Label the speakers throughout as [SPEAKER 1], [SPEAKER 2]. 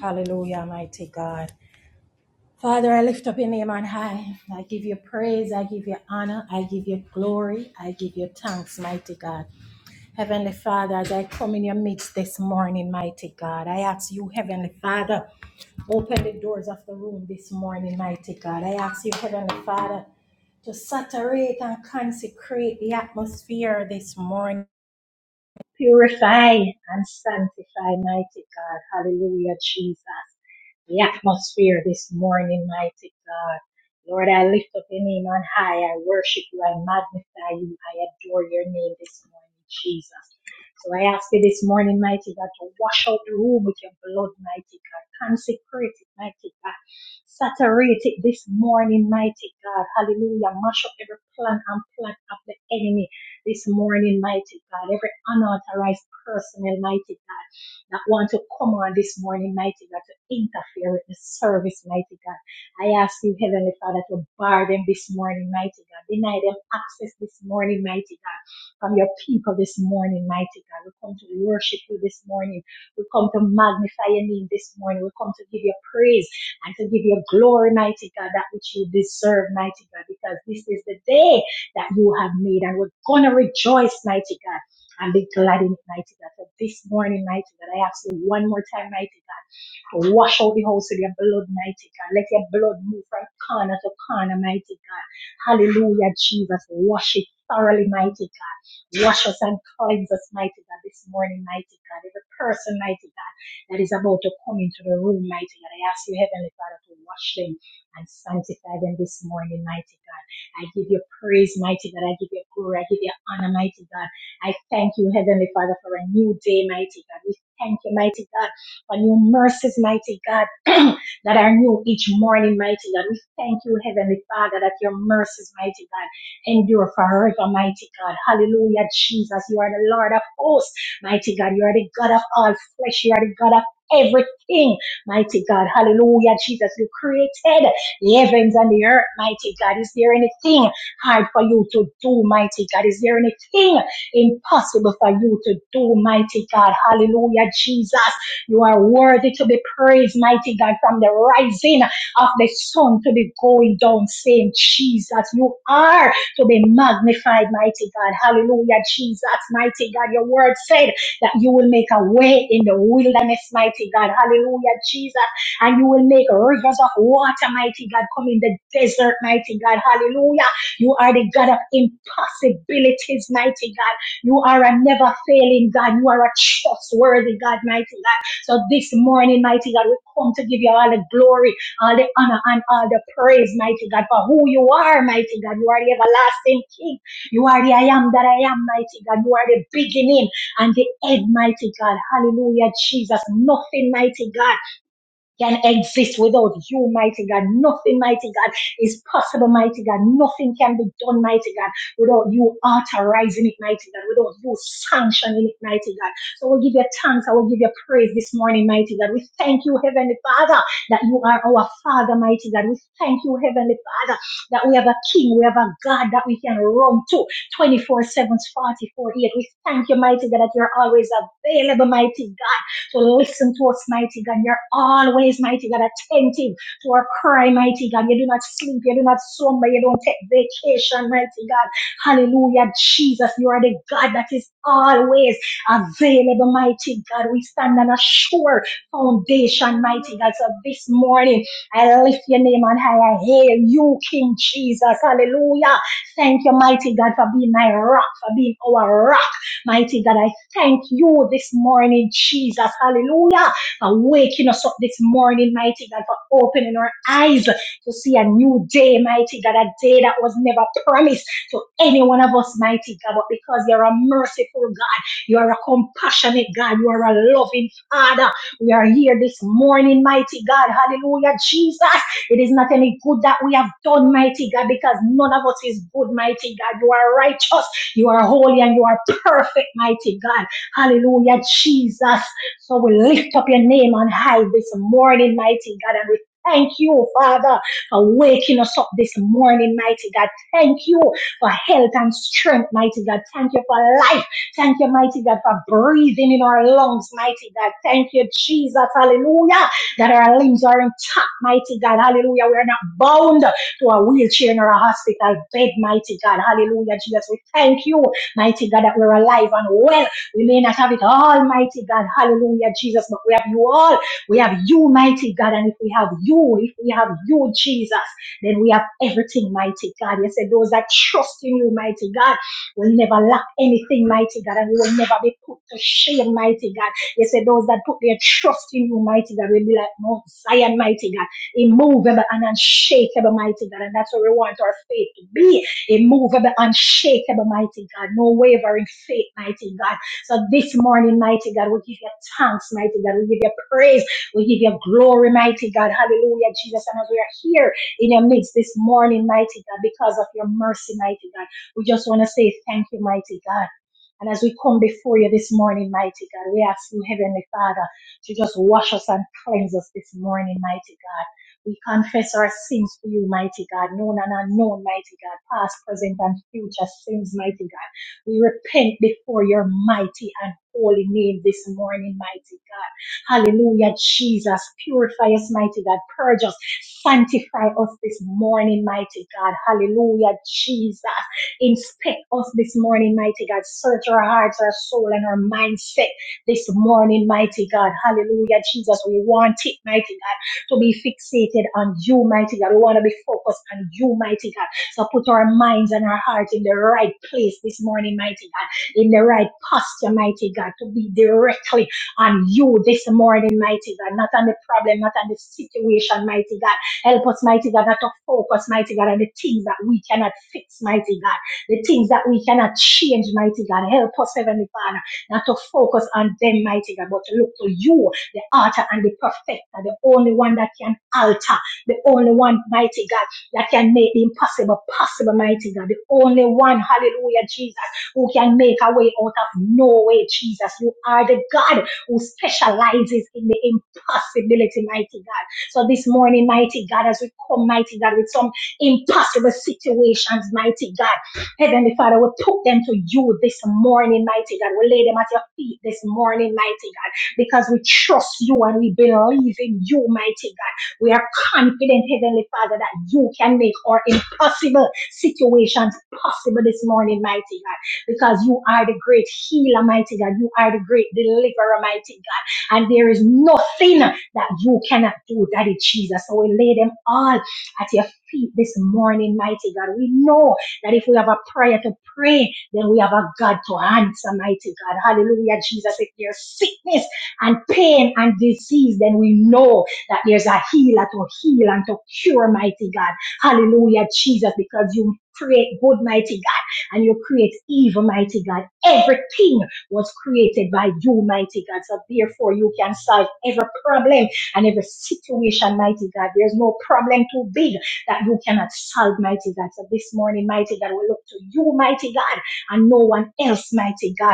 [SPEAKER 1] Hallelujah, mighty God. Father, I lift up your name on high. I give you praise. I give you honor. I give you glory. I give you thanks, mighty God. Heavenly Father, as I come in your midst this morning, mighty God, I ask you, Heavenly Father, open the doors of the room this morning, mighty God. I ask you, Heavenly Father, to saturate and consecrate the atmosphere this morning. Purify and sanctify, mighty God. Hallelujah, Jesus the atmosphere this morning, mighty God. Lord, I lift up your name on high. I worship you. I magnify you. I adore your name this morning, Jesus. So I ask you this morning, mighty God, to wash out the room with your blood, mighty God. Consecrate it, mighty God. Saturate it this morning, mighty God. Hallelujah. Mash up every plan and plot of the enemy this morning, mighty God. Every unauthorized person, mighty God that want to come on this morning, mighty God, to interfere with the service, mighty God. I ask you, Heavenly Father, to bar them this morning, mighty God. Deny them access this morning, mighty God, from your people this morning, mighty God. We come to worship you this morning. We come to magnify your name this morning. We come to give you praise and to give you glory, mighty God, that which you deserve, mighty God, because this is the day that you have made and we're going to rejoice, mighty God and be glad in it, mighty God. So this morning, mighty God, I ask you one more time, mighty God. I wash out the house with your blood, mighty God. Let your blood move from corner to corner, mighty God. Hallelujah, Jesus. Wash it thoroughly, mighty God. Wash us and cleanse us, mighty God, this morning, mighty God. Every person, mighty God, that is about to come into the room, mighty God. I ask you, Heavenly Father, to wash them and sanctify them this morning, mighty God. I give you praise, mighty God. I give you glory. I give you honor, mighty God. I thank you, Heavenly Father, for a new day, mighty God. We thank you, mighty God for new mercies, mighty God, that are new each morning, mighty God. We thank you, Heavenly Father, that your mercies, mighty God, endure forever, mighty God. Hallelujah, Jesus. You are the Lord of hosts, mighty God. You are the God of all flesh. You are the God of everything, mighty God. Hallelujah, Jesus. You created the heavens and the earth, mighty God. Is there anything hard for you to do, mighty God? Is there anything impossible for you to do, mighty God? Hallelujah, Jesus. You are worthy to be praised, mighty God, from the rising of the sun to the going down, saying, Jesus, you are to be magnified, mighty God. Hallelujah, Jesus, mighty God. Your word said that you will make a way in the wilderness, mighty God. Hallelujah, Jesus. And you will make rivers of water, mighty God, come in the desert, mighty God. Hallelujah. You are the God of impossibilities, mighty God. You are a never failing God. You are a trustworthy God, mighty God. So this morning, mighty God, we come to give you all the glory, all the honor, and all the praise, mighty God, for who you are, mighty God. You are the everlasting King. You are the I am that I am, mighty God. You are the beginning and the end, mighty God. Hallelujah, Jesus. Nothing, mighty God can exist without you, mighty God. Nothing, mighty God, is possible, mighty God. Nothing can be done, mighty God, without you authorizing it, mighty God, without you sanctioning it, mighty God. So we give you thanks. I will give you praise this morning, mighty God. We thank you, Heavenly Father, that you are our Father, mighty God. We thank you, Heavenly Father, that we have a King, we have a God that we can run to 24 seven, forty-four 8. We thank you, mighty God, that you're always available, mighty God to listen to us, mighty God. You're always, mighty God, attentive to our cry, mighty God. You do not sleep, you do not slumber, you don't take vacation, mighty God. Hallelujah, Jesus. You are the God that is always available, mighty God. We stand on a sure foundation, mighty God. So this morning, I lift your name on high. I hail you, King Jesus. Hallelujah. Thank you, mighty God, for being my rock, for being our rock. Mighty God, Thank you this morning, Jesus. Hallelujah. For waking us up this morning, mighty God, for opening our eyes to see a new day, mighty God, a day that was never promised to any one of us, mighty God. But because you're a merciful God, you are a compassionate God, you are a loving Father. We are here this morning, mighty God. Hallelujah, Jesus. It is not any good that we have done, mighty God, because none of us is good, mighty God. You are righteous, you are holy, and you are perfect, mighty God. Hallelujah, Jesus. So we lift up your name on high this morning, mighty God, and we thank you, Father, for waking us up this morning, mighty God. Thank you for health and strength, mighty God. Thank you for life. Thank you, mighty God, for breathing in our lungs, mighty God. Thank you, Jesus, hallelujah, that our limbs are intact, mighty God, hallelujah. We are not bound to a wheelchair nor a hospital bed, mighty God, hallelujah, Jesus. We thank you, mighty God, that we're alive and well we may not have it all, mighty God. Hallelujah, Jesus. But we have you all. We have you, mighty God. And if we have you, if we have you, Jesus, then we have everything, mighty God. You said those that trust in you, mighty God, will never lack anything, mighty God. And we will never be put to shame, mighty God. You said those that put their trust in you, mighty God, will be like Mount Zion, mighty God. Immovable and unshakable, mighty God. And that's what we want our faith to be immovable, unshakable, mighty God. No wavering faith, mighty God. So this morning, mighty God, we give you thanks, mighty God. We give you praise. We give you glory, mighty God. Hallelujah, Jesus. And as we are here in your midst this morning, mighty God, because of your mercy, mighty God, we just want to say thank you, mighty God. And as we come before you this morning, mighty God, we ask you, Heavenly Father, to just wash us and cleanse us this morning, mighty God. We confess our sins to you, mighty God, known and unknown, mighty God, past, present, and future sins, mighty God. We repent before your mighty and holy name this morning, mighty God. Hallelujah, Jesus. Purify us, mighty God. Purge us. Sanctify us this morning, mighty God. Hallelujah, Jesus. Inspect us this morning, mighty God. Search our hearts, our soul, and our mindset this morning, mighty God. Hallelujah, Jesus. We want it, mighty God, to be fixated on you, mighty God. We want to be focused on you, mighty God. So put our minds and our hearts in the right place this morning, mighty God, in the right posture, mighty God, to be directly on you this morning, mighty God, not on the problem, not on the situation, mighty God. Help us, mighty God, not to focus, mighty God, on the things that we cannot fix, mighty God, the things that we cannot change, mighty God. Help us, Heavenly Father, not to focus on them, mighty God, but to look to you, the author and the perfecter, the only one that can alter, the only one, mighty God that can make the impossible possible, mighty God. The only one, hallelujah, Jesus, who can make a way out of no way, Jesus. You are the God who specializes in the impossibility, mighty God. So this morning, mighty God, as we come, mighty God, with some impossible situations, mighty God, Heavenly Father, we took them to you this morning, mighty God. We lay them at your feet this morning, mighty God, because we trust you and we believe in you, mighty God. We are confident, Heavenly Father, that you can make our impossible situations possible this morning, mighty God, because you are the great healer, mighty God. You are the great deliverer, mighty God. And there is nothing that you cannot do, Daddy Jesus. So we lay them all at your feet this morning, mighty God. We know that if we have a prayer to pray, then we have a God to answer, mighty God. Hallelujah, Jesus. If there's sickness and pain and disease, then we know that there's a healer to heal and to cure, mighty God. Hallelujah, Jesus, because you create good, mighty God, and you create evil, mighty God. Everything was created by you, mighty God. So therefore, you can solve every problem and every situation, mighty God. There's no problem too big that you cannot solve, mighty God. So this morning, mighty God, we look to you, mighty God, and no one else, mighty God.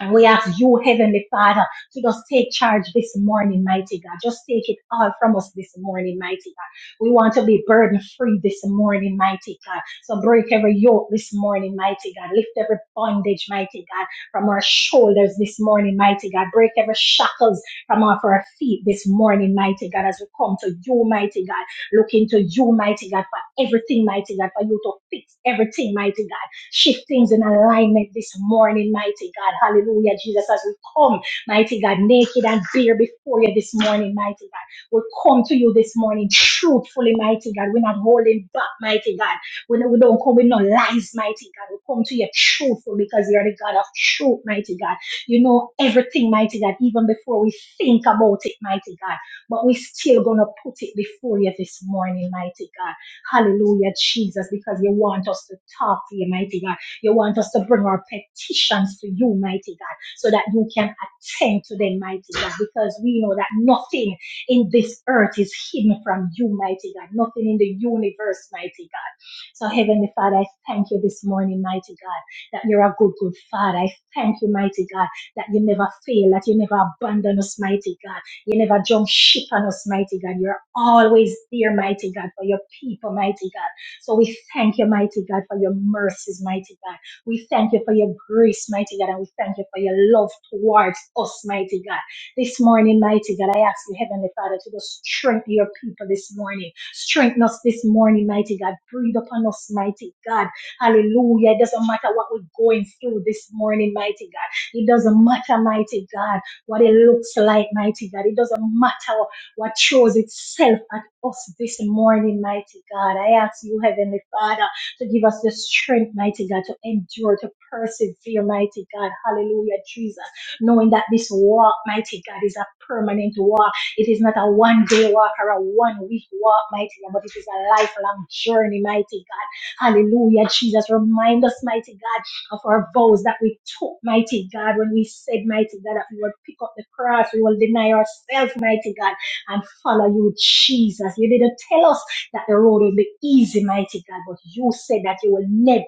[SPEAKER 1] And we ask you, Heavenly Father, to just take charge this morning, mighty God. Just take it all from us this morning, mighty God. We want to be burden free this morning, mighty God. So break every yoke this morning, mighty God. Lift every bondage, mighty God, from our shoulders this morning, mighty God. Break every shackles from off our feet this morning, mighty God. As we come to you, mighty God, look into you, mighty God, for everything, mighty God, for you to fix everything, mighty God. Shift things in alignment this morning, mighty God. Hallelujah, Jesus, as we come, mighty God, naked and bare before you this morning, mighty God. We come to you this morning truthfully, mighty God. We're not holding back, mighty God. We, we don't come with no lies, mighty God. We come to you truthful because you're the God of truth, mighty God. You know everything, mighty God, even before we think about it, mighty God. But we are still gonna put it before you this morning, mighty God. Hallelujah, Jesus, because you want us to talk to you, mighty God. You want us to bring our petitions to you, mighty God, so that you can attend to them, mighty God, because we know that nothing in this earth is hidden from you, mighty God, nothing in the universe, mighty God. So, Heavenly Father, I thank you this morning, mighty God, that you're a good, good Father. I thank you, mighty God, that you never fail, that you never abandon us, mighty God. You never jump ship on us, mighty God. You're always there, mighty God, for your people, mighty God. So we thank you, mighty God, for your mercies, mighty God. We thank you for your grace, mighty God, and we thank you for your love towards us, mighty God. This morning, mighty God, I ask you, Heavenly Father, to just strengthen your people this morning. Strengthen us this morning, mighty God. Breathe upon us, mighty God. Hallelujah. It doesn't matter what we're going through this morning, mighty God. It doesn't matter, mighty God what it looks like, mighty God. It doesn't matter what shows itself at us this morning, mighty God. I ask you, Heavenly Father, to give us the strength, mighty God, to endure, to persevere, mighty God. Hallelujah, Jesus. Knowing that this walk, mighty God, is a permanent walk. It is not a one day walk or a one week walk, mighty God, but it is a lifelong journey, mighty God. Hallelujah, Jesus. Remind us, mighty God of our vows that we took, mighty God, when we said, mighty God, that we will pick up the cross, we will deny ourselves, mighty God, and follow you, Jesus. You didn't tell us that the road will be easy, mighty God, but you said that you will never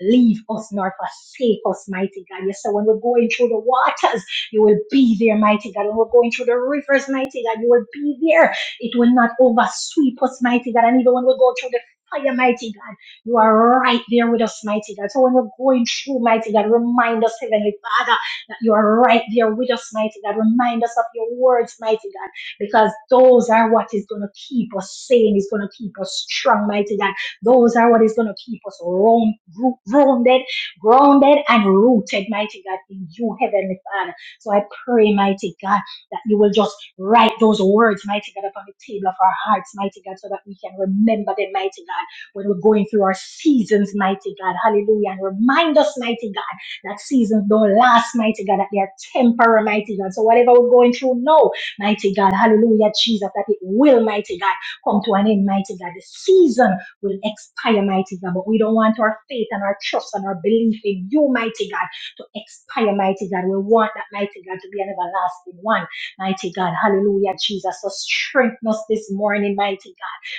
[SPEAKER 1] leave us nor forsake us, mighty God. You said when we're going through the waters, you will be there, mighty God. When we're going through the rivers, mighty God, you will be there. It will not oversweep us, mighty God. And even when we go through the fire, mighty God. You are right there with us, mighty God. So when we're going through, mighty God, remind us, Heavenly Father, that you are right there with us, mighty God. Remind us of your words, mighty God, because those are what is going to keep us sane, is going to keep us strong, mighty God. Those are what is going to keep us round- gro- grounded, grounded and rooted, mighty God, in you, Heavenly Father. So I pray, mighty God, that you will just write those words, mighty God, upon the table of our hearts, mighty God, so that we can remember them, mighty God when we're going through our seasons, mighty God. Hallelujah. And remind us, mighty God, that seasons don't last, mighty God, that they are temporary, mighty God. So whatever we're going through now, mighty God, hallelujah, Jesus, that it will, mighty God, come to an end, mighty God. The season will expire, mighty God, but we don't want our faith and our trust and our belief in you, mighty God, to expire, mighty God. We want that, mighty God, to be an everlasting one, mighty God. Hallelujah, Jesus. So strengthen us this morning, mighty God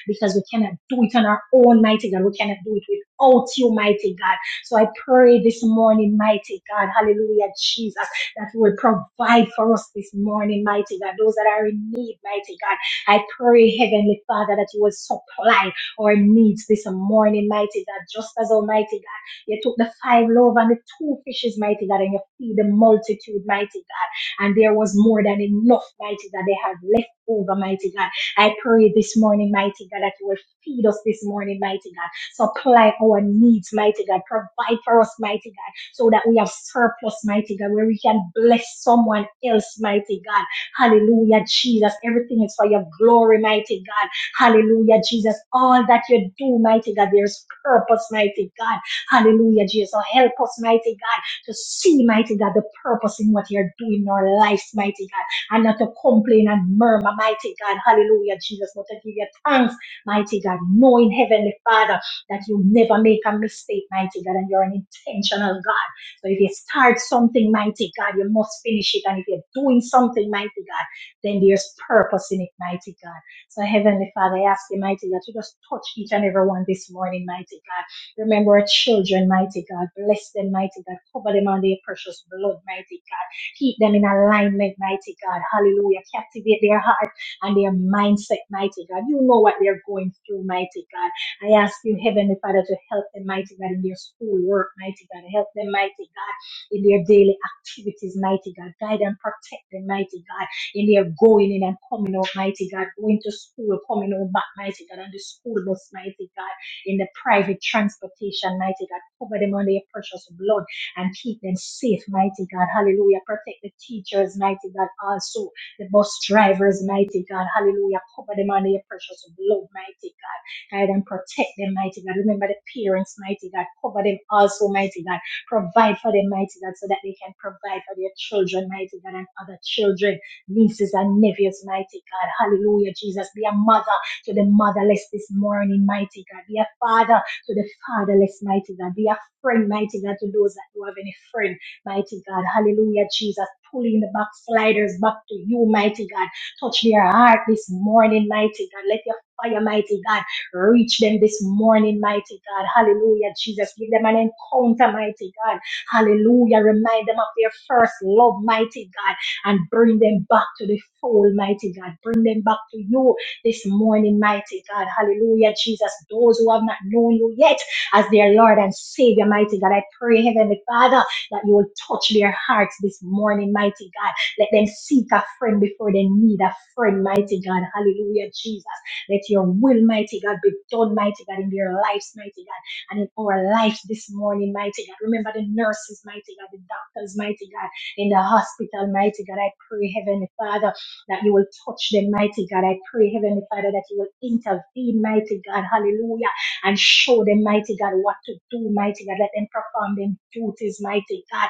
[SPEAKER 1] because we cannot do it on our own, mighty God. We cannot do it without you, mighty God. So I pray this morning, mighty God, hallelujah, Jesus, that you will provide for us this morning, mighty God. Those that are in need, mighty God. I pray, Heavenly Father, that you will supply our needs this morning, mighty God. Just as Almighty God, you took the five loaves and the two fishes, mighty God, and you feed the multitude, mighty God. And there was more than enough, mighty God. They had left over, mighty God. I pray this morning, mighty God, that you will feed us this morning, mighty God. Supply our needs, mighty God. Provide for us, mighty God, so that we have surplus, mighty God, where we can bless someone else, mighty God. Hallelujah, Jesus. Everything is for your glory, mighty God. Hallelujah, Jesus. All that you do, mighty God, there's purpose, mighty God. Hallelujah, Jesus. So help us, mighty God, to see, mighty God, the purpose in what you're doing in our lives, mighty God and not to complain and murmur, mighty God. Hallelujah, Jesus. But to give you thanks, mighty God, knowing Heavenly Father that you never make a mistake, mighty God, and you're an intentional God. So if you start something, mighty God, you must finish it. And if you're doing something, mighty God, then there's purpose in it, mighty God. So Heavenly Father, I ask you, mighty God, to just touch each and every one this morning, mighty God. Remember our children, mighty God. Bless them, mighty God. Cover them under your precious blood, mighty God. Keep them in alignment, mighty God. Hallelujah. Captivate their heart and their mindset, mighty God. You know what they're going through, mighty God. I ask you, Heavenly Father, to help them, mighty God, in their school work, mighty God. Help them, mighty God, in their daily activities, mighty God. Guide and protect them, mighty God, in their going in and coming out, mighty God. Going to school, coming out back, mighty God, on the school bus, mighty God, in the private transportation, mighty God. Cover them under your precious blood and keep them safe, mighty God. Hallelujah. Protect the teachers, mighty God. Also, the bus drivers, mighty God. Hallelujah. Cover them under your precious blood, mighty God. Guide and protect them, mighty God. Remember the parents, mighty God. Cover them also, mighty God. Provide for them, mighty God, so that they can provide for their children, mighty God, and other children, nieces and nephews, mighty God. Hallelujah, Jesus. Be a mother to the motherless this morning, mighty God. Be a father to the fatherless, mighty God. Be a friend, mighty God, to those that do have any friend, mighty God. Hallelujah, Jesus. Pulling the backsliders back to you, mighty God. Touch their heart this morning, mighty God. Let your fire, mighty God, reach them this morning, mighty God. Hallelujah, Jesus. Give them an encounter, mighty God. Hallelujah. Remind them of their first love, mighty God, and bring them back to the fold, mighty God. Bring them back to you this morning, mighty God. Hallelujah, Jesus. Those who have not known you yet, as their Lord and Savior, mighty God. I pray, Heavenly Father, that you will touch their hearts this morning, mighty God. Let them seek a friend before they need a friend, mighty God. Hallelujah, Jesus. Let your will, mighty God, be done, mighty God, in their lives, mighty God, and in our lives this morning, mighty God. Remember the nurses, mighty God, the doctors, mighty God, in the hospital, mighty God. I pray, Heavenly Father, that you will touch them, mighty God. I pray, Heavenly Father, that you will intervene, mighty God. Hallelujah and show them, mighty God, what to do, mighty God. Let them perform them duties, mighty God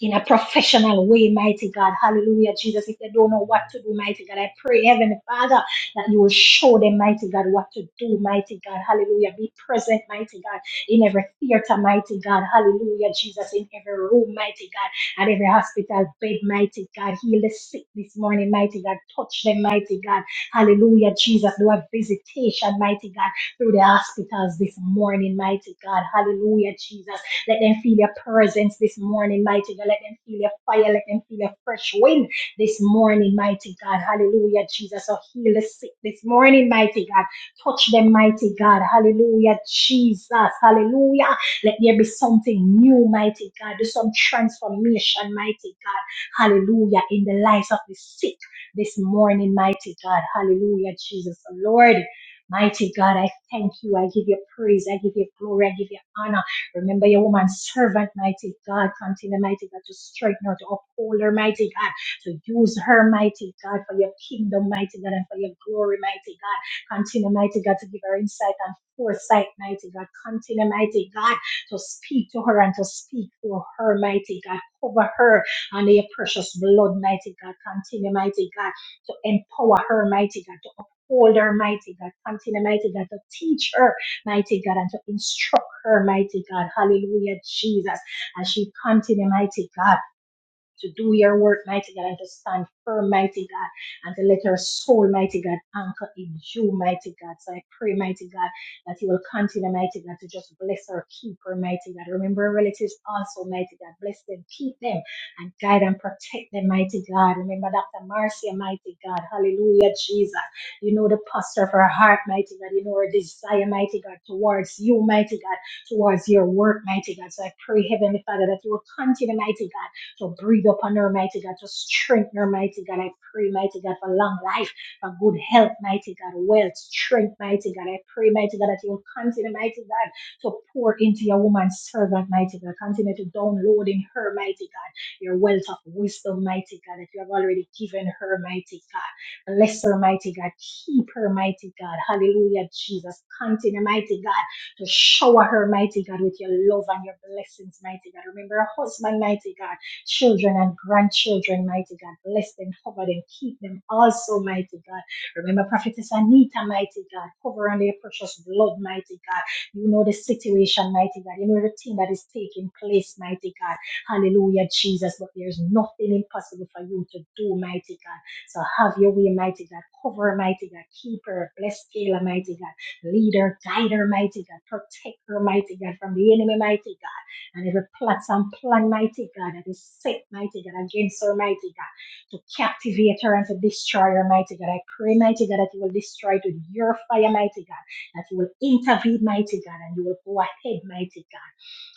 [SPEAKER 1] in a professional way, mighty God. Hallelujah, Jesus. If they don't know what to do, mighty God, I pray, Heavenly Father, that you will show them, mighty God, what to do, mighty God. Hallelujah. Be present, mighty God, in every theater, mighty God. Hallelujah, Jesus, in every room, mighty God, at every hospital bed, mighty God. Heal the sick this morning, mighty God. Touch them, mighty God. Hallelujah, Jesus. Do a visitation, mighty God, through the hospitals this morning, mighty God. Hallelujah, Jesus. Let them feel your presence this morning, mighty God. Let them feel your fire. Let them feel your fresh wind this morning, mighty God. Hallelujah, Jesus. So heal the sick this morning, mighty God. Touch them, mighty God. Hallelujah, Jesus. Hallelujah. Let there be something new, mighty God. Do some transformation, mighty God. Hallelujah. In the lives of the sick this morning, mighty God. Hallelujah, Jesus. So Lord, mighty God, I thank you. I give you praise. I give you glory. I give you honor. Remember your woman servant, mighty God. Continue, mighty God, to strengthen her, to uphold her, mighty God. To use her, mighty God, for your kingdom, mighty God, and for your glory, mighty God. Continue, mighty God, to give her insight and foresight, mighty God. Continue, mighty God, to speak to her and to speak through her, mighty God. Cover her under your precious blood, mighty God. Continue, mighty God, to empower her, mighty God, to uphold her, mighty God. Continue, mighty God, to teach her, mighty God, and to instruct her, mighty God. Hallelujah, Jesus. As she continued, mighty God to do your work, mighty God, and to stand firm, mighty God, and to let your soul, mighty God, anchor in you, mighty God. So I pray, mighty God, that you will continue, mighty God, to just bless her, keep her, mighty God. Remember our relatives also, mighty God. Bless them, keep them, and guide and protect them, mighty God. Remember Dr. Marcia, mighty God. Hallelujah, Jesus. You know the posture of her heart, mighty God. You know her desire, mighty God, towards you, mighty God, towards your work, mighty God. So I pray, Heavenly Father, that you will continue, mighty God so breathe upon her, mighty God. To strengthen her, mighty God. I pray, mighty God, for long life, for good health, mighty God, wealth, strength, mighty God. I pray, mighty God, that you will continue, mighty God, to pour into your woman's servant, mighty God. Continue to download in her, mighty God, your wealth of wisdom, mighty God, that you have already given her, mighty God. Bless her, mighty God. Keep her, mighty God. Hallelujah, Jesus. Continue, mighty God to shower her, mighty God, with your love and your blessings, mighty God. Remember her husband, mighty God children and grandchildren, mighty God. Bless them, cover them, keep them also, mighty God. Remember Prophetess Anita, mighty God. Cover on their precious blood, mighty God. You know the situation, mighty God. You know everything that is taking place, mighty God. Hallelujah, Jesus. But there's nothing impossible for you to do, mighty God. So have your way, mighty God. Cover, her, mighty God. Keep her. Bless Kayla, mighty God. Lead her, guide her, mighty God. Protect her, mighty God, from the enemy, mighty God and every plot and plan, mighty God, that is set, mighty God, against her, mighty God, to captivate her and to destroy her, mighty God. I pray, mighty God, that you will destroy it with your fire, mighty God, that you will intervene, mighty God, and you will go ahead, mighty God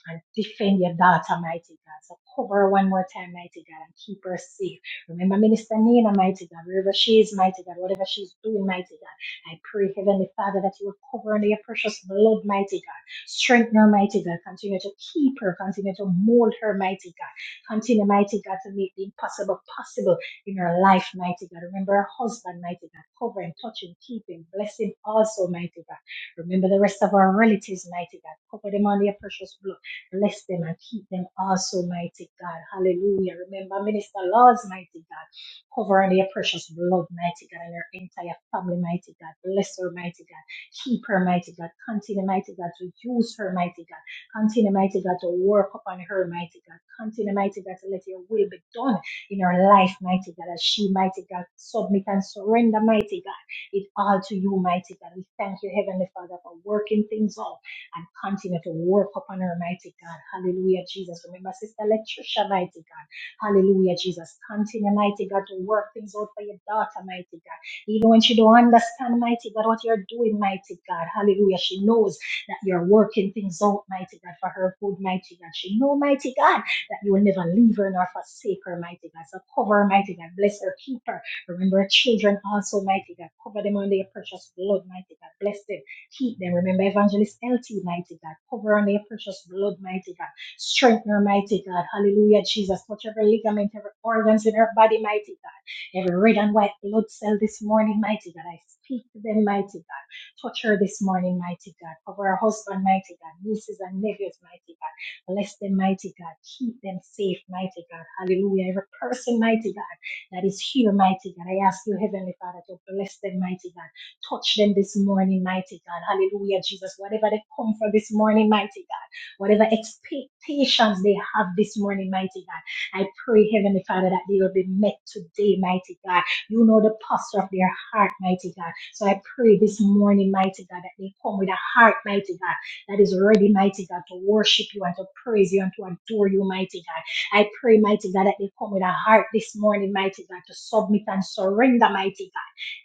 [SPEAKER 1] and defend your daughter, mighty God. So cover her one more time, mighty God, and keep her safe. Remember Minister Nina, mighty God, wherever she is, mighty God, whatever she's doing, mighty God. I pray, Heavenly Father, that you will cover her in your precious blood, mighty God. Strengthen her, mighty God. Continue to keep her. Continue to mold her, mighty God. Continue, mighty God, to make the impossible possible in her life, mighty God. Remember her husband, mighty God. Cover him, touch him, keep him, bless him also, mighty God. Remember the rest of our relatives, mighty God. Cover them under your precious blood. Bless them and keep them also, mighty God. Hallelujah. Remember, Minister Laws, mighty God. Cover on their precious blood, mighty God, and her entire family, mighty God. Bless her, mighty God. Keep her, mighty God. Continue, mighty God, to use her, mighty God. Continue, mighty God, to work upon her, mighty God. Continue, mighty God, to let your will be done in her life, mighty God, as she, mighty God, submit and surrender, mighty God, it all to you, mighty God. We thank you, Heavenly Father, for working things out and continue to work upon her, mighty God. Hallelujah, Jesus. Remember, Sister Letitia, mighty God. Hallelujah, Jesus. Continue, mighty God, to work things out for your daughter, mighty God. Even when she don't understand, mighty God, what you're doing, mighty God. Hallelujah. She knows that you're working things out, mighty God, for her good, mighty God. She know, mighty God, that you will never leave her nor forsake her, mighty God. So cover her, mighty God. Bless her, keep her. Remember her children also, mighty God. Cover them under your precious blood, mighty God. Bless them. Keep them. Remember Evangelist LT, mighty God. Cover on their precious blood, mighty God. Strengthen her, mighty God. Hallelujah, Jesus. Touch every ligament, every organs in her body, mighty God. Every red and white blood cell this morning, mighty God. I speak to them, mighty God. Touch her this morning, mighty God. Cover her husband, mighty God. Nieces and nephews, mighty God. Bless them, mighty God. Keep them safe, mighty God. Hallelujah. Every person, mighty God that is here, mighty God. I ask you, Heavenly Father, to bless them, mighty God. Touch them this morning, mighty God. Hallelujah, Jesus. Whatever they come for this morning, mighty God. Whatever expectations they have this morning, mighty God. I pray, Heavenly Father, that they will be met today, mighty God. You know the posture of their heart, mighty God. So I pray this morning, mighty God, that they come with a heart, mighty God, that is ready, mighty God, to worship you and to praise you and to adore you, mighty God. I pray, mighty God, that they come with a heart this morning, mighty God, to submit and surrender, mighty God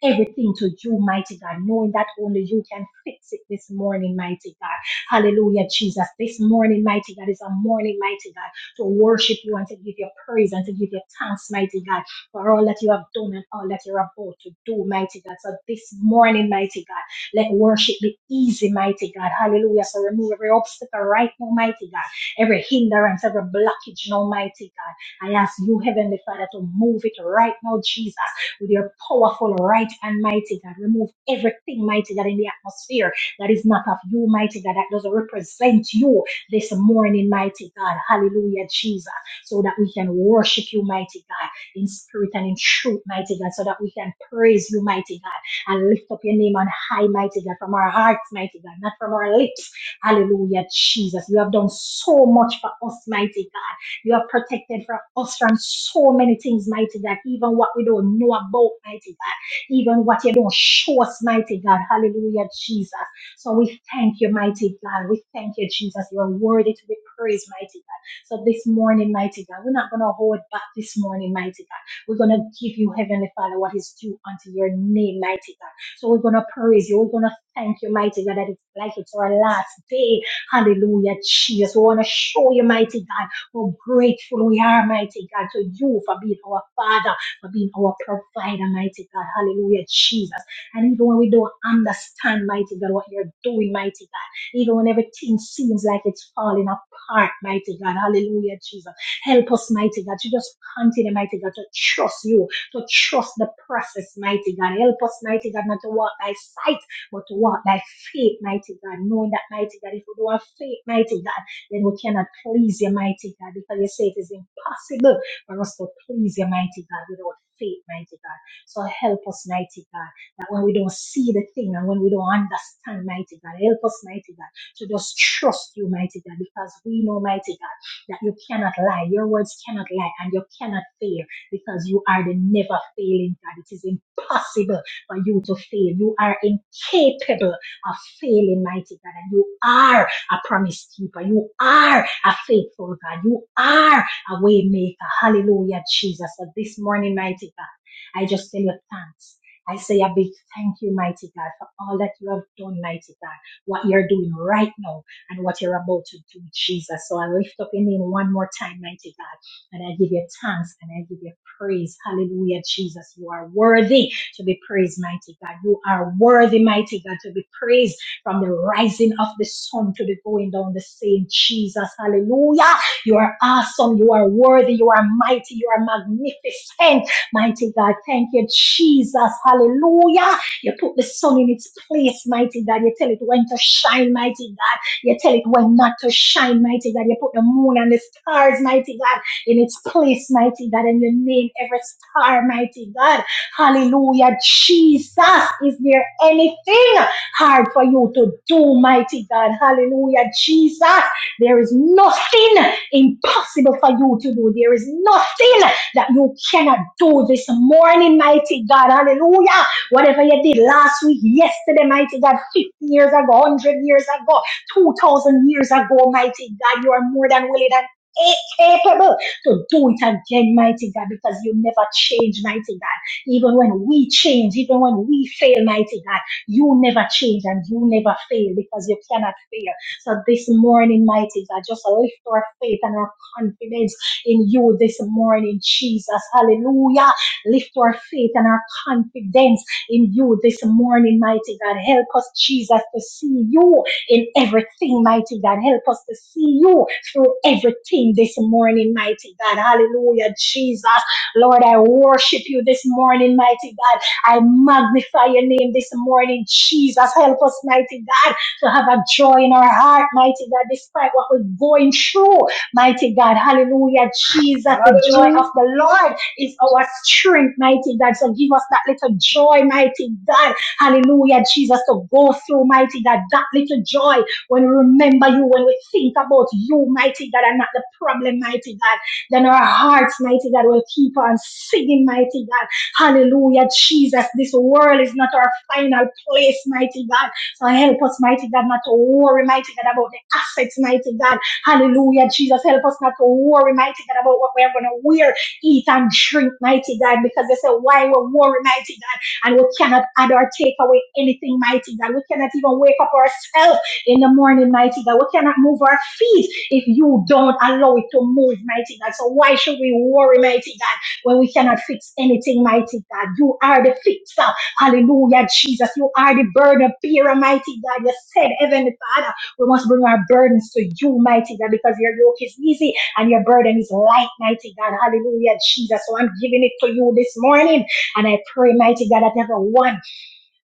[SPEAKER 1] everything to you, mighty God, knowing that only you can fix it this morning, mighty God. Hallelujah, Jesus. This morning, mighty God, is a morning, mighty God, to worship you and to give you praise and to give you thanks, mighty God, for all that you have done and all that you're about to do, mighty God. So this morning, mighty God, let worship be easy, mighty God. Hallelujah. So remove every obstacle right now, mighty God. Every hindrance, every blockage, now, mighty God. I ask you, Heavenly Father, to move it right now, Jesus with your powerful right hand, mighty God. Remove everything, mighty God, in the atmosphere that is not of you, mighty God, that doesn't represent you this morning, mighty God. Hallelujah, Jesus. So that we can worship you, mighty God, in spirit and in truth, mighty God, so that we can praise you, mighty God, and lift up your name on high, mighty God, from our hearts, mighty God, not from our lips. Hallelujah, Jesus. You have done so much for us, mighty God. You have protected from us from so many things, mighty God. Even what we don't know about, mighty God. Even what you don't show us, mighty God. Hallelujah, Jesus. So we thank you, mighty God. We thank you, Jesus. You are worthy to be praised, mighty God. So this morning, mighty God, we're not going to hold back this morning, mighty God. We're going to give you, Heavenly Father, what is due unto your name, mighty God. So we're going to praise you. We're going to thank you, mighty God, that it's like it's our last day. Hallelujah, Jesus. We want to show you, mighty God. How grateful we are, mighty God, to you for being our Father, for being our provider, mighty God. Hallelujah, Jesus. And even when we don't understand, mighty God, what you're doing, mighty God, even when everything seems like it's falling apart, mighty God. Hallelujah, Jesus. Help us, mighty God, to just continue, mighty God, to trust you, to trust the process, mighty God. Help us, mighty God, not to walk by sight, but to walk by faith, mighty God, knowing that, mighty God, if we don't have faith, mighty God, then we cannot please your mighty God because you say it is impossible for us to please your mighty God without faith, mighty God. So help us, mighty God, that when we don't see the thing and when we don't understand, mighty God, help us, mighty God, to just trust you, mighty God, because we know, mighty God, that you cannot lie. Your words cannot lie and you cannot fail because you are the never failing God. It is impossible for you to fail. You are incapable of failing, mighty God, and you are I promise keeper. You are a faithful God. You are a way maker. Hallelujah, Jesus. So this morning, mighty God, I just tell you thanks. I say a big thank you, mighty God, for all that you have done, mighty God, what you're doing right now and what you're about to do, Jesus. So I lift up your name one more time, mighty God, and I give you thanks and I give you praise. Hallelujah, Jesus. You are worthy to be praised, mighty God. You are worthy, mighty God, to be praised from the rising of the sun to the going down the same. Jesus, hallelujah. You are awesome. You are worthy. You are mighty. You are magnificent. Mighty God, thank you, Jesus, hallelujah. You put the sun in its place, mighty God. You tell it when to shine, mighty God. You tell it when not to shine, mighty God. You put the moon and the stars, mighty God, in its place, mighty God. And you name every star, mighty God. Hallelujah. Jesus, is there anything? hard for you to do, mighty God. Hallelujah. Jesus, there is nothing impossible for you to do. There is nothing that you cannot do this morning, mighty God. Hallelujah. Whatever you did last week, yesterday, mighty God, 50 years ago, 100 years ago, 2,000 years ago, mighty God, you are more than willing and capable to do it again, mighty God, because you never change, mighty God. Even when we change, even when we fail, mighty God. You never change and you never fail because you cannot fail. So this morning, mighty God, just lift our faith and our confidence in you this morning, Jesus. Hallelujah. Lift our faith and our confidence in you this morning, mighty God. Help us, Jesus, to see you in everything, mighty God. Help us to see you through everything this morning, mighty God. Hallelujah, Jesus. Lord, I worship you this morning, mighty God. I magnify your name this morning, Jesus. Help us, mighty God, to have a joy in our heart, mighty God, despite what we're going through, mighty God. Hallelujah, Jesus. The joy of
[SPEAKER 2] Hallelujah.
[SPEAKER 1] the Lord is our strength, mighty God. So give us that little joy, mighty God. Hallelujah, Jesus, to go through, mighty God, that little joy when we remember you, when we think about you, mighty God, and not the problem, mighty God. Then our hearts, mighty God, will keep on singing, mighty God. Hallelujah, Jesus. This world is not our final place, mighty God. So help us, mighty God, not to worry, mighty God, about the assets, mighty God. Hallelujah, Jesus. Help us not to worry, mighty God, about what we are going to wear, eat, and drink, mighty God, because they say, why we worry, mighty God, and we cannot add or take away anything, mighty God. We cannot even wake up ourselves in the morning, mighty God. We cannot move our feet if you don't allow it to move, mighty God. So why should we worry, mighty God? when we cannot fix anything, mighty God. You are the fixer. Hallelujah, Jesus. You are the burden bearer, mighty God. You said, Heavenly Father, we must bring our burdens to you, mighty God, because your yoke is easy and your burden is light, mighty God. Hallelujah, Jesus. So I'm giving it to you this morning. And I pray, mighty God, that everyone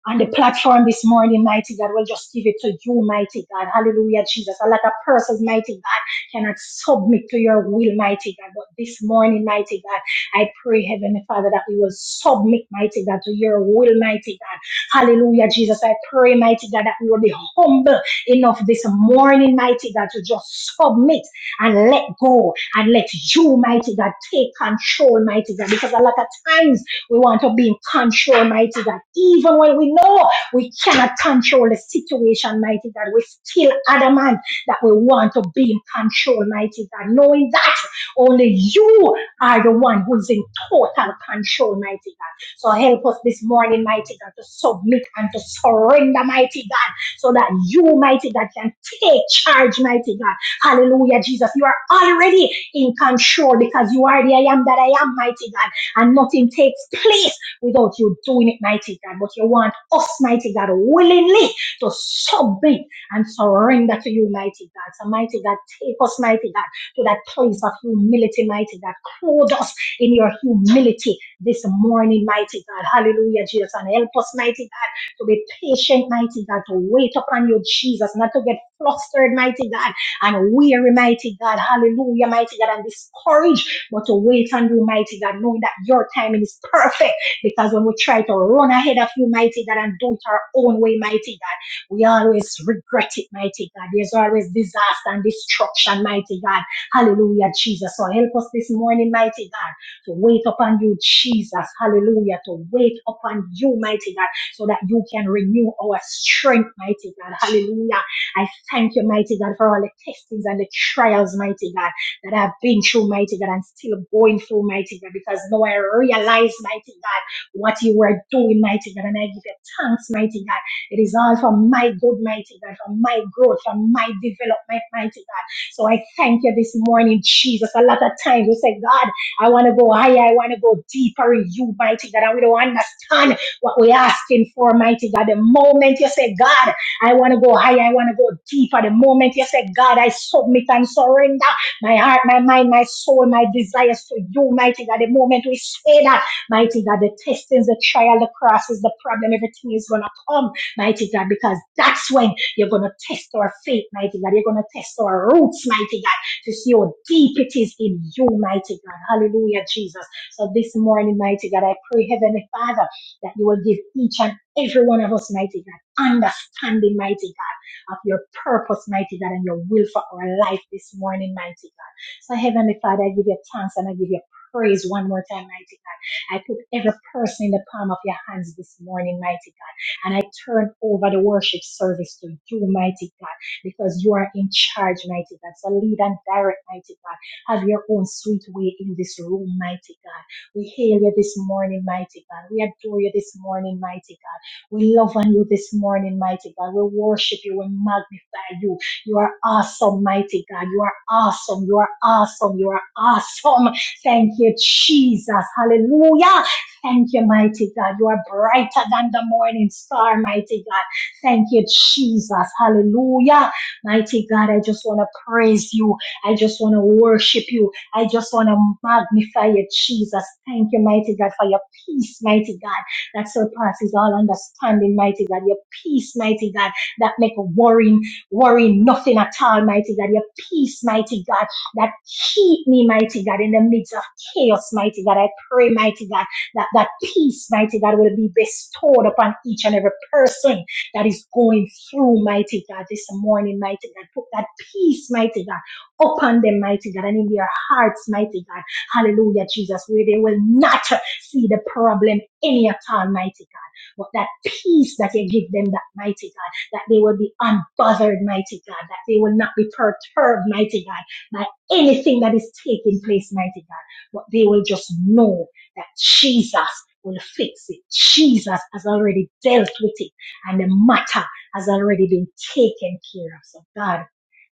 [SPEAKER 1] on the platform this morning, mighty God. We'll just give it to you, mighty God. Hallelujah, Jesus. A lot of persons, mighty God, cannot submit to your will, mighty God. But this morning, mighty God, I pray, Heavenly Father, that we will submit, mighty God, to your will, mighty God. Hallelujah, Jesus. I pray, mighty God, that we will be humble enough this morning, mighty God, to just submit and let go and let you, mighty God, take control, mighty God. Because a lot of times, we want to be in control, mighty God. Even when we know we cannot control the situation, mighty God, we still adamant that we want to be in control, mighty God. Knowing that only you are the one who's in total control, mighty God. So help us this morning, mighty God, to submit and to surrender, mighty God, so that you, mighty God, can take charge, mighty God. Hallelujah, Jesus. You are already in control because you are the I am that I am, mighty God and nothing takes place without you doing it, mighty God. But you want us, mighty God, willingly to submit and surrender to you, mighty God. So, mighty God, take us, mighty God, to that place of humility, mighty God. Clothe us in your humility this morning, mighty God. Hallelujah, Jesus. And help us, mighty God, to be patient, mighty God, to wait upon you, Jesus, not to get flustered, mighty God and weary, mighty God, hallelujah, mighty God, and discouraged, but to wait on you, mighty God, knowing that your timing is perfect. Because when we try to run ahead of you, mighty God, and do it our own way, mighty God, we always regret it, mighty God. There's always disaster and destruction, mighty God. Hallelujah, Jesus. So help us this morning, mighty God, to wait upon you, Jesus. Hallelujah, to wait upon you, mighty God, so that you can renew our strength, mighty God. Hallelujah. I. Thank you, mighty God, for all the testings and the trials, mighty God, that I've been through, mighty God, and still going through, mighty God, because now I realize, mighty God, what you were doing, mighty God, and I give you thanks, mighty God. It is all for my good, mighty God, for my growth, for my development, mighty God. So I thank you this morning, Jesus. A lot of times we say, God, I want to go higher, I want to go deeper in you, mighty God, and we don't understand what we're asking for, mighty God. The moment you say, God, I want to go higher. I want to go deeper. The moment you say, God, I submit and surrender my heart, my mind, my soul, my desires to you, mighty God. The moment we say that, mighty God, the testings, the trial, the crosses, the problem, everything is going to come, mighty God, because that's when you're going to test our faith, mighty God. You're going to test our roots, mighty God, to see how deep it is in you, mighty God. Hallelujah, Jesus. So this morning, mighty God, I pray, Heavenly Father, that you will give each and every one of us, mighty God, understanding, mighty God, of your purpose, mighty God, and your will for our life this morning, mighty God. So, Heavenly Father, I give you thanks and I give you praise one more time, mighty God. I put every person in the palm of your hands this morning, mighty God, and I turn over the worship service to you, mighty God, because you are in charge, mighty God. So, lead and direct, mighty God. Have your own sweet way in this room, mighty God. We hail you this morning, mighty God. We adore you this morning, mighty God. We love on you this morning, mighty God. We worship you. We magnify you. You are awesome, mighty God. You are awesome. You are awesome. You are awesome. Thank you, Jesus. Hallelujah. Thank you, mighty God. You are brighter than the morning star, mighty God. Thank you, Jesus. Hallelujah. Mighty God, I just want to praise you. I just want to worship you. I just want to magnify you, Jesus. Thank you, mighty God, for your peace, mighty God that surpasses all understanding, mighty God. Your peace, mighty God, that make worrying, worrying nothing at all, mighty God. Your peace, mighty God, that keep me, mighty God, in the midst of chaos, mighty God. I pray, mighty God, that that peace, mighty God, will be bestowed upon each and every person that is going through, mighty God, this morning, mighty God. Put that peace, mighty God, upon them, mighty God, and in their hearts, mighty God. Hallelujah, Jesus, where they will not see the problem any at all, mighty God. But that peace that you give them, that mighty God, that they will be unbothered, mighty God, that they will not be perturbed, mighty God, by anything that is taking place, mighty God. But they will just know that Jesus will fix it. Jesus has already dealt with it and the matter has already been taken care of. So God,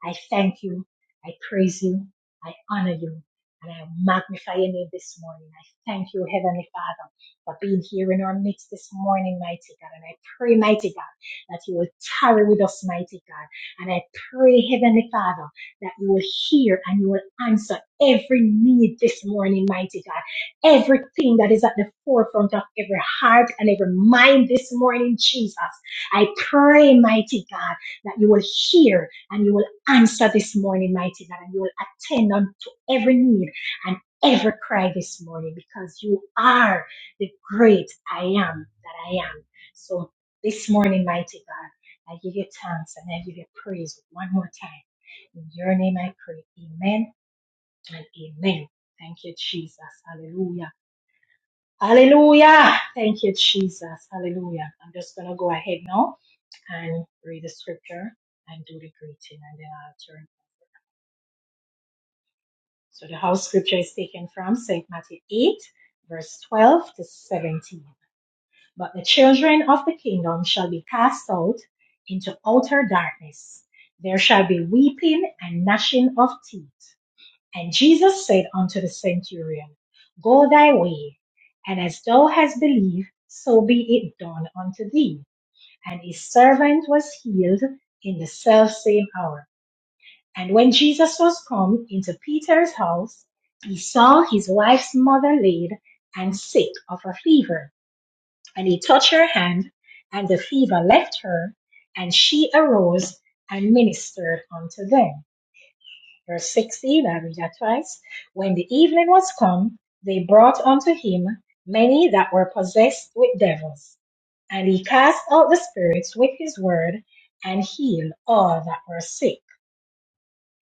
[SPEAKER 1] I thank you. I praise you. I honor you. And I magnify your name this morning. I thank you, Heavenly Father for being here in our midst this morning, mighty God. And I pray, mighty God, that you will tarry with us, mighty God. And I pray, Heavenly Father, that you will hear and you will answer every need this morning, mighty God. Everything that is at the forefront of every heart and every mind this morning, Jesus. I pray, mighty God, that you will hear and you will answer this morning, mighty God, and you will attend unto every need and every cry this morning because you are the great I am that I am. So this morning, mighty God, I give you thanks and I give you praise one more time. In your name I pray. Amen and amen. Thank you, Jesus. Hallelujah. Hallelujah. Thank you, Jesus. Hallelujah. I'm just going to go ahead now and read the scripture and do the greeting and then I'll turn. So the house scripture is taken from St. Matthew 8, verse 12 to 17. But the children of the kingdom shall be cast out into outer darkness. There shall be weeping and gnashing of teeth. And Jesus said unto the centurion, Go thy way, and as thou hast believed, so be it done unto thee. And his servant was healed in the selfsame hour. And when Jesus was come into Peter's house, he saw his wife's mother laid and sick of a fever and he touched her hand, and the fever left her, and she arose and ministered unto them. Verse 16, I read that twice. When the evening was come, they brought unto him many that were possessed with devils, and he cast out the spirits with his word, and healed all that were sick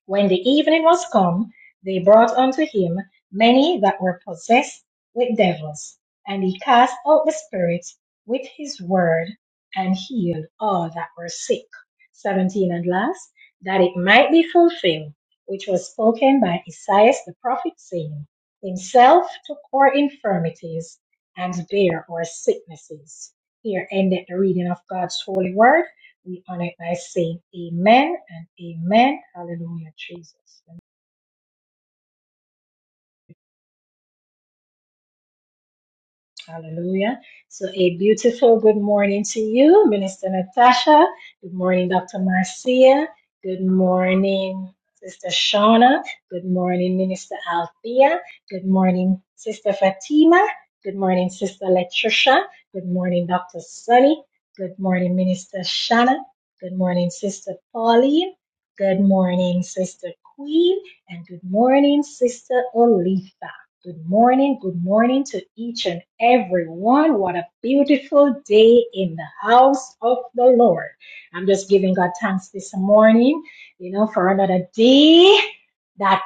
[SPEAKER 1] when the evening was come, they brought unto him many that were possessed with devils, and he cast out the spirits with his word, and healed all that were sick. 17 and last, that it might be fulfilled, which was spoken by Esaias the prophet, saying, Himself took our infirmities and bare our sicknesses. Here ended the reading of God's holy word. We honor it by saying amen and amen. Hallelujah, Jesus. Hallelujah. So, a beautiful good morning to you, Minister Natasha. Good morning, Dr. Marcia. Good morning, Sister Shauna. Good morning, Minister Althea. Good morning, Sister Fatima. Good morning, Sister Latricia. Good morning, Dr. Sunny. Good morning, Minister Shanna. Good morning, Sister Pauline. Good morning, Sister Queen. And good morning, Sister Olifa. Good morning, good morning to each and every one. What a beautiful day in the house of the Lord. I'm just giving God thanks this morning, you know, for another day that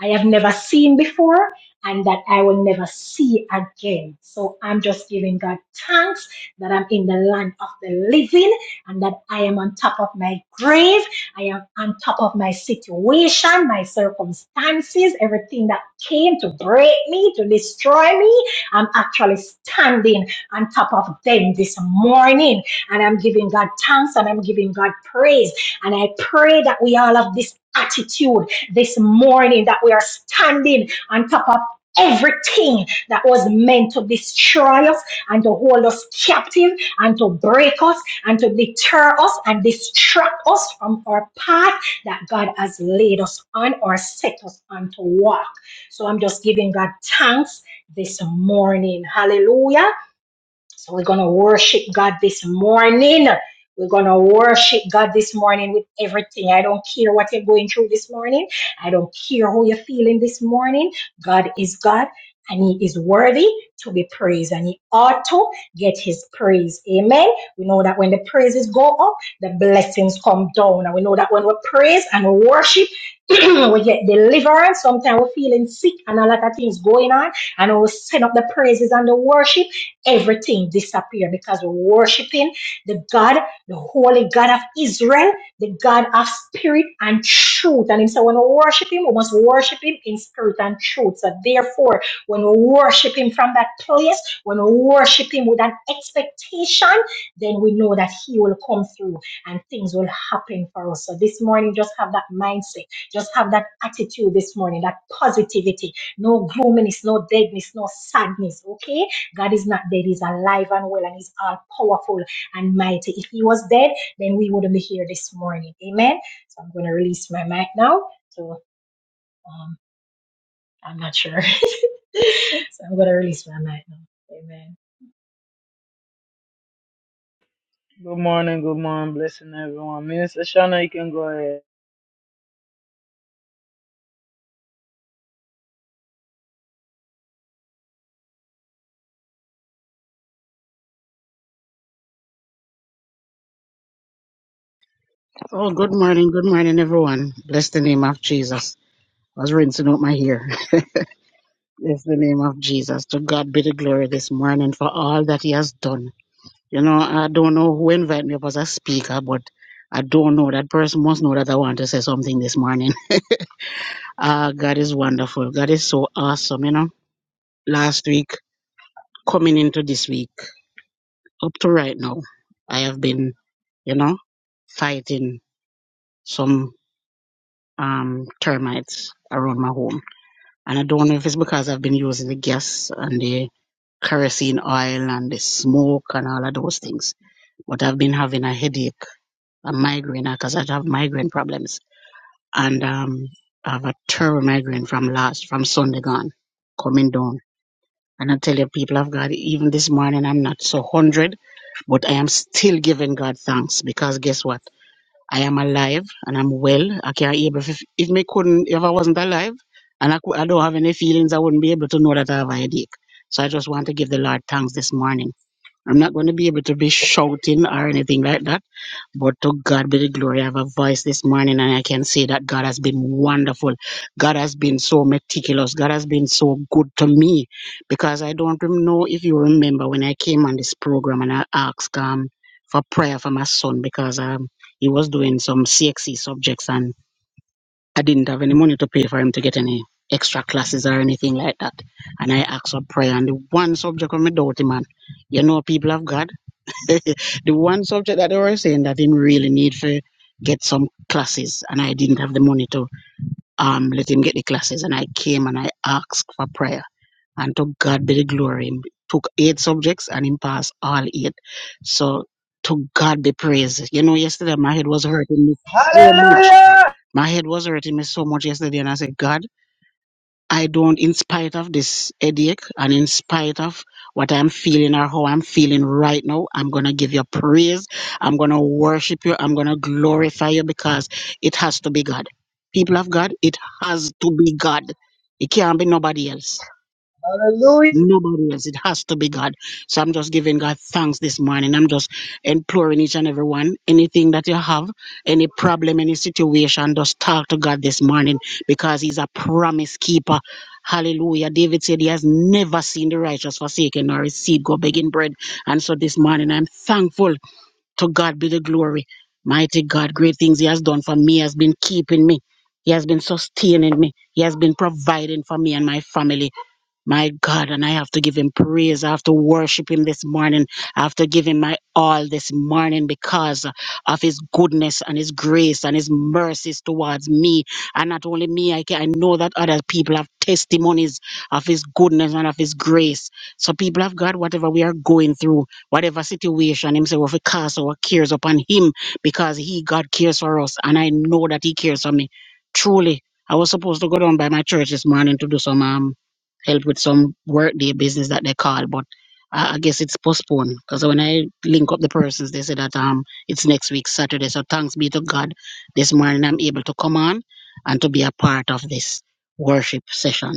[SPEAKER 1] I have never seen before and that I will never see again. So I'm just giving God thanks that I'm in the land of the living and that I am on top of my grave I am on top of my situation, my circumstances, everything that came to break me, to destroy me. I'm actually standing on top of them this morning. And I'm giving God thanks and I'm giving God praise. And I pray that we all have this attitude this morning that we are standing on top of everything that was meant to destroy us and to hold us captive and to break us and to deter us and distract us from our path that God has laid us on or set us on to walk. So I'm just giving God thanks this morning. Hallelujah so we're going to worship God this morning. We're going to worship God this morning with everything. I don't care what you're going through this morning. I don't care how you're feeling this morning. God is God and He is worthy to be praised and He ought to get His praise. Amen. We know that when the praises go up, the blessings come down. And we know that when we praise and we worship, we get deliverance. Sometimes we're feeling sick and a lot of things going on. And we send up the praises and the worship everything disappeared because we're worshiping the God, the holy God of Israel, the God of spirit and truth. And so when we worship him, we must worship him in spirit and truth. So therefore, when we worship him from that place, when we worship him with an expectation, then we know that he will come through and things will happen for us. So this morning, just have that mindset, just have that attitude this morning, that positivity, no gloominess, no deadness, no sadness. Okay? God is not dead. He's alive and well and he's all powerful and mighty. If he was dead, then we wouldn't be here this morning. Amen. So I'm going to release my mic now. So um, I'm not sure. so I'm going to release my mic now. Amen.
[SPEAKER 2] Good morning, good morning, blessing everyone. Minister Shana, you can go ahead.
[SPEAKER 3] Oh, good morning, good morning, everyone. Bless the name of Jesus. I was rinsing out my hair. Bless the name of Jesus. To God be the glory this morning for all that He has done. You know, I don't know who invited me up as a speaker, but I don't know. That person must know that I want to say something this morning. Ah, God is wonderful. God is so awesome, you know. Last week, coming into this week, up to right now, I have been, you know, fighting some um termites around my home And I don't know if it's because I've been using the gas and the kerosene oil and the smoke and all of those things. But I've been having a headache, a migraine, because I have migraine problems. And um, I have a terrible migraine from last, from Sunday gone, coming down. And I tell you, people of God, even this morning, I'm not so 100, but I am still giving God thanks because guess what? I am alive and I'm well. I can't able if, if me couldn't if I wasn't alive and I, cou- I don't have any feelings, I wouldn't be able to know that I have a headache. So I just want to give the Lord thanks this morning. I'm not going to be able to be shouting or anything like that but to God be the glory. I have a voice this morning and I can say that God has been wonderful. God has been so meticulous. God has been so good to me because I don't rem- know if you remember when I came on this program and I asked um, for prayer for my son because um, he was doing some CXC subjects and I didn't have any money to pay for him to get any extra classes or anything like that. And I asked for prayer and the one subject on my doughty man, you know, people of God. the the one subject that they were saying that him really need for get some classes and I didn't have the money to um let him get the classes and I came and I asked for prayer and to God be the glory him took eight subjects and him passed all eight so to God be praise you know yesterday my head was hurting me so much
[SPEAKER 2] Hallelujah.
[SPEAKER 3] my head was hurting me so much yesterday and I said God I don't, in spite of this headache and in spite of what I'm feeling or how I'm feeling right now, I'm going to give you praise. I'm going to worship you. I'm going to glorify you because it has to be God. People of God, it has to be God. It can't be nobody else.
[SPEAKER 2] Hallelujah.
[SPEAKER 3] Nobody else. It has to be God. So I'm just giving God thanks this morning. I'm just imploring each and every one. Anything that you have, any problem, any situation, just talk to God this morning because He's a promise keeper. Hallelujah. David said he has never seen the righteous forsaken nor his seed go begging bread. And so this morning I'm thankful to God be the glory. Mighty God, great things He has done for me, He has been keeping me. He has been sustaining me. He has been providing for me and my family. My God, and I have to give him praise. I have to worship him this morning. I have to give him my all this morning because of his goodness and his grace and his mercies towards me. And not only me, I, can, I know that other people have testimonies of his goodness and of his grace. So, people of God, whatever we are going through, whatever situation, him say, we have to cast our cares upon him because he, God, cares for us. And I know that he cares for me. Truly, I was supposed to go down by my church this morning to do some. Um, help with some workday business that they call, but I, I guess it's postponed because when I link up the persons, they say that um it's next week Saturday. So thanks be to God, this morning I'm able to come on and to be a part of this worship session.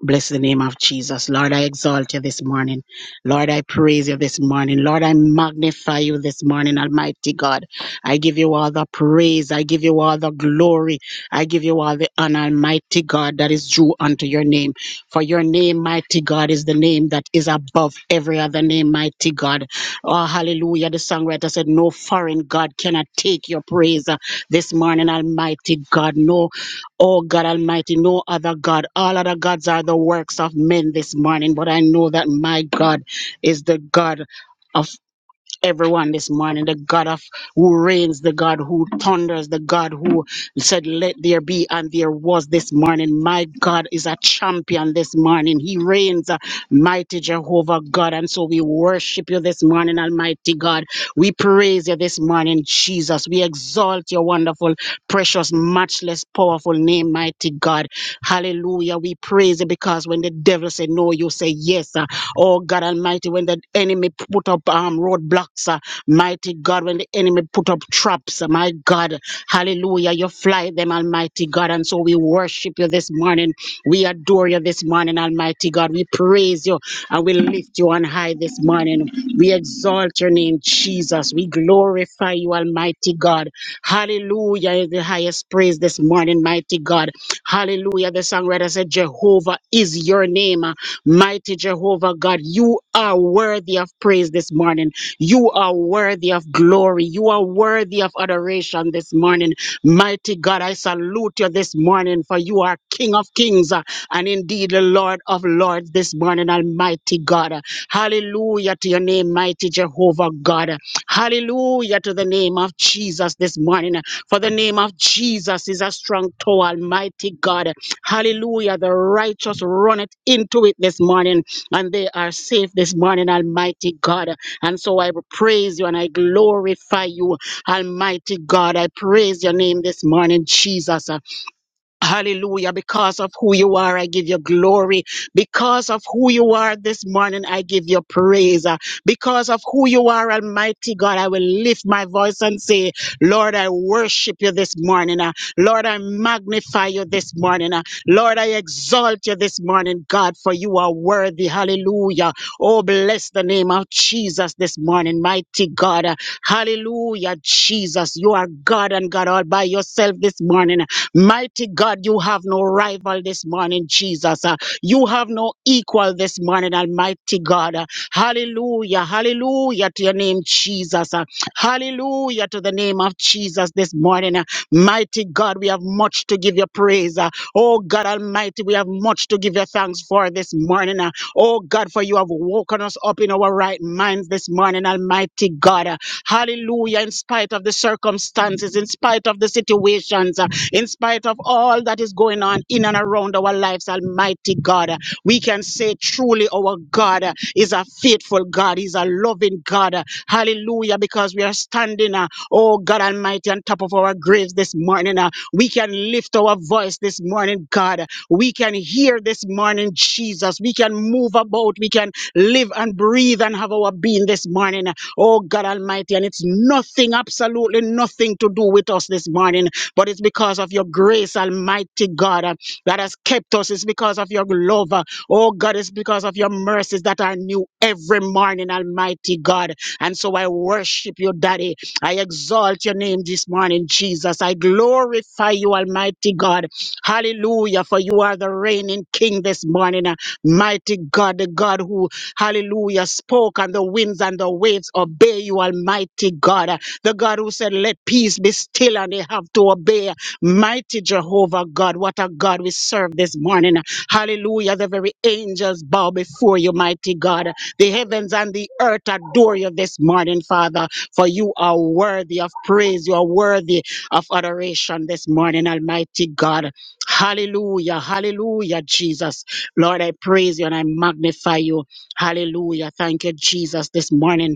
[SPEAKER 3] Bless the name of Jesus. Lord, I exalt you this morning. Lord, I praise you this morning. Lord, I magnify you this morning, Almighty God. I give you all the praise. I give you all the glory. I give you all the honor, Almighty God, that is due unto your name. For your name, mighty God, is the name that is above every other name, mighty God. Oh, hallelujah. The songwriter said, No foreign God cannot take your praise uh, this morning, Almighty God. No Oh God Almighty, no other God. All other gods are the works of men this morning, but I know that my God is the God. of everyone this morning. The God of who reigns, the God who thunders, the God who said, Let there be, and there was this morning. My God is a champion this morning. He reigns, uh, mighty Jehovah God. And so we worship you this morning, Almighty God. We praise you this morning, Jesus. We exalt your wonderful, precious, matchless, powerful name, mighty God. Hallelujah. We praise you because when the devil say no, you say yes. uh, Oh God Almighty, when the enemy put up um, roadblocks, uh, mighty God, when the enemy put up traps, uh, my God, hallelujah, you fly them, Almighty God. And so we worship you this morning. We adore you this morning, Almighty God. We praise you and we lift you on high this morning. We exalt your name, Jesus. We glorify you, Almighty God. Hallelujah is the highest praise this morning, mighty God. Hallelujah. The songwriter said, Jehovah is your name. Mighty Jehovah God, you are worthy of praise this morning. You are worthy of glory. You are worthy of adoration this morning. Mighty God, I salute you this morning, for you are King of kings uh, and indeed the Lord of lords this morning, Almighty God. Hallelujah to your name, mighty Jehovah God. Hallelujah to the name of Jesus this morning. For the name of Jesus is a strong tower, Almighty God. Hallelujah. The righteous run it into it this morning and they are safe this morning, Almighty God. And so I praise you and I glorify you, Almighty God. I praise your name this morning, Jesus. Hallelujah. Because of who you are, I give you glory. Because of who you are this morning, I give you praise. Uh, Because of who you are, Almighty God, I will lift my voice and say, Lord, I worship you this morning. Uh, Lord, I magnify you this morning. Uh, Lord, I exalt you this morning, God, for you are worthy. Hallelujah. Oh, bless the name of Jesus this morning, mighty God. Uh, Hallelujah, Jesus. You are God and God all by yourself this morning. Mighty God, you have no rival this morning, Jesus. Uh, You have no equal this morning, Almighty God. Uh, Hallelujah, hallelujah to your name, Jesus. Uh, Hallelujah to the name of Jesus this morning. Uh, Mighty God, we have much to give you praise. Uh, Oh God Almighty, we have much to give you thanks for this morning. Uh, Oh God, for you have woken us up in our right minds this morning, Almighty God. Uh, Hallelujah, in spite of the circumstances, in spite of the situations. Uh, in spite of all that is going on in and around our lives, Almighty God, we can say truly our God is a faithful God, He's a loving God. Hallelujah, because we are standing, uh, oh God Almighty, on top of our graves this morning. uh, We can lift our voice this morning, God. We can hear this morning, Jesus. We can move about. We can live and breathe and have our being this morning. Oh God Almighty. And it's nothing, absolutely nothing to do with us this morning but it's because of your grace, Almighty God, uh, that has kept us. It's because of your love. uh, Oh God, it's because of your mercies that are new every morning, Almighty God. And so I worship you, Daddy. I exalt your name this morning, Jesus. I glorify you, Almighty God. Hallelujah, for you are the reigning King this morning, uh, mighty God, the God who, hallelujah, spoke and the winds and the waves obey you, Almighty God the God who said, Let peace be still, and they have to obey. Mighty Jehovah God, what a God we serve this morning. Hallelujah. The very angels bow before you, mighty God. The heavens and the earth adore you this morning, Father, for you are worthy of praise. You are worthy of adoration this morning, Almighty God. Hallelujah. Hallelujah, Jesus. Lord, I praise you and I magnify you. Hallelujah. Thank you, Jesus, this morning.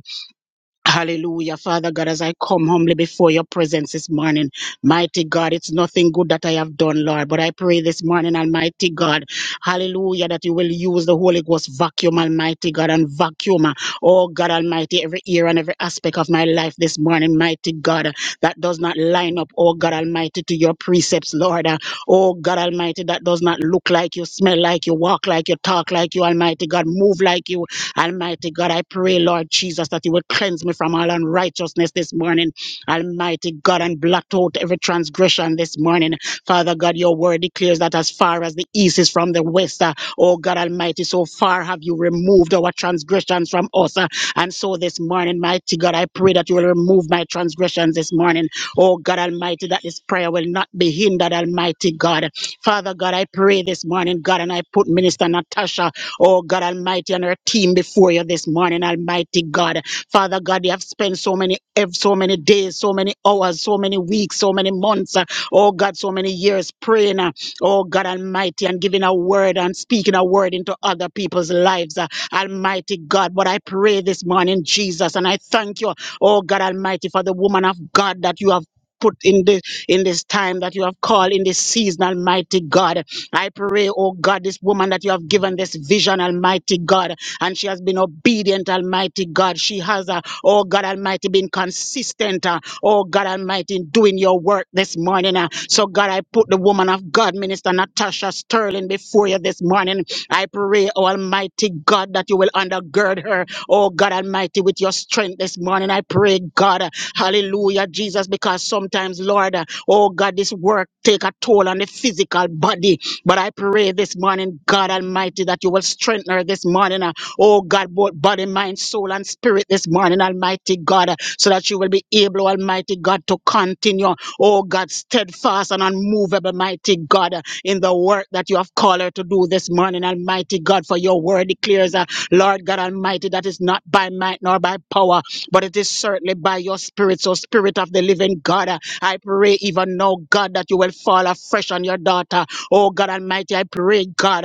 [SPEAKER 3] Hallelujah. Father God, as I come humbly before your presence this morning, mighty God, it's nothing good that I have done, Lord, but I pray this morning, Almighty God, hallelujah, that you will use the Holy Ghost vacuum, Almighty God, and vacuum, oh God Almighty, every ear and every aspect of my life this morning, mighty God, that does not line up, oh God Almighty, to your precepts, Lord, Uh, oh God Almighty, that does not look like you, smell like you, walk like you, talk like you, Almighty God, move like you, Almighty God, I pray, Lord Jesus, that you would cleanse me from all unrighteousness this morning. Almighty God, and blot out every transgression this morning. Father God, your word declares that as far as the east is from the west, uh, oh God Almighty, so far have you removed our transgressions from us. uh, and so this morning, mighty God, I pray that you will remove my transgressions this morning. Oh God Almighty, that this prayer will not be hindered, Almighty God. Father God, I pray this morning, God, and I put Minister Natasha Oh God Almighty, and her team before you this morning, Almighty God. Father God, they have spent so many ev- so many days, so many hours, so many weeks, so many months. uh, Oh God, so many years praying. uh, Oh God Almighty, and giving a word and speaking a word into other people's lives. uh, Almighty God. But I pray this morning, Jesus, and I thank you, oh God Almighty, for the woman of God that you have put in this in this time that you have called in this season, Almighty God. I pray, oh God, this woman that you have given this vision, Almighty God, and she has been obedient, Almighty God. She has, uh, oh God Almighty, been consistent, uh, oh God Almighty, in doing your work this morning. uh. So, God, I put the woman of God, Minister Natasha Sterling, before you this morning. I pray, oh Almighty God, that you will undergird her, oh God Almighty, with your strength this morning. I pray, God, uh, hallelujah, Jesus, because sometimes, Lord, uh, oh God, this work take a toll on the physical body. But I pray this morning, God Almighty, that you will strengthen her this morning. uh, Oh God, both body, mind, soul, and spirit this morning, Almighty God, uh, so that you will be able, Almighty God, to continue, oh God, steadfast and unmovable, mighty God, uh, in the work that you have called her to do this morning, Almighty God, for your word declares, uh, Lord God Almighty, that is not by might nor by power, but it is certainly by your spirit. So, Spirit of the living God, uh, I pray even now, God, that you will fall afresh on your daughter. Oh God Almighty, I pray, God.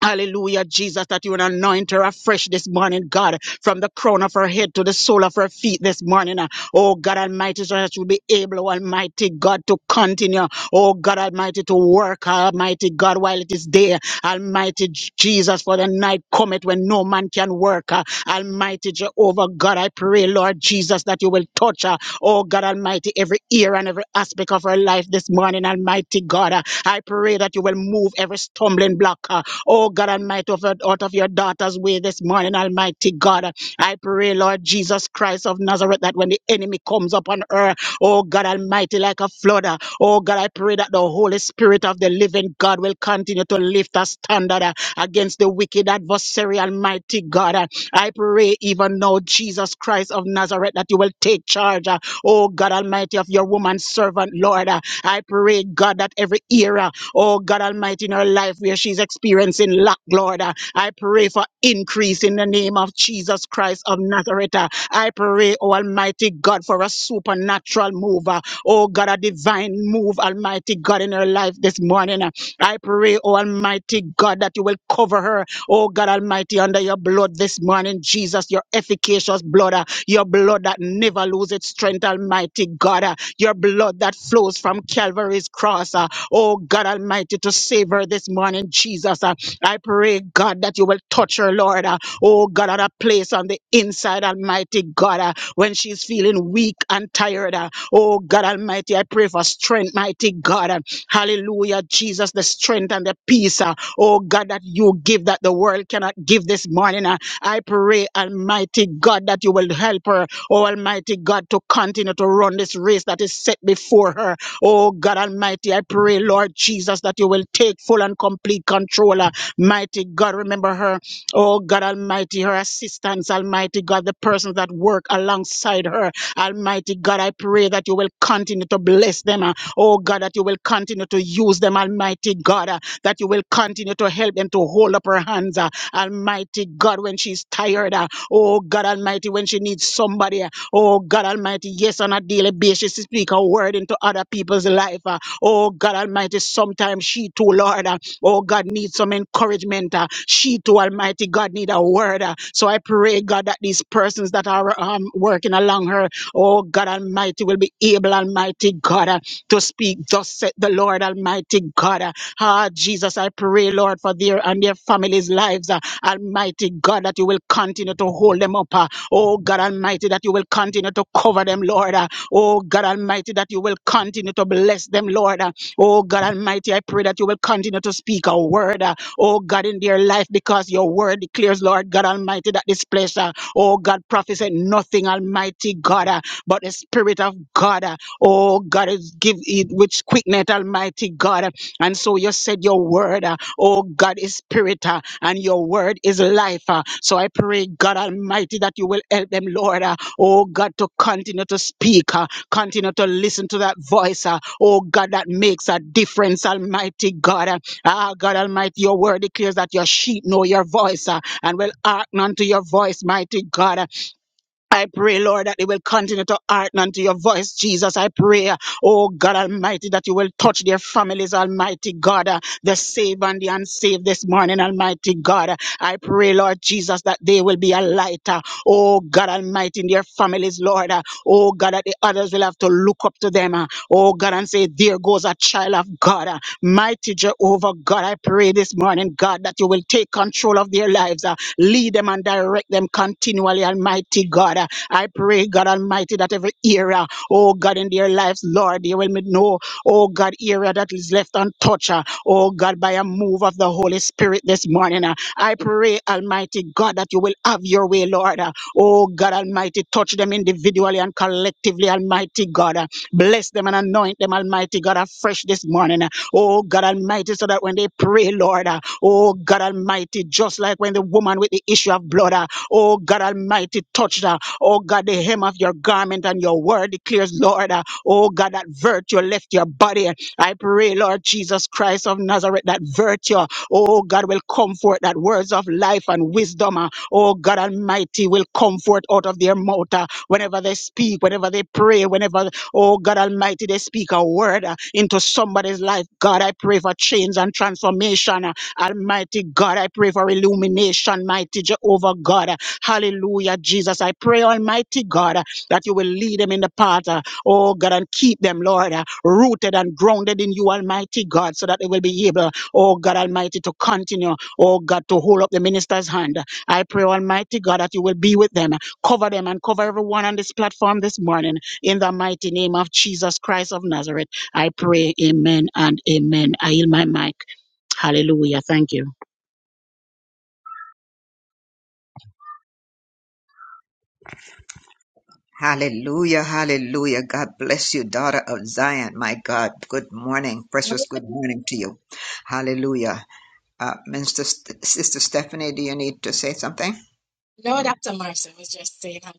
[SPEAKER 3] Hallelujah, Jesus, that you would anoint her afresh this morning, God, from the crown of her head to the sole of her feet this morning. uh. Oh, God Almighty, so that you'll be able, Almighty God, to continue. Oh, God Almighty, to work, Almighty God, while it is day. Almighty J- Jesus, for the night cometh when no man can work. uh. Almighty Jehovah, God, I pray, Lord Jesus, that you will touch her. Oh, God Almighty, every ear and every aspect of her life this morning, Almighty God. uh. I pray that you will move every stumbling block. uh, Oh God Almighty, of- out of your daughter's way this morning, Almighty God. I pray, Lord Jesus Christ of Nazareth, that when the enemy comes upon her, oh God Almighty, like a flood, uh, oh God, I pray that the Holy Spirit of the living God will continue to lift a standard uh, against the wicked adversary, Almighty God. Uh, I pray even now, Jesus Christ of Nazareth, that you will take charge, uh, oh God Almighty, of your woman servant, Lord. Uh, I pray, God, that every era Oh God Almighty, in her life where she's experiencing lack, Lord. uh, I pray for increase in the name of Jesus Christ of Nazareth. uh. I pray, oh Almighty God, for a supernatural move. uh, Oh God, a divine move, Almighty God, in her life this morning. uh. I pray, oh Almighty God, that you will cover her, oh God Almighty, under your blood this morning, Jesus, your efficacious blood, uh, your blood that never loses its strength, Almighty God, uh, your blood that flows from Calvary's cross. uh, Oh God Almighty, to save her this morning, Jesus. Uh, I pray, God, that you will touch her, Lord. Uh, oh God, at a place on the inside, Almighty God, uh, when she's feeling weak and tired. uh, oh God Almighty, I pray for strength, mighty God. Uh, hallelujah, Jesus, the strength and the peace. uh, oh God, that you give that the world cannot give this morning. uh, I pray, Almighty God, that you will help her, oh Almighty God, to continue to run this race that is set before her. Oh God Almighty, I pray, Lord Jesus, that you will take full and complete control. uh, Mighty God, remember her. Oh God Almighty, her assistants, Almighty God, the persons that work alongside her. Almighty God, I pray that you will continue to bless them. uh, Oh God, that you will continue to use them, Almighty God, uh, that you will continue to help them to hold up her hands. uh, Almighty God, when she's tired. uh, Oh God Almighty, when she needs somebody. Oh God Almighty, yes, on a daily basis, she speak a word into other people's life. uh. Oh God Almighty, sometimes she too, Lord, uh, oh God, needs some encouragement. uh. She too, Almighty God, need a word. uh. So I pray, God, that these persons that are um, working along her Oh God Almighty will be able, Almighty God, uh, to speak. Thus said the Lord Almighty God. uh, Ah, Jesus, I pray, Lord, for their and their families' lives. uh, Almighty God, that you will continue to hold them up. uh, Oh God Almighty, that you will continue to cover them, Lord. uh, Oh God Almighty, that you will continue to bless them, Lord. uh, Oh God Almighty, I pray that you will continue to speak a word, uh, oh God, in their life, because your word declares, Lord God Almighty, that this place, uh, oh God, prophesy nothing, Almighty God. uh, but the Spirit of God, uh, oh God, is give it which quickness, Almighty God. uh, And so you said your word, uh, oh God, is spirit, uh, and your word is life. uh. So I pray, God Almighty, that you will help them, Lord, uh, oh God, to continue to speak, uh, continue to listen to that voice, uh, oh God, that makes a difference, Almighty God. uh. Ah, God Almighty, your word declares that your sheep know your voice uh, and will hearken unto your voice, mighty God. I pray, Lord, that they will continue to hearken unto your voice, Jesus. I pray, oh God Almighty, that you will touch their families, Almighty God, uh, the saved and the unsaved this morning, Almighty God. I pray, Lord Jesus, that they will be a light, uh, oh God Almighty, in their families, Lord. uh, Oh God, that the others will have to look up to them, uh, oh God, and say, There goes a child of God. uh, Mighty Jehovah God, I pray this morning, God, that you will take control of their lives. uh, Lead them and direct them continually, Almighty God. I pray, God Almighty, that every area, oh God, in their lives, Lord, they will know, oh God, area that is left untouched, uh, oh God, by a move of the Holy Spirit this morning. uh. I pray, Almighty God, that you will have your way, Lord. uh. Oh God Almighty, touch them individually and collectively, Almighty God. uh. Bless them and anoint them, Almighty God, afresh this morning. uh. Oh God Almighty, so that when they pray, Lord, uh, Oh God Almighty, just like when the woman with the issue of blood, uh, oh God Almighty, touched her. Oh God, the hem of your garment and your word declares, Lord, uh, oh God, that virtue left your body. I pray, Lord Jesus Christ of Nazareth, that virtue, oh God, will comfort that words of life and wisdom, uh, oh God Almighty, will comfort out of their mouth uh, whenever they speak, whenever they pray, whenever, oh God Almighty, they speak a word uh, into somebody's life. God, I pray for change and transformation. Almighty God, I pray for illumination, mighty Jehovah God. Hallelujah, Jesus. I pray, Almighty God, that you will lead them in the path, uh, oh God, and keep them, Lord, uh, rooted and grounded in you, Almighty God, so that they will be able, oh God Almighty, to continue, oh God, to hold up the minister's hand. I pray, Almighty God, that you will be with them, cover them, and cover everyone on this platform this morning. In the mighty name of Jesus Christ of Nazareth, I pray, Amen and Amen. I yield my mic. Hallelujah. Thank you.
[SPEAKER 4] Hallelujah, hallelujah. God bless you, daughter of Zion. My God, good morning, precious good morning to you. Hallelujah. Uh, Minister, Sister Stephanie, do you need to say something?
[SPEAKER 1] No,
[SPEAKER 4] Yeah.
[SPEAKER 1] Dr. Marcy was just saying, hi.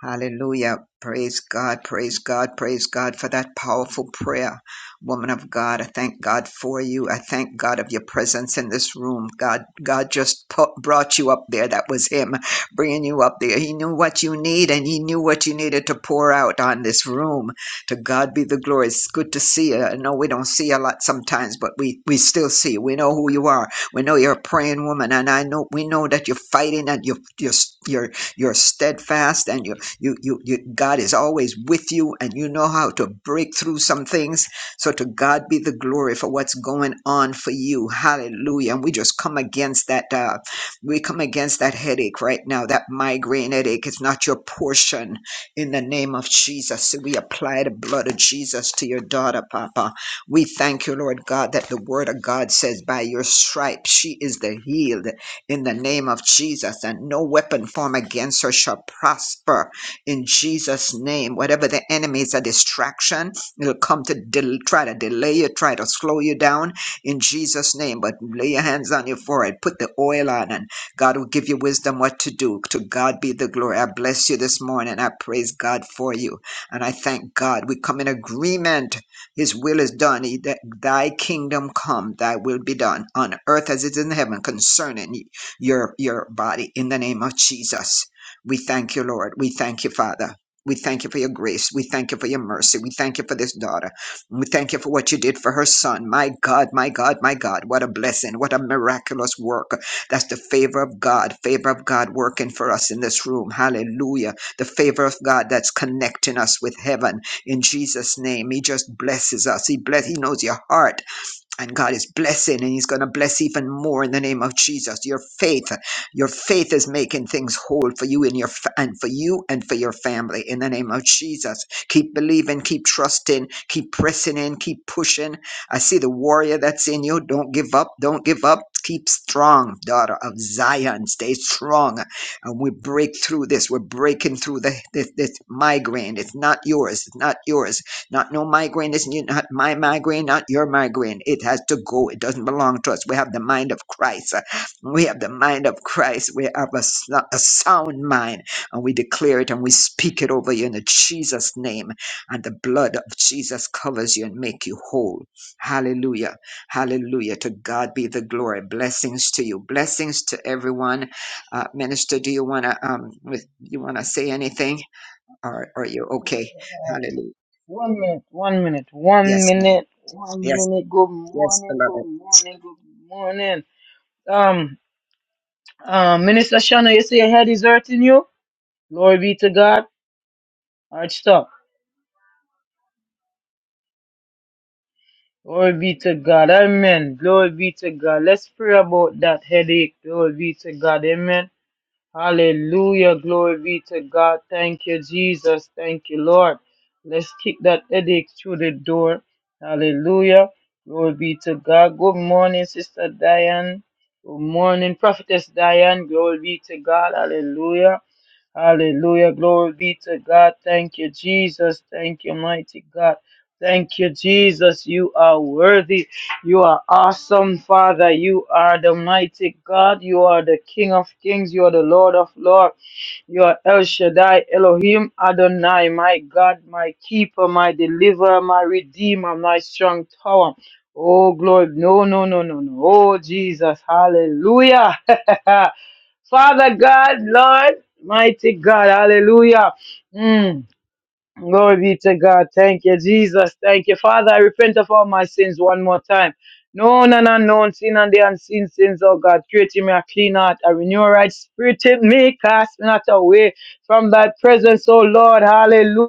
[SPEAKER 4] Hallelujah. Praise God. Praise God. Praise God for that powerful prayer. Woman of God, I thank God for you. I thank God of your presence in this room. God, God just pu- brought you up there. That was Him bringing you up there. He knew what you need and He knew what you needed to pour out on this room. To God be the glory. It's good to see you. I know we don't see you a lot sometimes, but we, we still see you. We know who you are. We know you're a praying woman. And I know, we know that you're fighting and you're, you're, you're, you're steadfast and you're you, you, you, God is always with you and you know how to break through some things. So to God be the glory for what's going on for you. Hallelujah. And we just come against that, uh, we come against that headache right now, that migraine headache. It's not your portion in the name of Jesus. We apply the blood of Jesus to your daughter, Papa. We thank you, Lord God, that the word of God says, by your stripes, she is the healed in the name of Jesus, and no weapon formed against her shall prosper in Jesus' name. Whatever the enemy is a distraction, it'll come to del- try to delay you, try to slow you down in Jesus' name. But lay your hands on your forehead, put the oil on, and God will give you wisdom what to do. To God be the glory. I bless you this morning. I praise God for you. And I thank God. We come in agreement. His will is done. He, that, thy kingdom come, thy will be done on earth as it is in heaven concerning your, your body in the name of Jesus. We thank you, Lord. We thank you, Father. We thank you for your grace. We thank you for your mercy. We thank you for this daughter. We thank you for what you did for her son. My God, my God, my God. What a blessing. What a miraculous work. That's the favor of God, favor of God working for us in this room. Hallelujah. The favor of God that's connecting us with heaven in Jesus' name. He just blesses us. He bless. He knows your heart and God is blessing and He's going to bless even more in the name of Jesus. Your faith, your faith is making things whole for you and your fa- and for you and for your family in the name of Jesus. Keep believing, keep trusting, keep pressing in, keep pushing. I see the warrior that's in you. Don't give up. Don't give up. Keep strong, daughter of Zion. Stay strong. And we break through this. We're breaking through the, this, this migraine. It's not yours. It's not yours not no migraine. This is not my migraine, not your migraine. It has to go. It doesn't belong to us. We have the mind of Christ. We have the mind of Christ. We have a, s- a sound mind. And we declare it and we speak it over you in the Jesus name. And the blood of Jesus covers you and make you whole. Hallelujah. Hallelujah. To God be the glory. Blessings to you. Blessings to everyone. Uh, Minister, do you want to um, with- you want to say anything? Or are you
[SPEAKER 2] Yeah.
[SPEAKER 4] okay? Hallelujah.
[SPEAKER 2] One minute, one minute, one
[SPEAKER 4] Yes, ma'am.
[SPEAKER 2] minute, one
[SPEAKER 4] Yes,
[SPEAKER 2] minute. Good
[SPEAKER 4] yes,
[SPEAKER 2] morning, good
[SPEAKER 4] beloved.
[SPEAKER 2] morning, good morning. Um, uh, Minister Shana, you say your head is hurting you? Glory be to God. Alright, stop. Glory be to God. Amen. Glory be to God. Let's pray about that headache. Glory be to God. Amen. Hallelujah. Glory be to God. Thank you, Jesus. Thank you, Lord. Let's kick that headache through the door. Hallelujah. Glory be to God. Good morning, Sister Diane. Good morning, Prophetess Diane. Glory be to God. Hallelujah. Hallelujah. Glory be to God. Thank you, Jesus. Thank you, mighty God. Thank you, Jesus. You are worthy. You are awesome, Father. You are the mighty God. You are the King of kings. You are the Lord of lords. You are El Shaddai, Elohim, Adonai, my God, my keeper, my deliverer, my redeemer, my strong tower. Oh, glory. No, no, no, no, no. Oh, Jesus. Hallelujah. Father God, Lord, mighty God, hallelujah. Mm. Glory be to God. Thank you, Jesus. Thank you, Father. I repent of all my sins one more time. Known and unknown, sin and the unseen sins, oh God. Create in me a clean heart, a renew a right spirit in me. Cast me not away from thy presence, oh Lord. Hallelujah.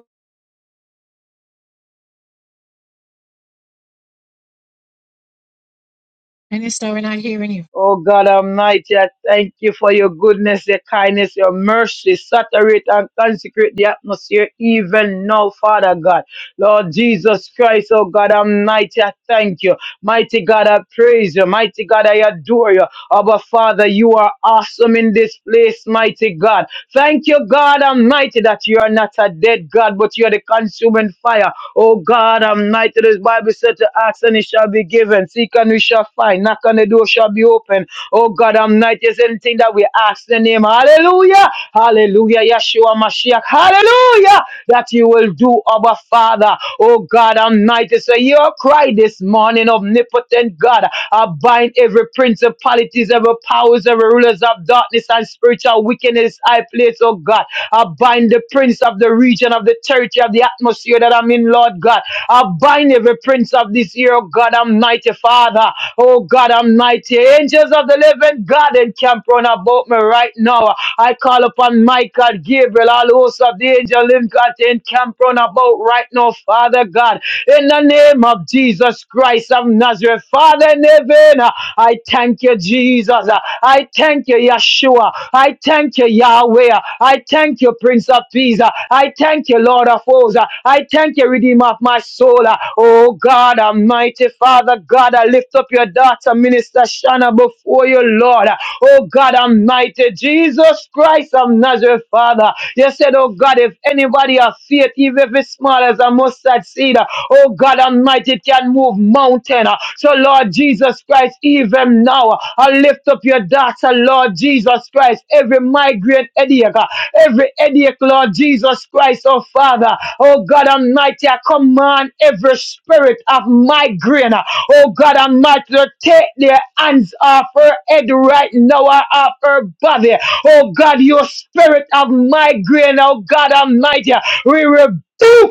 [SPEAKER 1] Minister, we're not hearing you.
[SPEAKER 2] Oh God Almighty, I thank you for your goodness, your kindness, your mercy. Saturate and consecrate the atmosphere even now, Father God. Lord Jesus Christ, oh God Almighty, I thank you. Mighty God, I praise you. Mighty God, I adore you. Abba Father, you are awesome in this place, mighty God. Thank you, God Almighty, that you are not a dead God, but you are the consuming fire. Oh God, I'm Almighty, this Bible said to ask and it shall be given. Seek and we shall find. Knock and the door shall be open. Oh God, I'm Almighty, is anything that we ask in the name. Hallelujah. Hallelujah. Yeshua Mashiach. Hallelujah. That you will do, Abba Father. Oh God, I'm Almighty, so your cry this morning, omnipotent God. I bind every principalities, every powers, every rulers of darkness and spiritual wickedness. I place, oh God. I bind the prince of the region, of the territory, of the atmosphere that I'm in, Lord God. I bind every prince of this year, oh God, I'm mighty, Father. Oh God, I'm mighty. Angels of the living God encamp round about me right now. I call upon Michael, Gabriel, all hosts of the angel living God to encamp round about right now, Father God. In the name of Jesus Christ of Nazareth, Father in heaven, I thank you, Jesus. I thank you, Yeshua. I thank you, Yahweh. I thank you, Prince of Peace. I thank you, Lord of Hosts. I thank you, Redeemer of my soul. Oh God, Almighty Father, God, I lift up your daughter, Minister Shana, before you, Lord. Oh God, Almighty Jesus Christ of Nazareth, Father. You said said, Oh God, if anybody has faith, even if it's small as a mustard seed, uh, oh God Almighty, it can move mountain. uh. So Lord Jesus Christ, even now, uh, I lift up your daughter, Lord Jesus Christ, every migraine headache, uh, every headache, Lord Jesus Christ, oh Father, oh God Almighty, I command every spirit of migraine, uh, oh God Almighty, to take their hands off her head right now, uh, off her body, Oh God, your spirit of migraine, oh God Almighty, we rebuke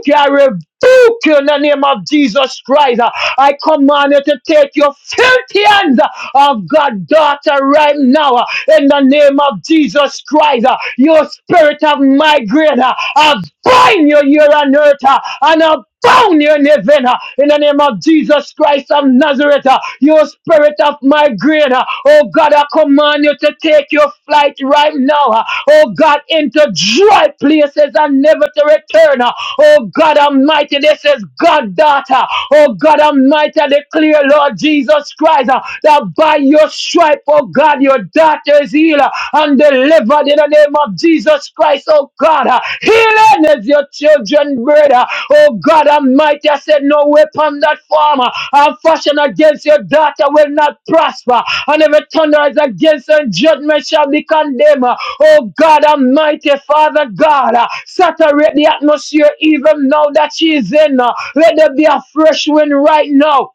[SPEAKER 2] you, I rebuke you in the name of Jesus Christ. I command you to take your filthy hands of God, daughter, right now in the name of Jesus Christ. Your spirit of migraine, I bind you here on earth and I bound you in heaven in the name name of Jesus Christ of Nazareth, uh, you spirit of migraine, uh, oh God, I command you to take your flight right now, uh, oh God, into dry places and never to return, uh, oh God Almighty, this is God, daughter, oh God Almighty, I declare, Lord Jesus Christ, uh, that by your stripe, oh God, your daughter is healed uh, and delivered in the name name of Jesus Christ, oh God. Uh, Healing is your children, brother. Oh God Almighty, I said, No weapon that form farmer and fashion against your daughter will not prosper. And every thunder is against her, and judgment shall be condemned. Uh, Oh God Almighty, Father God, uh, saturate the atmosphere even now that she is in. uh, Let there be a fresh wind right now.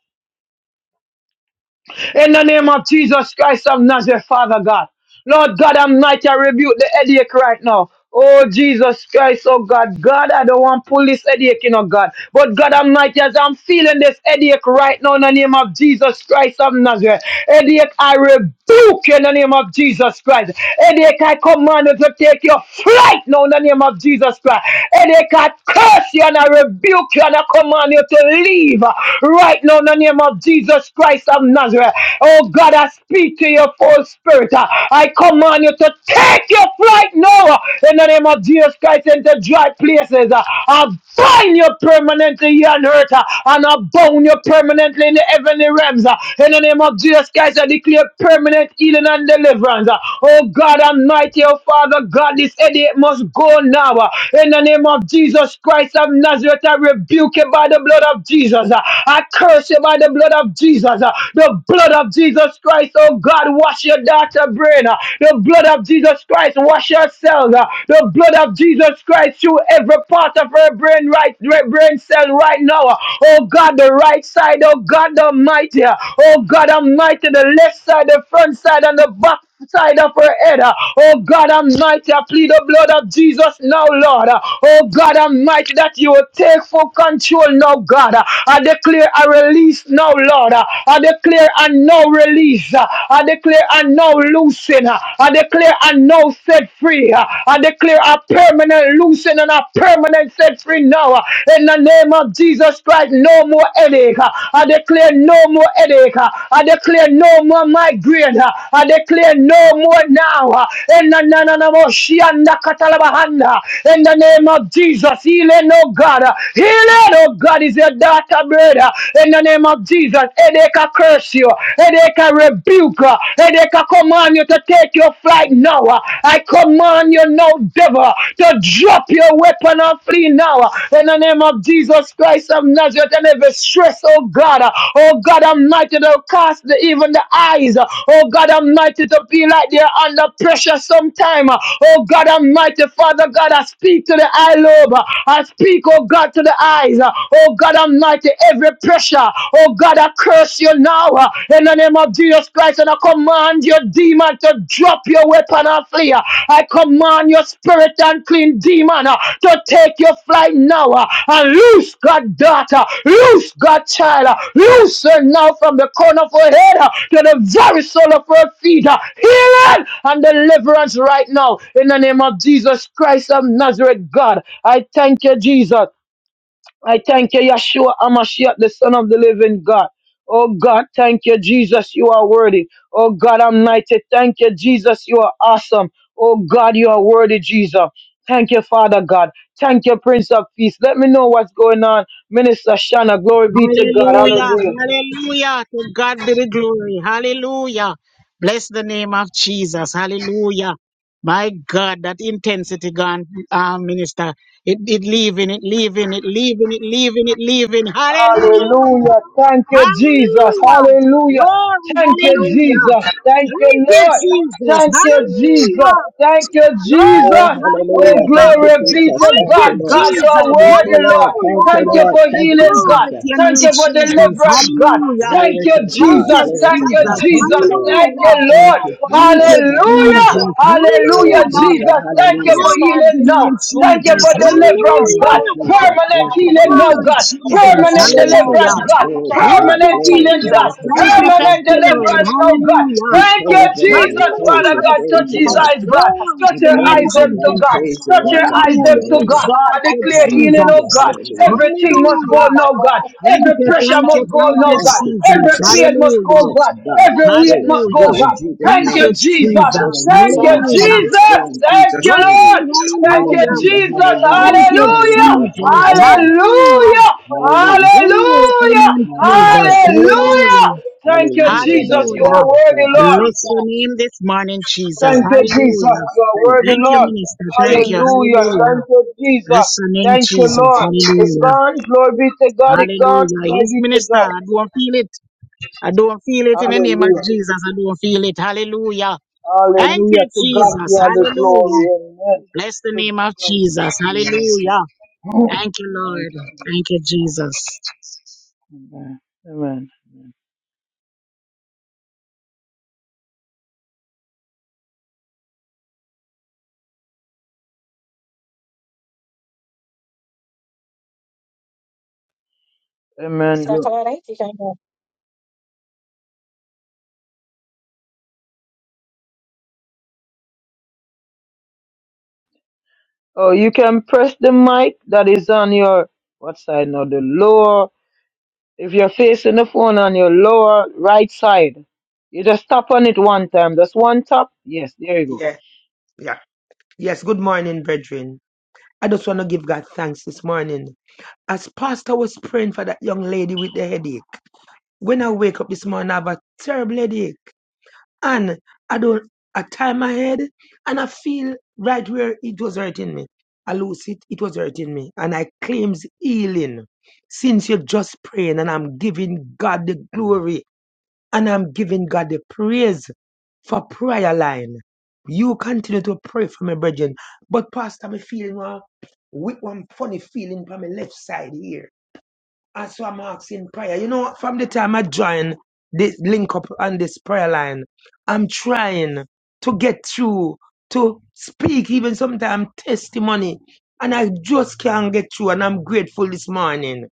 [SPEAKER 2] In the name of Jesus Christ of Nazareth, Father God. Lord God Almighty, I rebuke the headache right now. Oh Jesus Christ, oh God, God, I don't want to pull this headache, you know, God. But God Almighty, as I'm feeling this headache right now in the name of Jesus Christ of Nazareth. Headache, I rebuke you in the name of Jesus Christ. Headache, I command you to take your flight now in the name of Jesus Christ. Headache, I curse you and I rebuke you and I command you to leave right now in the name of Jesus Christ. Christ of Nazareth. Oh God, I speak to your full spirit. Uh, I command you to take your flight now uh, in the name of Jesus Christ into dry places. Uh, I bind you permanently here on earth uh, and I bound you permanently in the heavenly realms. uh, In the name of Jesus Christ, I declare permanent healing and deliverance. uh. Oh God, Almighty, oh Father God, this headache must go now. uh, In the name of Jesus Christ of Nazareth, I rebuke you by the blood of Jesus. uh. I curse you by the by the blood of Jesus. uh, The blood of Jesus Christ, oh God, wash your daughter brain. uh, The blood of Jesus Christ, wash yourself. uh, The blood of Jesus Christ through every part of her brain, right right brain cell right now. uh, Oh God, the right side, oh God Almighty. uh, Oh God Almighty, the left side, the front side, and the back side of her head. uh, Oh God Almighty, I plead the blood of Jesus now, Lord. uh, Oh God Almighty, that you will take full control now, God. uh, I declare a release now, Lord. uh, I declare a no release. uh, I declare a no loosening. uh, I declare a no set free. uh, I declare a permanent loosening and a permanent set free now. uh, In the name of Jesus Christ, no more more headache. I declare no more headache. I declare no more migraine. I declare no more now. In the name of Jesus, heal it, oh God. Heal it, oh God, is your daughter, brother. In the name of Jesus, headache I curse you. Headache I rebuke. Headache I command you to take your flight now. I command you now devil to drop your weapon and flee now. In the name of Jesus Christ of Nazareth, and every stress, oh God, oh God Almighty, to cast the, even the eyes, oh God Almighty, to be like they're under pressure sometime. Oh God Almighty, Father God, I speak to the eye lobe. I speak, oh God, to the eyes. Oh God Almighty, every pressure, oh God, I curse you now. In the name of Jesus Christ, and I command your demon to drop your weapon and flee. I command your spirit unclean demon uh, to take your flight now uh, and loose God daughter, loose God child, uh, loose her now from the corner of her head uh, to the very sole of her feet. uh, Healing and deliverance right now in the name of Jesus Christ of Nazareth, God. I thank you, Jesus. I thank you, Yeshua Amashiach, the Son of the Living God. Oh God, thank you, Jesus, you are worthy. Oh God Almighty, thank you, Jesus, you are awesome. Oh God, you are worthy, Jesus. Thank you, Father God. Thank you, Prince of Peace. Let me know what's going on. Minister Shanna, glory be to God.
[SPEAKER 3] Hallelujah.
[SPEAKER 2] Hallelujah.
[SPEAKER 3] Hallelujah. To God be the glory. Hallelujah. Bless the name of Jesus. Hallelujah. My God, that intensity gone, uh, minister. It, it leaving, it leaving, it leaving, it leaving, it leaving. Hallelujah.
[SPEAKER 2] Hallelujah. Thank you, Jesus.
[SPEAKER 3] Hallelujah.
[SPEAKER 2] Hallelujah.
[SPEAKER 3] Glory,
[SPEAKER 2] Thank you,
[SPEAKER 3] hallelujah.
[SPEAKER 2] Jesus. Thank
[SPEAKER 3] Thank
[SPEAKER 2] you,
[SPEAKER 3] you,
[SPEAKER 2] Lord.
[SPEAKER 3] Jesus.
[SPEAKER 2] Thank you, Jesus.
[SPEAKER 3] Hallelujah.
[SPEAKER 2] Thank you,
[SPEAKER 3] Glory,
[SPEAKER 2] Jesus.
[SPEAKER 4] Oh,
[SPEAKER 2] Oh,
[SPEAKER 4] hallelujah.
[SPEAKER 3] hallelujah.
[SPEAKER 4] Thank you,
[SPEAKER 2] glory be
[SPEAKER 4] Jesus.
[SPEAKER 2] to
[SPEAKER 3] Thank
[SPEAKER 4] Thank
[SPEAKER 3] you,
[SPEAKER 4] you,
[SPEAKER 2] God.
[SPEAKER 4] Lord.
[SPEAKER 2] God, you are
[SPEAKER 3] Jesus.
[SPEAKER 4] Thank you,
[SPEAKER 2] worthy, Lord.
[SPEAKER 4] Lord. Thank
[SPEAKER 3] Hallelujah.
[SPEAKER 4] you,
[SPEAKER 2] Thank you
[SPEAKER 4] Lord.
[SPEAKER 2] for
[SPEAKER 4] Thank you,
[SPEAKER 2] healing, God.
[SPEAKER 3] Glory
[SPEAKER 4] Jesus.
[SPEAKER 3] to your
[SPEAKER 2] Thank
[SPEAKER 3] name,
[SPEAKER 2] you for
[SPEAKER 3] Jesus.
[SPEAKER 2] deliverance, God.
[SPEAKER 3] Hallelujah.
[SPEAKER 2] Thank
[SPEAKER 4] Glory
[SPEAKER 2] you,
[SPEAKER 4] to
[SPEAKER 3] Thank
[SPEAKER 4] God.
[SPEAKER 3] you,
[SPEAKER 2] Jesus.
[SPEAKER 4] Glory
[SPEAKER 2] Thank
[SPEAKER 4] to
[SPEAKER 2] you,
[SPEAKER 4] God.
[SPEAKER 3] Jesus.
[SPEAKER 4] Thank you,
[SPEAKER 2] Jesus.
[SPEAKER 4] Lord.
[SPEAKER 2] Thank
[SPEAKER 3] Hallelujah.
[SPEAKER 2] you,
[SPEAKER 4] Thank
[SPEAKER 2] Lord.
[SPEAKER 4] you,
[SPEAKER 3] Thank you,
[SPEAKER 4] Jesus.
[SPEAKER 2] Hallelujah.
[SPEAKER 4] Hallelujah.
[SPEAKER 3] Jesus.
[SPEAKER 2] Hallelujah,
[SPEAKER 3] Hallelujah.
[SPEAKER 4] Hallelujah.
[SPEAKER 2] Jesus. Thank you for
[SPEAKER 4] Hallelujah.
[SPEAKER 3] Glory to
[SPEAKER 2] healing
[SPEAKER 3] your name,
[SPEAKER 2] now. Thank you
[SPEAKER 3] Jesus.
[SPEAKER 4] Thank
[SPEAKER 2] for
[SPEAKER 4] you, Lord.
[SPEAKER 2] deliverance,
[SPEAKER 4] Thank
[SPEAKER 3] Hallelujah.
[SPEAKER 2] God.
[SPEAKER 4] you, Jesus.
[SPEAKER 2] Permanent
[SPEAKER 4] Thank you,
[SPEAKER 2] healing, no
[SPEAKER 3] Glory,
[SPEAKER 2] God.
[SPEAKER 4] Jesus.
[SPEAKER 3] Jesus.
[SPEAKER 2] Permanent
[SPEAKER 4] Glory to
[SPEAKER 2] deliverance,
[SPEAKER 3] Hallelujah.
[SPEAKER 4] God.
[SPEAKER 2] God.
[SPEAKER 4] Glory to
[SPEAKER 3] Thank
[SPEAKER 4] God.
[SPEAKER 3] you,
[SPEAKER 2] Permanent
[SPEAKER 4] Glory.
[SPEAKER 2] healing,
[SPEAKER 3] Jesus.
[SPEAKER 2] God.
[SPEAKER 4] Glory to
[SPEAKER 3] Thank
[SPEAKER 4] God.
[SPEAKER 3] you,
[SPEAKER 4] Thank
[SPEAKER 2] Permanent
[SPEAKER 3] thank
[SPEAKER 4] you,
[SPEAKER 3] you, Lord.
[SPEAKER 2] deliverance,
[SPEAKER 4] Jesus.
[SPEAKER 2] no God.
[SPEAKER 3] Hallelujah.
[SPEAKER 4] We
[SPEAKER 2] Thank you,
[SPEAKER 4] praise the Lord.
[SPEAKER 2] Jesus,
[SPEAKER 4] We praise
[SPEAKER 2] Father
[SPEAKER 4] you.
[SPEAKER 3] Hallelujah,
[SPEAKER 2] God. Touch
[SPEAKER 4] Praise the
[SPEAKER 2] his
[SPEAKER 3] Jesus.
[SPEAKER 4] Lord.
[SPEAKER 2] eyes, God.
[SPEAKER 3] Glory
[SPEAKER 2] Touch
[SPEAKER 3] to
[SPEAKER 4] We
[SPEAKER 3] your
[SPEAKER 2] your
[SPEAKER 3] name,
[SPEAKER 2] eyes,
[SPEAKER 4] praise you,
[SPEAKER 2] them to
[SPEAKER 4] God.
[SPEAKER 3] Jesus.
[SPEAKER 2] God.
[SPEAKER 4] Praise the
[SPEAKER 2] Touch
[SPEAKER 4] Lord,
[SPEAKER 2] your
[SPEAKER 4] God.
[SPEAKER 2] eyes, them to
[SPEAKER 3] Hallelujah.
[SPEAKER 4] Hallelujah.
[SPEAKER 2] God. I
[SPEAKER 3] Exalted
[SPEAKER 2] declare healing,
[SPEAKER 3] Jesus.
[SPEAKER 2] oh
[SPEAKER 4] Hallelujah.
[SPEAKER 2] God.
[SPEAKER 4] Hallelujah.
[SPEAKER 2] Everything must
[SPEAKER 4] Hallelujah.
[SPEAKER 2] go,
[SPEAKER 3] Hallelujah.
[SPEAKER 2] no God.
[SPEAKER 3] Thank
[SPEAKER 2] Every
[SPEAKER 3] you,
[SPEAKER 2] pressure
[SPEAKER 3] thank you,
[SPEAKER 2] must go,
[SPEAKER 3] thank
[SPEAKER 2] no
[SPEAKER 3] you,
[SPEAKER 4] Thank
[SPEAKER 2] God.
[SPEAKER 4] you,
[SPEAKER 2] Every
[SPEAKER 3] Jesus.
[SPEAKER 4] Jesus.
[SPEAKER 2] pain must go,
[SPEAKER 3] Hallelujah.
[SPEAKER 4] Yes,
[SPEAKER 2] God.
[SPEAKER 4] God.
[SPEAKER 2] Every weight
[SPEAKER 4] Go.
[SPEAKER 2] must go,
[SPEAKER 3] Hallelujah.
[SPEAKER 4] Go in
[SPEAKER 2] God.
[SPEAKER 4] Jesus'
[SPEAKER 2] Thank
[SPEAKER 3] Thank
[SPEAKER 2] you,
[SPEAKER 3] you,
[SPEAKER 4] name.
[SPEAKER 2] Jesus.
[SPEAKER 4] Go
[SPEAKER 3] Jesus.
[SPEAKER 4] in
[SPEAKER 2] Thank you,
[SPEAKER 4] Jesus'
[SPEAKER 3] Hallelujah.
[SPEAKER 4] name. Go
[SPEAKER 2] Jesus.
[SPEAKER 4] in
[SPEAKER 2] Thank
[SPEAKER 4] Jesus'
[SPEAKER 2] you,
[SPEAKER 3] Glory,
[SPEAKER 4] name.
[SPEAKER 2] Lord. Thank you,
[SPEAKER 3] hallelujah.
[SPEAKER 4] Hallelujah.
[SPEAKER 2] Jesus.
[SPEAKER 4] Hallelujah.
[SPEAKER 3] Thank you,
[SPEAKER 2] Hallelujah.
[SPEAKER 4] Hallelujah.
[SPEAKER 3] Jesus.
[SPEAKER 4] Hallelujah.
[SPEAKER 3] Hallelujah.
[SPEAKER 2] Hallelujah.
[SPEAKER 4] Hallelujah.
[SPEAKER 3] Glory to your
[SPEAKER 2] Hallelujah.
[SPEAKER 3] name,
[SPEAKER 4] Man, I have
[SPEAKER 3] Jesus.
[SPEAKER 4] nothing to say.
[SPEAKER 2] Hallelujah.
[SPEAKER 3] Hallelujah.
[SPEAKER 2] Thank you,
[SPEAKER 4] Hallelujah.
[SPEAKER 2] Jesus. You
[SPEAKER 3] Hallelujah.
[SPEAKER 2] are
[SPEAKER 4] Hallelujah.
[SPEAKER 2] worthy,
[SPEAKER 4] Thank you,
[SPEAKER 2] Lord.
[SPEAKER 3] Bless
[SPEAKER 4] Jesus.
[SPEAKER 3] your name this morning, Jesus.
[SPEAKER 2] Thank
[SPEAKER 4] Thank
[SPEAKER 2] you,
[SPEAKER 4] you,
[SPEAKER 2] Jesus.
[SPEAKER 3] Hallelujah.
[SPEAKER 4] Jesus.
[SPEAKER 2] You are
[SPEAKER 4] Thank
[SPEAKER 2] worthy,
[SPEAKER 4] you,
[SPEAKER 3] Thank you,
[SPEAKER 2] Lord.
[SPEAKER 4] Jesus.
[SPEAKER 3] minister. Thank
[SPEAKER 4] Thank
[SPEAKER 3] you.
[SPEAKER 4] you.
[SPEAKER 2] Hallelujah.
[SPEAKER 3] Hallelujah.
[SPEAKER 2] Thank you, Jesus.
[SPEAKER 3] Bless your name,
[SPEAKER 2] Thank you,
[SPEAKER 3] Jesus.
[SPEAKER 2] Lord. It's
[SPEAKER 3] Hallelujah.
[SPEAKER 2] gone. Glory be to God. It's gone.
[SPEAKER 3] Hallelujah.
[SPEAKER 2] Glory
[SPEAKER 3] Yes,
[SPEAKER 2] be to
[SPEAKER 3] minister.
[SPEAKER 2] God.
[SPEAKER 3] I don't feel it. I don't feel it in the name of
[SPEAKER 2] Hallelujah.
[SPEAKER 3] Jesus. I don't feel it. Hallelujah. Thank
[SPEAKER 2] Hallelujah.
[SPEAKER 3] you,
[SPEAKER 2] To God be
[SPEAKER 3] Jesus.
[SPEAKER 2] all the glory.
[SPEAKER 3] Hallelujah.
[SPEAKER 2] Amen.
[SPEAKER 3] Bless the name of
[SPEAKER 2] To
[SPEAKER 3] Jesus.
[SPEAKER 2] Amen.
[SPEAKER 3] Hallelujah. Thank you, Lord. Thank you, Jesus.
[SPEAKER 2] Amen. Amen. So, Oh, you can press the mic that is on your what side now? The lower. If you're facing the phone on your lower right side, you just tap on it one time. That's one tap. Yes, there you go.
[SPEAKER 5] Yeah, yeah. Yes, good morning, brethren. I just want to give God thanks this morning. As pastor was praying for that young lady with the headache, when I wake up this morning, I have a terrible headache. And I don't, I tie my head and I feel right where it was hurting me. I lose it, it was hurting me. And I claims healing. Since you're just praying and I'm giving God the glory and I'm giving God the praise for prayer line. You continue to pray for me, brethren. But Pastor, me feeling one with one funny feeling from my left side here. That's why I'm asking prayer. You know, from the time I join this link up on this prayer line, I'm trying to get through, to speak, even sometimes testimony. And I just can't get through. And I'm grateful this morning.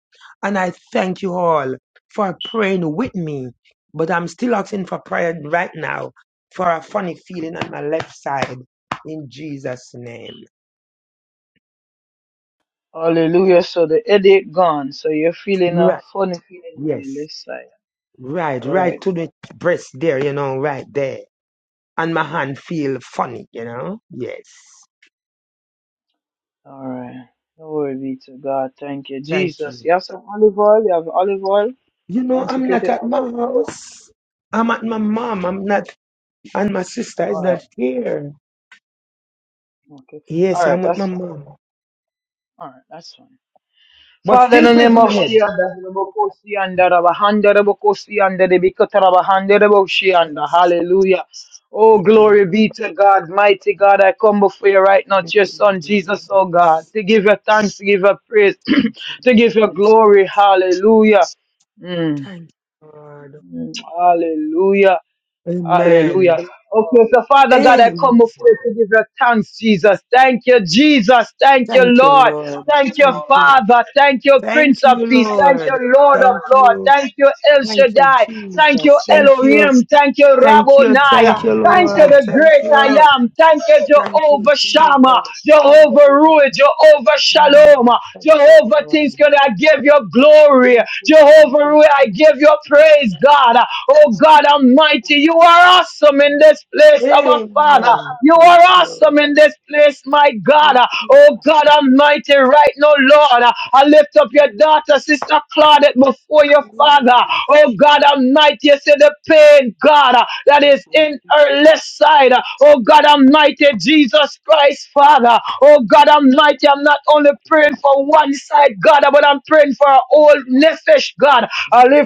[SPEAKER 5] And I thank you all for praying with me. But I'm still asking for prayer right now for a funny feeling on my left side in Jesus' name.
[SPEAKER 2] Hallelujah. So the headache gone. So you're feeling a
[SPEAKER 5] Right.
[SPEAKER 2] funny feeling in your
[SPEAKER 5] Yes.
[SPEAKER 2] left side.
[SPEAKER 5] Right.
[SPEAKER 2] All
[SPEAKER 5] Right
[SPEAKER 2] right.
[SPEAKER 5] to the breast there, you know, right there and my hand feel funny, you know? Yes.
[SPEAKER 2] All right. Glory be to God. Thank you,
[SPEAKER 5] Thank
[SPEAKER 2] Jesus.
[SPEAKER 5] you.
[SPEAKER 2] You have some olive oil. You have olive oil
[SPEAKER 5] You know, I'm not
[SPEAKER 2] consecrated.
[SPEAKER 5] at
[SPEAKER 2] olive
[SPEAKER 5] my
[SPEAKER 2] oil.
[SPEAKER 5] house. I'm at my mom. I'm not, and my sister is
[SPEAKER 2] All right.
[SPEAKER 5] not here.
[SPEAKER 2] Okay.
[SPEAKER 5] Yes,
[SPEAKER 2] All right.
[SPEAKER 5] I'm with my
[SPEAKER 2] That's fine.
[SPEAKER 5] mom.
[SPEAKER 2] All right. That's fine.
[SPEAKER 5] But
[SPEAKER 2] Father, in
[SPEAKER 5] still
[SPEAKER 2] the
[SPEAKER 5] pray
[SPEAKER 2] name
[SPEAKER 5] for my
[SPEAKER 2] of
[SPEAKER 5] head.
[SPEAKER 2] Shianda, Rabokosi and Rabahanda, Rabokosi and Rebikotarabahanda, Raboshianda,
[SPEAKER 5] Yes.
[SPEAKER 2] hallelujah. Oh,
[SPEAKER 5] Thank
[SPEAKER 2] glory
[SPEAKER 5] you.
[SPEAKER 2] be to God, mighty God. I come before you right now,
[SPEAKER 5] Thank
[SPEAKER 2] to your
[SPEAKER 5] you,
[SPEAKER 2] son Jesus,
[SPEAKER 5] Jesus.
[SPEAKER 2] oh God, to give your thanks, to give your praise,
[SPEAKER 5] Thank you,
[SPEAKER 2] to give your
[SPEAKER 5] Jesus.
[SPEAKER 2] glory, hallelujah. Mm,
[SPEAKER 5] Thank you, Lord.
[SPEAKER 2] hallelujah. Hallelujah.
[SPEAKER 5] Amen.
[SPEAKER 2] Okay, so Father God, I come
[SPEAKER 5] Amen.
[SPEAKER 2] before you to give you thanks, Jesus. Thank you, Jesus. Thank you,
[SPEAKER 5] Thank you,
[SPEAKER 2] Lord.
[SPEAKER 5] Lord.
[SPEAKER 2] Thank you,
[SPEAKER 5] Thank you.
[SPEAKER 2] Father. Thank you,
[SPEAKER 5] Thank
[SPEAKER 2] Prince of
[SPEAKER 5] you,
[SPEAKER 2] Peace. Thank you,
[SPEAKER 5] Lord.
[SPEAKER 2] Lord of
[SPEAKER 5] Thank
[SPEAKER 2] Lord.
[SPEAKER 5] you.
[SPEAKER 2] Thank you, El
[SPEAKER 5] Thank you,
[SPEAKER 2] Shaddai. Thank you,
[SPEAKER 5] Jesus. Thank you.
[SPEAKER 2] Elohim. Thank you,
[SPEAKER 5] Thank you,
[SPEAKER 2] Rabboni.
[SPEAKER 5] thank you,
[SPEAKER 2] Thank you,
[SPEAKER 5] Lord.
[SPEAKER 2] the
[SPEAKER 5] Thank
[SPEAKER 2] great I
[SPEAKER 5] you,
[SPEAKER 2] am. Thank you,
[SPEAKER 5] thank you,
[SPEAKER 2] Jehovah Shammah,
[SPEAKER 5] Jesus. Thank
[SPEAKER 2] Jehovah
[SPEAKER 5] you,
[SPEAKER 2] Ruah, Jehovah Shalom,
[SPEAKER 5] mm, thank you,
[SPEAKER 2] Jehovah
[SPEAKER 5] Lord.
[SPEAKER 2] things. I give you glory.
[SPEAKER 5] Thank you, thank
[SPEAKER 2] Jehovah
[SPEAKER 5] you,
[SPEAKER 2] Ruah, I
[SPEAKER 5] thank
[SPEAKER 2] give you praise, God. Oh
[SPEAKER 5] you.
[SPEAKER 2] God Almighty, you are awesome in this place, our Father.
[SPEAKER 5] Amen.
[SPEAKER 2] You
[SPEAKER 5] Thank
[SPEAKER 2] are awesome in
[SPEAKER 5] you.
[SPEAKER 2] this place, my
[SPEAKER 5] Thank
[SPEAKER 2] God.
[SPEAKER 5] you,
[SPEAKER 2] Oh God Almighty, right now, Lord, I lift up your daughter, Sister Claudette, before your Father. Oh God Almighty, you see the pain, God, that is in her left side. Oh God Almighty, Jesus Christ, Father. Oh God Almighty, I'm not only praying for one side, God, but I'm praying for our whole nephesh, God. I lift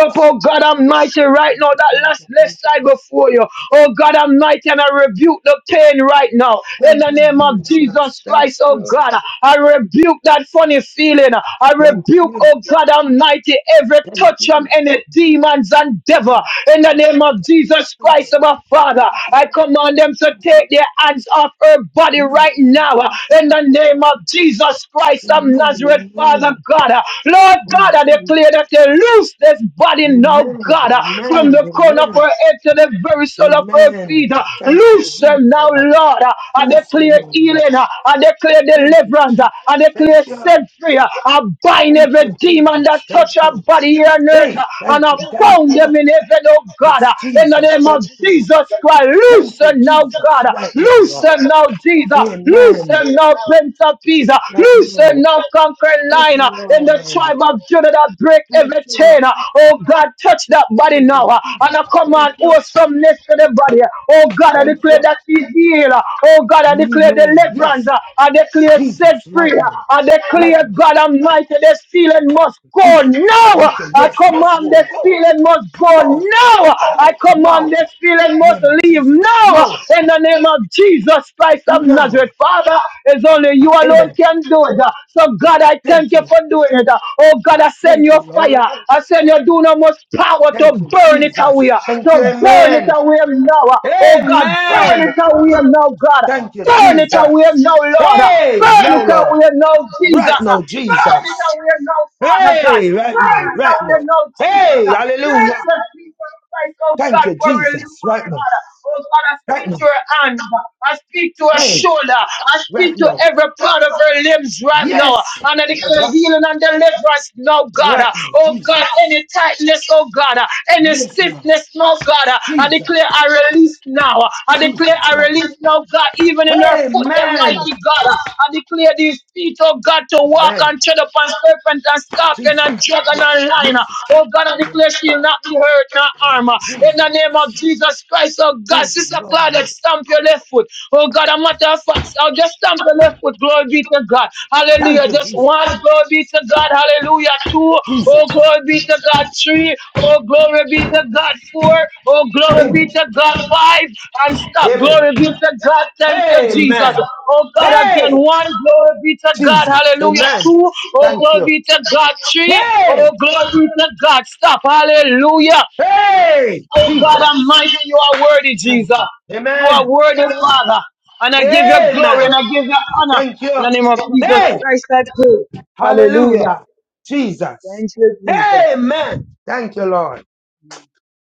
[SPEAKER 2] up, oh God Almighty, right now, that
[SPEAKER 5] Thank
[SPEAKER 2] last left
[SPEAKER 5] you,
[SPEAKER 2] side before you. Oh God Almighty, and I rebuke the pain right now. In
[SPEAKER 5] thank
[SPEAKER 2] the
[SPEAKER 5] you,
[SPEAKER 2] name of
[SPEAKER 5] Jesus.
[SPEAKER 2] Jesus
[SPEAKER 5] Thank
[SPEAKER 2] Christ, oh
[SPEAKER 5] you,
[SPEAKER 2] God, I rebuke that funny feeling. I
[SPEAKER 5] thank
[SPEAKER 2] rebuke,
[SPEAKER 5] you,
[SPEAKER 2] oh God Almighty, every
[SPEAKER 5] thank you, thank
[SPEAKER 2] touch on
[SPEAKER 5] you,
[SPEAKER 2] any demons and devil. In the name of Jesus Christ, our Father,
[SPEAKER 5] thank
[SPEAKER 2] I
[SPEAKER 5] you,
[SPEAKER 2] command them to
[SPEAKER 5] thank
[SPEAKER 2] take
[SPEAKER 5] you,
[SPEAKER 2] their hands off her body
[SPEAKER 5] Amen.
[SPEAKER 2] right
[SPEAKER 5] thank
[SPEAKER 2] now.
[SPEAKER 5] you,
[SPEAKER 2] In
[SPEAKER 5] thank
[SPEAKER 2] the name
[SPEAKER 5] you.
[SPEAKER 2] of Jesus Christ of
[SPEAKER 5] Amen,
[SPEAKER 2] Nazareth, Father
[SPEAKER 5] amen,
[SPEAKER 2] God. Lord, Lord God, I
[SPEAKER 5] amen.
[SPEAKER 2] declare that they loose this body now,
[SPEAKER 5] Amen,
[SPEAKER 2] God, uh, from
[SPEAKER 5] amen,
[SPEAKER 2] the corner of
[SPEAKER 5] amen,
[SPEAKER 2] her head to the very sole of her
[SPEAKER 5] Amen.
[SPEAKER 2] feet. uh,
[SPEAKER 5] Thank you,
[SPEAKER 2] Loose them now,
[SPEAKER 5] Jesus.
[SPEAKER 2] Lord. uh, I
[SPEAKER 5] Loose him,
[SPEAKER 2] declare
[SPEAKER 5] oh Lord.
[SPEAKER 2] healing. uh, I declare
[SPEAKER 5] Thank you,
[SPEAKER 2] deliverance. uh,
[SPEAKER 5] Jesus.
[SPEAKER 2] I
[SPEAKER 5] Thank
[SPEAKER 2] declare
[SPEAKER 5] you.
[SPEAKER 2] set free. uh, I bind
[SPEAKER 5] Thank
[SPEAKER 2] every
[SPEAKER 5] you,
[SPEAKER 2] demon that
[SPEAKER 5] Jesus. Thank
[SPEAKER 2] touch our
[SPEAKER 5] you.
[SPEAKER 2] body here on earth.
[SPEAKER 5] Hey,
[SPEAKER 2] uh, And
[SPEAKER 5] thank
[SPEAKER 2] I
[SPEAKER 5] you. Thank
[SPEAKER 2] bound
[SPEAKER 5] you.
[SPEAKER 2] them in heaven, oh God. uh,
[SPEAKER 5] Yes,
[SPEAKER 2] In the
[SPEAKER 5] Jesus.
[SPEAKER 2] name of
[SPEAKER 5] Thank you.
[SPEAKER 2] Jesus Christ, loose
[SPEAKER 5] Thank you,
[SPEAKER 2] them now,
[SPEAKER 5] Jesus.
[SPEAKER 2] God. uh,
[SPEAKER 5] Right now,
[SPEAKER 2] Loose
[SPEAKER 5] Lord.
[SPEAKER 2] them now, Jesus. Loose
[SPEAKER 5] Amen.
[SPEAKER 2] them now, Prince of Peace. uh,
[SPEAKER 5] Right
[SPEAKER 2] Loose them
[SPEAKER 5] now.
[SPEAKER 2] North Concord
[SPEAKER 5] Yes,
[SPEAKER 2] line uh, in the
[SPEAKER 5] Lord.
[SPEAKER 2] tribe of Judah that break
[SPEAKER 5] Thank
[SPEAKER 2] every
[SPEAKER 5] you.
[SPEAKER 2] chain. uh, Oh God, touch that body
[SPEAKER 5] Thank you,
[SPEAKER 2] now. uh, And
[SPEAKER 5] Jesus.
[SPEAKER 2] I command
[SPEAKER 5] Thank you.
[SPEAKER 2] awesomeness to the body. uh, Oh God, I
[SPEAKER 5] Thank
[SPEAKER 2] declare
[SPEAKER 5] you.
[SPEAKER 2] that he's healed. uh, Oh God, I declare
[SPEAKER 5] Amen. Yes,
[SPEAKER 2] deliverance. uh, I declare set
[SPEAKER 5] Jesus. Right
[SPEAKER 2] free. uh,
[SPEAKER 5] now.
[SPEAKER 2] I
[SPEAKER 5] Right
[SPEAKER 2] declare
[SPEAKER 5] now.
[SPEAKER 2] God Almighty, the feeling must go
[SPEAKER 5] Jesus.
[SPEAKER 2] now. uh,
[SPEAKER 5] Thank you.
[SPEAKER 2] I
[SPEAKER 5] Yes. Must
[SPEAKER 2] command
[SPEAKER 5] go.
[SPEAKER 2] the
[SPEAKER 5] Go.
[SPEAKER 2] feeling must go
[SPEAKER 5] Go.
[SPEAKER 2] now. uh, I
[SPEAKER 5] No,
[SPEAKER 2] command
[SPEAKER 5] no,
[SPEAKER 2] the feeling must
[SPEAKER 5] name of
[SPEAKER 2] leave
[SPEAKER 5] Jesus.
[SPEAKER 2] now. uh,
[SPEAKER 5] No,
[SPEAKER 2] In the name of Jesus Christ of
[SPEAKER 5] no.
[SPEAKER 2] Nazareth, Father. It's only you alone
[SPEAKER 5] Amen.
[SPEAKER 2] can do it. uh. So God, I thank
[SPEAKER 5] Thank
[SPEAKER 2] you
[SPEAKER 5] you.
[SPEAKER 2] for doing it. uh. Oh God, I send
[SPEAKER 5] Thank you,
[SPEAKER 2] your fire.
[SPEAKER 5] Lord.
[SPEAKER 2] I send your dunamis power to
[SPEAKER 5] Thank you,
[SPEAKER 2] burn it away.
[SPEAKER 5] Jesus.
[SPEAKER 2] uh.
[SPEAKER 5] Thank you,
[SPEAKER 2] To burn it
[SPEAKER 5] Amen.
[SPEAKER 2] away now. uh. Oh God, burn
[SPEAKER 5] Amen.
[SPEAKER 2] it away now, God.
[SPEAKER 5] Thank you,
[SPEAKER 2] Burn it
[SPEAKER 5] Jesus.
[SPEAKER 2] away now, Lord. uh.
[SPEAKER 5] Hey,
[SPEAKER 2] Burn
[SPEAKER 5] now,
[SPEAKER 2] it
[SPEAKER 5] Lord.
[SPEAKER 2] away now, Jesus.
[SPEAKER 5] Right
[SPEAKER 2] uh.
[SPEAKER 5] now,
[SPEAKER 2] Burn it
[SPEAKER 5] Jesus.
[SPEAKER 2] away now, Father God.
[SPEAKER 5] Hey, right
[SPEAKER 2] Burn
[SPEAKER 5] now,
[SPEAKER 2] it
[SPEAKER 5] right
[SPEAKER 2] away
[SPEAKER 5] now.
[SPEAKER 2] now, Jesus.
[SPEAKER 5] Hey,
[SPEAKER 2] uh. Thank
[SPEAKER 5] hallelujah.
[SPEAKER 2] you, Jesus. Christ, oh
[SPEAKER 5] Thank
[SPEAKER 2] God,
[SPEAKER 5] you,
[SPEAKER 2] for release,
[SPEAKER 5] Jesus.
[SPEAKER 2] oh
[SPEAKER 5] Right now,
[SPEAKER 2] God. Oh God, I
[SPEAKER 5] right
[SPEAKER 2] speak to
[SPEAKER 5] now.
[SPEAKER 2] her hand. I speak to her
[SPEAKER 5] Hey,
[SPEAKER 2] shoulder. I speak
[SPEAKER 5] right
[SPEAKER 2] to
[SPEAKER 5] now.
[SPEAKER 2] every part of her limbs right now.
[SPEAKER 5] Yes,
[SPEAKER 2] And I
[SPEAKER 5] I
[SPEAKER 2] declare
[SPEAKER 5] got
[SPEAKER 2] healing and deliverance now, God.
[SPEAKER 5] right now,
[SPEAKER 2] Oh God,
[SPEAKER 5] Jesus.
[SPEAKER 2] any tightness, oh God. Any
[SPEAKER 5] Yes, Lord.
[SPEAKER 2] stiffness, no God. I
[SPEAKER 5] Jesus,
[SPEAKER 2] declare I release now. I declare
[SPEAKER 5] Jesus,
[SPEAKER 2] I
[SPEAKER 5] right
[SPEAKER 2] release now, God. Even in her foot, the
[SPEAKER 5] Amen.
[SPEAKER 2] mighty God. I declare these feet, oh God, to walk
[SPEAKER 5] Amen.
[SPEAKER 2] and tread upon serpent and scorpion and
[SPEAKER 5] Jesus.
[SPEAKER 2] dragon
[SPEAKER 5] Yes.
[SPEAKER 2] and lion.
[SPEAKER 5] Yes.
[SPEAKER 2] Oh God, I declare she'll not be hurt. no armor. In the
[SPEAKER 5] Jesus.
[SPEAKER 2] name of Jesus Christ, oh God,
[SPEAKER 5] Thank you,
[SPEAKER 2] Sister Claudette,
[SPEAKER 5] Lord.
[SPEAKER 2] stamp your left foot. Oh God, a matter of fact, I'll just stamp your left foot. Glory be to God.
[SPEAKER 5] Thank
[SPEAKER 2] Hallelujah.
[SPEAKER 5] you,
[SPEAKER 2] Just
[SPEAKER 5] Jesus.
[SPEAKER 2] one. Glory be to God. Hallelujah. Two. Oh,
[SPEAKER 5] Jesus.
[SPEAKER 2] glory be to God. Three. Oh, glory be to God. Four. Oh, glory be
[SPEAKER 5] Amen.
[SPEAKER 2] to God. Five. And stop.
[SPEAKER 5] Amen.
[SPEAKER 2] Glory be to God. Thank you, Jesus.
[SPEAKER 5] Amen.
[SPEAKER 2] Oh God, again.
[SPEAKER 5] Hey,
[SPEAKER 2] One. Glory be to God.
[SPEAKER 5] Jesus.
[SPEAKER 2] Hallelujah.
[SPEAKER 5] Amen.
[SPEAKER 2] Two. Oh,
[SPEAKER 5] Thank
[SPEAKER 2] glory
[SPEAKER 5] you.
[SPEAKER 2] be to God. Three.
[SPEAKER 5] Hey,
[SPEAKER 2] Oh, glory be to God. Stop. Hallelujah.
[SPEAKER 5] hey,
[SPEAKER 2] Oh God
[SPEAKER 5] Jesus.
[SPEAKER 2] Almighty, you are worthy,
[SPEAKER 5] Thank
[SPEAKER 2] Jesus.
[SPEAKER 5] you.
[SPEAKER 2] You are
[SPEAKER 5] Amen.
[SPEAKER 2] worthy, Father. And I give you glory
[SPEAKER 5] Amen.
[SPEAKER 2] and I give you honor
[SPEAKER 5] Thank
[SPEAKER 2] in
[SPEAKER 5] you.
[SPEAKER 2] the name of Jesus
[SPEAKER 5] Hey,
[SPEAKER 2] Christ. I pray. Hallelujah.
[SPEAKER 5] hallelujah. Jesus.
[SPEAKER 2] Thank you, Jesus.
[SPEAKER 5] Amen. Thank you, Lord.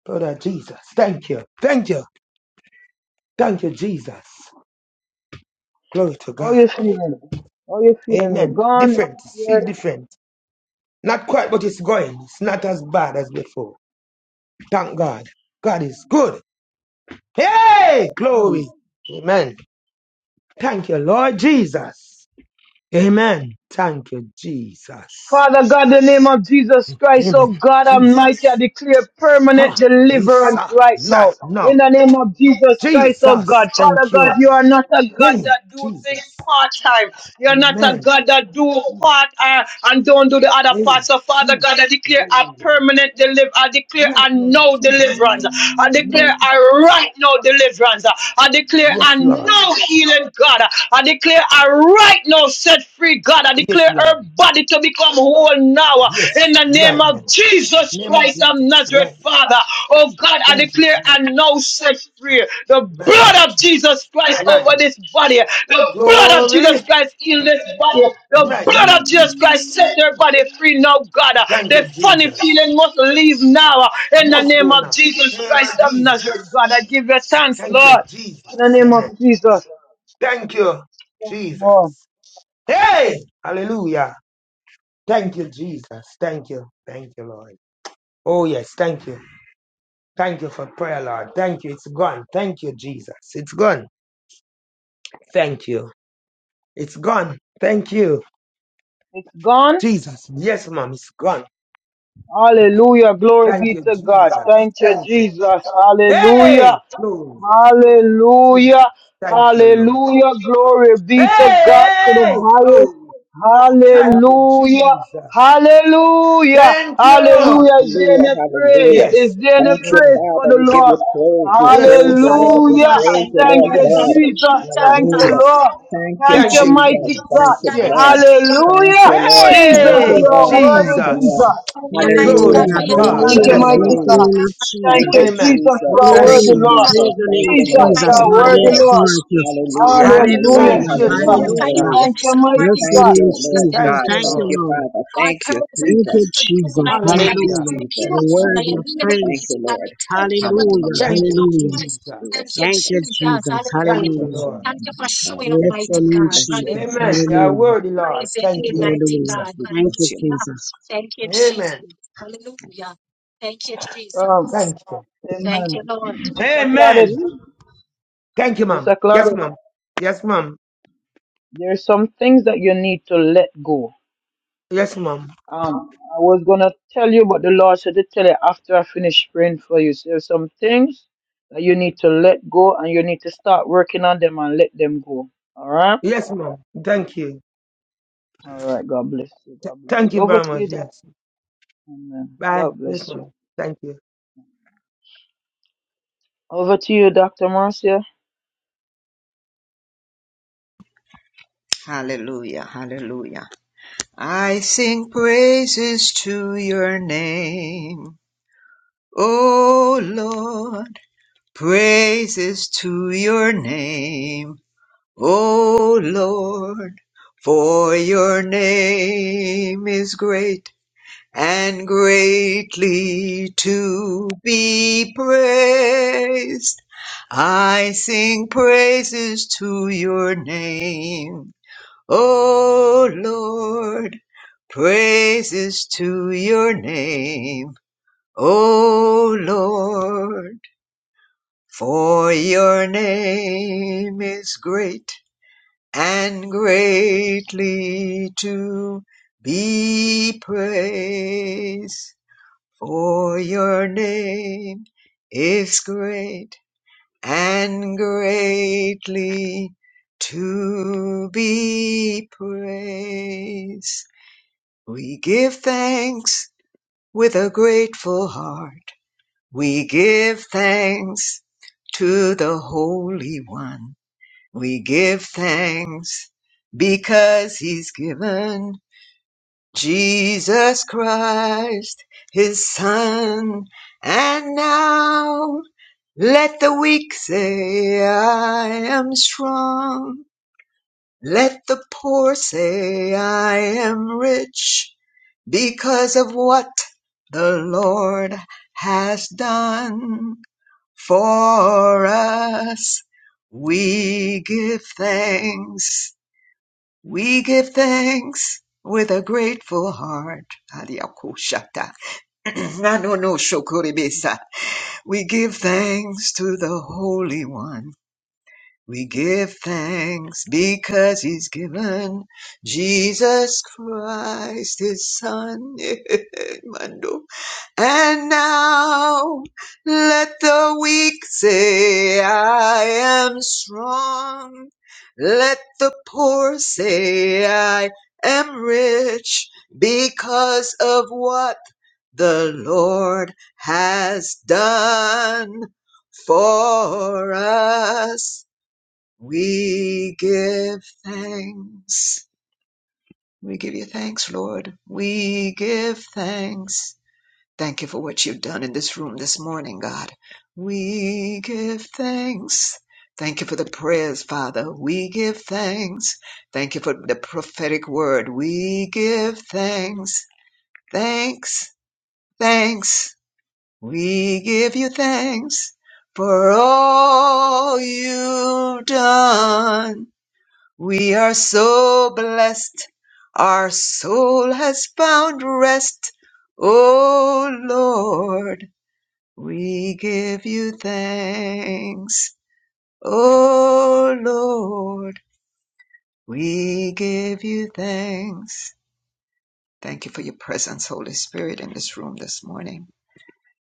[SPEAKER 5] Brother Jesus. Thank you. Thank you. Thank you, Jesus. Glory to
[SPEAKER 2] How
[SPEAKER 5] God.
[SPEAKER 2] you feeling? How you feeling?
[SPEAKER 5] Amen.
[SPEAKER 2] Gone.
[SPEAKER 5] Different. It's feel different. Not quite, but it's going. It's not as bad as before. Thank God. God is good. Hey! Glory. Amen. Thank you, Lord Jesus. Amen. Thank you, Jesus.
[SPEAKER 2] Father God, the name of Jesus Christ, oh
[SPEAKER 5] Amen.
[SPEAKER 2] God Almighty, I
[SPEAKER 5] Jesus.
[SPEAKER 2] declare permanent
[SPEAKER 5] Ha. Yes,
[SPEAKER 2] deliverance
[SPEAKER 5] sir.
[SPEAKER 2] right now.
[SPEAKER 5] Right
[SPEAKER 2] In
[SPEAKER 5] now.
[SPEAKER 2] the name of Jesus Christ, oh God.
[SPEAKER 5] Jesus.
[SPEAKER 2] Father
[SPEAKER 5] Thank
[SPEAKER 2] God,
[SPEAKER 5] you.
[SPEAKER 2] you are not a God
[SPEAKER 5] Hey,
[SPEAKER 2] that do things
[SPEAKER 5] Jesus.
[SPEAKER 2] part-time. You're not a
[SPEAKER 5] Amen.
[SPEAKER 2] God that do
[SPEAKER 5] Jesus.
[SPEAKER 2] part uh, and don't do the other
[SPEAKER 5] Hey,
[SPEAKER 2] part. So Father
[SPEAKER 5] Jesus.
[SPEAKER 2] God, I declare a
[SPEAKER 5] Hey.
[SPEAKER 2] permanent deliverance. I declare
[SPEAKER 5] Right
[SPEAKER 2] a
[SPEAKER 5] now,
[SPEAKER 2] no
[SPEAKER 5] Jesus.
[SPEAKER 2] deliverance deliverance. I
[SPEAKER 5] No,
[SPEAKER 2] declare
[SPEAKER 5] Lord.
[SPEAKER 2] a right now deliverance. I declare
[SPEAKER 5] Yes,
[SPEAKER 2] a
[SPEAKER 5] Lord.
[SPEAKER 2] no healing God. I declare a right now set free God. I
[SPEAKER 5] Yes,
[SPEAKER 2] declare her
[SPEAKER 5] Lord.
[SPEAKER 2] body to become whole now in
[SPEAKER 5] Yes,
[SPEAKER 2] the name
[SPEAKER 5] right
[SPEAKER 2] of
[SPEAKER 5] now.
[SPEAKER 2] Jesus
[SPEAKER 5] Name of
[SPEAKER 2] Christ of
[SPEAKER 5] Jesus. Right.
[SPEAKER 2] Nazareth, Father. Oh God, I
[SPEAKER 5] Thank you,
[SPEAKER 2] declare
[SPEAKER 5] Jesus.
[SPEAKER 2] and now set free the
[SPEAKER 5] Right now,
[SPEAKER 2] blood of
[SPEAKER 5] Jesus.
[SPEAKER 2] Jesus Christ
[SPEAKER 5] Right
[SPEAKER 2] over
[SPEAKER 5] now.
[SPEAKER 2] this body. The blood of
[SPEAKER 5] Glory.
[SPEAKER 2] Jesus Christ healed this body. The
[SPEAKER 5] Right now,
[SPEAKER 2] blood of Jesus Christ
[SPEAKER 5] Jesus.
[SPEAKER 2] set their body free now, God.
[SPEAKER 5] Thank you,
[SPEAKER 2] The funny
[SPEAKER 5] Jesus.
[SPEAKER 2] feeling must leave now. In the
[SPEAKER 5] Must
[SPEAKER 2] name
[SPEAKER 5] go
[SPEAKER 2] of
[SPEAKER 5] now.
[SPEAKER 2] Jesus
[SPEAKER 5] Name
[SPEAKER 2] Christ
[SPEAKER 5] of
[SPEAKER 2] of
[SPEAKER 5] Jesus.
[SPEAKER 2] Nazareth, God, I give you thanks,
[SPEAKER 5] Thank you,
[SPEAKER 2] Lord.
[SPEAKER 5] Jesus.
[SPEAKER 2] In the name of
[SPEAKER 5] Amen.
[SPEAKER 2] Jesus.
[SPEAKER 5] Thank you,
[SPEAKER 2] Thank you, Lord.
[SPEAKER 5] Jesus. Hey! Hallelujah. Thank you, Jesus. Thank you. Thank you, Lord. Oh, yes. Thank you. Thank you for prayer, Lord. Thank you. It's gone. Thank you, Jesus. It's gone. Thank you. It's gone. Thank you,
[SPEAKER 2] It's gone.
[SPEAKER 5] Jesus. Yes, madam it's gone.
[SPEAKER 2] Hallelujah. Glory
[SPEAKER 5] Thank
[SPEAKER 2] be
[SPEAKER 5] you,
[SPEAKER 2] to God.
[SPEAKER 5] Jesus.
[SPEAKER 2] Thank you,
[SPEAKER 5] Thank you.
[SPEAKER 2] Jesus. Hallelujah.
[SPEAKER 5] Hey, Lord, Jesus.
[SPEAKER 2] Hallelujah.
[SPEAKER 5] Thank you, Lord.
[SPEAKER 2] Hallelujah. Glory be to God for the
[SPEAKER 5] Hey,
[SPEAKER 2] highest.
[SPEAKER 5] Lord. Thank you,
[SPEAKER 2] Hallelujah.
[SPEAKER 5] Jesus.
[SPEAKER 2] Hallelujah.
[SPEAKER 5] Thank you.
[SPEAKER 2] Hallelujah. Is there
[SPEAKER 4] Hallelujah,
[SPEAKER 2] any praise?
[SPEAKER 4] hallelujah.
[SPEAKER 2] Is
[SPEAKER 5] Yes.
[SPEAKER 2] there any
[SPEAKER 4] Thank you,
[SPEAKER 2] praise
[SPEAKER 5] Amen.
[SPEAKER 2] for
[SPEAKER 4] Father.
[SPEAKER 2] the
[SPEAKER 4] We give
[SPEAKER 2] Lord?
[SPEAKER 4] you praise.
[SPEAKER 5] Ah,
[SPEAKER 4] We
[SPEAKER 5] Yes,
[SPEAKER 4] praise you,
[SPEAKER 5] it's
[SPEAKER 4] Lord. We
[SPEAKER 2] Hallelujah.
[SPEAKER 4] praise you,
[SPEAKER 2] Thank
[SPEAKER 4] Lord
[SPEAKER 2] you,
[SPEAKER 5] yes.
[SPEAKER 4] God.
[SPEAKER 2] Jesus. Thank
[SPEAKER 5] Oh,
[SPEAKER 2] you,
[SPEAKER 4] Hallelujah.
[SPEAKER 5] yes.
[SPEAKER 2] Lord.
[SPEAKER 4] Thank you,
[SPEAKER 2] Thank
[SPEAKER 5] Thank
[SPEAKER 2] you,
[SPEAKER 5] you,
[SPEAKER 2] mighty
[SPEAKER 4] Jesus. Thank
[SPEAKER 5] Jesus.
[SPEAKER 2] God.
[SPEAKER 4] you,
[SPEAKER 5] Yes.
[SPEAKER 4] God. Thank
[SPEAKER 2] Hallelujah.
[SPEAKER 4] you, Lord.
[SPEAKER 2] Jesus,
[SPEAKER 4] Thank you,
[SPEAKER 2] you
[SPEAKER 5] Hey,
[SPEAKER 2] are
[SPEAKER 4] Lord. Thank
[SPEAKER 2] worthy,
[SPEAKER 4] you,
[SPEAKER 5] Jesus.
[SPEAKER 4] Lord.
[SPEAKER 2] Jesus.
[SPEAKER 5] Glory
[SPEAKER 4] Hallelujah,
[SPEAKER 3] Hallelujah.
[SPEAKER 5] to God.
[SPEAKER 2] Thank
[SPEAKER 4] hallelujah,
[SPEAKER 2] you,
[SPEAKER 3] Hallelujah.
[SPEAKER 5] Yes,
[SPEAKER 2] mighty
[SPEAKER 3] Bless
[SPEAKER 5] Lord.
[SPEAKER 3] the
[SPEAKER 4] hallelujah.
[SPEAKER 2] God.
[SPEAKER 3] name of
[SPEAKER 2] Thank
[SPEAKER 4] Thank
[SPEAKER 3] Jesus.
[SPEAKER 2] you,
[SPEAKER 4] you,
[SPEAKER 5] Amen.
[SPEAKER 2] Jesus,
[SPEAKER 4] Jesus.
[SPEAKER 2] God,
[SPEAKER 4] Thank
[SPEAKER 5] Thank
[SPEAKER 2] worthy
[SPEAKER 4] you,
[SPEAKER 5] you.
[SPEAKER 3] Hallelujah.
[SPEAKER 2] Lord.
[SPEAKER 4] Jesus.
[SPEAKER 3] Praise the
[SPEAKER 4] Thank
[SPEAKER 3] name of
[SPEAKER 4] you,
[SPEAKER 2] Jesus,
[SPEAKER 4] Lord.
[SPEAKER 3] Jesus.
[SPEAKER 2] God,
[SPEAKER 5] Thank
[SPEAKER 4] Thank
[SPEAKER 3] Lord,
[SPEAKER 4] you,
[SPEAKER 5] you.
[SPEAKER 3] we
[SPEAKER 4] Lord.
[SPEAKER 2] worthy Lord.
[SPEAKER 3] exalt you.
[SPEAKER 4] Hallelujah,
[SPEAKER 2] Hallelujah,
[SPEAKER 4] hallelujah,
[SPEAKER 3] Hallelujah.
[SPEAKER 5] Thank you,
[SPEAKER 2] Jesus.
[SPEAKER 4] hallelujah,
[SPEAKER 3] Hallelujah.
[SPEAKER 4] hallelujah.
[SPEAKER 2] Thank
[SPEAKER 5] Jesus.
[SPEAKER 2] you,
[SPEAKER 3] Bless
[SPEAKER 2] mighty
[SPEAKER 3] the
[SPEAKER 4] Thank
[SPEAKER 2] God.
[SPEAKER 4] you,
[SPEAKER 3] name of
[SPEAKER 4] Lord
[SPEAKER 3] Jesus.
[SPEAKER 4] God.
[SPEAKER 5] Thank you,
[SPEAKER 3] Thank
[SPEAKER 4] Thank
[SPEAKER 3] you,
[SPEAKER 4] you,
[SPEAKER 5] Lord.
[SPEAKER 3] Lord.
[SPEAKER 4] Father. Thank you,
[SPEAKER 3] Thank
[SPEAKER 4] Jesus.
[SPEAKER 3] you, Jesus.
[SPEAKER 4] Thank you,
[SPEAKER 5] Hallelujah.
[SPEAKER 3] Hallelujah. The
[SPEAKER 4] Jesus. My
[SPEAKER 3] word of
[SPEAKER 4] goodness. Thank
[SPEAKER 3] praise.
[SPEAKER 4] you, Lord.
[SPEAKER 3] Hallelujah.
[SPEAKER 4] Hallelujah.
[SPEAKER 5] Thank you,
[SPEAKER 3] Hallelujah.
[SPEAKER 5] Jesus.
[SPEAKER 4] Bless you,
[SPEAKER 3] Thank
[SPEAKER 4] Lord.
[SPEAKER 3] you, Jesus.
[SPEAKER 5] Thank you,
[SPEAKER 3] Hallelujah.
[SPEAKER 4] Bless your
[SPEAKER 5] Lord.
[SPEAKER 4] name, God. Bless
[SPEAKER 3] Bless
[SPEAKER 4] your
[SPEAKER 3] the
[SPEAKER 4] name.
[SPEAKER 3] name,
[SPEAKER 4] Bless your name,
[SPEAKER 3] Jesus.
[SPEAKER 4] Lord
[SPEAKER 5] Amen. You are
[SPEAKER 4] God.
[SPEAKER 3] Hallelujah.
[SPEAKER 5] worthy, Lord. Thank
[SPEAKER 4] Jesus,
[SPEAKER 5] you.
[SPEAKER 3] Hallelujah.
[SPEAKER 4] Jesus. We
[SPEAKER 3] Thank
[SPEAKER 4] bless
[SPEAKER 3] you,
[SPEAKER 4] your name.
[SPEAKER 3] Jesus.
[SPEAKER 5] Amen.
[SPEAKER 2] Um,
[SPEAKER 5] Thank you.
[SPEAKER 2] amen. Sister Claudette,
[SPEAKER 5] Amen. Thank you, ma'am.
[SPEAKER 2] Sister
[SPEAKER 5] Yes,
[SPEAKER 2] Claudette,
[SPEAKER 5] ma'am. Yes, ma'am.
[SPEAKER 2] there are some things that you need to let go.
[SPEAKER 5] Yes, ma'am.
[SPEAKER 2] Um, I was gonna tell you, but the Lord said to tell you after I finish praying for you. So there are some things that you need to let go, and you need to start working on them and let them go. All right.
[SPEAKER 5] Yes, ma'am. Thank you.
[SPEAKER 2] All right. God bless you.
[SPEAKER 5] Th-
[SPEAKER 2] God bless
[SPEAKER 5] thank
[SPEAKER 2] you.
[SPEAKER 5] you
[SPEAKER 2] Over
[SPEAKER 5] very
[SPEAKER 2] to
[SPEAKER 5] much.
[SPEAKER 2] you.
[SPEAKER 5] Yes.
[SPEAKER 2] Amen.
[SPEAKER 5] Bye.
[SPEAKER 2] God
[SPEAKER 5] Yes,
[SPEAKER 2] bless
[SPEAKER 5] ma'am.
[SPEAKER 2] you.
[SPEAKER 5] Thank you.
[SPEAKER 2] Over to you, Dr. Marcia.
[SPEAKER 4] Hallelujah. Hallelujah. I sing praises to your name. O Lord. Praises to your name. O Lord. For your name is great and greatly to be praised. I sing praises to your name, O Lord, praises to your name, O Lord, for your name is great and greatly to be praised. For your name is great and greatly to be praised. We give thanks with a grateful heart. We give thanks to the Holy One. We give thanks because He's given Jesus Christ, his son. And now let the weak say, I am strong. Let the poor say, I am rich because of what the Lord has done for us. We give thanks. We give thanks with a grateful heart. Adiakushata. Nanonoshokoribesa. We give thanks to the Holy One. We give thanks because He's given Jesus Christ, His Son. And now let the weak say, I am strong. Let the poor say, I am rich because of what the Lord has done for us. We give thanks. We give you thanks, Lord. We give thanks. Thank you for what you've done in this room this morning, God. We give thanks. Thank you for the prayers, Father. We give thanks. Thank you for the prophetic word. We give thanks. Thanks. Thanks. We give you thanks for all you've done. We are so blessed. Our soul has found rest. Oh Lord. We give you thanks, O Lord. We give you thanks. Thank you for your presence, Holy Spirit, in this room this morning.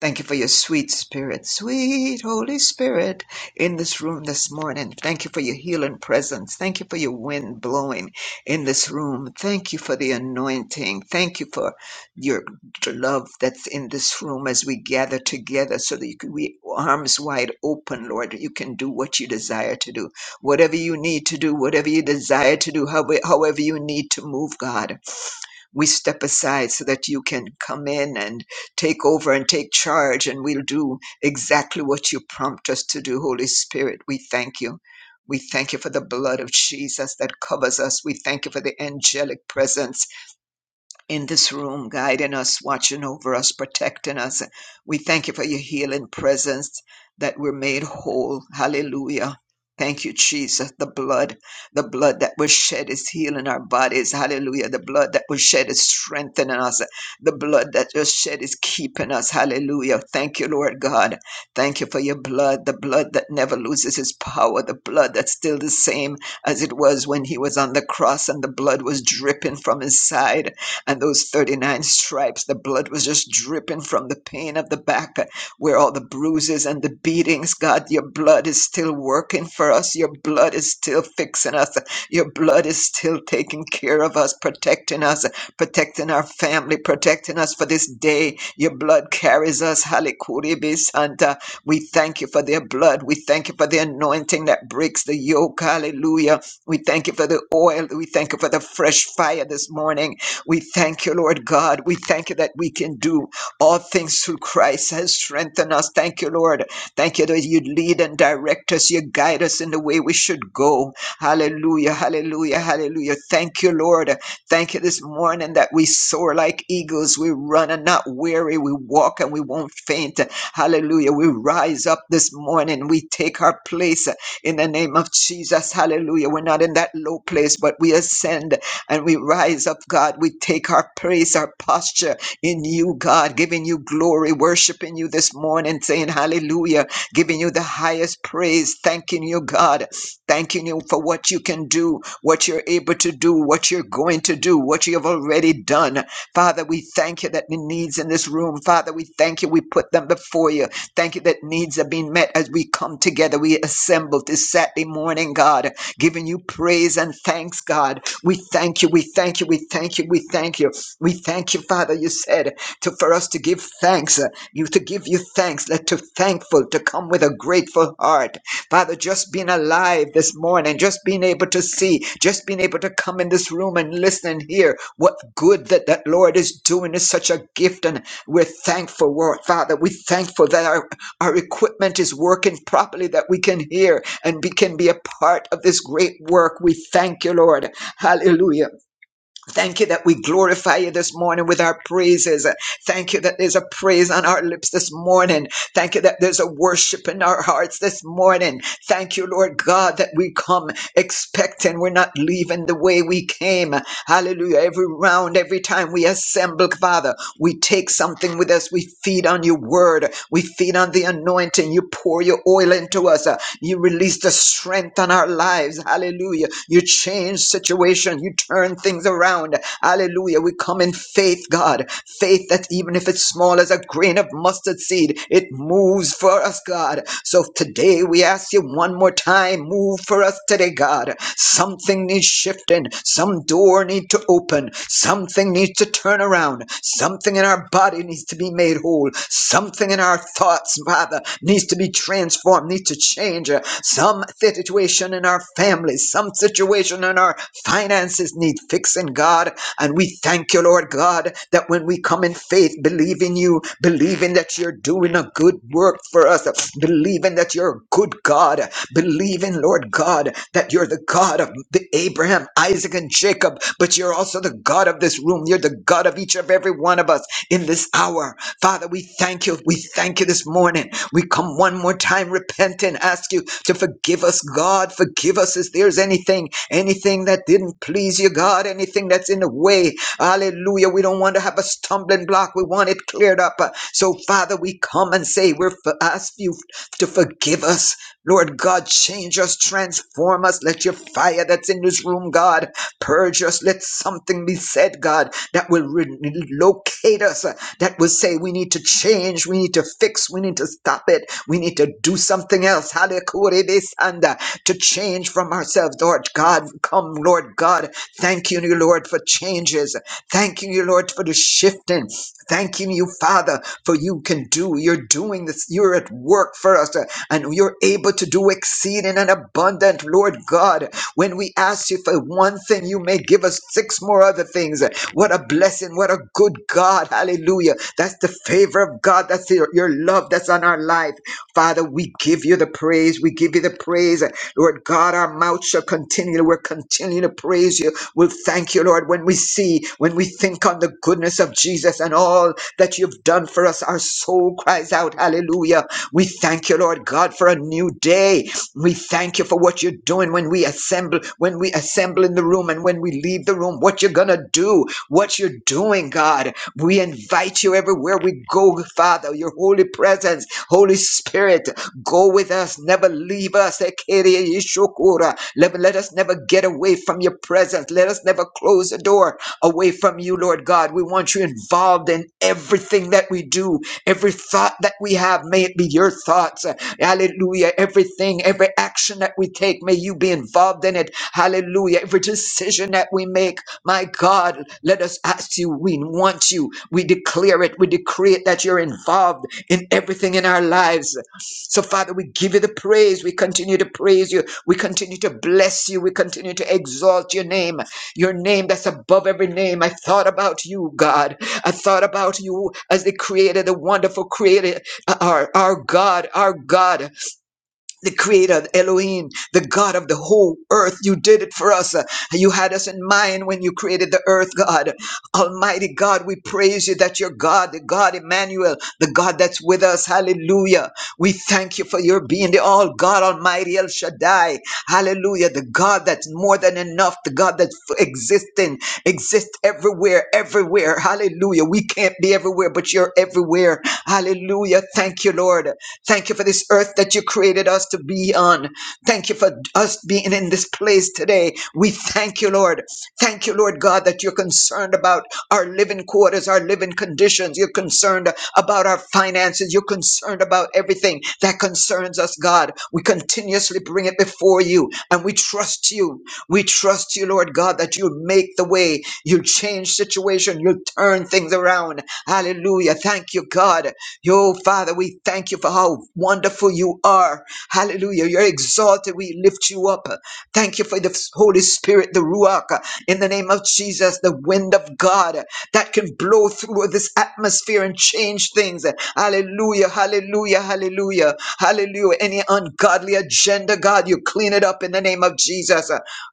[SPEAKER 4] Thank you for your sweet spirit, sweet Holy Spirit in this room this morning. Thank you for your healing presence. Thank you for your wind blowing in this room. Thank you for the anointing. Thank you for your love that's in this room as we gather together so that you can we arms wide open, Lord. You can do what you desire to do, whatever you need to do, whatever you desire to do, however, however you need to move, God we step aside so that you can come in and take over and take charge, and we'll do exactly what you prompt us to do, Holy Spirit. We thank you. We thank you for the blood of Jesus that covers us. We thank you for the angelic presence in this room, guiding us, watching over us, protecting us. We thank you for your healing presence that we're made whole. Hallelujah. Thank you, Jesus. The blood, the blood that was shed is healing our bodies. Hallelujah. The blood that was shed is strengthening us. The blood that was shed is keeping us. Hallelujah. Thank you, Lord God. Thank you for your blood, the blood that never loses its power, the blood that's still the same as it was when he was on the cross and the blood was dripping from his side and those 39 stripes the blood was just dripping from the pain of the back uh, where all the bruises and the beatings god your blood is still working for us your blood is still fixing us your blood is still taking care of us protecting us protecting our family protecting us for this day your blood carries us halikuribi santa we thank you for their blood we thank you for the anointing that breaks the yoke hallelujah we thank you for the oil we thank you for the fresh fire this morning we thank you, Lord God. We thank you that we can do all things through Christ has strengthened us. Thank you, Lord. Thank you that you lead and direct us. You guide us in the way we should go. Hallelujah, hallelujah, hallelujah. Thank you, Lord. Thank you this morning that we soar like eagles. We run and not weary. We walk and we won't faint. Hallelujah. We rise up this morning. We take our place in the name of Jesus. Hallelujah. We're not in that low place, but we ascend. And we rise up, God. We take our praise, our posture in you, God, giving you glory, worshiping you this morning, saying hallelujah, giving you the highest praise, thanking you, God, thanking you for what you can do, what you're able to do, what you're going to do, what you have already done. Father, we thank you that the needs in this room, Father, we thank you, we put them before you. Thank you that needs are being met as we come together, we assemble this Saturday morning, God giving you praise and thanks, God. We thank you, we thank you, we thank you, we thank you. We thank you, Father. You said to for us to give thanks, uh, you to give you thanks, let to thankful to come with a grateful heart. Father, just being alive this morning, just being able to see, just being able to come in this room and listen and hear what good that that Lord is doing is such a gift, and we're thankful, Lord, Father. We're thankful that our our equipment is working properly that we can hear and we can be a part of this great work. We thank you, Lord. Hallelujah. Thank you that we glorify you this morning with our praises. Thank you that there's a praise on our lips this morning. Thank you that there's a worship in our hearts this morning. Thank you, Lord God, that we come expecting we're not leaving the way we came. Hallelujah. Every round, every time we assemble, Father, we take something with us. We feed on your word. We feed on the anointing. You pour your oil into us. Uh, You release the strength on our lives. Hallelujah. You change situation. You turn things around. Hallelujah. We come in faith, God. God. Faith that even if it's small as a grain of mustard seed, it moves for us, God. So today we ask you one more time, move for us today, God. Something needs shifting. Some door needs to open. Something needs to turn around. Something in our body needs to be made whole. Something in our thoughts, Father, needs to be transformed, needs to change. Some situation in our families, some situation in our finances need fixing, God. And we thank you, Lord Lord God, that when we come in faith, believing you, believing that you're doing a good work for us, believing that you're a good God, believing, Lord God, that you're the God of the Abraham, Isaac, and Jacob, but you're also the God of this room. You're the God of each of every one of us in this hour. Father, we thank you. We thank you this morning. We come one more time, repenting, ask you to forgive us, God. Forgive us if there's anything, anything that didn't please you, God, anything that's in the way, Hallelujah. We don't want to have a stumbling block. We want it cleared up. So, Father, we come and say, we ask you to forgive us. Lord God, change us, transform us. Let your fire that's in this room, God, purge us. Let something be said, God, that will re- locate us, uh, that will say we need to change, we need to fix, we need to stop it, we need to do something else us, Hallelujah, to change from ourselves, Lord God. Come, Lord God. Thank you, Lord, for changes. Thank you, Lord, for the shifting. Thanking you, Father, for you can do. You're doing this. You're at work for us, uh, and you're able to do exceeding and abundant, Lord God. When we ask you for one thing, you may give us six more other things. What a blessing blessing. What a good God. Hallelujah. That's the favor of God. That's your, your love that's on our life. Father, we give you the praise. We give you the praise. Lord God, our mouth shall continue. We'll continue to praise you. We'll thank you, Lord, when we see, when we think on the goodness of Jesus and all that you've done for us. Our soul cries out, Hallelujah. We thank you, Lord God, for a new day. We thank you for what you're doing when we assemble, when we assemble in the room and when we leave the room, what you're going to do, what you're doing, God. We invite you everywhere we go, Father, your holy presence, Holy Spirit, go with us, never leave us. Ekere Yeshua. Let, let us never get away from your presence. Let us never close the door away from you, Lord God. We want you involved in everything that we do, every thought that we have. May it be your thoughts. Hallelujah. Everything, every action that we take, may you be involved in it. Hallelujah. Every decision that we make, my God, let us ask you. We want you. We declare it. We decree it that you're involved in everything in our lives. So, Father, we give you the praise. We continue to praise you. We continue to bless you. We continue to exalt your name your name that's above every name. I thought about you, God. I thought about you as the creator, the wonderful creator, uh, our, our God, our God the creator, the Elohim, the God of the whole earth. You did it for us. Uh, You had us in mind when you created the earth, God. Almighty God, we praise you that you're God, the God Emmanuel, the God that's with us. Hallelujah. We thank you for your being the all God Almighty El Shaddai. Hallelujah. The God that's more than enough, the God that's existing, exists everywhere, everywhere. Hallelujah. We can't be everywhere, but you're everywhere. Hallelujah. Thank you, Lord. Lord. Thank you for this earth that you created us to be on. Thank you for us being in this place today. We thank you, Lord. Thank you, Lord God, that you're concerned about our living quarters, our living conditions. You're concerned about our finances. You're concerned about everything that concerns us, God. We continuously bring it before you and we trust you. We trust you, Lord God, that you'll make the way. You'll change situation. You'll turn things around. Hallelujah. Thank you, God. Oh Father, we thank you for how wonderful you are. Hallelujah. You're exalted. We lift you up. Thank you for the Holy Spirit, the Ruach, in the name of Jesus, the wind of God that can blow through this atmosphere and change things. Hallelujah. Hallelujah. Hallelujah. Hallelujah. Any ungodly agenda, God, you clean it up in the name of Jesus.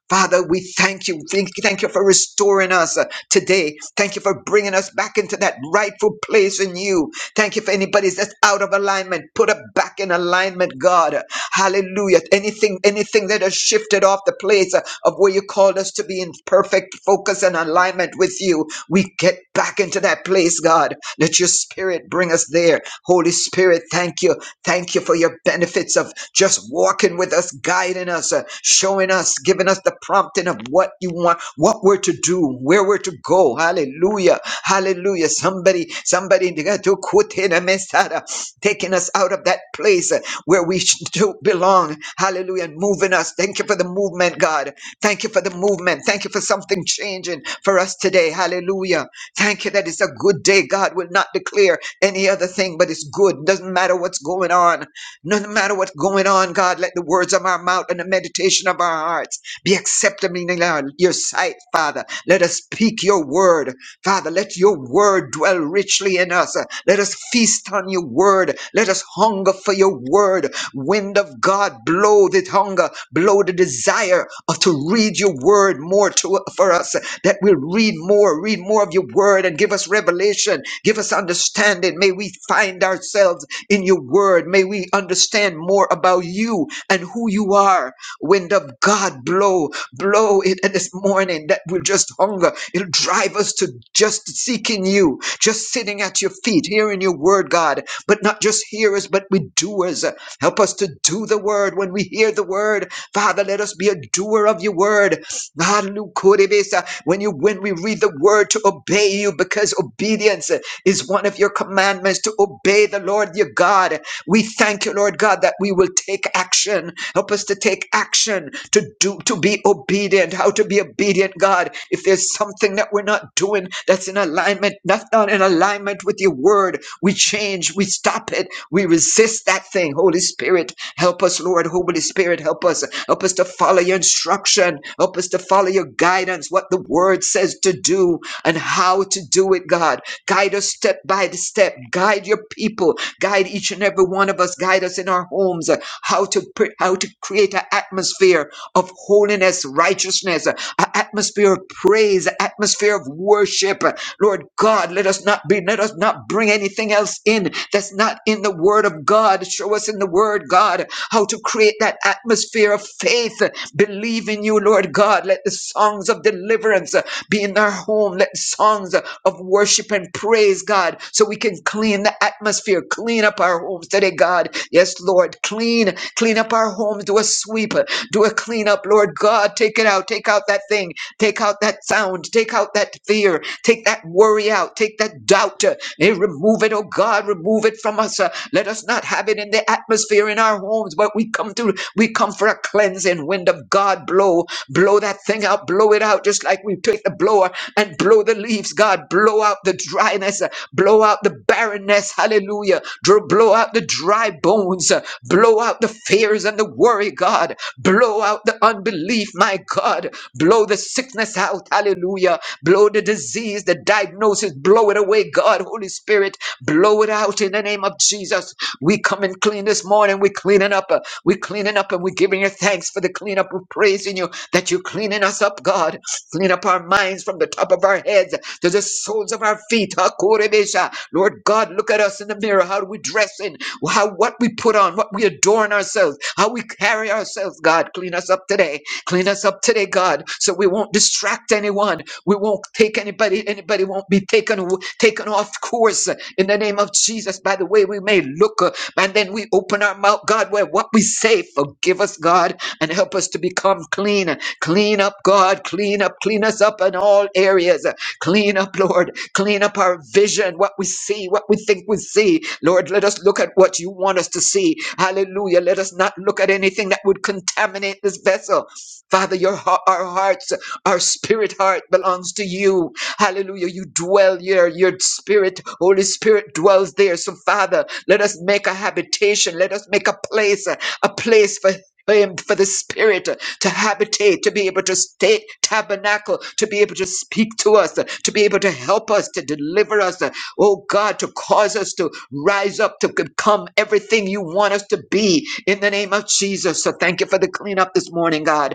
[SPEAKER 4] Father, we thank you. Thank, thank you for restoring us uh, today. Thank you for bringing us back into that rightful place in you. Thank you for anybody that's out of alignment. Put it back in alignment, God. Hallelujah. Anything, anything that has shifted off the place uh, of where you called us to be in perfect focus and alignment with you. We get back into that place, God. Let your spirit bring us there. Holy Spirit, thank you. Thank you for your benefits of just walking with us us, guiding us, uh, showing us, giving us the prompting of what you want, what we're to do, where we're to go. Hallelujah. Hallelujah. Somebody, somebody to quote in a messada, taking us out of that place uh, where we sh- do belong. Hallelujah. And moving us. Thank you for the movement, God. Thank you for the movement. Thank you for something changing for us today. Hallelujah. Thank you that it's a good day. God will not declare any other thing, but it's good. Doesn't matter what's going on. No matter what's going on, God, let the words of our mouth and the meditation of our hearts be acceptable in our- your sight, Father. Let us speak your word. Father, let your word dwell richly in us. Let us feast on your word. Let us hunger for your word. Wind of God, blow the hunger, blow the desire of to read your word more to, for us, that we'll read more, read more of your word and give us revelation, give us understanding. May we find ourselves in your word. May we understand more about you and who you are. Wind of God, blow, blow it this morning that will just hunger. It'll drive us to just seeking you, just sitting at your feet, hearing your word, God, but not just hearers, but we doers. Help us to do the word when we hear the word. Father, let us be a doer of your word. God, Lukuribisa, When you when we read the word to obey you, because obedience is one of your commandments to obey the Lord your God. We thank you, Lord God, that we will take action. Help us to take action to do to be obedient. How to be obedient, God. If there's something that we're not doing that's in alignment, not not in alignment with your word, we change, we stop it, we resist that thing. Holy Spirit, help us, Lord. Holy Spirit, help us. Help us to follow your instruction. Help us to follow your guidance, what the word says to do and how to do it, God. Guide us step by the step. Guide your people. Guide each and every one of us. Guide us in our homes. uh, How to pr- how to create an atmosphere of holiness, righteousness, uh, an atmosphere of praise, an atmosphere of worship. Uh, Lord God, let us not be, let us not bring anything else in that's not in the Word of God. Show us in the Word, God, how to create that atmosphere of faith. uh, Believe in you, Lord God. Let the songs of deliverance uh, be in our home. Let the songs uh, of worship and praise, God, so we can clean the atmosphere, clean up our homes today, God. Yes, Lord, clean, clean up our homes. Do a sweep, do a clean up, Lord God. Take it out, take out that thing, take out that sound, take out that fear, take that worry out, take that doubt, uh, and remove it, oh God, remove it from us. uh, Let us not have it in the atmosphere in our homes, but we come to, we come for a cleansing wind of God. Blow, blow that thing out, blow it out, just like we take the blower and blow the leaves, God. Blow out the dryness, uh, blow out the barrenness, hallelujah. Dr- Blow out the dry bones, uh, blow out the fears and the worry, God. Blow out the unbelief, my God. Blow the sickness out, hallelujah. Blow the disease, the diagnosis, blow it away, God. Holy Spirit, blow it out in the name of Jesus. We come and clean this morning. We're cleaning up. uh, We're cleaning up and we're giving you thanks for the cleanup. We're praising you that you're cleaning us up, God. Clean up our minds from the top of our heads to the soles of our feet. Hakorebesha. Lord God, look at us in the mirror. How do we dress in? How what we put on, what we adorn ourselves, how we carry ourselves, God. Clean us up today. Clean us up today, God, so we won't distract anyone. We won't take anybody, anybody won't be taken aw- taken off course uh, in the name of Jesus by the way we may look. uh, And then we open our mouth, God, where what we say, forgive us, God, and help us to become clean. Clean up, God. Clean up. Clean us up in all areas. Clean up, Lord. Clean up our vision, what we see, what we think we see. Lord, let us look at what you want us to see. Hallelujah. Let us not look at anything that would contaminate this vessel. Father, your hea- our hearts, our spirit heart belongs to you. Hallelujah. You dwell here. Your spirit, Holy Spirit dwells there. So, Father, let us make a habitation. Let us make a place, a place for him, for the spirit to habitate, to be able to stay tabernacle, to be able to speak to us, uh, to be able to help us, to deliver us, uh, oh God, to cause us to rise up, to become everything you want us to be in the name of Jesus. So thank you for the cleanup this morning, God.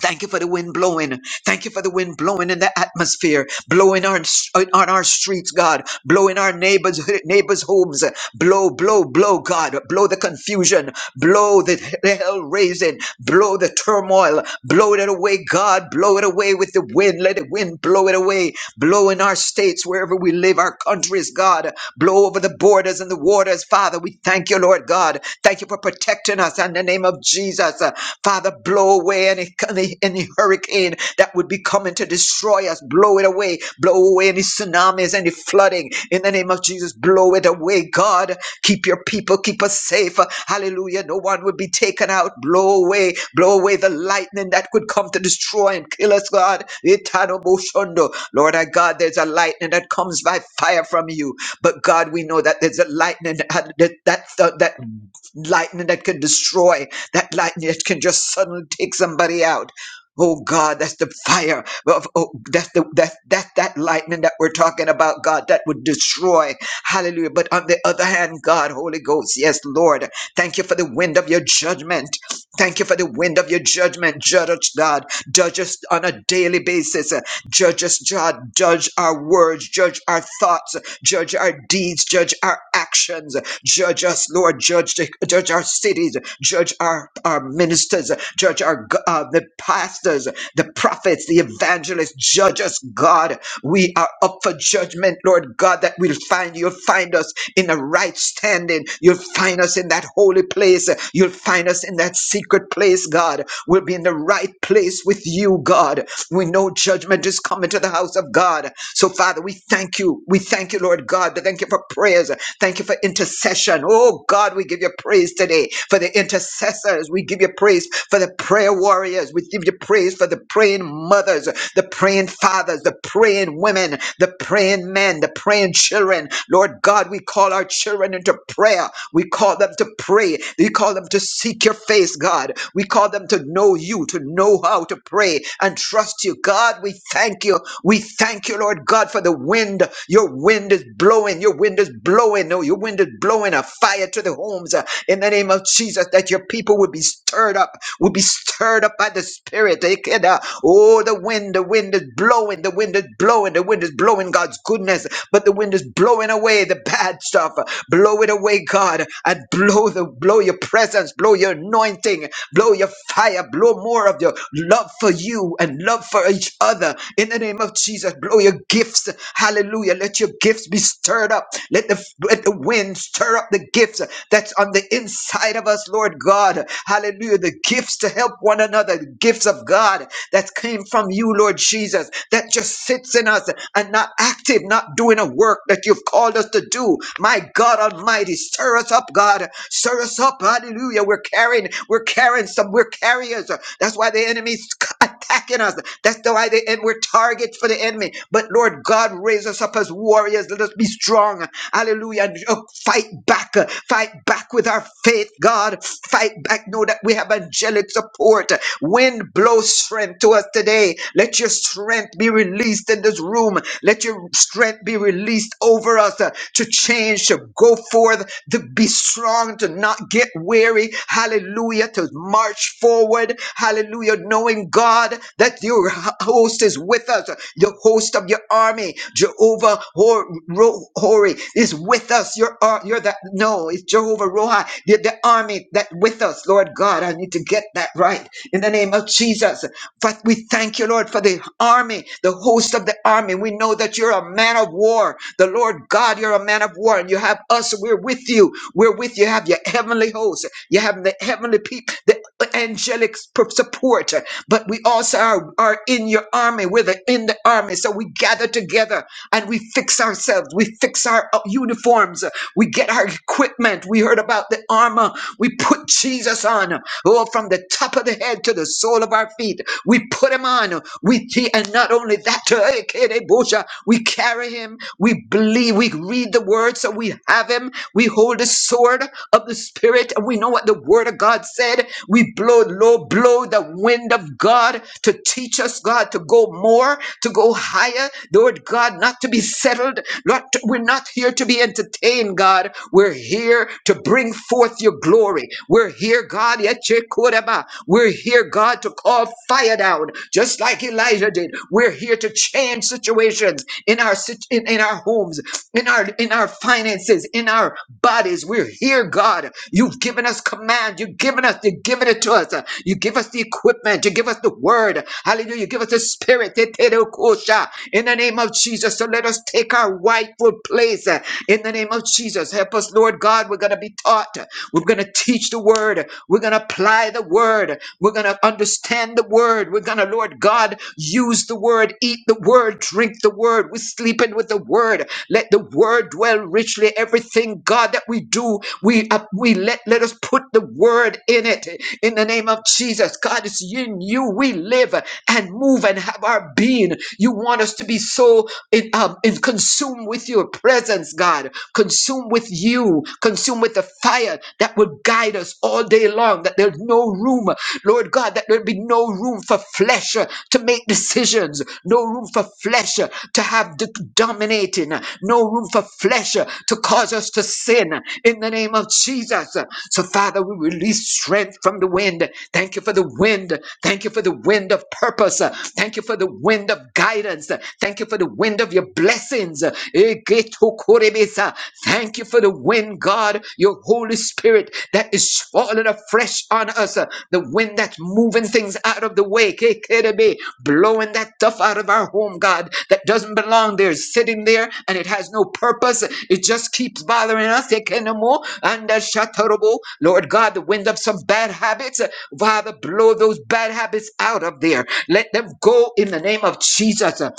[SPEAKER 4] Thank you for the wind blowing. Thank you for the wind blowing in the atmosphere, blowing on, on our streets, God, blowing our neighbors, neighbors' homes. Blow, blow, blow, God. Blow the confusion. Blow the, the hell raising. Blow the turmoil. Blow it away, God. Blow it away with the wind. Let the wind blow it away. Blow in our states, wherever we live, our countries, God. Blow over the borders and the waters, Father. We thank you, Lord God. Thank you Thank you for protecting us in the name of Jesus. Uh, Father, blow away any, any, any hurricane that would be coming to destroy us. Blow it away. Blow away any tsunamis, any flooding. In the name of Jesus, blow it away, God. Keep your people, keep us safe. Uh, Hallelujah. No one would be taken out. Blow away, blow away the lightning that could come to destroy and kill us, God. Itanoboshondo. Lord our God, there's a lightning that comes by fire from you. But God, we know that there's a lightning that that that, that lightning that can destroy, that lightning that can just suddenly take somebody out. Oh God, that's the fire of oh, that's the that that that lightning that we're talking about, God, that would destroy. Hallelujah. But on the other hand, God, Holy Ghost, yes, Lord, thank you for the wind of your judgment. Thank you for the wind of your judgment. Judge us, God. Judge us on a daily basis. Judge us, God. Judge our words. Judge our thoughts. Judge our deeds. Judge our actions. Judge us, Lord. Judge, the, judge our cities. Judge our, our ministers. Judge our go- uh, the pastors, the prophets, the evangelists. Judge us, God. We are up for judgment, Lord God, that we'll find you'll find us in a right standing. You'll find us in that holy place. You'll find us in that secret place, God. We'll be in the right place with you, God. We know judgment is coming to the house of God. So, Father, we thank you. We thank you, Lord God. Thank you for prayers. Thank you for intercession. Oh, God, we give you praise today for the intercession intercessors. We give you praise for the prayer warriors. We give you praise for the praying mothers, the praying fathers, the praying women, the praying men, the praying children. Lord God, we call our children into prayer. We call them to pray. We call them to seek your face, God. We call them to know you, to know how to pray and trust you. God, we thank you. We thank you, Lord God, for the wind, your wind is blowing, your wind is blowing, no, your wind is blowing a fire to the homes uh, in the name of Jesus, that your people would be stirred up, would be stirred up by the Spirit. They can, uh, Oh, the wind, the wind is blowing, the wind is blowing, the wind is blowing God's goodness, but the wind is blowing away the bad stuff. Blow it away, God, and blow the blow your presence, blow your anointing, Blow your fire. Blow more of your love for you and love for each other. In the name of Jesus, blow your gifts. Hallelujah. Let your gifts be stirred up. Let the, let the wind stir up the gifts that's on the inside of us, Lord God. Hallelujah. The gifts to help one another, the gifts of God that came from you, Lord Jesus. Jesus, that just sits in us and not active, not doing a work that you've called us to do. My God Almighty, stir us up, God. Stir us up. Hallelujah. We're carrying, we're carrying some, we're carriers. That's why the enemy's attacking us. That's the why the and we're targets for the enemy. But Lord God, raise us up as warriors. Let us be strong. Hallelujah. And, uh, Fight back. uh, Fight back with our faith, God. Fight back. Know that we have angelic support. Wind blow strength to us today. Let your strength be released in this room. Let your strength be released over us uh, to change, to go forth, to be strong, to not not get weary. Hallelujah. To march forward. Hallelujah. Knowing God that your host is with us. The host of your army, Jehovah Hor- Ro- Hori, is with us. Your are you're that no, it's Jehovah Rohi, the, the army that with us, Lord God. I need to get that right in the name of Jesus. But we thank you, Lord, for the army, the host of the army. We know that you're a man of war. The Lord God, you're a man of war, and you have us. We're with you. We're with you. You have your heavenly host. You have the heavenly people, the angelic p- support. But we also are, are in your army. We're the, in the army. So we gather together and we fix ourselves. We fix our uh, uniforms. We get our equipment. We heard about the armor. We put Jesus on. Oh, from the top of the head to the sole of our feet, we put him on. We te- and not only that, eh, kede bosha, we carry him. We believe. We read the word, so we have him. We hold his sword of the Spirit. We know what the Word of God said. We blow, blow, blow the wind of God to teach us, God, to go more, to go higher. Lord God, not to be settled. Not we're not here to be entertained, God. We're here to bring forth your glory. We're here, God. yet you could have, uh, We're here, God, to call fire down, just like Elijah did. We're here to change situations in our sit- in, in our homes, in our in our finances, in our bodies. We're here, God. You've given us command. You've given us, you've given it to us. You give us the equipment. You give us the word. Hallelujah. You give us the spirit. Tetelekosha. In the name of Jesus. So let us take our rightful place. uh, In the name of Jesus. Help us, Lord God. We're going to be taught. We're going to teach the word. We're going to apply the word. We're going to understand the word. We're going to, Lord God, use the word, eat the word, drink the word. We're sleeping with the word. Let the word dwell richly. Everything, God, that we do, we uh, we let let us put the word in it. In the name of Jesus, God, it's in you we live and move and have our being. You want us to be so in, um, in consumed with your presence, God, consumed with you, consumed with the fire that would guide us all day long. That there's no room, Lord God, that there'd be no room room for flesh uh, to make decisions, no room for flesh uh, to have the dominating, uh, no room for flesh uh, to cause us to sin uh, in the name of Jesus. Uh, So, Father, we release strength from the wind. Thank you for the wind. Thank you for the wind of purpose. Uh, Thank you for the wind of guidance. Uh, Thank you for the wind of your blessings. Uh, Egetukurebesa. Thank you for the wind, God. God, your Holy Spirit that is falling afresh on us. uh, The wind that's moving things out of the way, KKDB, blowing that stuff out of our home, God, that doesn't belong there, sitting there and it has no purpose. It just keeps bothering us. Ekenemo, and, uh, shatarabo. Lord God, the wind of some bad habits, uh, Father, blow those bad habits out of there. Let them go in the name of Jesus. Uh,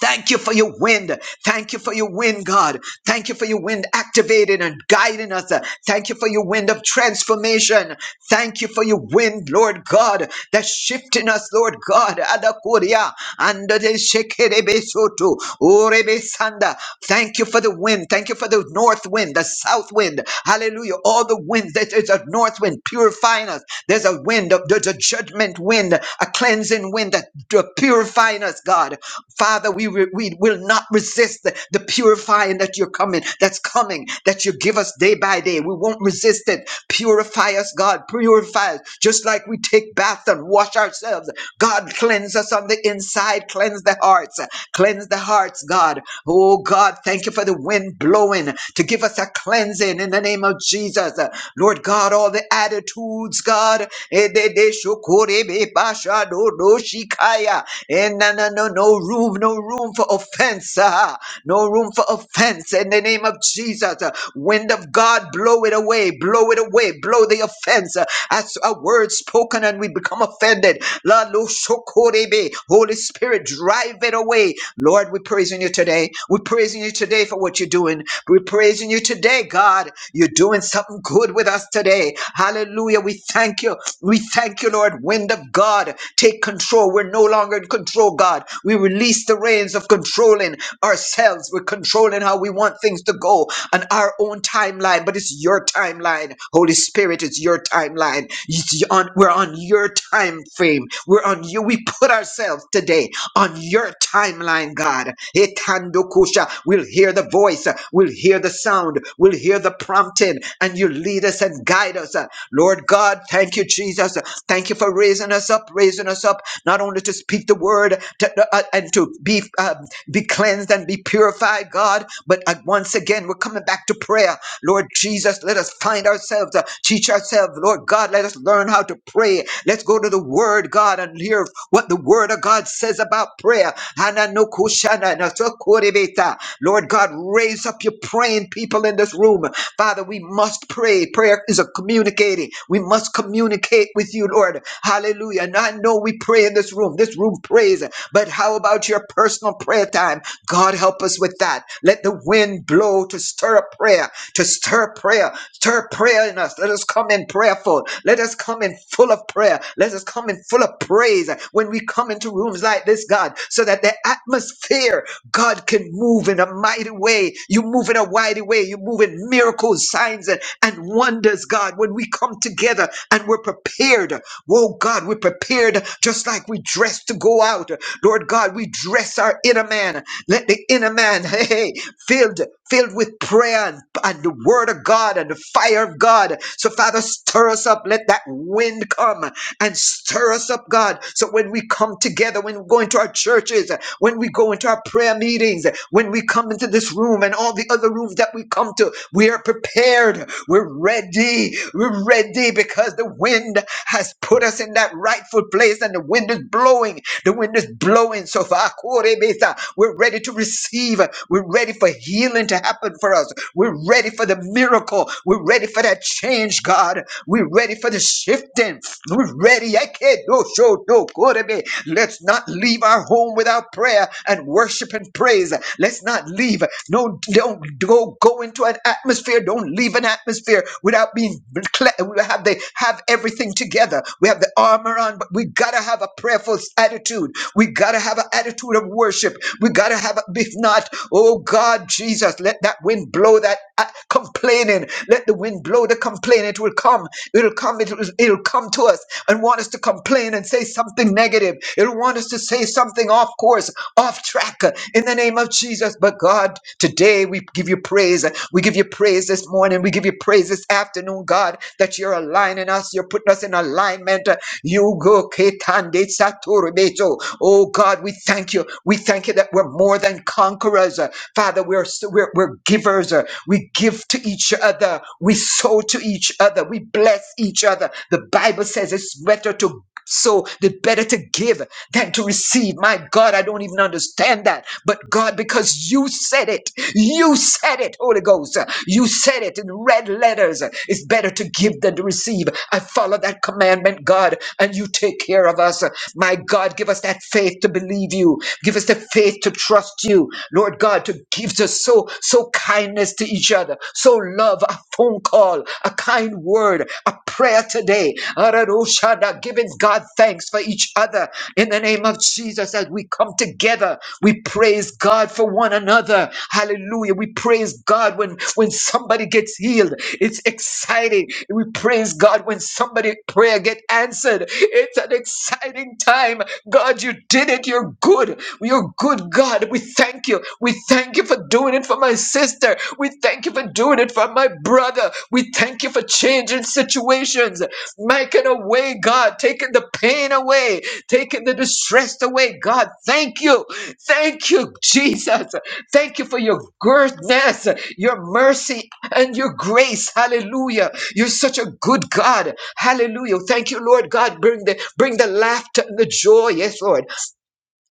[SPEAKER 4] Thank you for your wind. Thank you for your wind, God. Thank you for your wind activating and guiding us. Thank you for your wind of transformation. Thank you for your wind, Lord God, that's shifting us, Lord God. Adakuria, anda de shekerebe soto, orebe sanda. Thank you for the wind. Thank you for the north wind, the south wind. Hallelujah. All the winds. There's a north wind purifying us. There's a wind of the words, a judgment wind, a cleansing wind that d- purifying us, God. Father, we, re- we will not resist the, the purifying that you're coming, that's coming, that you give us day by day. We won't resist it. Purify us, God. Purify us. Just like we take bath and wash ourselves. God, cleanse us on the inside. Cleanse the hearts. Cleanse the hearts, God. Oh, God, thank you for the wind blowing to give us a cleansing hands in, the name of Jesus. Lord God, all the attitudes, God, eh, de- de- shokore basha do- do shikaya. Eh, na- na- no no room, no room for offense, ah, no room for offense in the name of Jesus. Wind of God, blow it away, blow it away, blow the offense. As a word spoken and we become offended, La lo shokorebe. Holy Spirit, drive it away. Lord, we're praising you today. We're praising you today for what you're doing. We're praising you today, God. You're doing something good with us today. Hallelujah. We thank you. We thank you, Lord. Wind of God, take control. We're no longer in control, God. We release the reins of controlling ourselves. We're controlling how we want things to go on our own timeline, but it's your timeline. Holy Spirit, it's your timeline. It's on- we're on your time frame. We're on you. We put ourselves today on your timeline, God. Etandokusha, We'll hear the voice, we'll hear the sound, we'll hear the prompting, and you lead us and guide us. Lord God, thank you, Jesus. Thank you for raising us up, raising us up, not only to speak the word to- uh, uh, and to be, um, be cleansed and be purified, God, but uh, once again, we're coming back to prayer. Lord Jesus, let us find ourselves, uh, teach ourselves. Lord God, let us learn how to pray. Let's go to the Word, God, and hear what the Word of God says about prayer. Hananokushana nasokorebeta. Lord God, raise up your praying people in this room. Father, we must pray. Prayer is a communicating. We must communicate with you, Lord. Hallelujah. And I know we pray in this room. This room prays. But how about your personal prayer time? God, help us with that. Let the wind blow to stir up prayer to stir prayer, stir prayer in us. Let us come in prayerful. Let us come in full of prayer. Let us come in full of praise when we come into rooms like this, God, so that the atmosphere, God, can move in a mighty way. You move in a mighty way. You move in miracles, signs, and, and wonders, God, when we come together and we're prepared. Oh, God, we're prepared just like we dress to go out. Lord God, we dress our inner man. Let the inner man, hey, filled, filled with prayer and, and the word of God and the fire of God. So, Father, stir us up. Let that wind come and stir us up, God. So when we come together, when we go into our churches, when we go into our prayer meetings, when we come into this room and all the other rooms that we come to, we are prepared. We're ready. We're ready because the wind has put us in that rightful place and the wind is blowing the wind is blowing so far. Korebesa. We're ready to receive. We're ready for healing to happen for us. We're ready for the miracle. We're ready for that change, God. We're ready for the shifting. We're ready. Ekedo shodo korebe. Let's not leave our home without prayer and worship and praise. Let's not leave. No, don't go go into an atmosphere. Don't leave an atmosphere without being cle- we have they have everything together. We have the armor on, but we gotta have a prayerful attitude. We gotta have an attitude of worship. We gotta have a, if not, oh God Jesus, let that wind blow that uh, complaining. Let the wind blow allow the complaint, it will come. It'll come. It'll, it'll come to us and want us to complain and say something negative. It'll want us to say something off course, off track uh, in the name of Jesus. But God, today we give you praise. We give you praise this morning. We give you praise this afternoon, God, that you're aligning us. You're putting us in alignment. uh, You go ketande saturabeto. Oh God, we thank you. We thank you that we're more than conquerors. uh, Father, we're, so- we're, we're givers. uh, We give to each other. We sow to each other. We bless each other. The Bible says it's better to sow, the better to give than to receive. My God, I don't even understand that. But God, because you said it, you said it, Holy Ghost. uh, You said it in red letters. uh, It's better to give than to receive. I follow that commandment, God, and you take care of us. My God, give us that faith to believe you. Give us the faith to to trust you, Lord God, to give us so, so kindness to each other, so love, a phone call, a kind word, a prayer today. Araroshada, Giving God thanks for each other in the name of Jesus as we come together. We praise God for one another. Hallelujah. We praise God when, when somebody gets healed. It's exciting. We praise God when somebody prayer get answered. It's an exciting time. God, you did it. You're good. You're good, God. We thank you. We thank you for doing it for my sister. We thank you for doing it for my brother. We thank you for changing situations, making a way, God, taking the pain away, taking the distress away. God, thank you. Thank you, Jesus. Thank you for your goodness, your mercy, and your grace. Hallelujah. You're such a good God. Hallelujah. Thank you, Lord God. Bring the bring the laughter and the joy. Yes, Lord.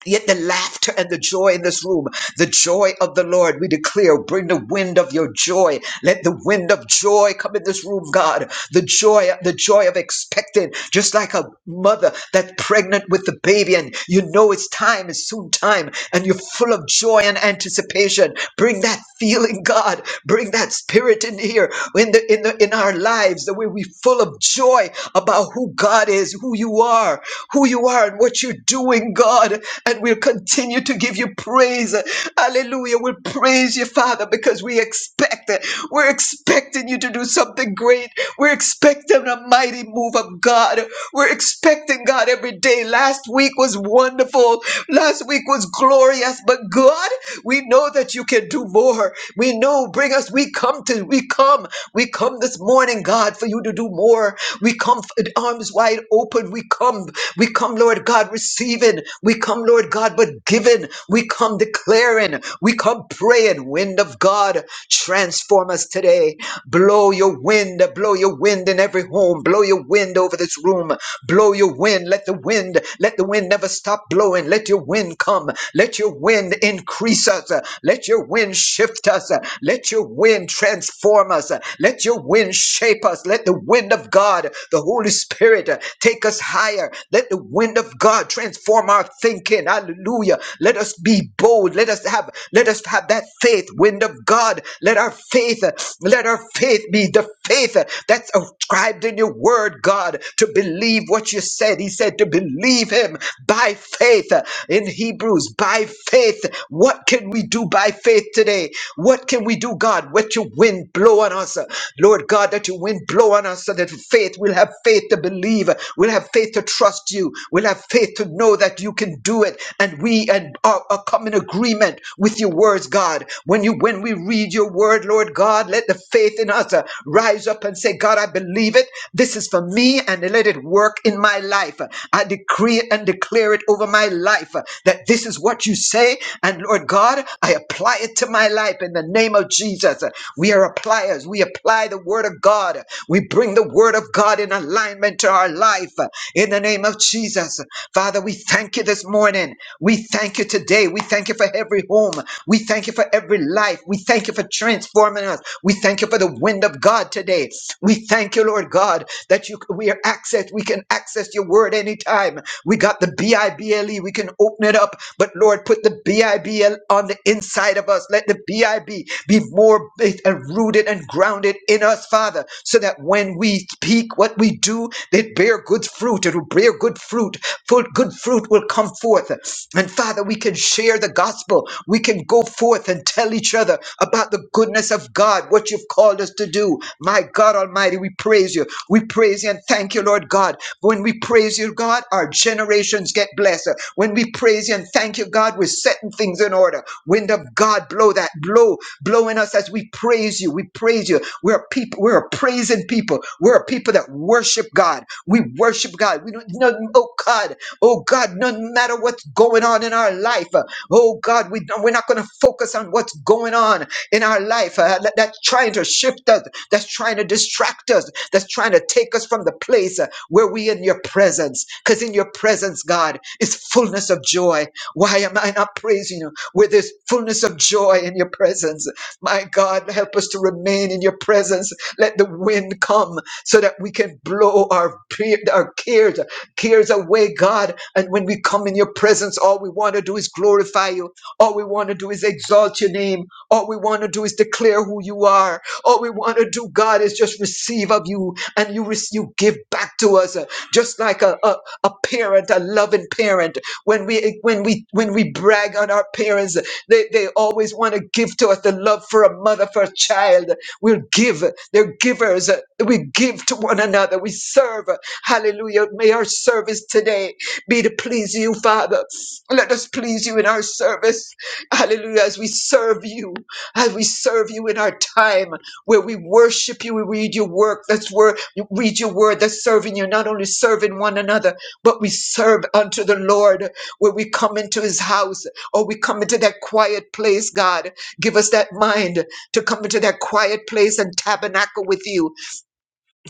[SPEAKER 4] Yet the laughter and the joy in this room, the joy of the Lord, we declare, bring the wind of your joy. Let the wind of joy come in this room, God. The joy, the joy of expecting, just like a mother that's pregnant with the baby, and you know it's time, it's soon time, and you're full of joy and anticipation. Bring that feeling, God. Bring that spirit in here, in the in the in our lives, that we we full of joy about who God is, who you are who you are and what you're doing, God. And we'll continue to give you praise. Hallelujah. We'll praise you, Father, because we expect it. We're expecting you to do something great. We're expecting a mighty move of God. We're expecting God every day. Last week was wonderful. Last week was glorious. But God, we know that you can do more. We know, bring us, we come to, we come, we come this morning, God. God, for you to do more. We come f- arms wide open. We come. We come, Lord God, receiving. We come, Lord God, but giving. We come declaring. We come praying. Wind of God, transform us today. Blow your wind. Blow your wind in every home. Blow your wind over this room. Blow your wind. Let the wind, let the wind never stop blowing. Let your wind come. Let your wind increase us. Let your wind shift shift us. Let your wind transform us. Let your wind shape us. Let the wind of God, the Holy Spirit, uh, take us higher. Let the wind of God transform our thinking. Hallelujah. Let us be bold. Let us have let us have that faith, wind of God. Let our faith, uh, let our faith be the faith uh, that's ascribed in your word, God, to believe what you said. He said to believe him by faith in Hebrews by faith. What can we do by faith today? What can we do, God? Let your wind blow on us. Lord God, that your wind blow on us so that faith, we'll have faith to believe. We'll have faith to trust you. We'll have faith to know that you can do it. And we and are, are come in agreement with your words, God. When you when we read your word, Lord God, let the faith in us uh, rise up and say, God, I believe it. This is for me and let it work in my life. I decree it and declare it over my life that this is what you say. And Lord God, I apply it to my life in the name of Jesus. We are appliers. We apply the word of God. We bring the word of God in alignment to our life in the name of Jesus. Father, we thank you this morning. We thank you today. We thank you for every home. We thank you for every life. We thank you for transforming us. We thank you for you for the wind of God today. We thank you, Lord God, that you we are access. We can access your word anytime. We got the B I B L E. We can open it up, but Lord, put the B I B L on the inside of us. Let the B I B be more bas- and rooted and grounded in us, Father, so that when we speak, what we do, it bear good fruit. It will bear good fruit. Full good fruit will come forth. And Father, we can share the gospel. We can go forth and tell each other about the goodness of God, what you've called us to do. My God Almighty, we praise you. We praise you and thank you, Lord God. When we praise you, God, our generations get blessed. When we praise you and thank you, God, we're setting things in order. Wind of God, blow that, blow, blow in us as we praise you. We praise you. We're a people, we're a praising people. We're a people that worship God. We worship God. We don't, no, oh God. Oh God, no matter what's going on in our life, uh, oh God, we don't, we're not going to focus on what's going on in our life uh, that- that's trying to shift us, that's trying to distract us, that's trying to take us from the place uh, where we in your presence. Because in your presence, God, is fullness of joy. Why am I not praising you? with this fullness of joy in your presence. My God, help us to remain in your presence. Let the wind come so that we can blow our, pe- our cares cares away, God. And when we come in your presence, all we want to do is glorify you. All we want to do is exalt your name. All we want to do is declare who you are. All we want to do, God, is just receive of you and you, rec- you give back to us uh, just like a, a, a parent, a loving parent. When we, when we, when we brag on our parents, they, they always want to give to us the love for a mother, for a child. We'll give. They're givers. We give to one another. We serve. Hallelujah. May our service today be to please you, Father. Let us please you in our service. Hallelujah. As we serve you, as we serve you in our time where we worship you, we read your work. That's where you read your word. That's serving you, not only serving one another, but we serve unto the Lord where we come into his house or we come into that quiet place, God. Give us that mind to come into that quiet place and tabernacle with you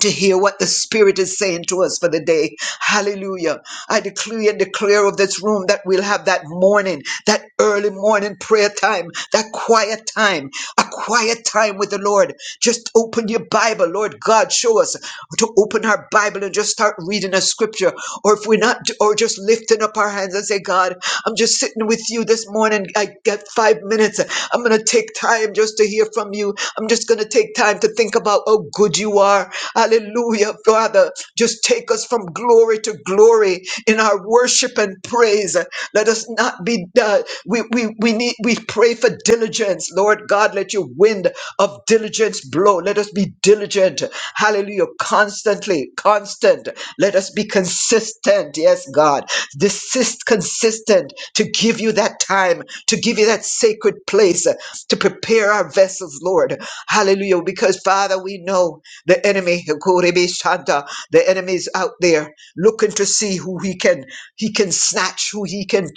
[SPEAKER 4] to hear what the Spirit is saying to us for the day. Hallelujah. I decree and declare of this room that we'll have that morning, that early morning prayer time, that quiet time, a quiet time with the Lord. Just open your Bible, Lord God, show us to open our Bible and just start reading a scripture. Or if we're not, or just lifting up our hands and say, God, I'm just sitting with you this morning. I got five minutes. I'm going to take time just to hear from you. I'm just going to take time to think about how good you are are. Hallelujah, Father. Just take us from glory to glory in our worship and praise. Let us not be, uh, we, we, we need, we pray for diligence. Lord God, let your wind of diligence blow. Let us be diligent. Hallelujah. Constantly, constant. Let us be consistent. Yes, God. Desist consistent to give you that time, to give you that sacred place, to prepare our vessels, Lord. Hallelujah. Because Father, we know. The enemy, Kurebe Shanta, the enemy is out there looking to see who he can he can snatch, who he can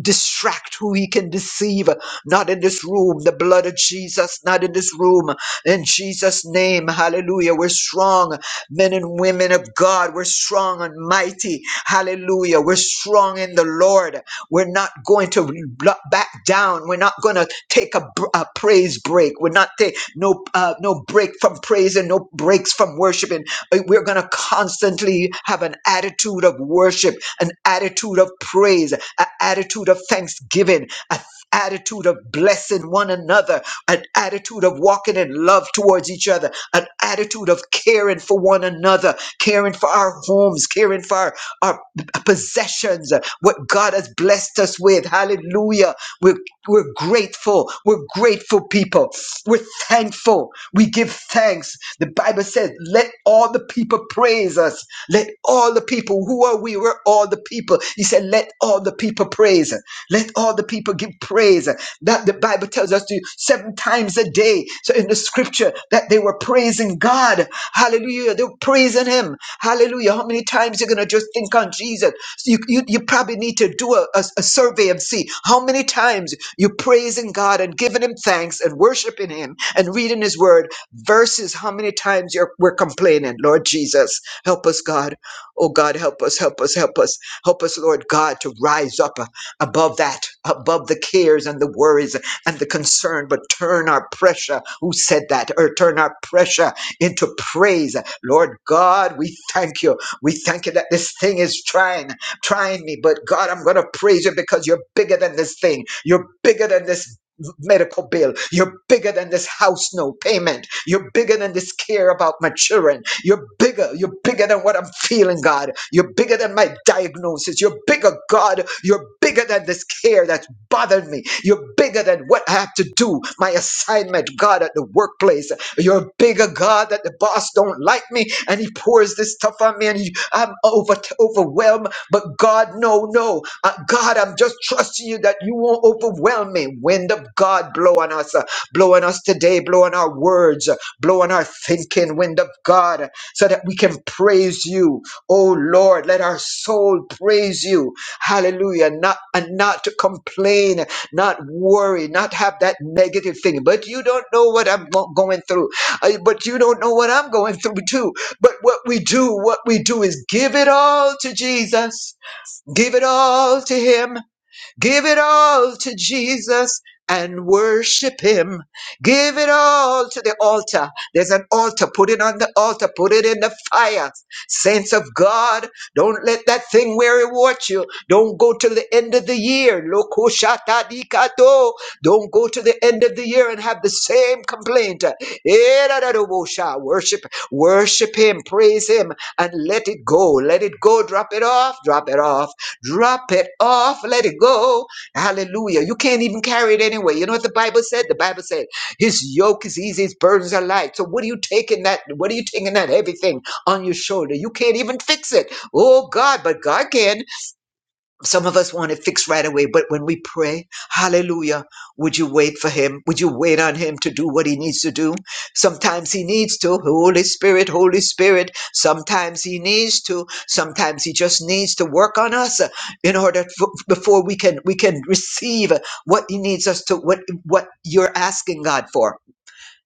[SPEAKER 4] distract, who he can deceive. Not in this room, the blood of Jesus, not in this room. In Jesus' name, hallelujah. We're strong men and women of God. We're strong and mighty. Hallelujah. We're strong in the Lord. We're not going to re- bl- back down. We're not going to take a, br- a praise break. We're not take no uh, no break from praise and no breaks from worshiping. Uh, We're going to constantly have an attitude of worship, an attitude of praise, an attitude of thanksgiving, a attitude of blessing one another, an attitude of walking in love towards each other, an attitude of caring for one another, caring for our homes, caring for our, our possessions, what God has blessed us with. Hallelujah. We're, we're grateful. We're grateful people. We're thankful. We give thanks. The Bible says, let all the people praise us. Let all the people people. Who are we? We're all the people. He said, let all the people praise. Let all the people give praise. That the Bible tells us to seven times a day. So in the scripture that they were praising God. Hallelujah. They were praising him. Hallelujah. How many times you're going to just think on Jesus? So you, you, you probably need to do a, a, a survey and see how many times you're praising God and giving him thanks and worshiping him and reading his word versus how many times you're, we're complaining. Lord Jesus, help us, God. Oh God, help us, help us, help us. Help us, Lord God, to rise up uh, above that, above the cares and the worries and the concern, but turn our pressure, who said that, or turn our pressure into praise. Lord God, we thank you. We thank you that this thing is trying, trying me, but God, I'm going to praise you because you're bigger than this thing. You're bigger than this medical bill. You're bigger than this house no payment. You're bigger than this care about my children. You're bigger. You're bigger than what I'm feeling, God. You're bigger than my diagnosis. You're bigger, God. You're bigger than this care that's bothered me. You're bigger than what I have to do, my assignment, God, at the workplace. You're a bigger God that the boss don't like me and he pours this stuff on me and he, I'm over, overwhelmed but God, no, no. Uh, God, I'm just trusting you that you won't overwhelm me. Wind of God, blow on us, uh, blow on us today, blow on our words, uh, blow on our thinking, wind of God, uh, so that we can praise you. Oh Lord, let our soul praise you. Hallelujah. Not and not to complain, not worry, not have that negative thing. But you don't know what I'm go- going through. Uh, but you don't know what I'm going through too. But what we do, what we do is give it all to Jesus. Give it all to him. Give it all to Jesus and worship him. Give it all to the altar. There's an altar. Put it on the altar. Put it in the fire. Saints of God, don't let that thing weary watch you. Don't go to the end of the year. Lokoshatadikato. Don't go to the end of the year and have the same complaint. Erararobosha. Worship, worship him, praise him, and let it go. Let it go. Drop it off. Drop it off Drop it off. Let it go. Hallelujah. You can't even carry it anyway. You know what the Bible said? The Bible said, His yoke is easy, His burdens are light. So what are you taking that? What are you taking that heavy thing on your shoulder? You can't even fix it. Oh God, but God can. Some of us want it fixed right away, but when we pray, hallelujah, would you wait for him? Would you wait on him to do what he needs to do? Sometimes he needs to. Holy Spirit, Holy Spirit. Sometimes he needs to. Sometimes he just needs to work on us uh, in order f- before we can we can receive what he needs us to what what you're asking God for.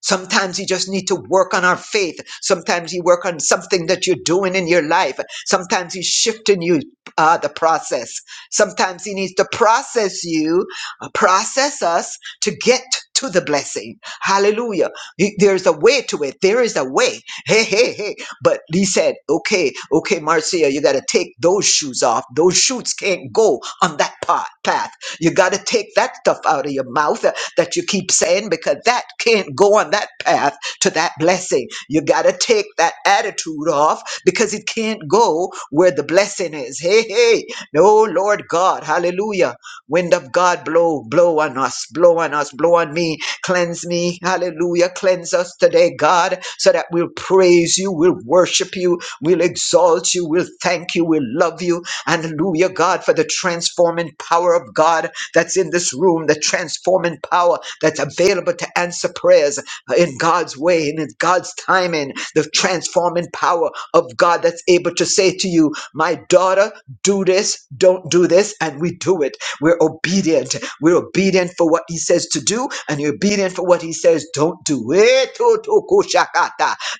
[SPEAKER 4] Sometimes you just need to work on our faith. Sometimes you work on something that you're doing in your life. Sometimes he's shifting you uh, the process. Sometimes he needs to process you, uh, process us to get to the blessing. Hallelujah. He- There's a way to it. There is a way. Hey, hey, hey. But he said, okay, okay, Marcia, you got to take those shoes off. Those shoots can't go on that pa- path. You got to take that stuff out of your mouth that you keep saying because that can't go on that path to that blessing. You got to take that attitude off because it can't go where the blessing is. Hey, hey. No, Lord God. Hallelujah. Wind of God, blow, blow on us, blow on us, blow on me, cleanse me. Hallelujah. Cleanse us today, God, so that we'll praise you, we'll worship you, we'll exalt you, we'll thank you, we'll love you. Hallelujah, God, for the transforming power of God that's in this room, the transforming power that's available to answer prayers in God's way and in God's timing, the transforming power of God that's able to say to you, My daughter, do this, don't do this, and we do it. We're obedient. We're obedient for what He says to do, and you're obedient for what He says, don't do it.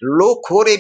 [SPEAKER 4] Wind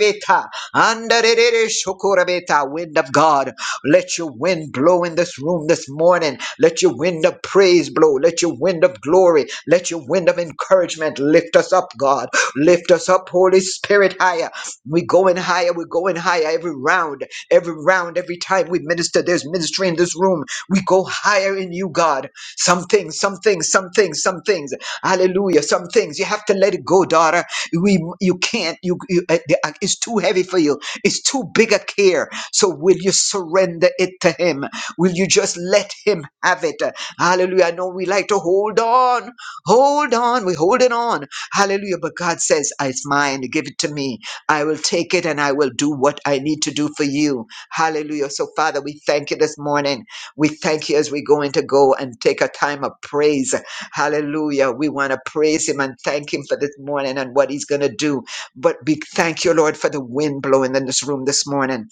[SPEAKER 4] of God, let your wind blow in this room this morning. Let your wind of praise blow. Let your wind of glory. Let your wind of encouragement lift us up, God. Lift us up, Holy Spirit, higher. We're going higher. We're going higher every round, every round, every time we minister. There's ministry in this room. We go higher in you, God. Some things, some things, some things, some things. Hallelujah. Some things you have to let it go, daughter. We, you can't. You, you uh, the- uh, it's too heavy for you. It's too big a care. So will you surrender it to Him? Will you just let Him have it? Hallelujah. I know we like to hold on, hold on, we hold it on. Hallelujah. But God says, "Ah, It's mine, give it to me. I will take it and I will do what I need to do for you. Hallelujah. So, Father, we thank you this morning. We thank you as we're going to go and take a time of praise. Hallelujah. We want to praise Him and thank Him for this morning and what He's going to do. But we thank you, Lord, for the wind blowing in this room this morning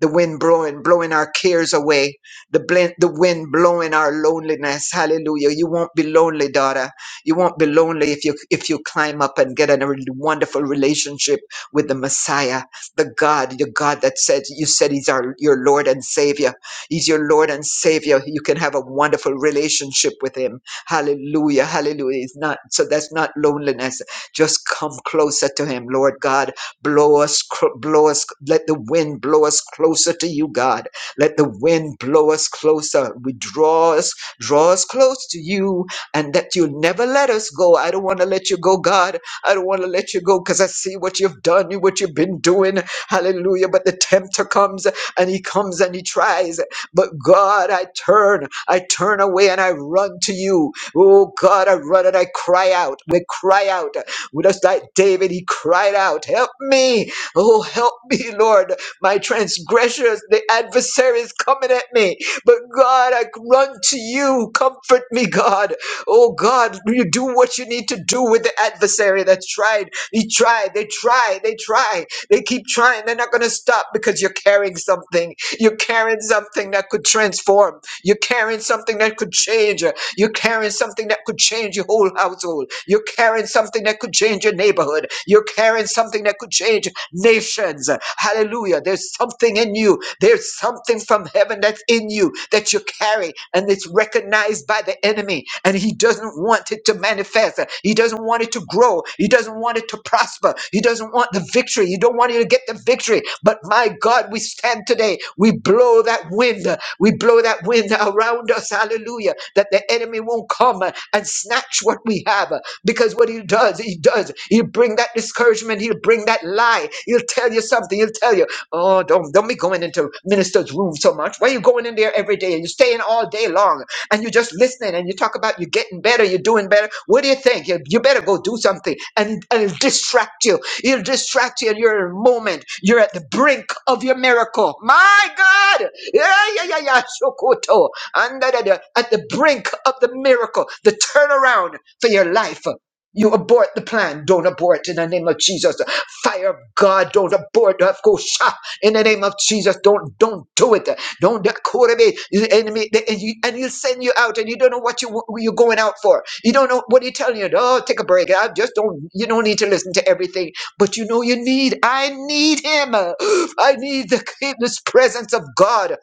[SPEAKER 4] the wind blowing, blowing our cares away, the, blend, the wind blowing our loneliness. Hallelujah. You won't be lonely, daughter. You won't be lonely if you, if you climb up and get in a really wonderful relationship with the Messiah, the God, the God that said, you said he's our, your Lord and Savior. He's your Lord and Savior. You can have a wonderful relationship with him. Hallelujah. Hallelujah. It's not, so that's not loneliness. Just come closer to him, Lord God. Blow us, cr- blow us, let the wind blow us closer to you, God. Let the wind blow us closer. We draw us, draw us close to you, and that you never let us go. I don't want to let you go, God. I don't want to let you go because I see what you've done, you what you've been doing. Hallelujah. But the tempter comes and he comes and he tries. But God, I turn, I turn away and I run to you. Oh God, I run and I cry out. We cry out. Just like David, he cried out, Help me! Oh, help me, Lord! My transgressors, the adversary is coming at me. But God, I run to you. Comfort me, God. Oh, God, you do what you need to do with the adversary that's tried. He tried, they try, they try. They keep trying. They're not going to stop because you're carrying something. You're carrying something that could transform. You're carrying something that could change. You're carrying something that could change your whole household. You're carrying something that could change your neighborhood. You're carrying something that could change nations. Hallelujah. There's something in you. There's something from heaven that's in you that you carry, and it's recognized by the enemy. And he doesn't want it to manifest. He doesn't want it to grow. He doesn't want it to prosper. He doesn't want the victory. You don't want you to get the victory. But my God, we stand today. We blow that wind. We blow that wind around us, hallelujah, that the enemy won't come uh, and snatch what we have. uh, Because what he does, he does, he'll bring that discouragement, he'll bring that lie, he'll tell you something, he'll tell you, oh, don't, don't be going into minister's room so much. Why are you going in there every day and you're staying all day long and you're just listening and you talk about you're getting better, you're doing better. What do you think? You, you better go do something and, and it'll distract you. It'll distract you and you're in a moment. You're at the brink of your miracle. My God! Yeah, yeah, yeah, yeah. Shokoto. And da, da, da. at the brink of the miracle, the turnaround for your life. You abort the plan. Don't abort in the name of Jesus. Fire of God. Don't abort. Of course, ah, In the name of Jesus. Don't don't do it. Don't that quarter the enemy the- and you and he'll send you out and you don't know what you what you're going out for. You don't know what he's telling you. Oh, take a break. I just don't you don't need to listen to everything but you know you need i need him i need the, this presence of god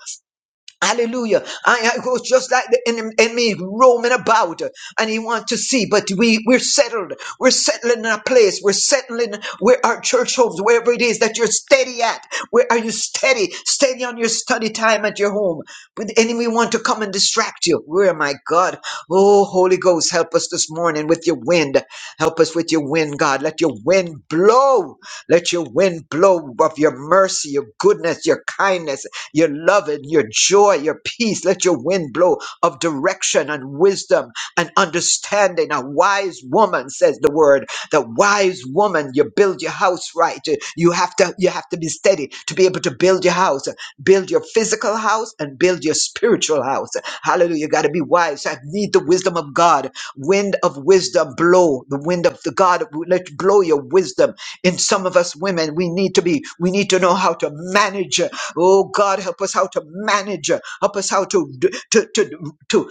[SPEAKER 4] Hallelujah. I, I was just like the enem- enemy roaming about uh, and he want to see, but we, we're settled. We're settling in a place. We're settling where our church homes, wherever it is that you're steady at. Where are you steady? Steady on your study time at your home. But the enemy want to come and distract you. Where my God? Oh, Holy Ghost, help us this morning with your wind. Help us with your wind, God. Let your wind blow. Let your wind blow of your mercy, your goodness, your kindness your love and your joy, your peace. Let your wind blow of direction and wisdom and understanding. A wise woman says the word. The wise woman, you build your house right. You have to you have to be steady to be able to build your house, build your physical house and build your spiritual house. Hallelujah. You gotta be wise. I need the wisdom of God. Wind of wisdom blow. The wind of the God let blow your wisdom in some of us women we need to be we need to know how to manage Oh God, help us how to manage. Help us how to to to to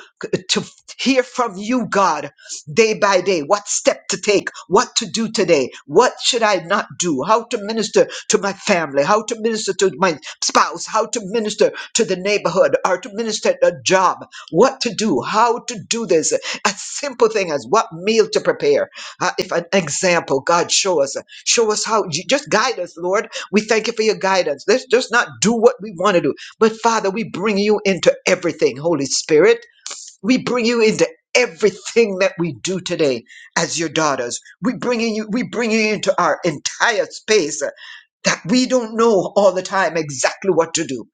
[SPEAKER 4] to hear from you, God, day by day. What step to take? What to do today? What should I not do? How to minister to my family? How to minister to my spouse? How to minister to the neighborhood? Or to minister at a job? What to do? How to do this? A simple thing as what meal to prepare. Uh, if an example, God, show us. Show us how. J- Just guide us, Lord we thank you for your guidance. Let's just not do what we want to do. But Father, we bring you into everything, Holy Spirit. We bring you into everything that we do today as your daughters. We bring you, we bring you into our entire space uh, that we don't know all the time exactly what to do.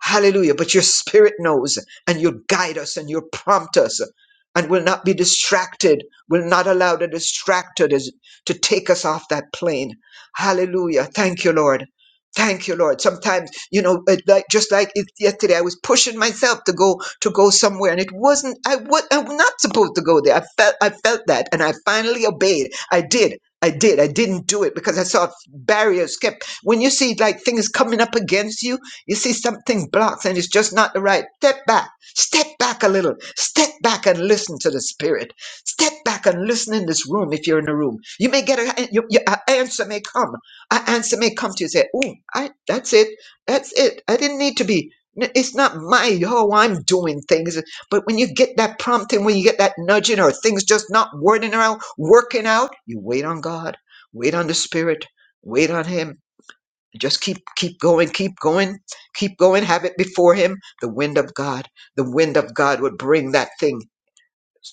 [SPEAKER 4] Hallelujah. But your spirit knows and you'll guide us and you'll prompt us and will not be distracted, will not allow the distracted is- to take us off that plane. Hallelujah. Thank you, Lord. Thank you, Lord. Sometimes, you know, it, like just like it, yesterday, I was pushing myself to go to go somewhere, and it wasn't. I was I was not supposed to go there. I felt I felt that, and I finally obeyed. I did. I did. I didn't do it because I saw barriers kept. When you see like things coming up against you, you see something blocks and it's just not the right. Step back. Step back a little. Step back and listen to the spirit. Step back and listen in this room if you're in a room. You may get a, you, you, a answer may come. An answer may come to you say, "Oh, I that's it. That's it. I didn't need to be N- it's not my oh I'm doing things, but when you get that prompting, when you get that nudging, or things just not wording out, working out, you wait on God, wait on the Spirit, wait on Him, just keep keep going keep going keep going have it before him the wind of god the wind of god would bring that thing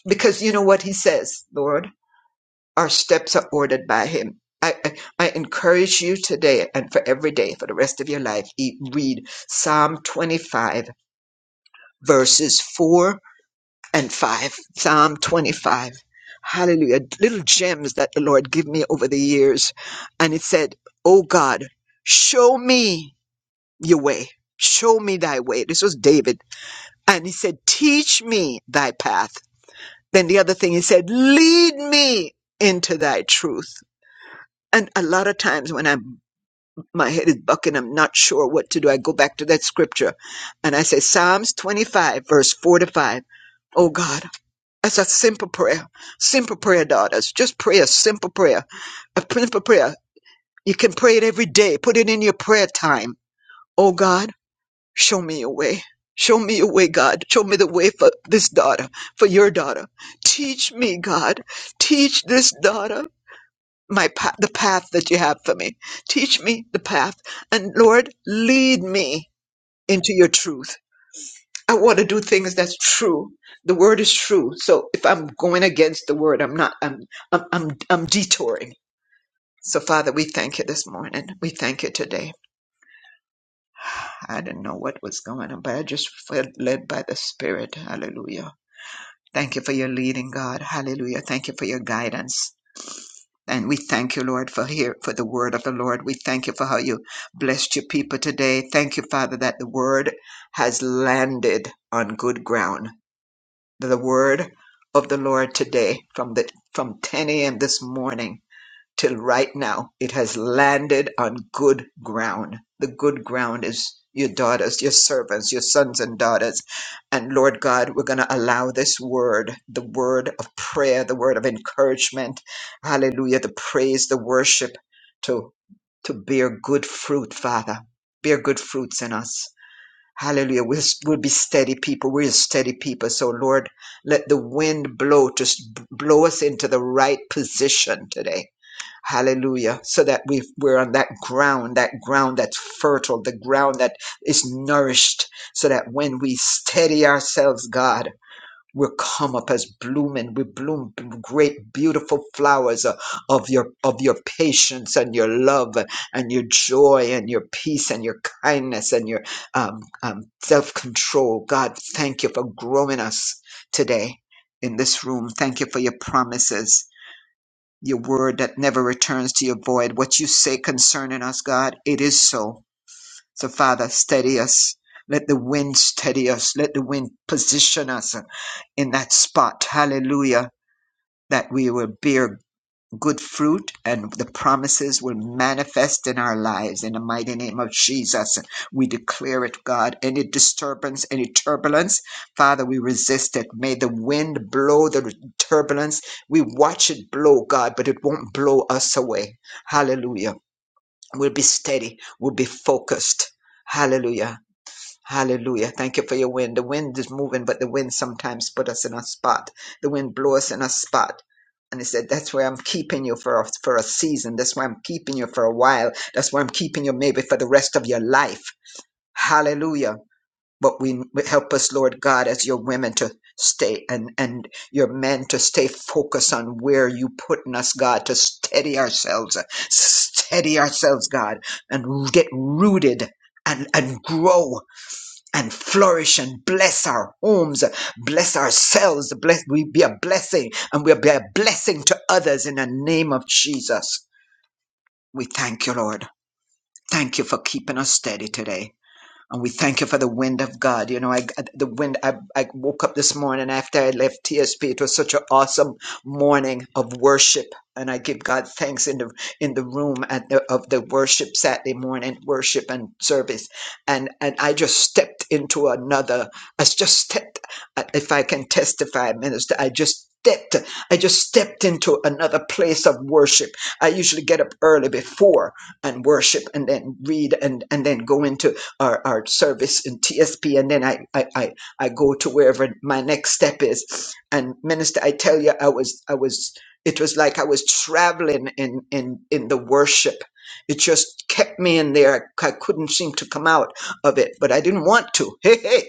[SPEAKER 4] because you know what he says lord our steps are ordered by him I, I I encourage you today and for every day for the rest of your life. Eat, read Psalm 25, verses 4 and 5. Psalm 25. Hallelujah. Little gems that the Lord gave me over the years. And it said, Oh God, show me. your way. Show me thy way. This was David. And he said, Teach me thy path. Then the other thing he said, Lead me into thy truth. And a lot of times when I'm my head is bucking, I'm not sure what to do. I go back to that scripture and I say Psalms 25, verse 4 to 5. Oh God, that's a simple prayer. Simple prayer, daughters. Just pray a simple prayer. A simple prayer. You can pray it every day. Put it in your prayer time. Oh God. Show me a way. Show me a way, God. Show me the way for this daughter, for your daughter. Teach me, God. Teach this daughter my path, the path that you have for me. Teach me the path. And Lord, lead me into your truth. I want to do things that's true. The word is true. So if I'm going against the word, I'm not, I'm, I'm, I'm, I'm detouring. So Father, we thank you this morning. We thank you today. I didn't know what was going on, but I just felt led by the Spirit. Hallelujah. Thank you for your leading, God. Hallelujah. Thank you for your guidance. And we thank you, Lord, for here for the word of the Lord. We thank you for how you blessed your people today. Thank you, Father, that the word has landed on good ground. The word of the Lord today from the from 10 a.m. this morning till right now it has landed on good ground. The good ground is your daughters, your servants, your sons and daughters. And Lord God, we're going to allow this word, the word of prayer, the word of encouragement, hallelujah, the praise, the worship to to bear good fruit, Father. Bear good fruits in us. Hallelujah. We'll, we'll be steady people. We're steady people. So, Lord, let the wind blow, just blow us into the right position today. Hallelujah. So that we we're on that ground, that ground that's fertile, the ground that is nourished, so that when we steady ourselves, God, we come up as blooming. We bloom b- great, beautiful flowers uh, of your of your patience and your love and your joy and your peace and your kindness and your um, um, self control. God, thank you for growing us today in this room. Thank you for your promises your word that never returns to your void. What you say concerning us, God, it is so. So, Father, steady us. Let the wind steady us. Let the wind position us in that spot. Hallelujah. That we will bear good fruit and the promises will manifest in our lives in the mighty name of Jesus. We declare it, God. Any disturbance, any turbulence, Father, we resist it. May the wind blow the turbulence. We watch it blow, God, but it won't blow us away. Hallelujah. We'll be steady. We'll be focused. Hallelujah. Hallelujah. Thank you for your wind. The wind is moving, but the wind sometimes put us in a spot. The wind blow us in a spot. And he said, That's why I'm keeping you for a, for a season. That's why I'm keeping you for a while. That's why I'm keeping you maybe for the rest of your life. Hallelujah. But we help us, Lord God, as your women to stay and, and your men to stay focused on where you putting us, God, to steady ourselves, steady ourselves, God, and get rooted and, and grow and flourish and bless our homes, bless ourselves. Bless, we be a blessing and we'll be a blessing to others in the name of Jesus. We thank you, Lord. Thank you for keeping us steady today. And we thank you for the wind of God. You know, I the wind. I, I woke up this morning after I left TSP. It was such an awesome morning of worship, and I give God thanks in the in the room at the, of the worship Saturday morning worship and service, and and I just stepped into another. I just stepped. If I can testify, minister, I just. Stepped, I just stepped into another place of worship. I usually get up early before and worship and then read and, and then go into or, or service in TSP, and then I, I I I go to wherever my next step is. And minister, I tell you, I was I was it was like I was traveling in in in the worship. It just kept me in there. I, I couldn't seem to come out of it, but I didn't want to.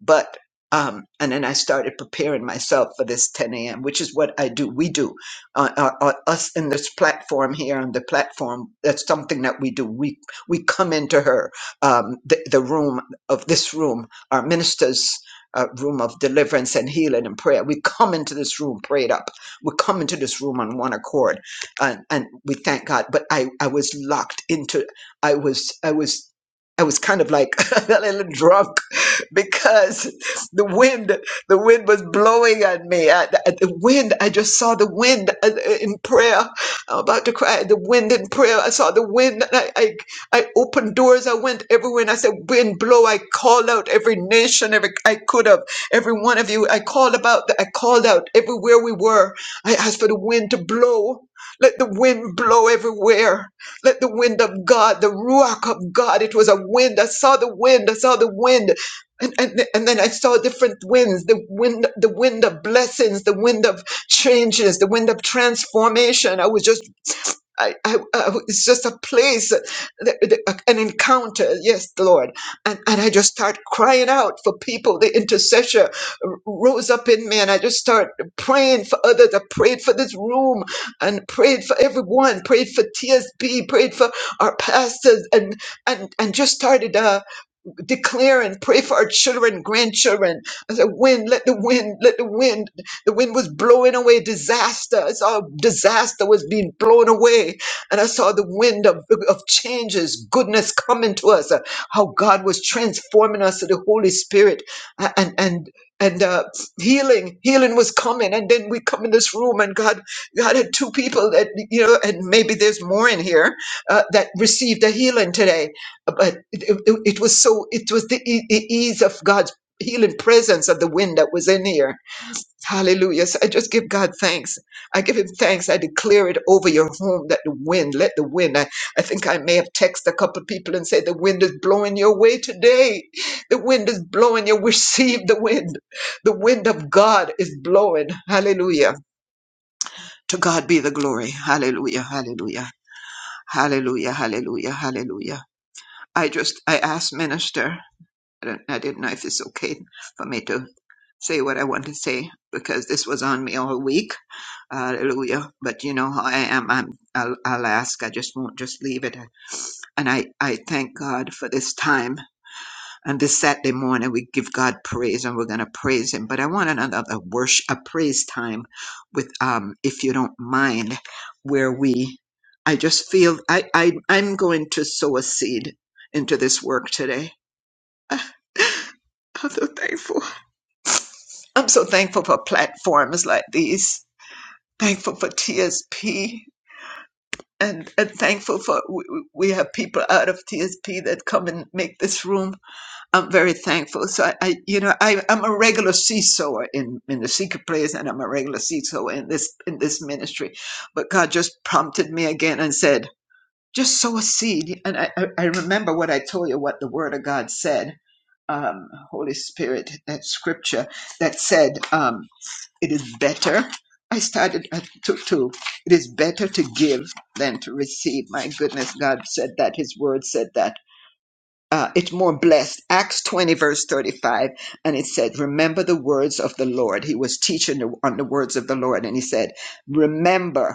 [SPEAKER 4] but um and then i started preparing myself for this 10 a.m which is what i do we do uh, uh, uh, us in this platform here on the platform that's something that we do we we come into her um the, the room of this room our ministers uh, room of deliverance and healing and prayer we come into this room prayed up we come into this room on one accord and, and we thank god but i i was locked into i was i was I was kind of like a little drunk because the wind, the wind was blowing on me. I, I- the wind, I just saw the wind uh, in prayer. I'm about to cry. The wind in prayer. I saw the wind. and I, I, I opened doors. I went everywhere, and I said, "Wind, blow!" I called out every nation, every I could have, every one of you. I called about. I called out everywhere we were. I asked for the wind to blow. Let the wind blow everywhere. Let the wind of God, the ruach of God. It was a wind. I saw the wind. I saw the wind. And, and, th- and then I saw different winds, the wind, the wind of blessings, the wind of changes, the wind of transformation. I was just, I, I, was- it's just a place, that- that- an encounter. Yes, Lord. And, and I just start crying out for people. The intercessor r- rose up in me and I just start praying for others. I prayed for this room and prayed for everyone, prayed for TSB, prayed for our pastors and, and, and just started, uh, declare and pray for our children, grandchildren. I said, wind, let the wind, let the wind. The wind was blowing away disaster. I saw disaster was being blown away. And I saw the wind of, of changes, goodness coming to us, uh, how God was transforming us to the Holy Spirit. A- And, and, and uh, healing, healing was coming. And then we come in this room and God, God had two people that, you know, and maybe there's more in here uh, that received a healing today but it, it, it was so it was the e- e- ease of god's healing presence of the wind that was in here hallelujah so i just give god thanks i give him thanks i declare it over your home that the wind let the wind i, I think i may have texted a couple of people and said the wind is blowing your way today the wind is blowing you receive the wind the wind of god is blowing hallelujah to god be the glory hallelujah hallelujah hallelujah hallelujah hallelujah i just i asked minister I don't, I didn't know if it's okay for me to say what I want to say because this was on me all week. Hallelujah. But you know how I am. I'm, I'll, I'll ask. I just won't just leave it. And I, I thank God for this time. And this Saturday morning, we give God praise and we're going to praise Him. But I want another a worship, a praise time with, um, if you don't mind, where we, I just feel I, I, I'm going to sow a seed into this work today. I'm so thankful. I'm so thankful for platforms like these, thankful for TSP, and, and thankful for we, we have people out of TSP that come and make this room. I'm very thankful. So I, I you know, I, I'm a regular seesawer in, in the secret place, and I'm a regular seesawer in this in this ministry. But God just prompted me again and said, just sow a seed. And I, I I remember what I told you, what the Word of God said. Um, Holy Spirit, that scripture that said, um, it is better. I started at two, two. It is better to give than to receive. My goodness, God said that. His word said that. Uh, it's more blessed. Acts 20, verse 35. And it said, Remember the words of the Lord. He was teaching the- on the words of the Lord. And he said, Remember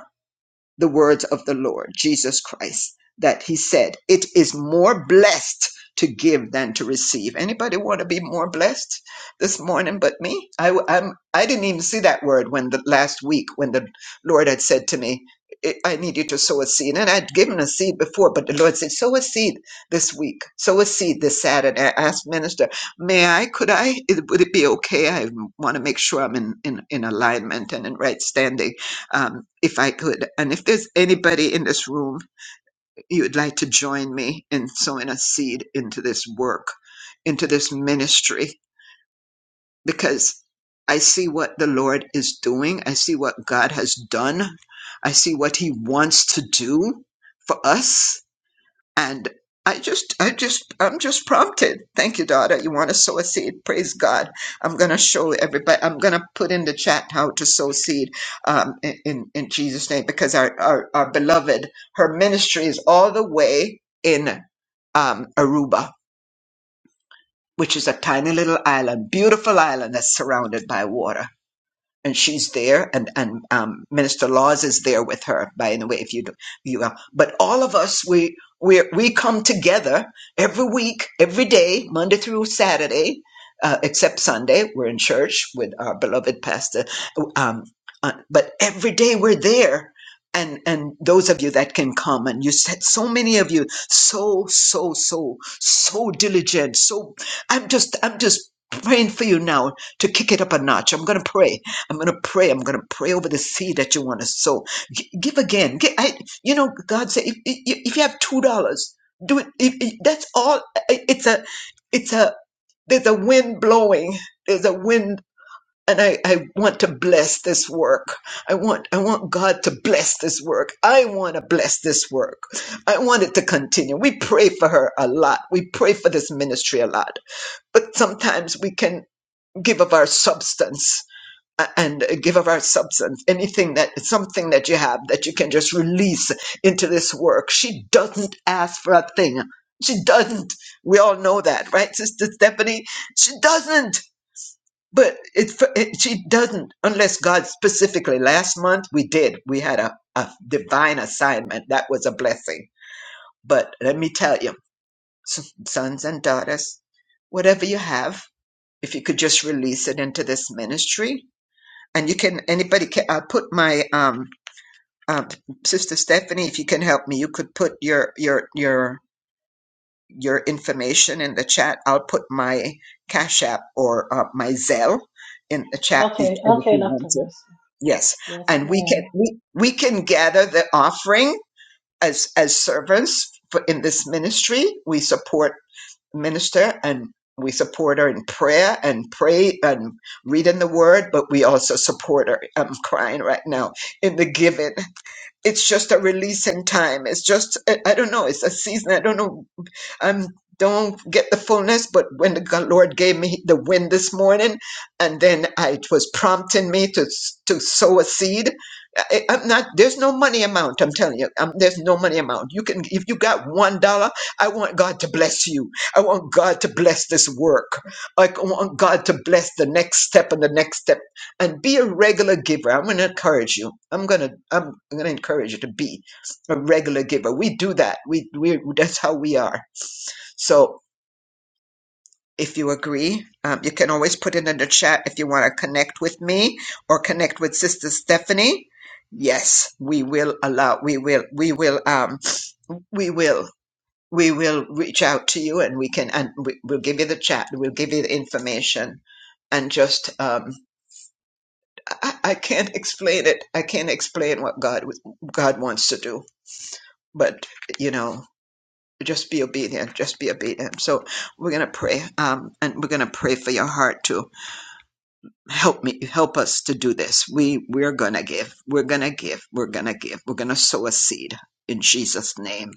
[SPEAKER 4] the words of the Lord Jesus Christ that he said, "It is more blessed to give than to receive." Anybody want to be more blessed this morning but me I am I w- I'm, I didn't even see that word when the last week when the Lord had said to me, "I I need you to sow a seed," and I'd given a seed before, but the Lord said, "Sow a seed this week. Sow a seed this Saturday." I asked minister, "May I? Could I? It- Would it be okay? I want to make sure I'm in, in in alignment and in right standing." um, if I could. And if there's anybody in this room you would like to join me in sowing a seed into this work, into this ministry, because I see what the Lord is doing, I see what God has done, I see what He wants to do for us and I just, I just, I'm just prompted. Thank you, daughter. You want to sow a seed? Praise God. I'm going to show everybody, I'm going to put in the chat how to sow seed um, in, in in Jesus' name because our, our, our beloved, her ministry is all the way in um, Aruba, which is a tiny little island, beautiful island that's surrounded by water and she's there and and um, minister laws is there with her by the way if you do you uh, but all of us we we we come together every week every day monday through saturday uh, except sunday we're in church with our beloved pastor um, uh, but every day we're there and and those of you that can come and you said so many of you so so so so diligent so i'm just i'm just praying for you now to kick it up a notch i'm going to pray I'm going to pray. I'm going to pray over the seed that you want to sow. G- give again. Gi- you know, God said, if, if you if you have two dollars, do it. If- if- That's all. It's a, it's a. There's a wind blowing. There's a wind, and I, I want to bless this work. I want, I want God to bless this work. I want to bless this work. I want it to continue. We pray for her a lot. We pray for this ministry a lot. But sometimes we can give of our substance a- and uh, give of our substance, anything that something that you have that you can just release into this work. She doesn't ask for a thing. She doesn't. We all know that, right, Sister Stephanie? She doesn't. But it, it she doesn't unless God specifically. Last month we did. We had a, a divine assignment that was a blessing. But let me tell you, s- sons and daughters, whatever you have, if you could just release it into this ministry, and you can anybody can uh, put my um, um sister Stephanie if you can help me you could put your your your your information in the chat I'll put my cash app or uh, my Zelle in the chat if
[SPEAKER 1] Okay.
[SPEAKER 4] and if
[SPEAKER 1] Okay,
[SPEAKER 4] you
[SPEAKER 1] Dr.
[SPEAKER 4] want to
[SPEAKER 1] Mercy.
[SPEAKER 4] yes
[SPEAKER 1] Yes,
[SPEAKER 4] and we can
[SPEAKER 1] ma'am.
[SPEAKER 4] we, we can gather the offering as as servants for, in this ministry we support minister and we support her in prayer and pray and reading the word, but we also support her. I'm crying right now in the giving. It's just a releasing time. It's just, I I don't know, it's a season. I don't know i don't get the fullness, but when the Lord gave me the wind this morning, and then I it was prompting me to to sow a seed. I, I'm not. There's no money amount. I'm telling you. Um there's no money amount. You can if you got one dollar. I want God to bless you. I want God to bless this work. Like, I want God to bless the next step and the next step. And be a regular giver. I'm going to encourage you. I'm going to I'm I'm going to encourage you to be a regular giver. We do that. We we that's how we are so if you agree, um, you can always put it in the chat if you want to connect with me or connect with Sister Stephanie. Yes, we will allow. We will. We will. Um, we will. We will reach out to you, and we can. And we, we'll give you the chat. We'll give you the information. And just, um, I, I can't explain it. I can't explain what God God wants to do. But you know, just be obedient. Just be obedient. So we're gonna pray. Um, and we're gonna pray for your heart too help me help us to do this we we're gonna give we're gonna give we're gonna give we're gonna sow a seed in jesus name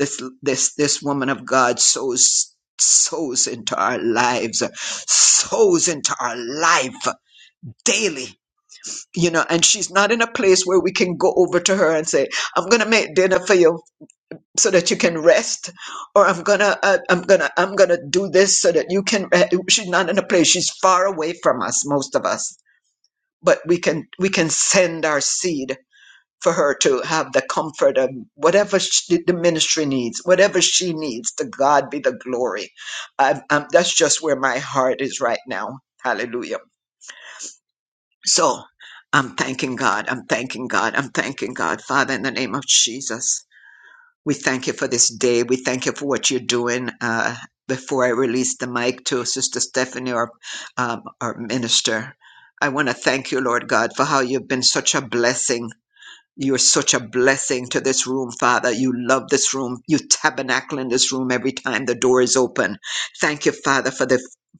[SPEAKER 4] this this this woman of god sows sows into our lives sows into our life daily you know and she's not in a place where we can go over to her and say i'm gonna make dinner for you so that you can rest or i'm gonna uh, i'm gonna i'm gonna do this so that you can re-" she's not in a place she's far away from us most of us but we can we can send our seed for her to have the comfort of whatever she, the ministry needs whatever she needs to god be the glory I, i that's just where my heart is right now hallelujah so i'm thanking god i'm thanking god i'm thanking god father in the name of jesus we thank you for this day. We thank you for what you're doing. Uh, before I release the mic to Sister Stephanie, our, um, our minister, I want to thank you, Lord God, for how you've been such a blessing you're such a blessing to this room, Father. You love this room. You tabernacle in this room every time the door is open. Thank you, Father, for the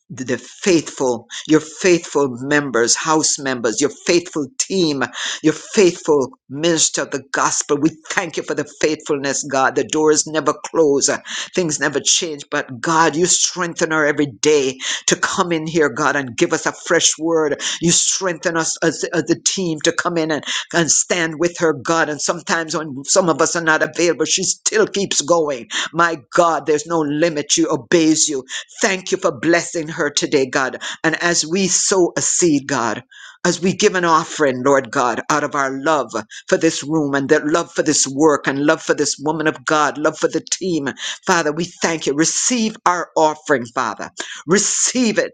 [SPEAKER 4] the faithful, your faithful members, house members, your faithful team, your faithful minister of the gospel. We thank you for the faithfulness, God. The doors never close, uh, things never change. But God, you strengthen her every day to come in here, God, and give us a fresh word. You strengthen us as, as a team to come in and and stand with her, God. And sometimes when some of us are not available, she still keeps going. My God, there's no limit. She obeys you. Thank you for blessing her today, God. And as we sow a seed, God, as we give an offering, Lord God, out of our love for this room and that love for this work and love for this woman of God, love for the team, Father, we thank you. Receive our offering, Father. Receive it.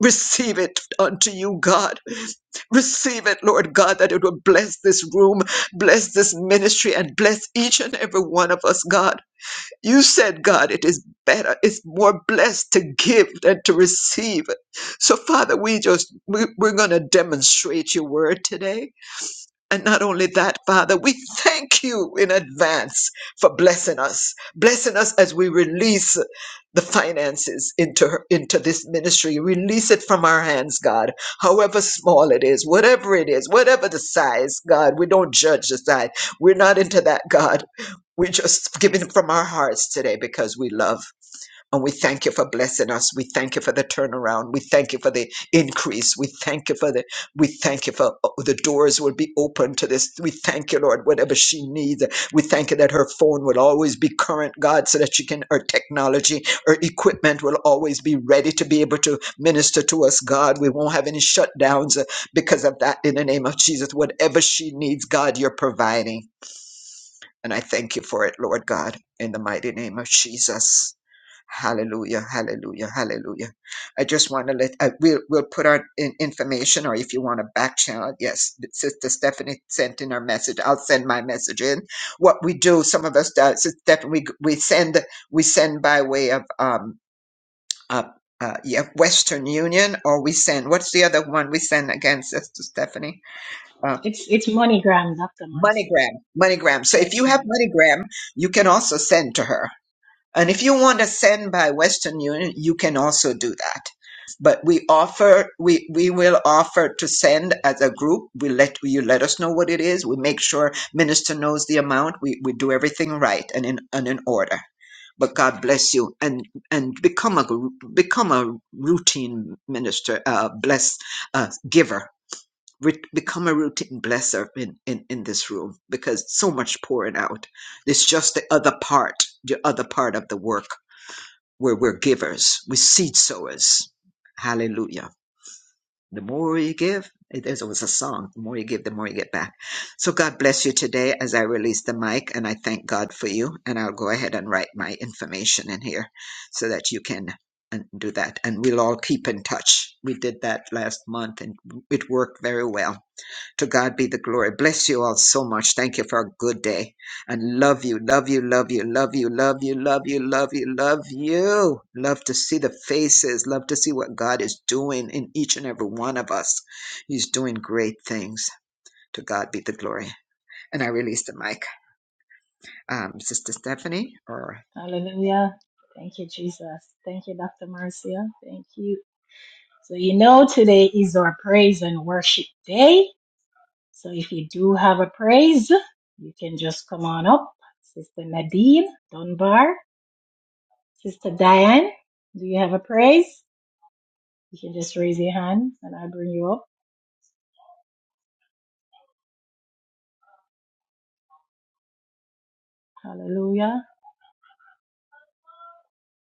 [SPEAKER 4] Receive it unto you, God. Receive it, Lord God, that it will bless this room, bless this ministry, and bless each and every one of us, God. You said, God, it is better, it's more blessed to give than to receive. So, Father, we just, we, we're going to demonstrate your word today. And not only that, Father, we thank you in advance for blessing us, blessing us as we release the finances into her, into this ministry. Release it from our hands, God. However small it is, whatever it is, whatever the size, God, we don't judge the size. We're not into that, God. We're just giving from our hearts today because we love. And we thank you for blessing us. We thank you for the turnaround. We thank you for the increase. We thank you for the, we thank you for oh, the doors will be open to this. We thank you, Lord, whatever she needs. We thank you that her phone will always be current, God, so that she can, her technology, her equipment will always be ready to be able to minister to us, God. We won't have any shutdowns uh, because of that in the name of Jesus. Whatever she needs, God, you're providing. And I thank you for it, Lord God, in the mighty name of Jesus. Hallelujah, hallelujah, hallelujah. I just want to let, I, we'll, we'll put our in, information or if you want to back channel, yes, Sister Stephanie sent in her message. I'll send my message in. What we do, some of us, do, Sister Stephanie, we, we send, we send by way of, um, uh, uh, yeah, Western Union, or we send, what's the other one we send again, Sister Stephanie? Uh,
[SPEAKER 1] It's, it's MoneyGram, Dr. Mercy.
[SPEAKER 4] MoneyGram, MoneyGram. So if you
[SPEAKER 1] Yes,
[SPEAKER 4] have
[SPEAKER 1] ma'am.
[SPEAKER 4] MoneyGram, you can also send to her. And if you want to send by Western Union, you can also do that. But we offer, we, we will offer to send as a group. We let you let us know what it is. We make sure minister knows the amount. We, we do everything right and in and in order. But God bless you and and become a gr- become a routine minister, uh, bless uh, giver. Re- become a routine blesser in, in in this room because so much pouring out. It's just the other part, the other part of the work we're, we're givers. We're seed sowers. Hallelujah. The more you give, eh, there's always a song. The more you give, the more you get back. So God bless you today as I release the mic and I thank God for you. And I'll go ahead and write my information in here so that you can uh, do that. And we'll all keep in touch. We did that last month and it worked very well. To God be the glory. Bless you all so much. Thank you for a good day. And love you, love you, love you, love you, love you, love you, love you, love you. Love to see the faces. Love to see what God is doing in each and every one of us. He's doing great things. To God be the glory. And I release the mic. Um, Sister Stephanie, or
[SPEAKER 1] Hallelujah. Thank you, Jesus. Thank you, Dr. Marcia. Thank you. So you know today is our praise and worship day. So if you do have a praise, you can just come on up. Sister Nadine Dunbar, Sister Diane, do you have a praise? You can just raise your hand and I'll bring you up. Hallelujah.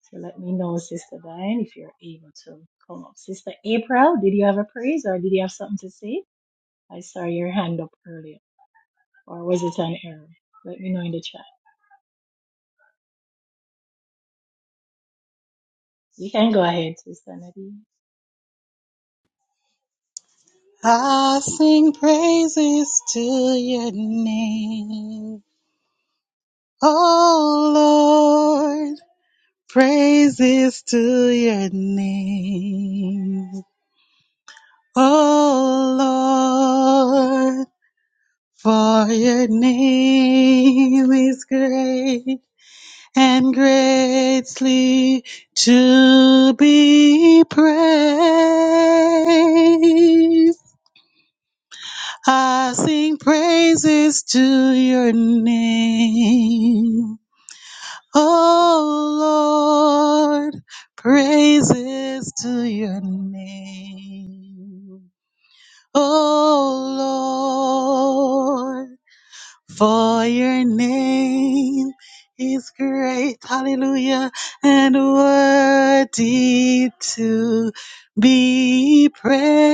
[SPEAKER 1] So let me know, Sister Diane, if you're able to come up. Sister April, did you have a praise or did you have something to say? I saw your hand up earlier. Or was it an error? Let me know in the chat. You can go ahead, Sister Nadine.
[SPEAKER 6] I sing praises to your name. Oh Lord, praises to your name. Oh Lord, for your name is great and greatly to be praised. I sing praises to your name. Oh Lord, praises to your name. Oh Lord, for your name is great. Hallelujah. And worthy to be praised.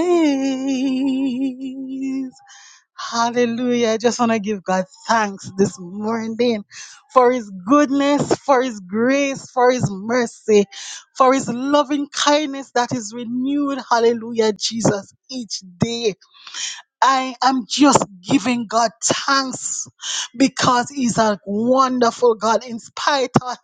[SPEAKER 6] Hallelujah. I just want to give God thanks this morning for his goodness, for his grace, for his mercy, for his loving kindness that is renewed. Hallelujah, Jesus, each day. I am just giving God thanks because he's a wonderful God in spite of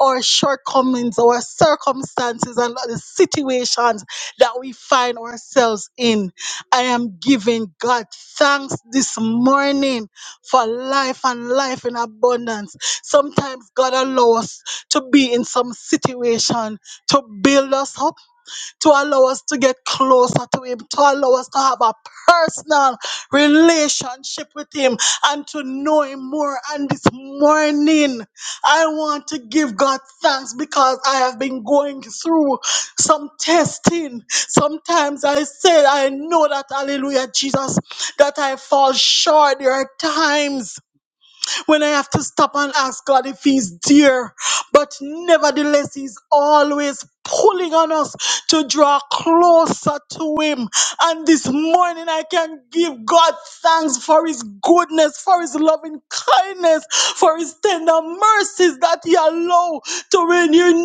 [SPEAKER 6] our shortcomings, our circumstances, and the situations that we find ourselves in. I am giving God thanks this morning for life and life in abundance. Sometimes God allows us to be in some situation to build us up to allow us to get closer to Him, to allow us to have a personal relationship with Him and to know Him more. And this morning, I want to give God thanks because I have been going through some testing. Sometimes I said, I know that, hallelujah, Jesus, that I fall short. There are times when I have to stop and ask God if He's dear. But nevertheless, He's always pulling on us to draw closer to Him. And this morning, I can give God thanks for His goodness, for His loving kindness, for His tender mercies that He allow to renew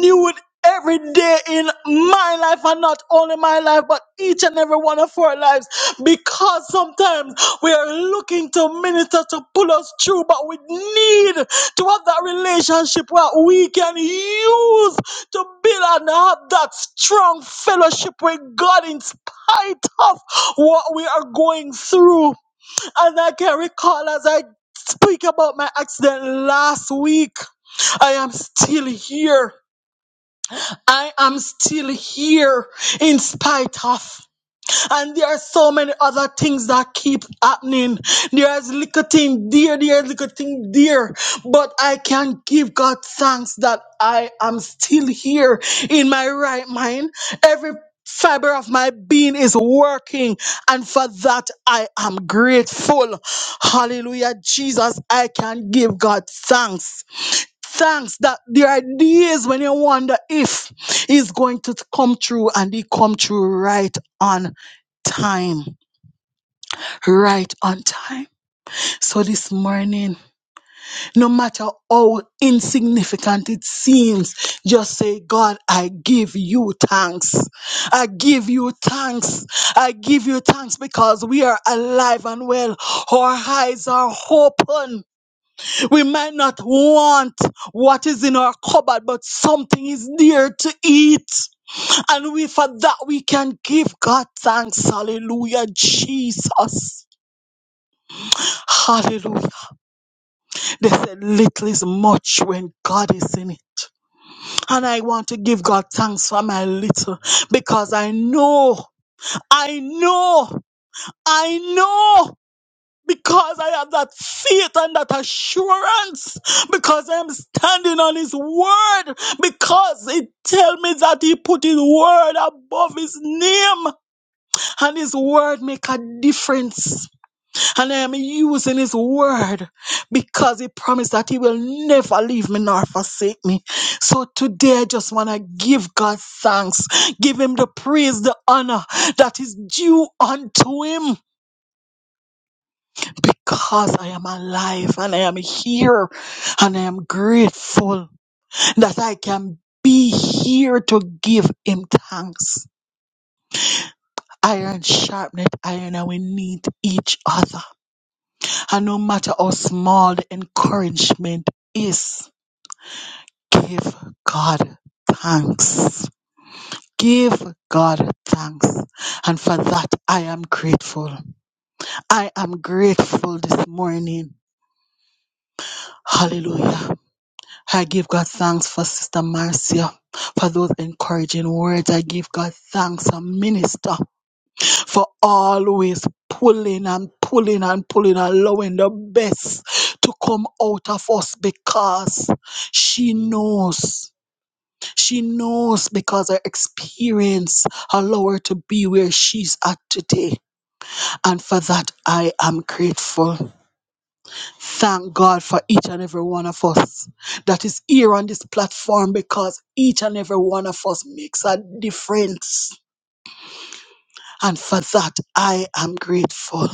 [SPEAKER 6] every day in my life and not only my life but each and every one of our lives because sometimes we are looking to minister to pull us through but we need to have that relationship where we can use to build and have that strong fellowship with God in spite of what we are going through and I can recall as I speak about my accident last week I am still here I am still here in spite of. And there are so many other things that keep happening. There's little thing there, there's little thing there. But I can give God thanks that I am still here in my right mind. Every fiber of my being is working. And for that, I am grateful. Hallelujah. Jesus, I can give God thanks thanks that there are days when you wonder if he's going to come through and he come through right on time right on time so this morning no matter how insignificant it seems just say god i give you thanks i give you thanks i give you thanks because we are alive and well our eyes are open We might not want what is in our cupboard, but something is there to eat. And we, for that, we can give God thanks. Hallelujah, Jesus. Hallelujah. They said little is much when God is in it. And I want to give God thanks for my little because I know, I know, I know. because I have that faith and that assurance, because I'm standing on His word, because it tells me that He put His word above His name, and His word make a difference. And I am using His word because He promised that He will never leave me nor forsake me. So today I just want to give God thanks, give Him the praise, the honor that is due unto Him because I am alive and I am here and I am grateful that I can be here to give him thanks. Iron sharpened iron and we need each other. And no matter how small the encouragement is, give God thanks. Give God thanks. And for that, I am grateful. I am grateful this morning. Hallelujah. I give God thanks for Sister Marcia, for those encouraging words. I give God thanks, a minister, for always pulling and pulling and pulling, allowing the best to come out of us because she knows. She knows because her experience allow her to be where she's at today. And for that, I am grateful. Thank God for each and every one of us that is here on this platform because each and every one of us makes a difference. And for that, I am grateful.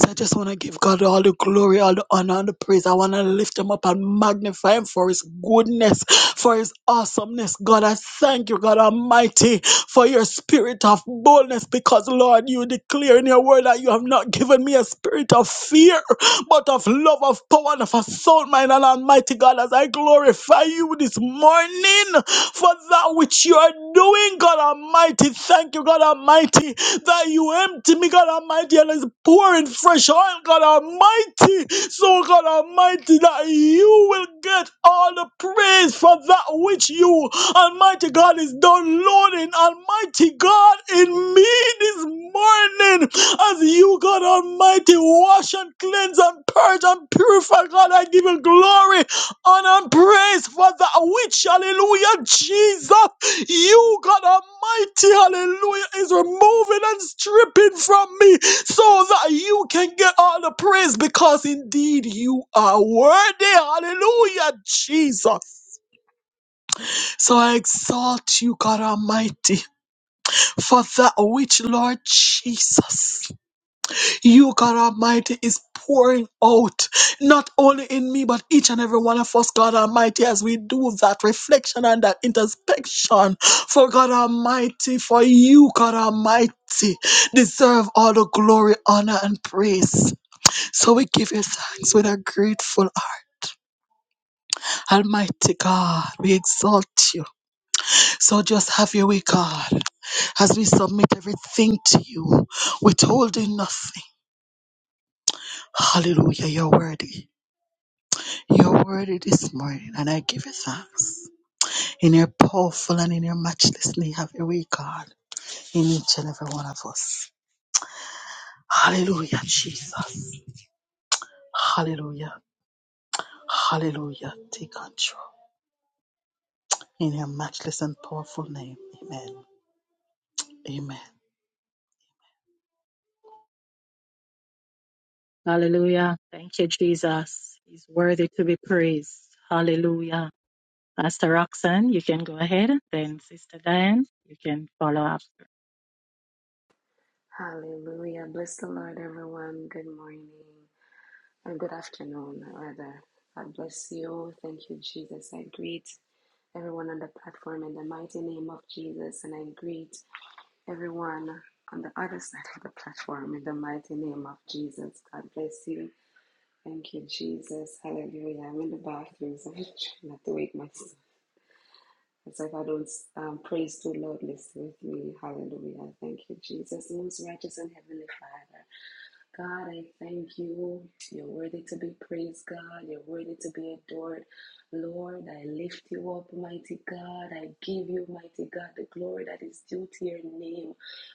[SPEAKER 6] So I just want to give God all the glory, all the honor, and the praise. I want to lift him up and magnify him for his goodness, for his awesomeness. God, I thank you, God Almighty, for your spirit of boldness, because Lord, you declare in your word that you have not given me a spirit of fear, but of love, of power, and of a sound mind. And Almighty God, as I glorify you this morning for that which you are doing, God Almighty, thank you, God Almighty, that you empty me, God Almighty, and is pouring fresh oil, God Almighty. So, God Almighty, that you will get all the praise for that which you, Almighty God, is downloading, Almighty God, in me this morning. As you, God Almighty, wash and cleanse and purge and purify, God, I give you glory, honor, and praise for that which, hallelujah, Jesus. You, God Almighty, hallelujah, is removing and stripping from me so that you can get all the praise because indeed you are worthy. Hallelujah, Jesus. So I exalt you, God Almighty, for that which, Lord Jesus. You, God Almighty, is pouring out, not only in me, but each and every one of us, God Almighty, as we do that reflection and that introspection. For God Almighty, for you, God Almighty, deserve all the glory, honor, and praise. So we give you thanks with a grateful heart. Almighty God, we exalt you. So just have your way, God, as we submit everything to you, withholding nothing. Hallelujah, you're worthy. Your word it this morning, and I give you thanks. In your powerful and in your matchless name, have your way, God, in each and every one of us. Hallelujah, Jesus. Hallelujah. Hallelujah. Take control. In your matchless and powerful name. Amen. Amen.
[SPEAKER 1] Hallelujah. Thank you, Jesus. He's worthy to be praised. Hallelujah. Pastor Roxanne, you can go ahead. Then Sister Diane, you can follow up.
[SPEAKER 7] Hallelujah. Bless the Lord, everyone. Good morning and good afternoon, rather. God bless you. Thank you, Jesus. I greet everyone on the platform in the mighty name of Jesus, and I greet everyone on the other side of the platform in the mighty name of Jesus. God bless you. Thank you, Jesus. Hallelujah. I'm in the bathroom, so I'm trying not to wake myself. It's like I don't um, praise too loudly with me. Hallelujah. Thank you, Jesus. Most righteous and heavenly Father. God, I thank you. You're worthy to be praised, God. You're worthy to be adored. Lord, I lift you up, mighty God. I give you, mighty God, the glory that is due to your name.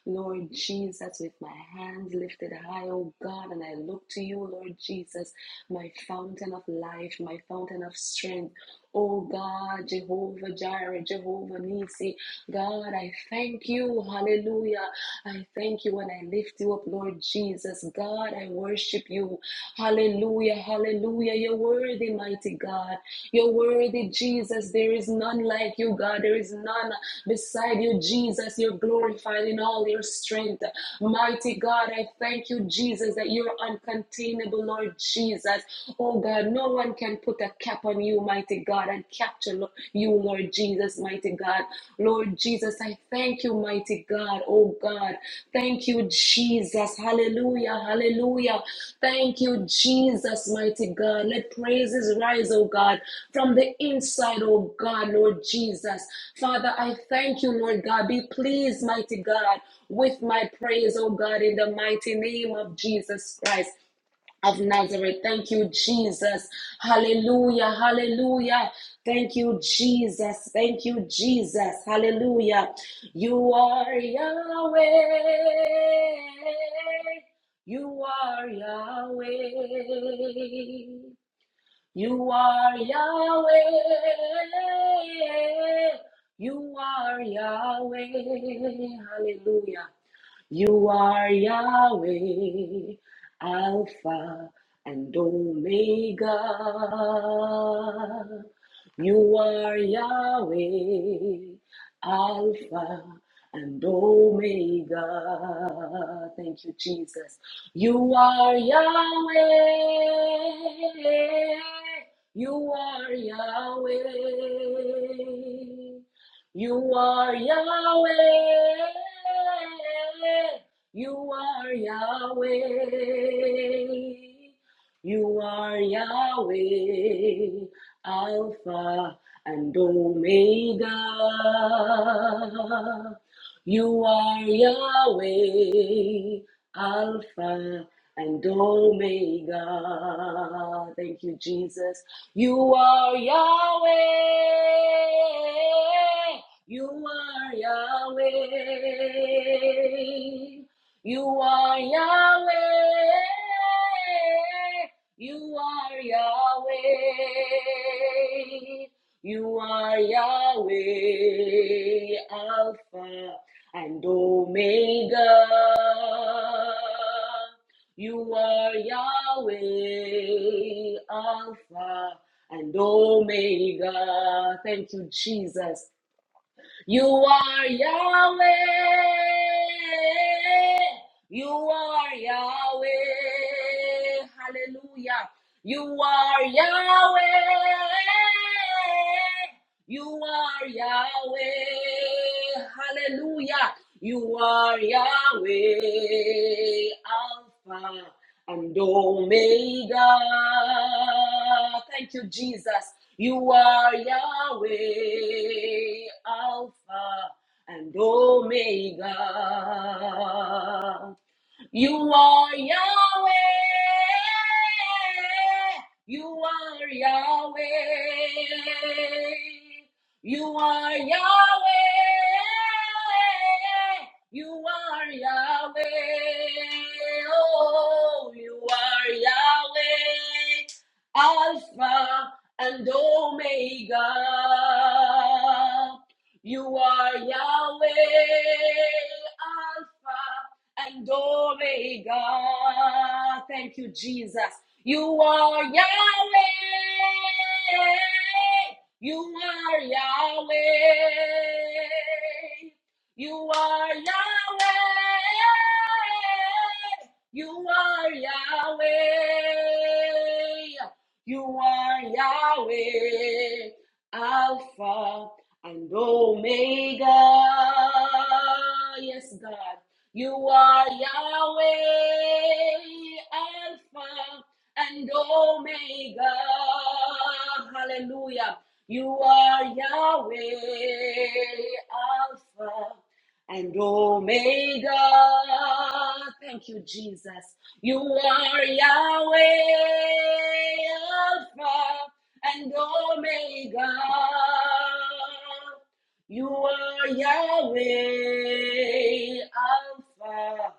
[SPEAKER 7] Lord Jesus, with my hands lifted high, oh God, and I look to you, Lord Jesus, my fountain of life, my fountain of strength. Oh God, Jehovah Jireh, Jehovah Nissi, God, I thank you. Hallelujah. I thank you and I lift you up, Lord Jesus. God, I worship you. Hallelujah. Hallelujah. Hallelujah. You're worthy, mighty God. You're worthy, Jesus. There is none like you, God. There is none beside you, Jesus. You're glorified in all your strength. Mighty God, I thank you, Jesus, that you're uncontainable, Lord Jesus. Oh God, no one can put a cap on you, mighty God, and capture you, Lord Jesus, mighty God. Lord Jesus. Jesus. I thank you, mighty God. Oh God. Thank you, Jesus. Hallelujah. Hallelujah. Thank you, Jesus, mighty God. Let praises rise, oh God, from the inside, oh God, Lord Jesus. Father, I thank you, Lord God. Be pleased, mighty God, with my praise, oh God, in the mighty name of Jesus Christ of Nazareth. Thank you, Jesus. Hallelujah. Hallelujah. Thank you, Jesus. Thank you, Jesus. Hallelujah. You are Yahweh. You are Yahweh. You are Yahweh. You are Yahweh. Hallelujah. You are Yahweh, Alpha and Omega. You are Yahweh, Alpha and Omega. Thank you, Jesus. You are Yahweh. You are Yahweh. You are Yahweh. You are Yahweh. You are Yahweh. Alpha and Omega. You are Yahweh. Alpha and Omega. Thank you, Jesus. You are Yahweh. You are Yahweh. You are Yahweh. You are Yahweh. You are Yahweh, Alpha and Omega. You are Yahweh, Alpha and Omega. Thank you, Jesus. You are Yahweh. You are Yahweh. Hallelujah. You are Yahweh. You are Yahweh. Hallelujah. You are Yahweh. Alpha and Omega. Thank you, Jesus. You are Yahweh, Alpha and Omega. You are Yahweh. You are Yahweh. You are Yahweh. You are Yahweh. Oh, you are Yahweh. Alpha and Omega. You are Yahweh. Alpha and Omega. Thank you, Jesus. You are Yahweh. You are Yahweh. You are Yahweh. You are Yahweh. You are Yahweh. Alpha and Omega. Yes, God. You are Yahweh, Alpha and Omega. Hallelujah. You are Yahweh, Alpha and Omega. Thank you, Jesus. You are Yahweh, Alpha and Omega. You are Yahweh, Alpha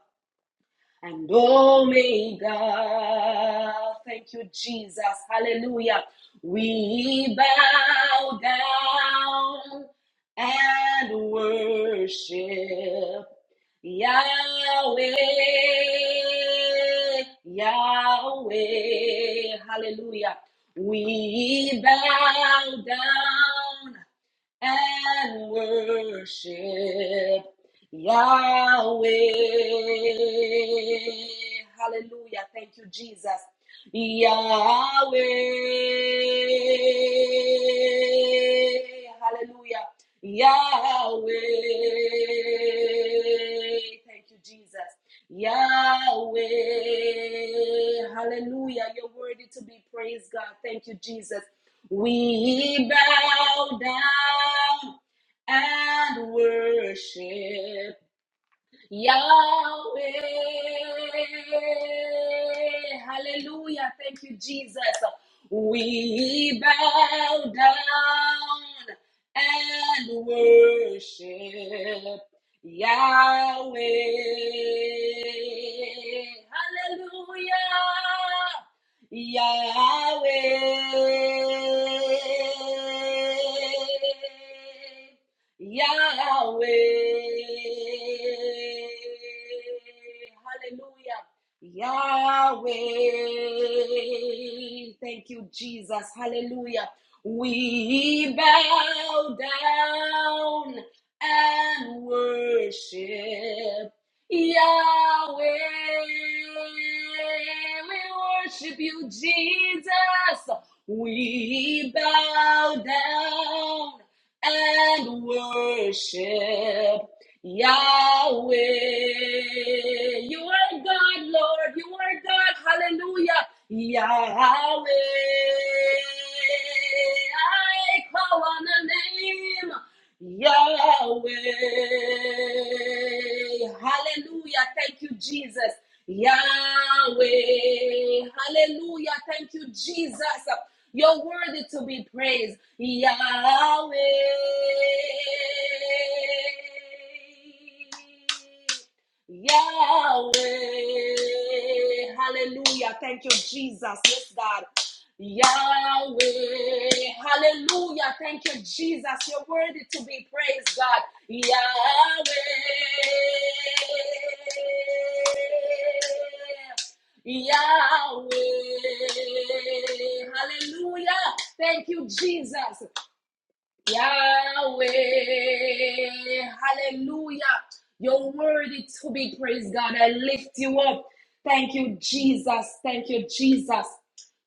[SPEAKER 7] and Omega. Thank you, Jesus. Hallelujah. We bow down and worship Yahweh, Yahweh. Hallelujah. We bow down and worship Yahweh. Hallelujah. Thank you, Jesus. Yahweh. Hallelujah. Yahweh. Thank you, Jesus. Yahweh. Hallelujah. You're worthy to be praised, God. Thank you, Jesus. We bow down and worship. Yahweh. Hallelujah. Thank you, Jesus. We bow down and worship Yahweh. Hallelujah. Yahweh. Yahweh. Hallelujah. Yahweh. Thank you, Jesus. Hallelujah. We bow down and worship Yahweh. We worship you, Jesus. We bow down and worship Yahweh. You are God, Lord. You are God. Hallelujah. Yahweh. I call on the name Yahweh. Hallelujah. Thank you, Jesus. Yahweh. Hallelujah. Thank you, Jesus. You're worthy to be praised, Yahweh. Yahweh. Hallelujah. Thank you, Jesus. Yes, God. Yahweh. Hallelujah. Thank you, Jesus. You're worthy to be praised, God. Yahweh. Yahweh. Hallelujah. Thank you, Jesus. Yahweh. Hallelujah. You're worthy to be praised, God. I lift you up. Thank you, Jesus. Thank you, Jesus.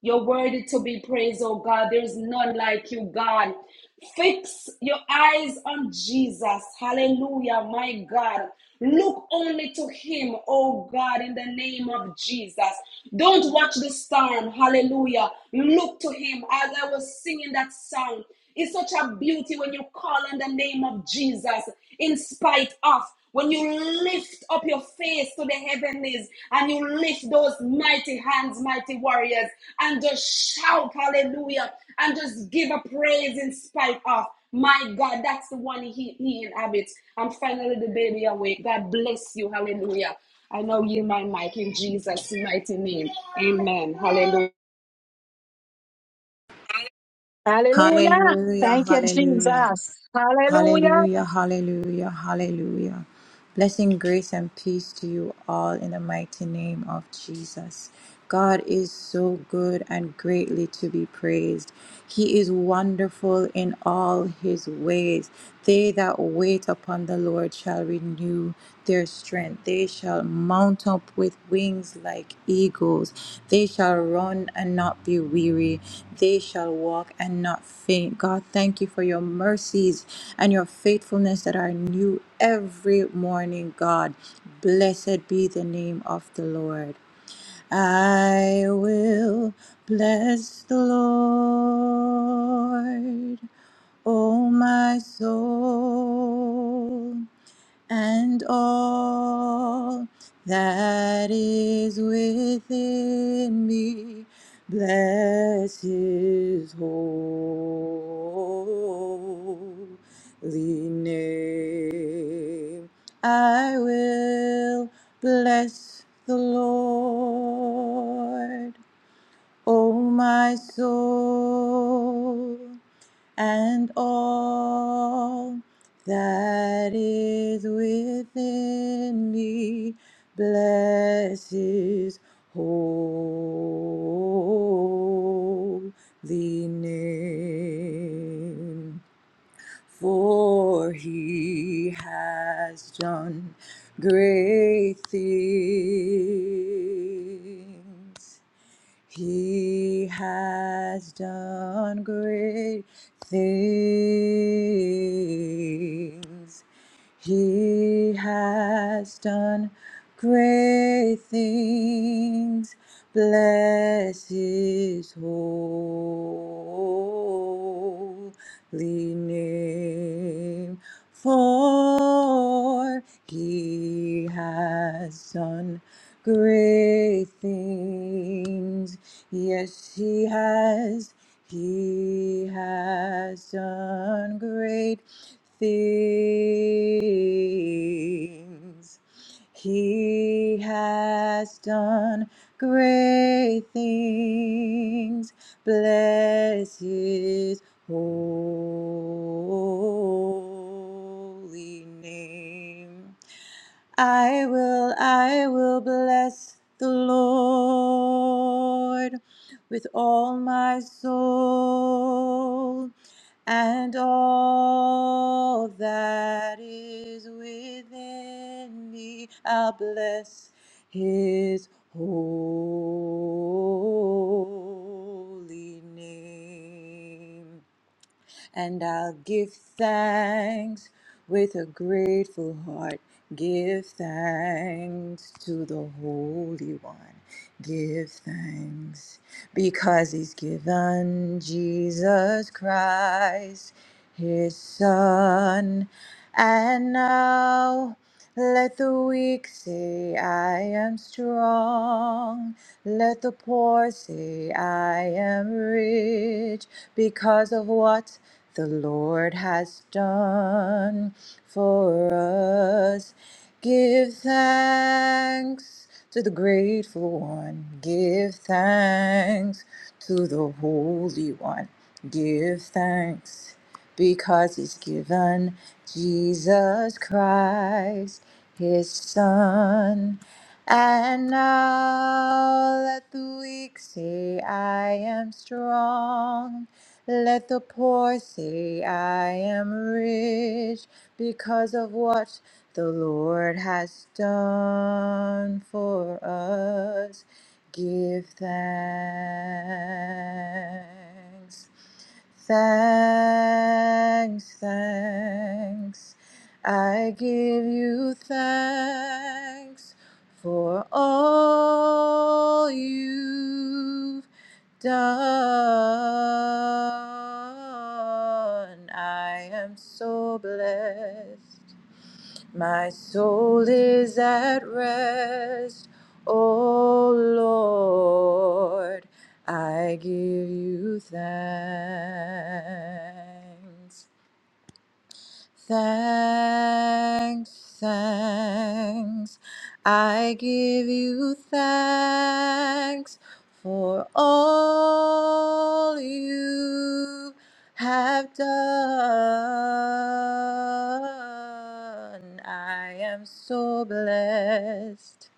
[SPEAKER 7] You're worthy to be praised, oh God. There's none like you, God. Fix your eyes on Jesus. Hallelujah, my God. Look only to Him, oh God, in the name of Jesus. Don't watch the storm. Hallelujah. Look to Him. As I was singing that song, it's such a beauty when you call on the name of Jesus in spite of. When you lift up your face to the heavenlies and you lift those mighty hands, mighty warriors, and just shout hallelujah and just give a praise in spite of. My God, that's the one he, he inhabits. And finally the baby awake. God bless you. Hallelujah. I now yield my mic in Jesus' mighty name. Amen. Hallelujah.
[SPEAKER 8] Hallelujah, hallelujah, hallelujah, hallelujah, hallelujah. Blessing, grace, and peace to you all in the mighty name of Jesus. God is so good and greatly to be praised. He is wonderful in all his ways. They that wait upon the Lord shall renew their strength. They shall mount up with wings like eagles. They shall run and not be weary. They shall walk and not faint. God, thank you for your mercies and your faithfulness that are new every morning, God. Blessed be the name of the Lord. I will bless the Lord, O my soul and all that is within me. Bless his holy name. I will bless the Lord O my soul, and all that is within me, bless his holy name. For he has done great things. He has done great things. He has done great things. Bless his holy name, for he has done great things. Yes, he has. He has done great things. He has done great things. Bless his holy name. I will, I will bless the Lord with all my soul and all that is within me. I'll bless his holy name and I'll give thanks with a grateful heart. Give thanks to the Holy One. Give thanks because He's given Jesus Christ, His Son. And now let the weak say, I am strong. Let the poor say, I am rich because of what the Lord has done for us. Give thanks to the grateful one. Give thanks to the Holy One. Give thanks because he's given Jesus Christ, his son. And now let the weak say, I am strong. Let the poor say, I am rich because of what the Lord has done for us. Give thanks. Thanks, thanks. I give you thanks for all you've done. I am so blessed. My soul is at rest, O Lord. I give you thanks. Thanks, thanks. I give you thanks for all you have done. I am so blessed.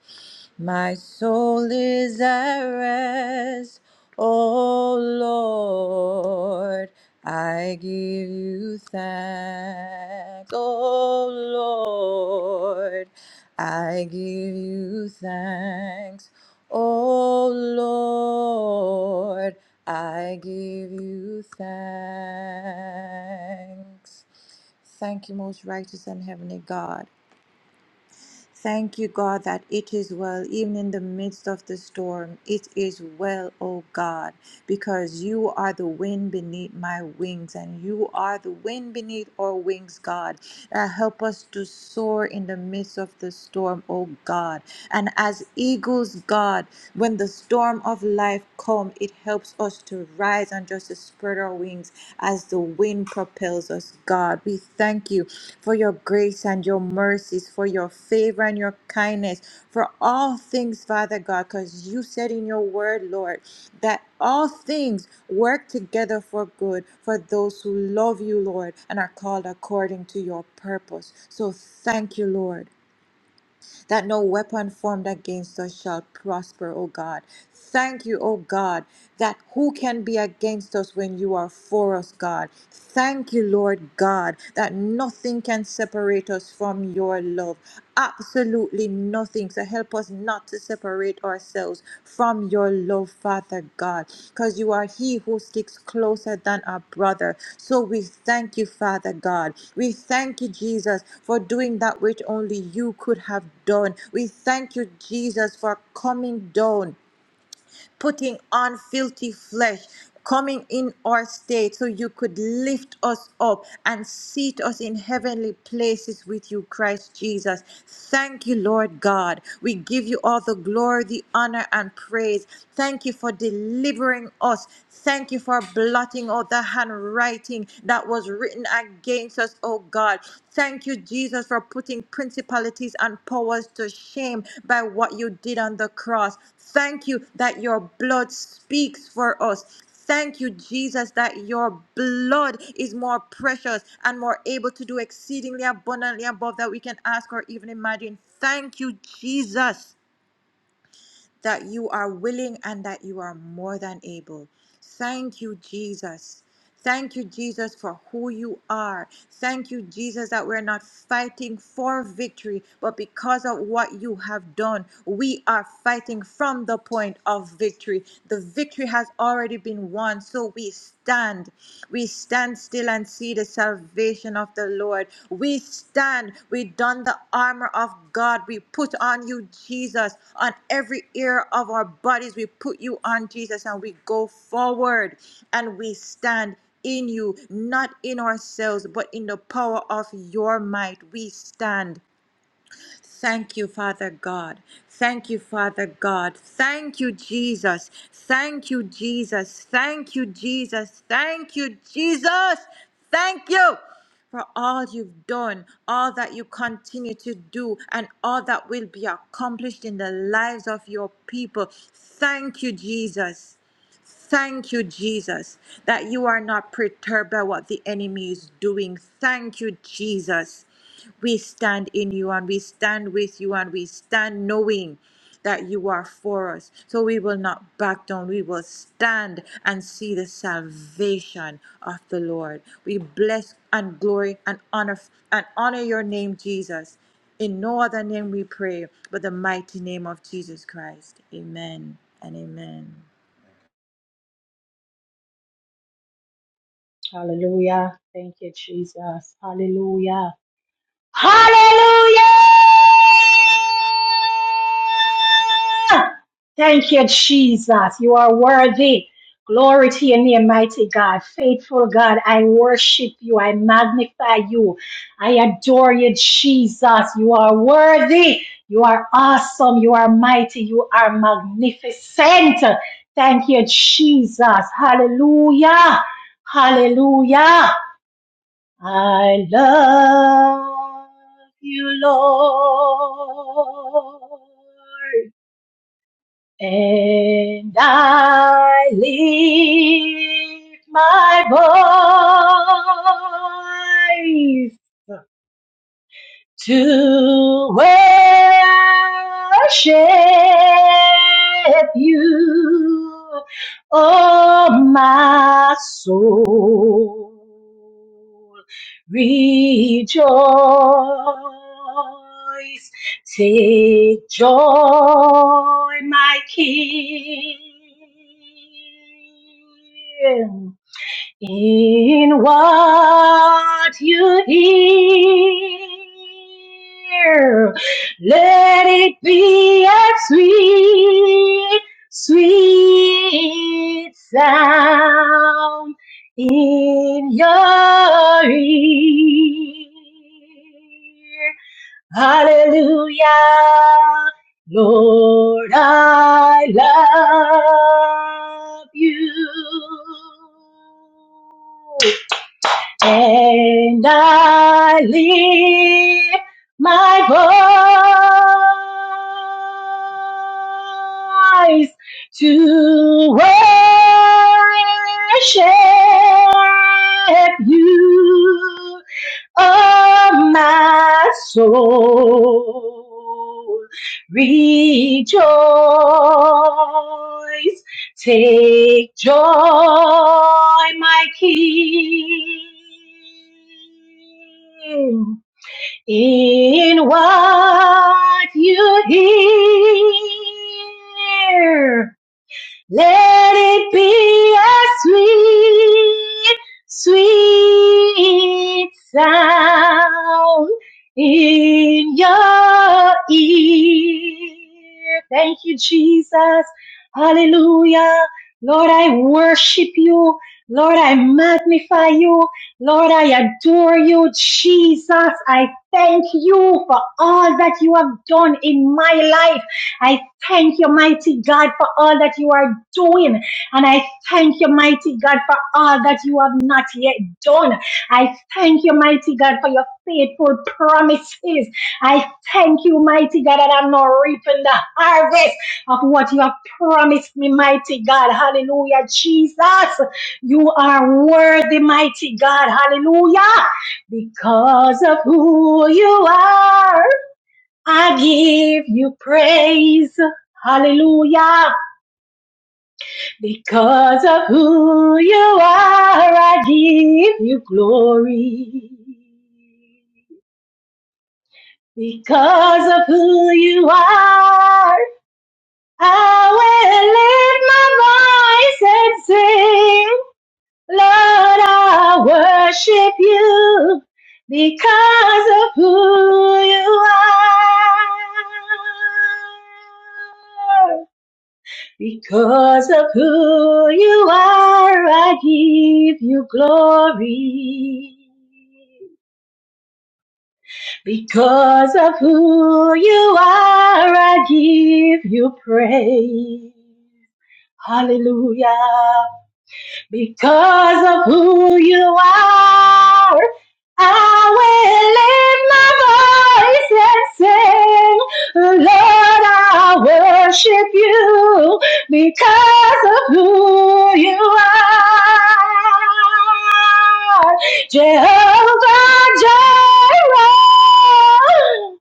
[SPEAKER 8] My soul is at rest, O Lord. I give you thanks, O Lord. I give you thanks, O Lord. I give you thanks. Thank you, most righteous and heavenly God. Thank you, God, that it is well, even in the midst of the storm. It is well, O God, because you are the wind beneath my wings, and you are the wind beneath our wings, God. Uh, help us to soar in the midst of the storm, O God. And as eagles, God, when the storm of life come, it helps us to rise and and just to spread our wings as the wind propels us, God. We thank you for your grace and your mercies, for your favor and your kindness, for all things, Father God, because you said in your word, Lord, that all things work together for good for those who love you, Lord, and are called according to your purpose. So thank you, Lord that no weapon formed against us shall prosper, O God. Thank you, O God, that who can be against us when you are for us, God. Thank you, Lord God, that nothing can separate us from your love. Absolutely nothing. So help us not not to separate ourselves from your love, Father God, because you are He who sticks closer than a brother. So we thank you, Father God. We thank you, Jesus, for doing that which only you could have done. We thank you, Jesus, for coming down putting on filthy flesh, coming in our state so you could lift us up and seat us in heavenly places with you, Christ Jesus. Thank you, Lord God. We give you all the glory, the honor, and praise. Thank you for delivering us. Thank you for blotting out the handwriting that was written against us, oh God. Thank you, Jesus, for putting principalities and powers to shame by what you did on the cross. Thank you that your blood speaks for us. Thank you, Jesus, that your blood is more precious and more able to do exceedingly abundantly above that we can ask or even imagine. Thank you, Jesus that you are willing and that you are more than able. Thank you, Jesus. Thank you, Jesus, for who you are. Thank you, Jesus, that we're not fighting for victory, but because of what you have done, we are fighting from the point of victory. The victory has already been won, so we stand. We stand still and see the salvation of the Lord. We stand. We don the armor of God. We put on you, Jesus, on every ear of our bodies. We put you on Jesus and we go forward and we stand in you, not in ourselves, but in the power of your might. We stand. Thank you, Father God. Thank you, Father God. Thank you, Jesus. Thank you, Jesus. Thank you, Jesus. Thank you, Jesus. Thank you for all you've done, all that you continue to do, and all that will be accomplished in the lives of your people. Thank you, Jesus. Thank you, Jesus, that you are not perturbed by what the enemy is doing. Thank you, Jesus. We stand in you and we stand with you and we stand knowing that you are for us. So we will not back down. We will stand and see the salvation of the Lord. We bless and glory and honor and honor your name, Jesus. In no other name we pray, but the mighty name of Jesus Christ. Amen and amen.
[SPEAKER 1] Hallelujah. Thank you, Jesus. Hallelujah. Hallelujah. Thank you, Jesus. You are worthy. Glory to your name, mighty God. Faithful God, I worship you. I magnify you. I adore you, Jesus. You are worthy. You are awesome. You are mighty. You are magnificent. Thank you, Jesus. Hallelujah. Hallelujah. I love you, Lord. And I lift my voice to worship you, oh my soul. Rejoice, take joy, my King. In what you hear, let it be a sweet, sweet sound in your ear. Hallelujah. Lord, I love you and I lift my voice to worship you, oh my soul. Rejoice Take joy, my King, in what you hear. Let it be a sweet, sweet sound in your ear. Thank you, Jesus. Hallelujah. Lord, I worship you. Lord, I magnify you. Lord, I adore you. Jesus, I thank you for all that you have done in my life. I thank you, mighty God, for all that you are doing. And I thank you, mighty God, for all that you have not yet done. I thank you, mighty God, for your faithful promises. I thank you, mighty God, that I'm not reaping the harvest of what you have promised me, mighty God. Hallelujah, Jesus. You are worthy, mighty God. Hallelujah. Because of who you are. I give you praise. Hallelujah. Because of who you are, I give you glory. Because of who you are, I will lift my voice and sing. Lord, I worship you because of who you are. Because of who you are, I give you glory. Because of who you are, I give you praise. Hallelujah, because of who you are, I will lift my voice and sing, Lord, I worship you because of who you are. Jehovah Jireh,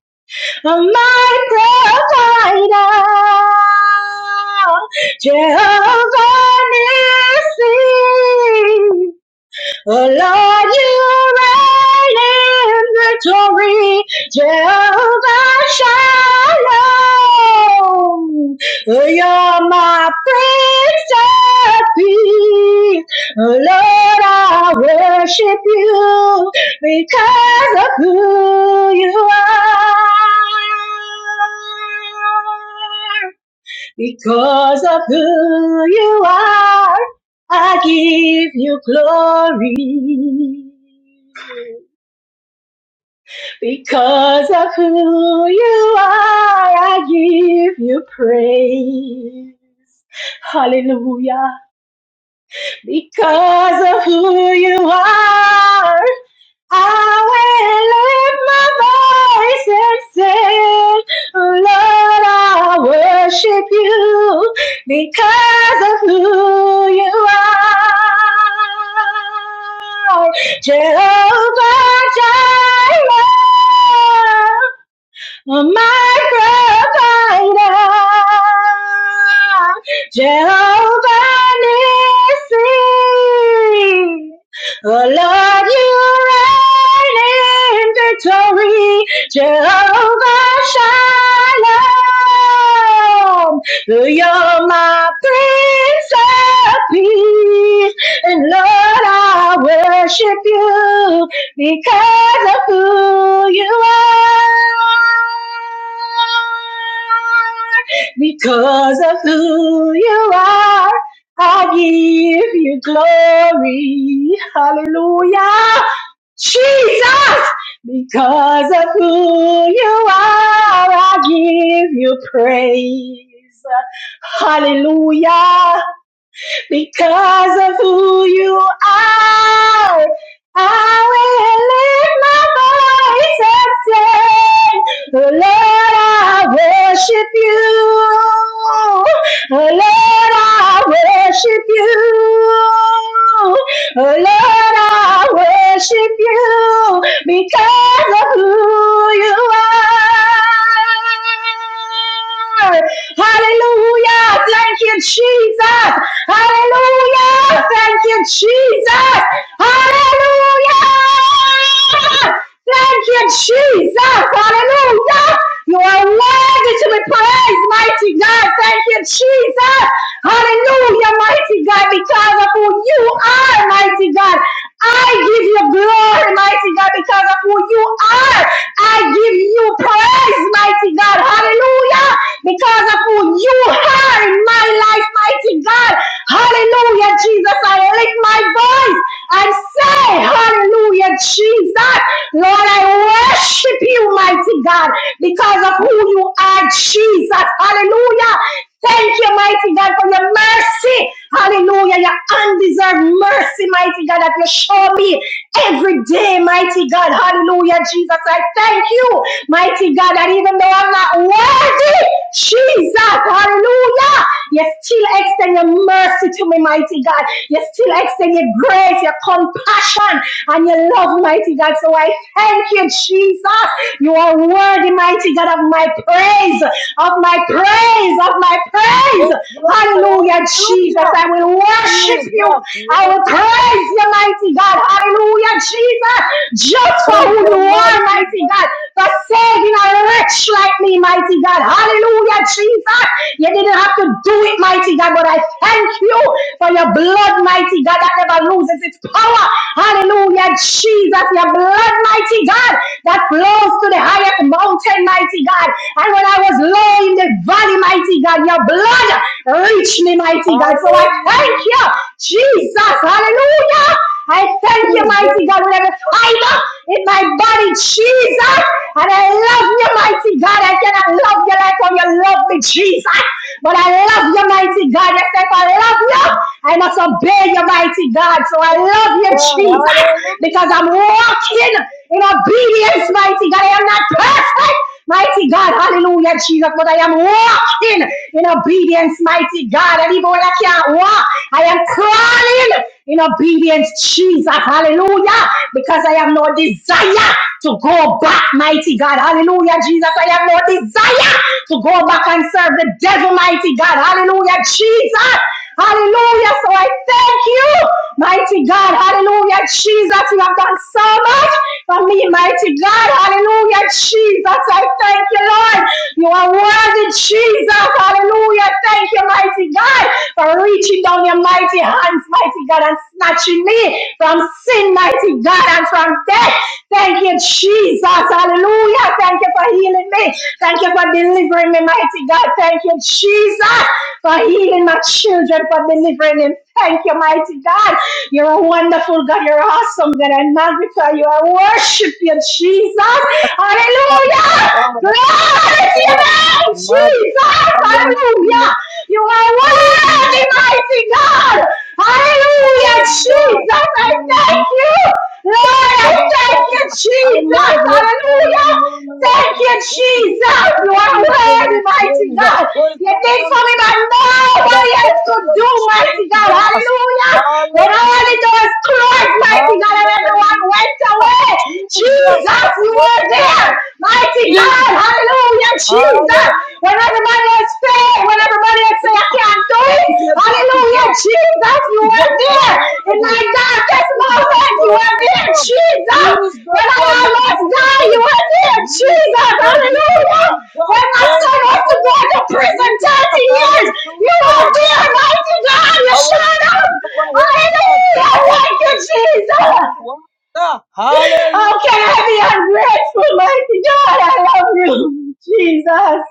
[SPEAKER 1] my provider, Jehovah Nissi. Oh Lord, you reign in victory, Jehovah Shalom. Oh, you're my Prince of Peace. Oh Lord, I worship you because of who you are. Because of who you are, I give you glory. Because of who you are, I give you praise. Hallelujah. Because of who you are, I will lift my voice and say, Lord, I worship you because of who you are. Jehovah Jireh, my provider, Jehovah Nissi. Oh Lord, you reign in victory, Jehovah Shalom. You're my Prince of Peace, and Lord, I worship you because of who you are. Because of who you are, I give you glory. Hallelujah. Jesus, because of who you are, I give you praise. Hallelujah. Because of who you are, I will lift my voice and say, oh Lord, I worship you. Oh Lord, I worship you. Oh Lord, I worship you because of who you are. Hallelujah. Thank you, Jesus. Hallelujah. Thank you, Jesus. Hallelujah. Thank you, Jesus. Hallelujah. You are worthy to be praised, mighty God. Thank you, Jesus. Hallelujah, mighty God, because of who you are, mighty God. I give you glory, mighty God, because of who you are. I give you praise, mighty God. Hallelujah. Because of who you are in my life, mighty God. Hallelujah, Jesus. I lift my voice and say, Hallelujah, Jesus. Lord, I worship you, mighty God, because of who you are, Jesus. Hallelujah. Thank you, mighty God, for your mercy. Hallelujah. Your undeserved mercy, mighty God, that you show me every day, mighty God. Hallelujah, Jesus. I thank you, mighty God, that even though I'm not worthy, Jesus, hallelujah. You still extend your mercy to me, mighty God. You still extend your grace, your compassion, and your love, mighty God. So I thank you, Jesus. You are worthy, mighty God, of my praise, of my praise, of my praise.
[SPEAKER 2] Yes, Lord.
[SPEAKER 1] Hallelujah, Jesus.
[SPEAKER 2] Hallelujah.
[SPEAKER 1] I will worship
[SPEAKER 2] Jesus.
[SPEAKER 1] you. I
[SPEAKER 2] you
[SPEAKER 1] will praise you, mighty God. Hallelujah, Jesus. Just for
[SPEAKER 2] Thank
[SPEAKER 1] who
[SPEAKER 2] you,
[SPEAKER 1] you
[SPEAKER 2] mighty
[SPEAKER 1] are,
[SPEAKER 2] God.
[SPEAKER 1] mighty God for saving a wretch like me, mighty God. Hallelujah, Jesus. You didn't have to do it, mighty God, but I thank you for your blood, mighty God, that never loses its power. Hallelujah, Jesus. Your blood, mighty God, that flows to the highest mountain, mighty God. And when I was low in the valley, mighty God, your blood reached me, mighty God. So I thank you Jesus, hallelujah. I thank you,
[SPEAKER 2] Hallelujah. Jesus,
[SPEAKER 1] mighty God, with every fiber in my body, Jesus. And I love you, mighty God. I cannot love you like how you love me, Jesus. But I love you, mighty God. Yes, if I love you, I must obey you, mighty God. So I love you,
[SPEAKER 2] God.
[SPEAKER 1] Jesus,
[SPEAKER 2] Hallelujah.
[SPEAKER 1] because I'm walking in obedience, mighty God. I am not perfect. Mighty God, hallelujah, Jesus. But I am walking in obedience, mighty God. And even when I can't walk, I am crawling in obedience, Jesus. Hallelujah. Because I have no desire to go back, mighty God. Hallelujah, Jesus. I have no desire to go back and serve the devil, mighty God. Hallelujah, Jesus. Hallelujah. So I thank you, mighty God. Hallelujah, Jesus. You have done so much for me, mighty God. Hallelujah, Jesus. I thank you, Lord. You are worthy, Jesus. Hallelujah. Thank you, mighty God, for reaching down your mighty hands, mighty God, and snatching me from sin, mighty God, and from death. Thank you, Jesus. Hallelujah. Hallelujah. Thank you for healing me. Thank you for delivering me, mighty God. Thank you, Jesus, for healing my children, for delivering them. Thank you, mighty God. You're a wonderful God. You're awesome God. I magnify you. I worship you, Jesus.
[SPEAKER 2] Thank you,
[SPEAKER 1] Hallelujah.
[SPEAKER 2] Father.
[SPEAKER 1] Glory to your
[SPEAKER 2] Lord.
[SPEAKER 1] name,
[SPEAKER 2] My
[SPEAKER 1] Jesus.
[SPEAKER 2] hallelujah.
[SPEAKER 1] Hallelujah. You are
[SPEAKER 2] Hallelujah.
[SPEAKER 1] worthy, mighty God. Hallelujah,
[SPEAKER 2] Word, Lord.
[SPEAKER 1] Jesus. I
[SPEAKER 2] There is
[SPEAKER 1] thank
[SPEAKER 2] nothing
[SPEAKER 1] you. Lord, I
[SPEAKER 2] but
[SPEAKER 1] thank you,
[SPEAKER 2] Father. I
[SPEAKER 1] Jesus.
[SPEAKER 2] magnify your
[SPEAKER 1] Hallelujah.
[SPEAKER 2] name,
[SPEAKER 1] Thank
[SPEAKER 2] Lord.
[SPEAKER 1] you,
[SPEAKER 2] Who is like
[SPEAKER 1] Jesus. You
[SPEAKER 2] unto
[SPEAKER 1] are
[SPEAKER 2] thee, King
[SPEAKER 1] worthy,
[SPEAKER 2] of
[SPEAKER 1] mighty
[SPEAKER 2] Kings?
[SPEAKER 1] God.
[SPEAKER 2] Who is
[SPEAKER 1] You did
[SPEAKER 2] like
[SPEAKER 1] for
[SPEAKER 2] unto
[SPEAKER 1] me
[SPEAKER 2] thee?
[SPEAKER 1] that
[SPEAKER 2] Lord,
[SPEAKER 1] nobody else
[SPEAKER 2] thank
[SPEAKER 1] could
[SPEAKER 2] you,
[SPEAKER 1] do, mighty God.
[SPEAKER 2] Jesus.
[SPEAKER 1] Hallelujah. When all the
[SPEAKER 2] Hallelujah.
[SPEAKER 1] doors closed, mighty God, and everyone
[SPEAKER 2] Hallelujah.
[SPEAKER 1] went away,
[SPEAKER 2] Jesus, you
[SPEAKER 1] Jesus,
[SPEAKER 2] are
[SPEAKER 1] you were
[SPEAKER 2] worthy,
[SPEAKER 1] there.
[SPEAKER 2] Lord.
[SPEAKER 1] Mighty God,
[SPEAKER 2] Jesus.
[SPEAKER 1] hallelujah, Jesus.
[SPEAKER 2] Hallelujah,
[SPEAKER 1] When everybody else fail, when everybody else say, I can't do it,
[SPEAKER 2] Jesus.
[SPEAKER 1] hallelujah,
[SPEAKER 2] Jesus,
[SPEAKER 1] Jesus, you are
[SPEAKER 2] you
[SPEAKER 1] there.
[SPEAKER 2] are
[SPEAKER 1] In my
[SPEAKER 2] worthy.
[SPEAKER 1] darkest
[SPEAKER 2] Jesus,
[SPEAKER 1] moment,
[SPEAKER 2] you
[SPEAKER 1] you
[SPEAKER 2] are
[SPEAKER 1] are there,
[SPEAKER 2] awesome.
[SPEAKER 1] Jesus.
[SPEAKER 2] Jesus,
[SPEAKER 1] When I
[SPEAKER 2] you are
[SPEAKER 1] almost die, you
[SPEAKER 2] magnificent.
[SPEAKER 1] are there,
[SPEAKER 2] Jesus,
[SPEAKER 1] Jesus, hallelujah.
[SPEAKER 2] omnipotent God.
[SPEAKER 1] When my
[SPEAKER 2] Thank
[SPEAKER 1] son
[SPEAKER 2] you,
[SPEAKER 1] was to go
[SPEAKER 2] Lord.
[SPEAKER 1] to prison 30
[SPEAKER 2] Jesus,
[SPEAKER 1] years,
[SPEAKER 2] hallelujah,
[SPEAKER 1] you are
[SPEAKER 2] our
[SPEAKER 1] there,
[SPEAKER 2] brother,
[SPEAKER 1] mighty God, you
[SPEAKER 2] our
[SPEAKER 1] showed
[SPEAKER 2] lift up
[SPEAKER 1] up.
[SPEAKER 2] of our head, God,
[SPEAKER 1] Hallelujah, thank
[SPEAKER 2] our
[SPEAKER 1] you, Jesus.
[SPEAKER 2] for water.
[SPEAKER 1] How
[SPEAKER 2] Hallelujah.
[SPEAKER 1] can I be ungrateful, mighty God? I love you, Jesus.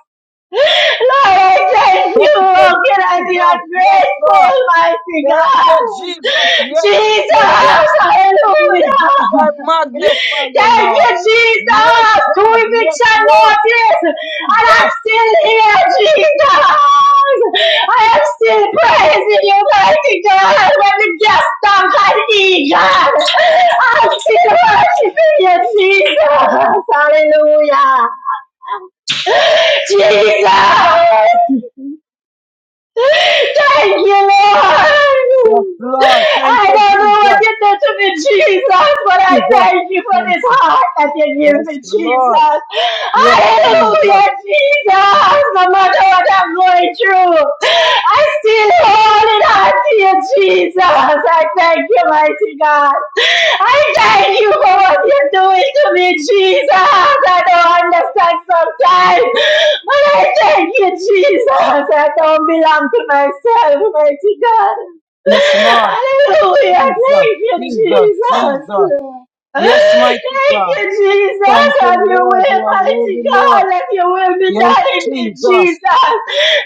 [SPEAKER 1] Lord, I thank you.
[SPEAKER 2] Thank you,
[SPEAKER 1] How can I
[SPEAKER 2] Jesus.
[SPEAKER 1] be
[SPEAKER 2] Yes,
[SPEAKER 1] ungrateful,
[SPEAKER 2] Lord.
[SPEAKER 1] mighty
[SPEAKER 2] Thank you,
[SPEAKER 1] God?
[SPEAKER 2] Jesus. Yes, Lord God.
[SPEAKER 1] Jesus,
[SPEAKER 2] Jesus,
[SPEAKER 1] hallelujah.
[SPEAKER 2] I magnify you,
[SPEAKER 1] Thank you,
[SPEAKER 2] Lord. Yes,
[SPEAKER 1] Jesus. Two
[SPEAKER 2] God. Yes,
[SPEAKER 1] eviction
[SPEAKER 2] Lord.
[SPEAKER 1] notice. And I'm
[SPEAKER 2] Jesus.
[SPEAKER 1] still here, Jesus. I am still praising you, mighty God. When the gas tank had eaten, I'm still worshiping you, Jesus. Hallelujah. Jesus! Thank you, Lord!
[SPEAKER 2] Lord, thank
[SPEAKER 1] I
[SPEAKER 2] you,
[SPEAKER 1] don't know what
[SPEAKER 2] Jesus.
[SPEAKER 1] you did to me, Jesus, but I
[SPEAKER 2] Jesus,
[SPEAKER 1] thank you for
[SPEAKER 2] thank
[SPEAKER 1] this
[SPEAKER 2] you.
[SPEAKER 1] heart that you give
[SPEAKER 2] Yes,
[SPEAKER 1] me,
[SPEAKER 2] Lord.
[SPEAKER 1] Jesus.
[SPEAKER 2] Yes, Jesus.
[SPEAKER 1] Hallelujah, Jesus. No matter what I'm going through, I still hold it on to you, Jesus. I thank you, mighty God. I thank you for what you're doing to me, Jesus. I don't understand sometimes, but I thank you, Jesus. I don't belong to myself, mighty God.
[SPEAKER 2] Yes, Lord.
[SPEAKER 1] Hallelujah.
[SPEAKER 2] Jesus.
[SPEAKER 1] Thank you,
[SPEAKER 2] Jesus, Jesus.
[SPEAKER 1] Jesus.
[SPEAKER 2] Yes, mighty
[SPEAKER 1] Thank
[SPEAKER 2] God.
[SPEAKER 1] you, Jesus.
[SPEAKER 2] Thank
[SPEAKER 1] Have
[SPEAKER 2] you,
[SPEAKER 1] your way,
[SPEAKER 2] Lord. You are
[SPEAKER 1] mighty
[SPEAKER 2] worthy,
[SPEAKER 1] God.
[SPEAKER 2] Lord.
[SPEAKER 1] Let your will be
[SPEAKER 2] Yes,
[SPEAKER 1] done in me,
[SPEAKER 2] Jesus.
[SPEAKER 1] Jesus.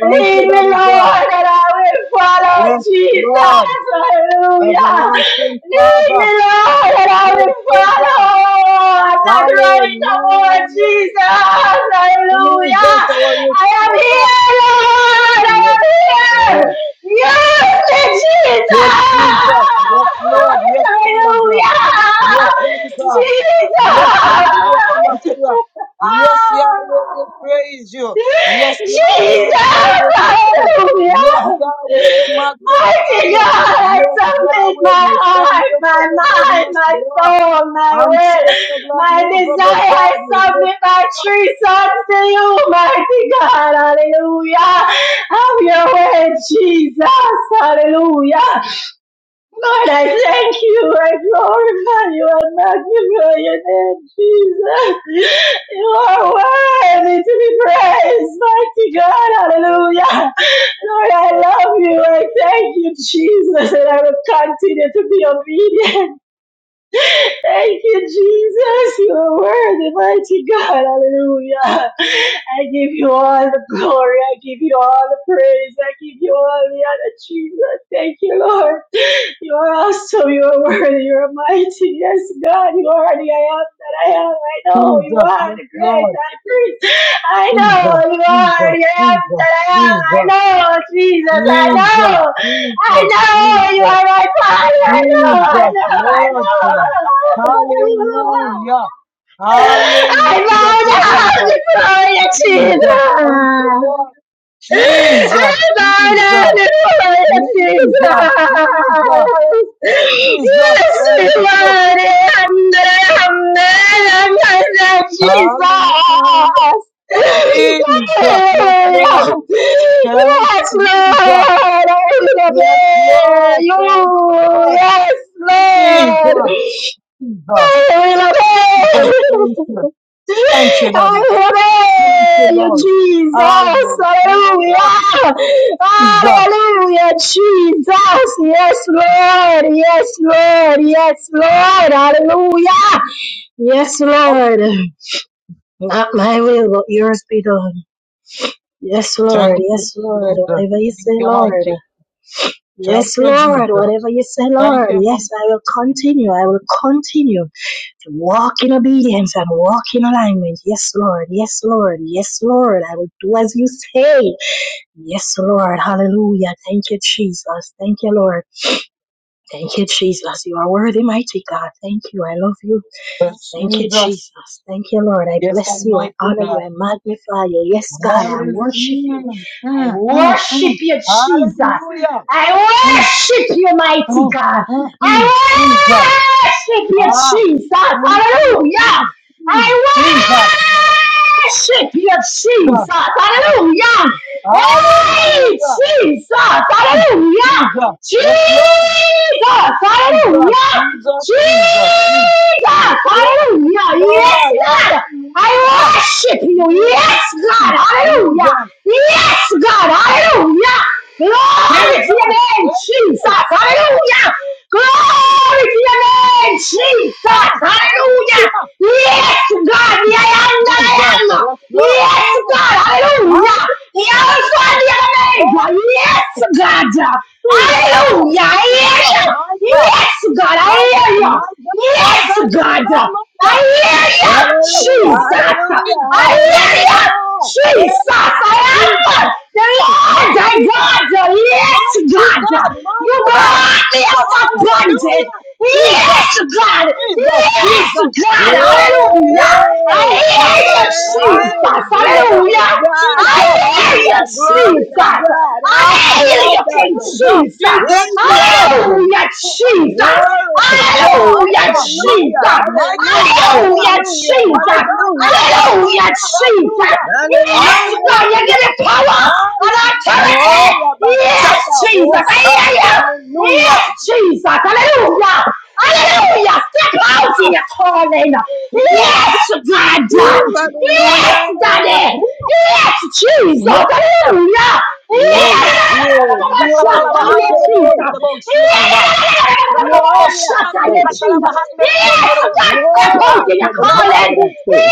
[SPEAKER 2] Thank you,
[SPEAKER 1] Lead me,
[SPEAKER 2] Daddy God.
[SPEAKER 1] Lord, and I will follow,
[SPEAKER 2] Yes,
[SPEAKER 1] Jesus.
[SPEAKER 2] Lord,
[SPEAKER 1] Hallelujah.
[SPEAKER 2] everlasting
[SPEAKER 1] Lead
[SPEAKER 2] Father,
[SPEAKER 1] me, Lord, and
[SPEAKER 2] you
[SPEAKER 1] I will
[SPEAKER 2] are so God.
[SPEAKER 1] follow. I'm not running no more,
[SPEAKER 2] Hallelujah.
[SPEAKER 1] Jesus. Hallelujah.
[SPEAKER 2] Jesus, our
[SPEAKER 1] I am
[SPEAKER 2] restorer.
[SPEAKER 1] here, Lord. I
[SPEAKER 2] Yes,
[SPEAKER 1] am here.
[SPEAKER 2] Lord.
[SPEAKER 1] Yes, Jesus!
[SPEAKER 2] Yes, Jesus. Yes, Lord. Yes, Father God.
[SPEAKER 1] Hallelujah!
[SPEAKER 2] Yes, Daddy God. Yes, Yahshua
[SPEAKER 1] Jesus!
[SPEAKER 2] Amasiah. Yes, Yahweh, we
[SPEAKER 1] Ah!
[SPEAKER 2] praise you. Yes, Yahweh,
[SPEAKER 1] Jesus!
[SPEAKER 2] we glorify you. Yes,
[SPEAKER 1] Hallelujah!
[SPEAKER 2] Yahweh, we magnify
[SPEAKER 1] Mighty
[SPEAKER 2] you.
[SPEAKER 1] God, I
[SPEAKER 2] Yes,
[SPEAKER 1] submit
[SPEAKER 2] Yahweh,
[SPEAKER 1] my
[SPEAKER 2] we thank
[SPEAKER 1] heart,
[SPEAKER 2] you for
[SPEAKER 1] my
[SPEAKER 2] your
[SPEAKER 1] mind,
[SPEAKER 2] goodness,
[SPEAKER 1] my
[SPEAKER 2] Lord.
[SPEAKER 1] soul, my will,
[SPEAKER 2] Unshakable,
[SPEAKER 1] my
[SPEAKER 2] movable
[SPEAKER 1] desire. I
[SPEAKER 2] God, we lift
[SPEAKER 1] submit my three sons to you, mighty God. Hallelujah. Have your way, Jesus. Hallelujah. Lord, I thank you. I glorify you. I magnify your name, Jesus. You are worthy to be praised, mighty God. Hallelujah. Lord, I love you. I thank you, Jesus, and I will continue to be obedient. Thank you, Jesus. You are worthy, mighty God. Hallelujah. I give you all the glory. I give you all the praise. I give you all the honor, Jesus. Thank you, Lord. You are awesome. You are worthy. You are mighty. Yes, God, you are the I am that I am. I know you
[SPEAKER 2] Jesus,
[SPEAKER 1] are
[SPEAKER 2] yes,
[SPEAKER 1] the great
[SPEAKER 2] Lord,
[SPEAKER 1] high priest. I
[SPEAKER 2] Jesus,
[SPEAKER 1] know you
[SPEAKER 2] Jesus,
[SPEAKER 1] are the I am
[SPEAKER 2] Jesus,
[SPEAKER 1] that I am. I
[SPEAKER 2] Jesus,
[SPEAKER 1] know, Jesus. I
[SPEAKER 2] Jesus,
[SPEAKER 1] know. I know you
[SPEAKER 2] Jesus,
[SPEAKER 1] are my
[SPEAKER 2] Jesus,
[SPEAKER 1] Father. I know. I
[SPEAKER 2] Jesus,
[SPEAKER 1] know. I
[SPEAKER 2] Lord God.
[SPEAKER 1] know.
[SPEAKER 2] Hallelujah, hallelujah,
[SPEAKER 1] I
[SPEAKER 2] Jehovah,
[SPEAKER 1] bow down before you,
[SPEAKER 2] Jesus, thank you,
[SPEAKER 1] Jesus.
[SPEAKER 2] Lord.
[SPEAKER 1] Yes,
[SPEAKER 2] Jesus,
[SPEAKER 1] Lord, I
[SPEAKER 2] Jesus,
[SPEAKER 1] will
[SPEAKER 2] Jesus, Jesus, Jesus, thank you. Hallelujah, Jesus, yes, Lord. Thank you, Jesus. Yes,
[SPEAKER 1] obey
[SPEAKER 2] Lord.
[SPEAKER 1] you.
[SPEAKER 2] Thank you, Lord.
[SPEAKER 1] Yes, Lord.
[SPEAKER 2] Jesus. Jesus.
[SPEAKER 1] I
[SPEAKER 2] Jesus. Thank
[SPEAKER 1] will
[SPEAKER 2] you.
[SPEAKER 1] obey.
[SPEAKER 2] Thank you, Daddy. Thank
[SPEAKER 1] I
[SPEAKER 2] you,
[SPEAKER 1] will obey you,
[SPEAKER 2] Lord.
[SPEAKER 1] Jesus.
[SPEAKER 2] Hallelujah.
[SPEAKER 1] Hallelujah.
[SPEAKER 2] Jesus.
[SPEAKER 1] Hallelujah, Jesus. Yes, Lord. Yes, Lord. Yes, Lord. Hallelujah. Yes, Lord. Not my will, but yours be done. Yes, Lord. Yes, Lord. Whatever you say,
[SPEAKER 2] You're
[SPEAKER 1] Lord.
[SPEAKER 2] mighty.
[SPEAKER 1] Yes, Lord. Whatever you say, Lord. Yes, I will continue. I will continue to walk in obedience and walk in alignment. Yes, Lord. Yes, Lord. Yes, Lord. I will do as you say. Yes, Lord. Hallelujah. Thank you, Jesus. Thank you, Lord. Thank you, Jesus. You are worthy, mighty God. Thank you. I love you.
[SPEAKER 2] Yes,
[SPEAKER 1] Thank you,
[SPEAKER 2] Jesus.
[SPEAKER 1] Jesus. Thank you, Lord. I
[SPEAKER 2] Yes,
[SPEAKER 1] bless you. I
[SPEAKER 2] Almighty
[SPEAKER 1] honor
[SPEAKER 2] God.
[SPEAKER 1] you. I magnify you. Yes, God. I
[SPEAKER 2] Hallelujah.
[SPEAKER 1] worship you.
[SPEAKER 2] Mm,
[SPEAKER 1] I
[SPEAKER 2] mm, mm.
[SPEAKER 1] worship you, Jesus.
[SPEAKER 2] Hallelujah.
[SPEAKER 1] I
[SPEAKER 2] Mm,
[SPEAKER 1] worship you, mighty
[SPEAKER 2] mm,
[SPEAKER 1] God.
[SPEAKER 2] mm,
[SPEAKER 1] I
[SPEAKER 2] mm. Jesus.
[SPEAKER 1] worship you,
[SPEAKER 2] Ah.
[SPEAKER 1] Jesus.
[SPEAKER 2] Mm, mm,
[SPEAKER 1] Hallelujah.
[SPEAKER 2] mm, mm.
[SPEAKER 1] I
[SPEAKER 2] Jesus.
[SPEAKER 1] worship you, Jesus.
[SPEAKER 2] Mm.
[SPEAKER 1] Hallelujah.
[SPEAKER 2] mm.
[SPEAKER 1] Hey,
[SPEAKER 2] Hallelujah.
[SPEAKER 1] Jesus.
[SPEAKER 2] Jesus.
[SPEAKER 1] Hallelujah.
[SPEAKER 2] Yes, Lord.
[SPEAKER 1] Jesus.
[SPEAKER 2] Jesus.
[SPEAKER 1] Hallelujah.
[SPEAKER 2] Jesus. Jesus.
[SPEAKER 1] Jesus.
[SPEAKER 2] Yes,
[SPEAKER 1] Hallelujah. Yes,
[SPEAKER 2] Lord.
[SPEAKER 1] God. I
[SPEAKER 2] Hallelujah.
[SPEAKER 1] worship you. Yes,
[SPEAKER 2] Yes,
[SPEAKER 1] God.
[SPEAKER 2] Jesus.
[SPEAKER 1] Hallelujah. Yes, God. Hallelujah. Glory to your
[SPEAKER 2] Jesus.
[SPEAKER 1] name, Jesus.
[SPEAKER 2] Yes.
[SPEAKER 1] Hallelujah. Glory to your name, Jesus.
[SPEAKER 2] Ah,
[SPEAKER 1] Hallelujah.
[SPEAKER 2] hallelujah.
[SPEAKER 1] Yes, God. The I am that I
[SPEAKER 2] Jesus.
[SPEAKER 1] am.
[SPEAKER 2] Yes, Lord.
[SPEAKER 1] Yes,
[SPEAKER 2] Mm.
[SPEAKER 1] God. Hallelujah.
[SPEAKER 2] Hallelujah.
[SPEAKER 1] The Alpha and the Omega.
[SPEAKER 2] Yes.
[SPEAKER 1] Yes, God.
[SPEAKER 2] Jesus.
[SPEAKER 1] Hallelujah. I
[SPEAKER 2] Jesus.
[SPEAKER 1] hear you.
[SPEAKER 2] My God.
[SPEAKER 1] Yes, God. I
[SPEAKER 2] My
[SPEAKER 1] hear
[SPEAKER 2] God. My God.
[SPEAKER 1] you.
[SPEAKER 2] My God.
[SPEAKER 1] Yes,
[SPEAKER 2] My God.
[SPEAKER 1] God.
[SPEAKER 2] My
[SPEAKER 1] I
[SPEAKER 2] God.
[SPEAKER 1] hear
[SPEAKER 2] Yes.
[SPEAKER 1] you,
[SPEAKER 2] Oh,
[SPEAKER 1] Jesus.
[SPEAKER 2] Jesus.
[SPEAKER 1] I hear
[SPEAKER 2] Yes,
[SPEAKER 1] you. Jesus,
[SPEAKER 2] Yes,
[SPEAKER 1] I am
[SPEAKER 2] Jesus.
[SPEAKER 1] one. The Lord, thy
[SPEAKER 2] Mighty God.
[SPEAKER 1] God, yes,
[SPEAKER 2] Mighty
[SPEAKER 1] God.
[SPEAKER 2] God. My
[SPEAKER 1] You
[SPEAKER 2] God.
[SPEAKER 1] brought me out of bondage.
[SPEAKER 2] Hallelujah. Jesus.
[SPEAKER 1] Yes, God.
[SPEAKER 2] Jesus.
[SPEAKER 1] Yes,
[SPEAKER 2] Jesus.
[SPEAKER 1] God.
[SPEAKER 2] Jesus.
[SPEAKER 1] Hallelujah.
[SPEAKER 2] Yes,
[SPEAKER 4] Hey,
[SPEAKER 1] I
[SPEAKER 2] Lord.
[SPEAKER 1] hear you,
[SPEAKER 4] glory,
[SPEAKER 1] Jesus.
[SPEAKER 4] glory
[SPEAKER 2] Hallelujah.
[SPEAKER 1] Hallelujah.
[SPEAKER 4] to God,
[SPEAKER 2] Jesus.
[SPEAKER 1] I hear
[SPEAKER 2] Jesus.
[SPEAKER 1] you,
[SPEAKER 4] hallelujah,
[SPEAKER 2] My
[SPEAKER 4] glory to
[SPEAKER 2] God.
[SPEAKER 1] Jesus.
[SPEAKER 4] God, all
[SPEAKER 2] Hey,
[SPEAKER 1] I hear you,
[SPEAKER 4] the
[SPEAKER 1] King
[SPEAKER 4] other,
[SPEAKER 2] Jesus.
[SPEAKER 1] Jesus.
[SPEAKER 2] Jesus. Jesus.
[SPEAKER 4] Jesus,
[SPEAKER 1] Hallelujah,
[SPEAKER 2] Oh,
[SPEAKER 1] Jesus.
[SPEAKER 4] Glory
[SPEAKER 2] hey.
[SPEAKER 4] to God.
[SPEAKER 2] My
[SPEAKER 1] Hallelujah,
[SPEAKER 2] God. My
[SPEAKER 4] Hallelujah.
[SPEAKER 1] Jesus.
[SPEAKER 2] God. My God.
[SPEAKER 4] Hallelujah.
[SPEAKER 2] My
[SPEAKER 1] Hallelujah,
[SPEAKER 2] God.
[SPEAKER 4] Hallelujah.
[SPEAKER 2] My
[SPEAKER 1] Jesus.
[SPEAKER 2] God.
[SPEAKER 4] Hallelujah.
[SPEAKER 2] My God. My
[SPEAKER 1] Hallelujah,
[SPEAKER 2] God.
[SPEAKER 1] Jesus.
[SPEAKER 2] Hallelujah.
[SPEAKER 1] Yes,
[SPEAKER 4] Hallelujah.
[SPEAKER 1] God, you give
[SPEAKER 2] Hallelujah.
[SPEAKER 1] me power and
[SPEAKER 2] Hallelujah.
[SPEAKER 1] authority.
[SPEAKER 4] Moya
[SPEAKER 1] Yes,
[SPEAKER 4] basata
[SPEAKER 1] Jesus.
[SPEAKER 4] wolf
[SPEAKER 1] I
[SPEAKER 4] up.
[SPEAKER 1] hear you. Yes,
[SPEAKER 4] Hallelujah.
[SPEAKER 1] Jesus. Hallelujah. Hallelujah. Step out in your calling.
[SPEAKER 2] Jesus.
[SPEAKER 1] Yes, God.
[SPEAKER 4] Ooh,
[SPEAKER 1] Yes,
[SPEAKER 4] hallelujah.
[SPEAKER 1] Daddy. Yes, Jesus.
[SPEAKER 2] Yes, sir.
[SPEAKER 1] Hallelujah.
[SPEAKER 2] Yes, sir.
[SPEAKER 4] Glory,
[SPEAKER 1] Yes,
[SPEAKER 2] Rabo,
[SPEAKER 4] glory, glory,
[SPEAKER 2] Katalabahande,
[SPEAKER 4] glory.
[SPEAKER 2] Yonder, Rabo, Shianda. Rabo,
[SPEAKER 4] Glory, I
[SPEAKER 2] Kostiande,
[SPEAKER 4] say.
[SPEAKER 1] Jesus.
[SPEAKER 2] Katalabahande,
[SPEAKER 1] Yes,
[SPEAKER 2] Yonder, Rabo,
[SPEAKER 1] God, step out
[SPEAKER 2] Sakata.
[SPEAKER 4] Glory
[SPEAKER 1] in
[SPEAKER 4] to
[SPEAKER 1] your
[SPEAKER 4] God,
[SPEAKER 1] calling.
[SPEAKER 4] I
[SPEAKER 2] Ramaku.
[SPEAKER 4] say.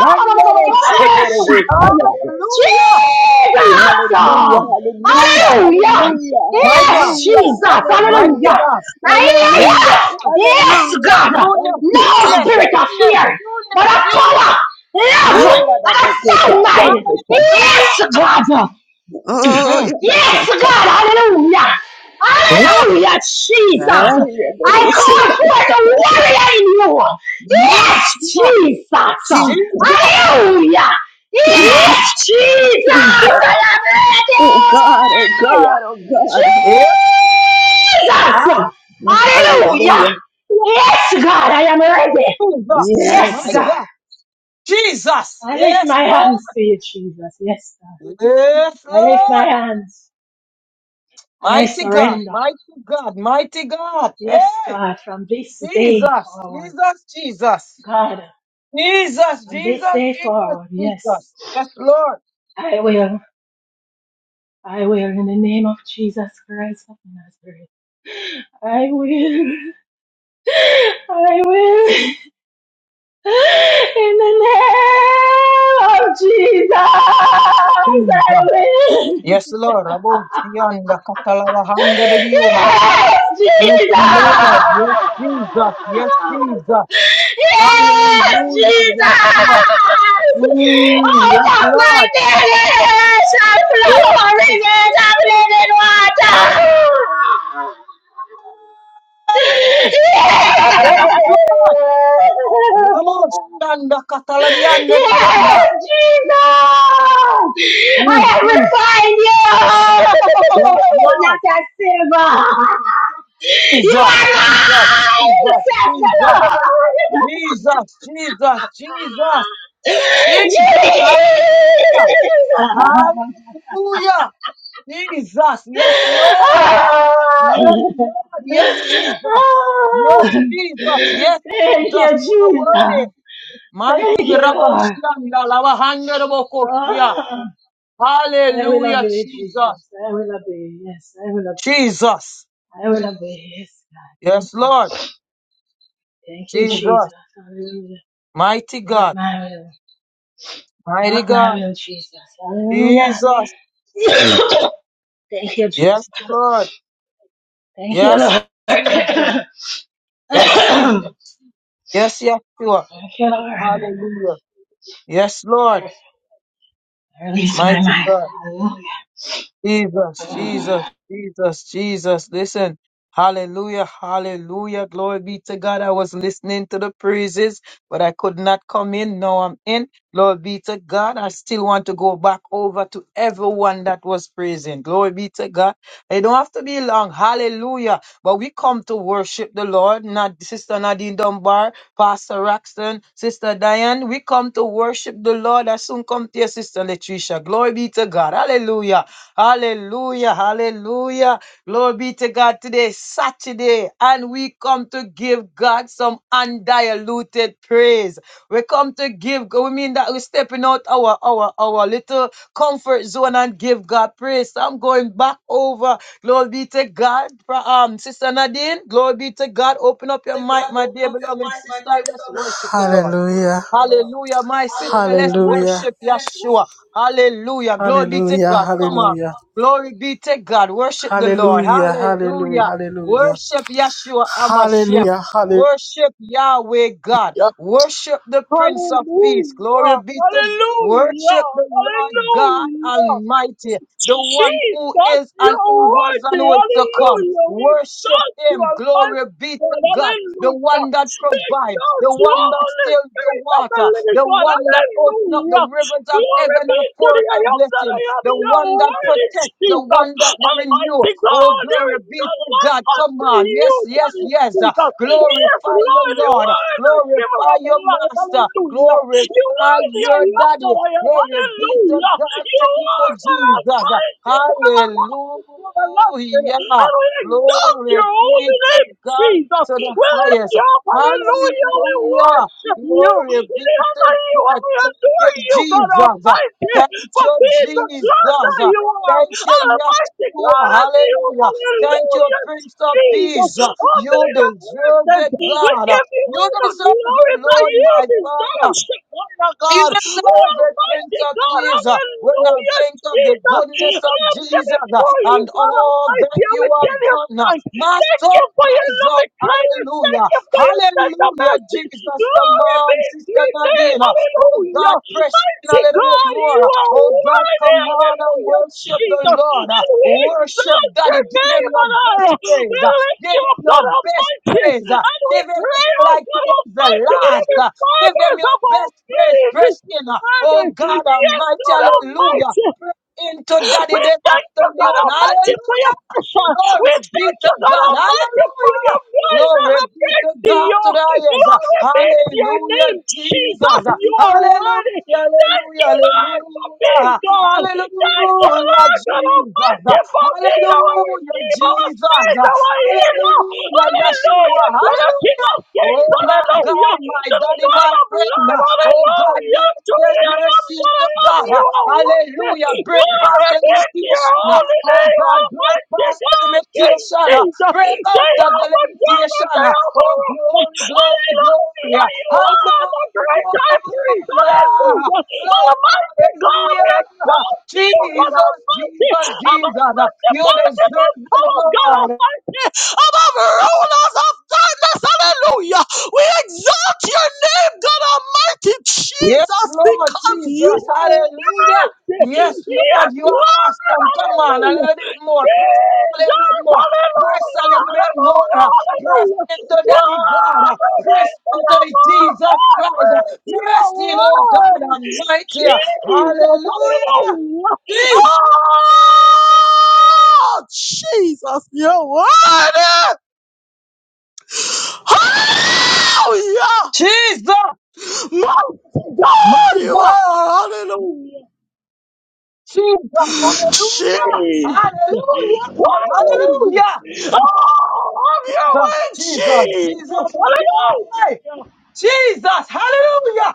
[SPEAKER 4] None of this shit will be cut out.
[SPEAKER 2] Hallelujah.
[SPEAKER 4] Hallelujah, hallelujah, hallelujah,
[SPEAKER 1] Hallelujah!
[SPEAKER 2] My
[SPEAKER 1] Yes,
[SPEAKER 2] God,
[SPEAKER 1] Jesus!
[SPEAKER 2] mighty
[SPEAKER 1] Hallelujah!
[SPEAKER 4] hallelujah,
[SPEAKER 2] God.
[SPEAKER 1] Ay,
[SPEAKER 2] Yes, God.
[SPEAKER 1] Yes!
[SPEAKER 4] hallelujah, hallelujah,
[SPEAKER 1] Yes,
[SPEAKER 4] hallelujah.
[SPEAKER 1] God!
[SPEAKER 4] Thank
[SPEAKER 2] Newness,
[SPEAKER 4] you,
[SPEAKER 1] No
[SPEAKER 2] newness,
[SPEAKER 1] spirit
[SPEAKER 4] Jesus.
[SPEAKER 1] of
[SPEAKER 2] newness,
[SPEAKER 1] fear, but
[SPEAKER 2] newness,
[SPEAKER 1] of power,
[SPEAKER 2] newness.
[SPEAKER 4] No,
[SPEAKER 1] love, and
[SPEAKER 2] Ooh,
[SPEAKER 1] a
[SPEAKER 4] Yadabokota,
[SPEAKER 1] sound
[SPEAKER 4] that's
[SPEAKER 1] mind!
[SPEAKER 4] it.
[SPEAKER 2] hallelujah.
[SPEAKER 1] Yes, God!
[SPEAKER 4] Oh,
[SPEAKER 2] Mm.
[SPEAKER 4] Yadabokota.
[SPEAKER 1] Yes, God, hallelujah.
[SPEAKER 2] Newness,
[SPEAKER 1] Hallelujah, Jesus. I
[SPEAKER 2] newness.
[SPEAKER 1] call forth the warrior in you. Yes,
[SPEAKER 2] Yes, Lord.
[SPEAKER 1] Jesus.
[SPEAKER 4] Jesus,
[SPEAKER 2] Jesus.
[SPEAKER 1] Hallelujah.
[SPEAKER 4] Jesus,
[SPEAKER 2] Yes.
[SPEAKER 1] Yes, Jesus. I
[SPEAKER 4] Jesus.
[SPEAKER 1] am
[SPEAKER 4] Oh God, oh
[SPEAKER 1] ready.
[SPEAKER 4] God, oh God.
[SPEAKER 2] Yes.
[SPEAKER 1] Jesus.
[SPEAKER 2] Hallelujah.
[SPEAKER 1] Hallelujah.
[SPEAKER 4] Hallelujah.
[SPEAKER 1] Yes, God, I am ready.
[SPEAKER 2] Jesus.
[SPEAKER 1] Yes,
[SPEAKER 4] Yes.
[SPEAKER 2] My
[SPEAKER 1] God.
[SPEAKER 2] God. Jesus.
[SPEAKER 1] I lift
[SPEAKER 2] Yes,
[SPEAKER 1] my
[SPEAKER 2] Lord.
[SPEAKER 1] hands to you, Jesus. Yes, God.
[SPEAKER 2] Yes,
[SPEAKER 1] I lift my
[SPEAKER 2] Lord.
[SPEAKER 1] hands and I
[SPEAKER 2] Mighty God.
[SPEAKER 1] surrender.
[SPEAKER 2] Mighty God. Mighty God.
[SPEAKER 1] Yes,
[SPEAKER 2] Hey.
[SPEAKER 1] God, from this day
[SPEAKER 2] Jesus.
[SPEAKER 1] forward.
[SPEAKER 2] Jesus. Jesus.
[SPEAKER 1] God,
[SPEAKER 2] Jesus.
[SPEAKER 1] from this
[SPEAKER 2] Jesus.
[SPEAKER 1] day
[SPEAKER 2] Jesus.
[SPEAKER 1] forward, yes.
[SPEAKER 2] Jesus. Yes, Lord.
[SPEAKER 1] I will. I will in the name of Jesus Christ of Nazareth. I will. I will. In the name of Jesus,
[SPEAKER 2] Jesus.
[SPEAKER 1] I will.
[SPEAKER 2] Yes, Lord. Above the hand, the catalog, the beyond.
[SPEAKER 1] Yes,
[SPEAKER 2] Yes,
[SPEAKER 1] Jesus!
[SPEAKER 2] Lord. Yes, Jesus. Yes, Jesus.
[SPEAKER 1] Yes,
[SPEAKER 2] Hallelujah,
[SPEAKER 1] Jesus!
[SPEAKER 2] Yeshua. Mm,
[SPEAKER 1] Out
[SPEAKER 2] yes,
[SPEAKER 1] of my
[SPEAKER 2] Lord.
[SPEAKER 1] belly shall
[SPEAKER 2] Yes,
[SPEAKER 1] flow rivers of
[SPEAKER 2] Hall-
[SPEAKER 1] living water.
[SPEAKER 2] yes Lord. Ramos,
[SPEAKER 1] Yes!
[SPEAKER 2] Tanda, Catalabianda, Rionda.
[SPEAKER 1] Yes, Jesus! I
[SPEAKER 2] Mm,
[SPEAKER 1] have
[SPEAKER 2] mm.
[SPEAKER 1] refined you!
[SPEAKER 2] Yes,
[SPEAKER 1] Not
[SPEAKER 2] Lord.
[SPEAKER 1] that silver! You
[SPEAKER 2] Jesus,
[SPEAKER 1] are
[SPEAKER 2] Jesus,
[SPEAKER 1] mine!
[SPEAKER 2] Jesus,
[SPEAKER 1] Says the
[SPEAKER 2] Jesus,
[SPEAKER 1] Lord!
[SPEAKER 2] Jesus, Jesus, Jesus,
[SPEAKER 1] Jesus!
[SPEAKER 2] Jesus, hallelujah, hallelujah. Jesus, yes, Lord,
[SPEAKER 1] Ah.
[SPEAKER 2] yes, Lord, yes, Jesus, yes,
[SPEAKER 1] Ah.
[SPEAKER 2] Jesus, yes,
[SPEAKER 1] Thank you,
[SPEAKER 2] Jesus, you are
[SPEAKER 1] Jesus!
[SPEAKER 2] worthy,
[SPEAKER 1] Thank
[SPEAKER 2] Mighty
[SPEAKER 1] you, Lord!
[SPEAKER 2] Raboshanda Lavahandarabokoshia.
[SPEAKER 1] Oh. I will
[SPEAKER 2] Hallelujah,
[SPEAKER 1] obey,
[SPEAKER 2] Jesus.
[SPEAKER 1] Jesus. I will obey. Yes, I will obey.
[SPEAKER 2] Jesus.
[SPEAKER 1] I will obey. Yes, God. Thank
[SPEAKER 2] Yes,
[SPEAKER 1] you.
[SPEAKER 2] Lord.
[SPEAKER 1] Thank you, Jesus.
[SPEAKER 2] Jesus.
[SPEAKER 1] Hallelujah.
[SPEAKER 2] Mighty
[SPEAKER 1] Not
[SPEAKER 2] God.
[SPEAKER 1] my will.
[SPEAKER 2] Mighty
[SPEAKER 1] Not my
[SPEAKER 2] God.
[SPEAKER 1] will, Jesus. Hallelujah.
[SPEAKER 2] Jesus.
[SPEAKER 1] Thank you, Jesus.
[SPEAKER 2] Yes, Lord.
[SPEAKER 1] Thank you,
[SPEAKER 2] Yes,
[SPEAKER 1] Lord. Thank
[SPEAKER 2] Jesus. Yes, Jesus. Yes, Yeshua.
[SPEAKER 1] you, Lord.
[SPEAKER 2] Hallelujah. Yes, Lord.
[SPEAKER 1] I Release my
[SPEAKER 2] Mighty
[SPEAKER 1] life.
[SPEAKER 2] God.
[SPEAKER 1] Hallelujah.
[SPEAKER 2] Jesus,
[SPEAKER 1] Hallelujah!
[SPEAKER 2] Jesus, Jesus, Jesus. Listen. Hallelujah, hallelujah. Glory be to God. I was listening to the praises, but I could not come in. Now I'm in. Glory be to God. I still want to go back over to everyone that was praising. Glory be to God. It don't have to be long. Hallelujah. But we come to worship the Lord, not Sister Nadine Dunbar, Pastor Raxton, Sister Diane. We come to worship the Lord. I soon come to your Sister Latricia. Glory be to God. Hallelujah. Hallelujah. Hallelujah. Glory be to God. Today is Saturday, and we come to give God some undiluted praise. We come to give. We mean that we're stepping out our our our little comfort zone and give God praise. So I'm going back over. Glory be to God. Pra- Um, Sister Nadine, glory be to God. Open up your mic, my dear beloved sister. Let's worship the Lord.
[SPEAKER 6] Hallelujah.
[SPEAKER 2] Hallelujah. My sister, let's
[SPEAKER 6] Hallelujah.
[SPEAKER 2] worship Yeshua. Hallelujah. Glory be to
[SPEAKER 6] Hallelujah.
[SPEAKER 2] God. Come on.
[SPEAKER 6] Hallelujah.
[SPEAKER 2] Glory be to God. Worship the Lord.
[SPEAKER 6] Hallelujah. Hallelujah.
[SPEAKER 2] Hallelujah.
[SPEAKER 6] Hallelujah.
[SPEAKER 2] Worship Yeshua Amashiach.
[SPEAKER 6] Hallelujah. Hallelujah.
[SPEAKER 2] Worship Yahweh God. Worship the Prince of Peace. Glory be to Worship the Lord God Almighty, the one who is and who was and who is to come. Worship him. Glory be to God. The one that provides, the one that
[SPEAKER 6] Holy
[SPEAKER 2] stills the
[SPEAKER 6] Spirit of the
[SPEAKER 2] water,
[SPEAKER 6] living
[SPEAKER 2] the
[SPEAKER 6] God.
[SPEAKER 2] one that opens up the
[SPEAKER 6] Hallelujah.
[SPEAKER 2] rivers of
[SPEAKER 6] Glory
[SPEAKER 2] heaven
[SPEAKER 6] be
[SPEAKER 2] and
[SPEAKER 6] to the
[SPEAKER 2] pours
[SPEAKER 6] I
[SPEAKER 2] a
[SPEAKER 6] am that
[SPEAKER 2] blessing,
[SPEAKER 6] I am.
[SPEAKER 2] the
[SPEAKER 6] Your
[SPEAKER 2] one that
[SPEAKER 6] word is
[SPEAKER 2] protects, the
[SPEAKER 6] Jesus.
[SPEAKER 2] one that renews.
[SPEAKER 6] Almighty
[SPEAKER 2] Oh,
[SPEAKER 6] God, there
[SPEAKER 2] glory
[SPEAKER 6] is
[SPEAKER 2] be
[SPEAKER 6] no
[SPEAKER 2] to
[SPEAKER 6] life
[SPEAKER 2] God. Come
[SPEAKER 6] unto
[SPEAKER 2] on.
[SPEAKER 6] you,
[SPEAKER 2] Yes,
[SPEAKER 6] that
[SPEAKER 2] yes,
[SPEAKER 6] is
[SPEAKER 2] yes. Uh,
[SPEAKER 6] Jesus. Yes,
[SPEAKER 2] Glorify your
[SPEAKER 6] Lord, you
[SPEAKER 2] Lord.
[SPEAKER 6] are the giver
[SPEAKER 2] Glorify
[SPEAKER 6] of
[SPEAKER 2] your
[SPEAKER 6] life.
[SPEAKER 2] Master.
[SPEAKER 6] Hallelujah. You
[SPEAKER 2] Glorify
[SPEAKER 6] are the I am
[SPEAKER 2] your
[SPEAKER 6] that
[SPEAKER 2] Daddy.
[SPEAKER 6] I am.
[SPEAKER 2] Glory be to
[SPEAKER 6] Hallelujah.
[SPEAKER 2] God.
[SPEAKER 6] You
[SPEAKER 2] Thank you,
[SPEAKER 6] are that
[SPEAKER 2] Jesus.
[SPEAKER 6] Almighty, from the Master, the Master.
[SPEAKER 2] Hallelujah.
[SPEAKER 6] And we exalt
[SPEAKER 2] Glory
[SPEAKER 6] your
[SPEAKER 2] be
[SPEAKER 6] holy
[SPEAKER 2] to
[SPEAKER 6] name,
[SPEAKER 2] God
[SPEAKER 6] Jesus.
[SPEAKER 2] to
[SPEAKER 6] We
[SPEAKER 2] the
[SPEAKER 6] lift
[SPEAKER 2] highest.
[SPEAKER 6] you up. Hallelujah. We
[SPEAKER 2] Hallelujah.
[SPEAKER 6] worship you.
[SPEAKER 2] Glory be
[SPEAKER 6] We
[SPEAKER 2] to
[SPEAKER 6] honor you and
[SPEAKER 2] God.
[SPEAKER 6] we
[SPEAKER 2] Thank you,
[SPEAKER 6] adore you, God
[SPEAKER 2] Jesus.
[SPEAKER 6] Almighty,
[SPEAKER 2] Thank
[SPEAKER 6] for
[SPEAKER 2] you,
[SPEAKER 6] being the
[SPEAKER 2] Jesus.
[SPEAKER 6] God that you are.
[SPEAKER 2] Thank you,
[SPEAKER 6] Almighty
[SPEAKER 2] Yeshua.
[SPEAKER 6] God, and you,
[SPEAKER 2] Hallelujah. Thank you,
[SPEAKER 6] hallelujah,
[SPEAKER 2] Prince of
[SPEAKER 6] Jesus,
[SPEAKER 2] Peace. You
[SPEAKER 6] unbelievable
[SPEAKER 2] deserve
[SPEAKER 6] presence.
[SPEAKER 2] it,
[SPEAKER 6] We
[SPEAKER 2] God.
[SPEAKER 6] give you
[SPEAKER 2] You
[SPEAKER 6] all the
[SPEAKER 2] deserve
[SPEAKER 6] glory
[SPEAKER 2] it,
[SPEAKER 6] that
[SPEAKER 2] Lord,
[SPEAKER 6] you
[SPEAKER 2] my Father.
[SPEAKER 6] deserve, Shekinah
[SPEAKER 2] Even
[SPEAKER 6] God.
[SPEAKER 2] though the Prince
[SPEAKER 6] Almighty
[SPEAKER 2] of
[SPEAKER 6] God,
[SPEAKER 2] Peace, uh, when I
[SPEAKER 6] hallelujah,
[SPEAKER 2] think of the
[SPEAKER 6] Jesus.
[SPEAKER 2] goodness of
[SPEAKER 6] I'm
[SPEAKER 2] Jesus uh,
[SPEAKER 6] before you,
[SPEAKER 2] and
[SPEAKER 6] God
[SPEAKER 2] all
[SPEAKER 6] Almighty.
[SPEAKER 2] that
[SPEAKER 6] I
[SPEAKER 2] you
[SPEAKER 6] will
[SPEAKER 2] have
[SPEAKER 6] tell you
[SPEAKER 2] done, uh,
[SPEAKER 6] thanks.
[SPEAKER 2] my
[SPEAKER 6] Thank
[SPEAKER 2] soul
[SPEAKER 6] you for your
[SPEAKER 2] cries out,
[SPEAKER 6] loving kindness. Thank
[SPEAKER 2] Hallelujah!
[SPEAKER 6] you for your tender
[SPEAKER 2] Hallelujah!
[SPEAKER 6] mercy.
[SPEAKER 2] Jesus, come
[SPEAKER 6] Glory be
[SPEAKER 2] on,
[SPEAKER 6] to
[SPEAKER 2] Sister
[SPEAKER 6] your name.
[SPEAKER 2] Nadine. uh, Oh
[SPEAKER 6] Hallelujah.
[SPEAKER 2] God, press in
[SPEAKER 6] Mighty
[SPEAKER 2] a little bit
[SPEAKER 6] God, you
[SPEAKER 2] more. uh,
[SPEAKER 6] are
[SPEAKER 2] Oh God,
[SPEAKER 6] worthy.
[SPEAKER 2] come on and
[SPEAKER 6] Hallelujah.
[SPEAKER 2] worship
[SPEAKER 6] Jesus.
[SPEAKER 2] the
[SPEAKER 6] And
[SPEAKER 2] Lord. uh,
[SPEAKER 6] we
[SPEAKER 2] Worship
[SPEAKER 6] exalt your
[SPEAKER 2] Daddy. Give him
[SPEAKER 6] name
[SPEAKER 2] your
[SPEAKER 6] and honor.
[SPEAKER 2] best praise.
[SPEAKER 6] We
[SPEAKER 2] uh,
[SPEAKER 6] lift
[SPEAKER 2] Give
[SPEAKER 6] you
[SPEAKER 2] him
[SPEAKER 6] up,
[SPEAKER 2] your
[SPEAKER 6] God
[SPEAKER 2] best
[SPEAKER 6] Almighty.
[SPEAKER 2] praise. uh,
[SPEAKER 6] And we
[SPEAKER 2] Give him it
[SPEAKER 6] pray, oh
[SPEAKER 2] like
[SPEAKER 6] God
[SPEAKER 2] today's the
[SPEAKER 6] Almighty, with
[SPEAKER 2] last.
[SPEAKER 6] every
[SPEAKER 2] uh, Give
[SPEAKER 6] fiber
[SPEAKER 2] them your
[SPEAKER 6] of our
[SPEAKER 2] best praise.
[SPEAKER 6] being this
[SPEAKER 2] Press in. uh, Oh
[SPEAKER 6] morning.
[SPEAKER 2] God
[SPEAKER 6] Yes,
[SPEAKER 2] Almighty.
[SPEAKER 6] God
[SPEAKER 2] Hallelujah.
[SPEAKER 6] Almighty.
[SPEAKER 2] Press into daddy
[SPEAKER 6] We
[SPEAKER 2] this
[SPEAKER 6] thank you, God
[SPEAKER 2] afternoon.
[SPEAKER 6] Almighty, for your
[SPEAKER 2] Hallelujah.
[SPEAKER 6] pressure.
[SPEAKER 2] Glory
[SPEAKER 6] We
[SPEAKER 2] be
[SPEAKER 6] thank
[SPEAKER 2] to
[SPEAKER 6] you, God
[SPEAKER 2] God.
[SPEAKER 6] Almighty, for your
[SPEAKER 2] Hallelujah.
[SPEAKER 6] grace
[SPEAKER 2] Glory be to
[SPEAKER 6] and
[SPEAKER 2] God to
[SPEAKER 6] your
[SPEAKER 2] the
[SPEAKER 6] mercy. Your
[SPEAKER 2] highest.
[SPEAKER 6] glory be to your
[SPEAKER 2] Hallelujah,
[SPEAKER 6] name, Jesus.
[SPEAKER 2] Jesus.
[SPEAKER 6] You are
[SPEAKER 2] Hallelujah,
[SPEAKER 6] worthy. Thank you,
[SPEAKER 2] hallelujah,
[SPEAKER 6] Lord, for being
[SPEAKER 2] hallelujah.
[SPEAKER 6] God thank you,
[SPEAKER 2] Hallelujah,
[SPEAKER 6] Lord, for the
[SPEAKER 2] Jesus.
[SPEAKER 6] merciful being our
[SPEAKER 2] Hallelujah,
[SPEAKER 6] Redeemer, our
[SPEAKER 2] Jesus.
[SPEAKER 6] Savior, our Healer.
[SPEAKER 2] Hallelujah, Yeshua.
[SPEAKER 6] Hallelujah to the King
[SPEAKER 2] Hallelujah.
[SPEAKER 6] of Kings.
[SPEAKER 2] Oh my God,
[SPEAKER 6] Hallelujah
[SPEAKER 2] my
[SPEAKER 6] to the
[SPEAKER 2] daddy,
[SPEAKER 6] Lord
[SPEAKER 2] my
[SPEAKER 6] of
[SPEAKER 2] friend.
[SPEAKER 6] Lords.
[SPEAKER 2] uh, Oh God,
[SPEAKER 6] Hallelujah
[SPEAKER 2] yes,
[SPEAKER 6] to
[SPEAKER 2] yes,
[SPEAKER 6] the I am
[SPEAKER 2] mercy
[SPEAKER 6] that I
[SPEAKER 2] to
[SPEAKER 6] am.
[SPEAKER 2] God.
[SPEAKER 6] You
[SPEAKER 2] uh,
[SPEAKER 6] are
[SPEAKER 2] Hallelujah.
[SPEAKER 6] worthy.
[SPEAKER 2] Break past
[SPEAKER 6] Glory
[SPEAKER 2] the
[SPEAKER 6] be to your
[SPEAKER 2] limitation. uh,
[SPEAKER 6] holy
[SPEAKER 2] Oh
[SPEAKER 6] name,
[SPEAKER 2] God, break
[SPEAKER 6] Almighty
[SPEAKER 2] past the
[SPEAKER 6] God, King
[SPEAKER 2] limitation. uh,
[SPEAKER 6] Jesus.
[SPEAKER 2] Break out of the
[SPEAKER 6] Jehovah Jireh,
[SPEAKER 2] limitation. uh,
[SPEAKER 6] Jehovah
[SPEAKER 2] Oh
[SPEAKER 6] Rapha.
[SPEAKER 2] glory, glory, glory.
[SPEAKER 6] Hallelujah,
[SPEAKER 2] uh,
[SPEAKER 6] you are the
[SPEAKER 2] Hallelujah.
[SPEAKER 6] great high priest. Hallelujah.
[SPEAKER 2] Glory,
[SPEAKER 6] Almighty God, we
[SPEAKER 2] hallelujah.
[SPEAKER 6] don't you, God
[SPEAKER 2] Jesus,
[SPEAKER 6] Almighty,
[SPEAKER 2] Jesus,
[SPEAKER 6] above
[SPEAKER 2] Jesus. uh, You
[SPEAKER 6] principalities
[SPEAKER 2] deserve
[SPEAKER 6] and
[SPEAKER 2] the
[SPEAKER 6] powers, God
[SPEAKER 2] Lord.
[SPEAKER 6] Almighty, above rulers of darkness, hallelujah. We exalt your name, God Almighty,
[SPEAKER 2] Yes,
[SPEAKER 6] Jesus,
[SPEAKER 2] Lord
[SPEAKER 6] because you
[SPEAKER 2] Jesus.
[SPEAKER 6] are
[SPEAKER 2] Hallelujah.
[SPEAKER 6] worthy.
[SPEAKER 2] Yes,
[SPEAKER 6] Yes,
[SPEAKER 2] Lord, you
[SPEAKER 6] Lord,
[SPEAKER 2] are awesome. Come on, a
[SPEAKER 6] hallelujah.
[SPEAKER 2] little bit more. Press a little
[SPEAKER 6] Jesus,
[SPEAKER 2] bit more. Press a
[SPEAKER 6] hallelujah,
[SPEAKER 2] little bit more.
[SPEAKER 6] hallelujah,
[SPEAKER 2] Press
[SPEAKER 6] hallelujah.
[SPEAKER 2] into Daddy God.
[SPEAKER 6] Glory be
[SPEAKER 2] Press
[SPEAKER 6] to the
[SPEAKER 2] into Jesus
[SPEAKER 6] Most
[SPEAKER 2] Christ.
[SPEAKER 6] High, you
[SPEAKER 2] Press
[SPEAKER 6] are
[SPEAKER 2] in, oh God
[SPEAKER 6] worthy.
[SPEAKER 2] Almighty.
[SPEAKER 6] Jesus.
[SPEAKER 2] Hallelujah.
[SPEAKER 6] Hallelujah.
[SPEAKER 2] Jesus,
[SPEAKER 6] Oh, Jesus, you're worthy. Hallelujah. Mighty
[SPEAKER 2] my
[SPEAKER 6] God, you
[SPEAKER 2] God.
[SPEAKER 6] are. Hallelujah.
[SPEAKER 2] Jesus. Hallelujah.
[SPEAKER 6] Jesus.
[SPEAKER 2] Hallelujah. Hallelujah.
[SPEAKER 6] Oh, have your way,
[SPEAKER 2] Jesus,
[SPEAKER 6] Jesus. Hallelujah.
[SPEAKER 2] Jesus, Jesus, hallelujah.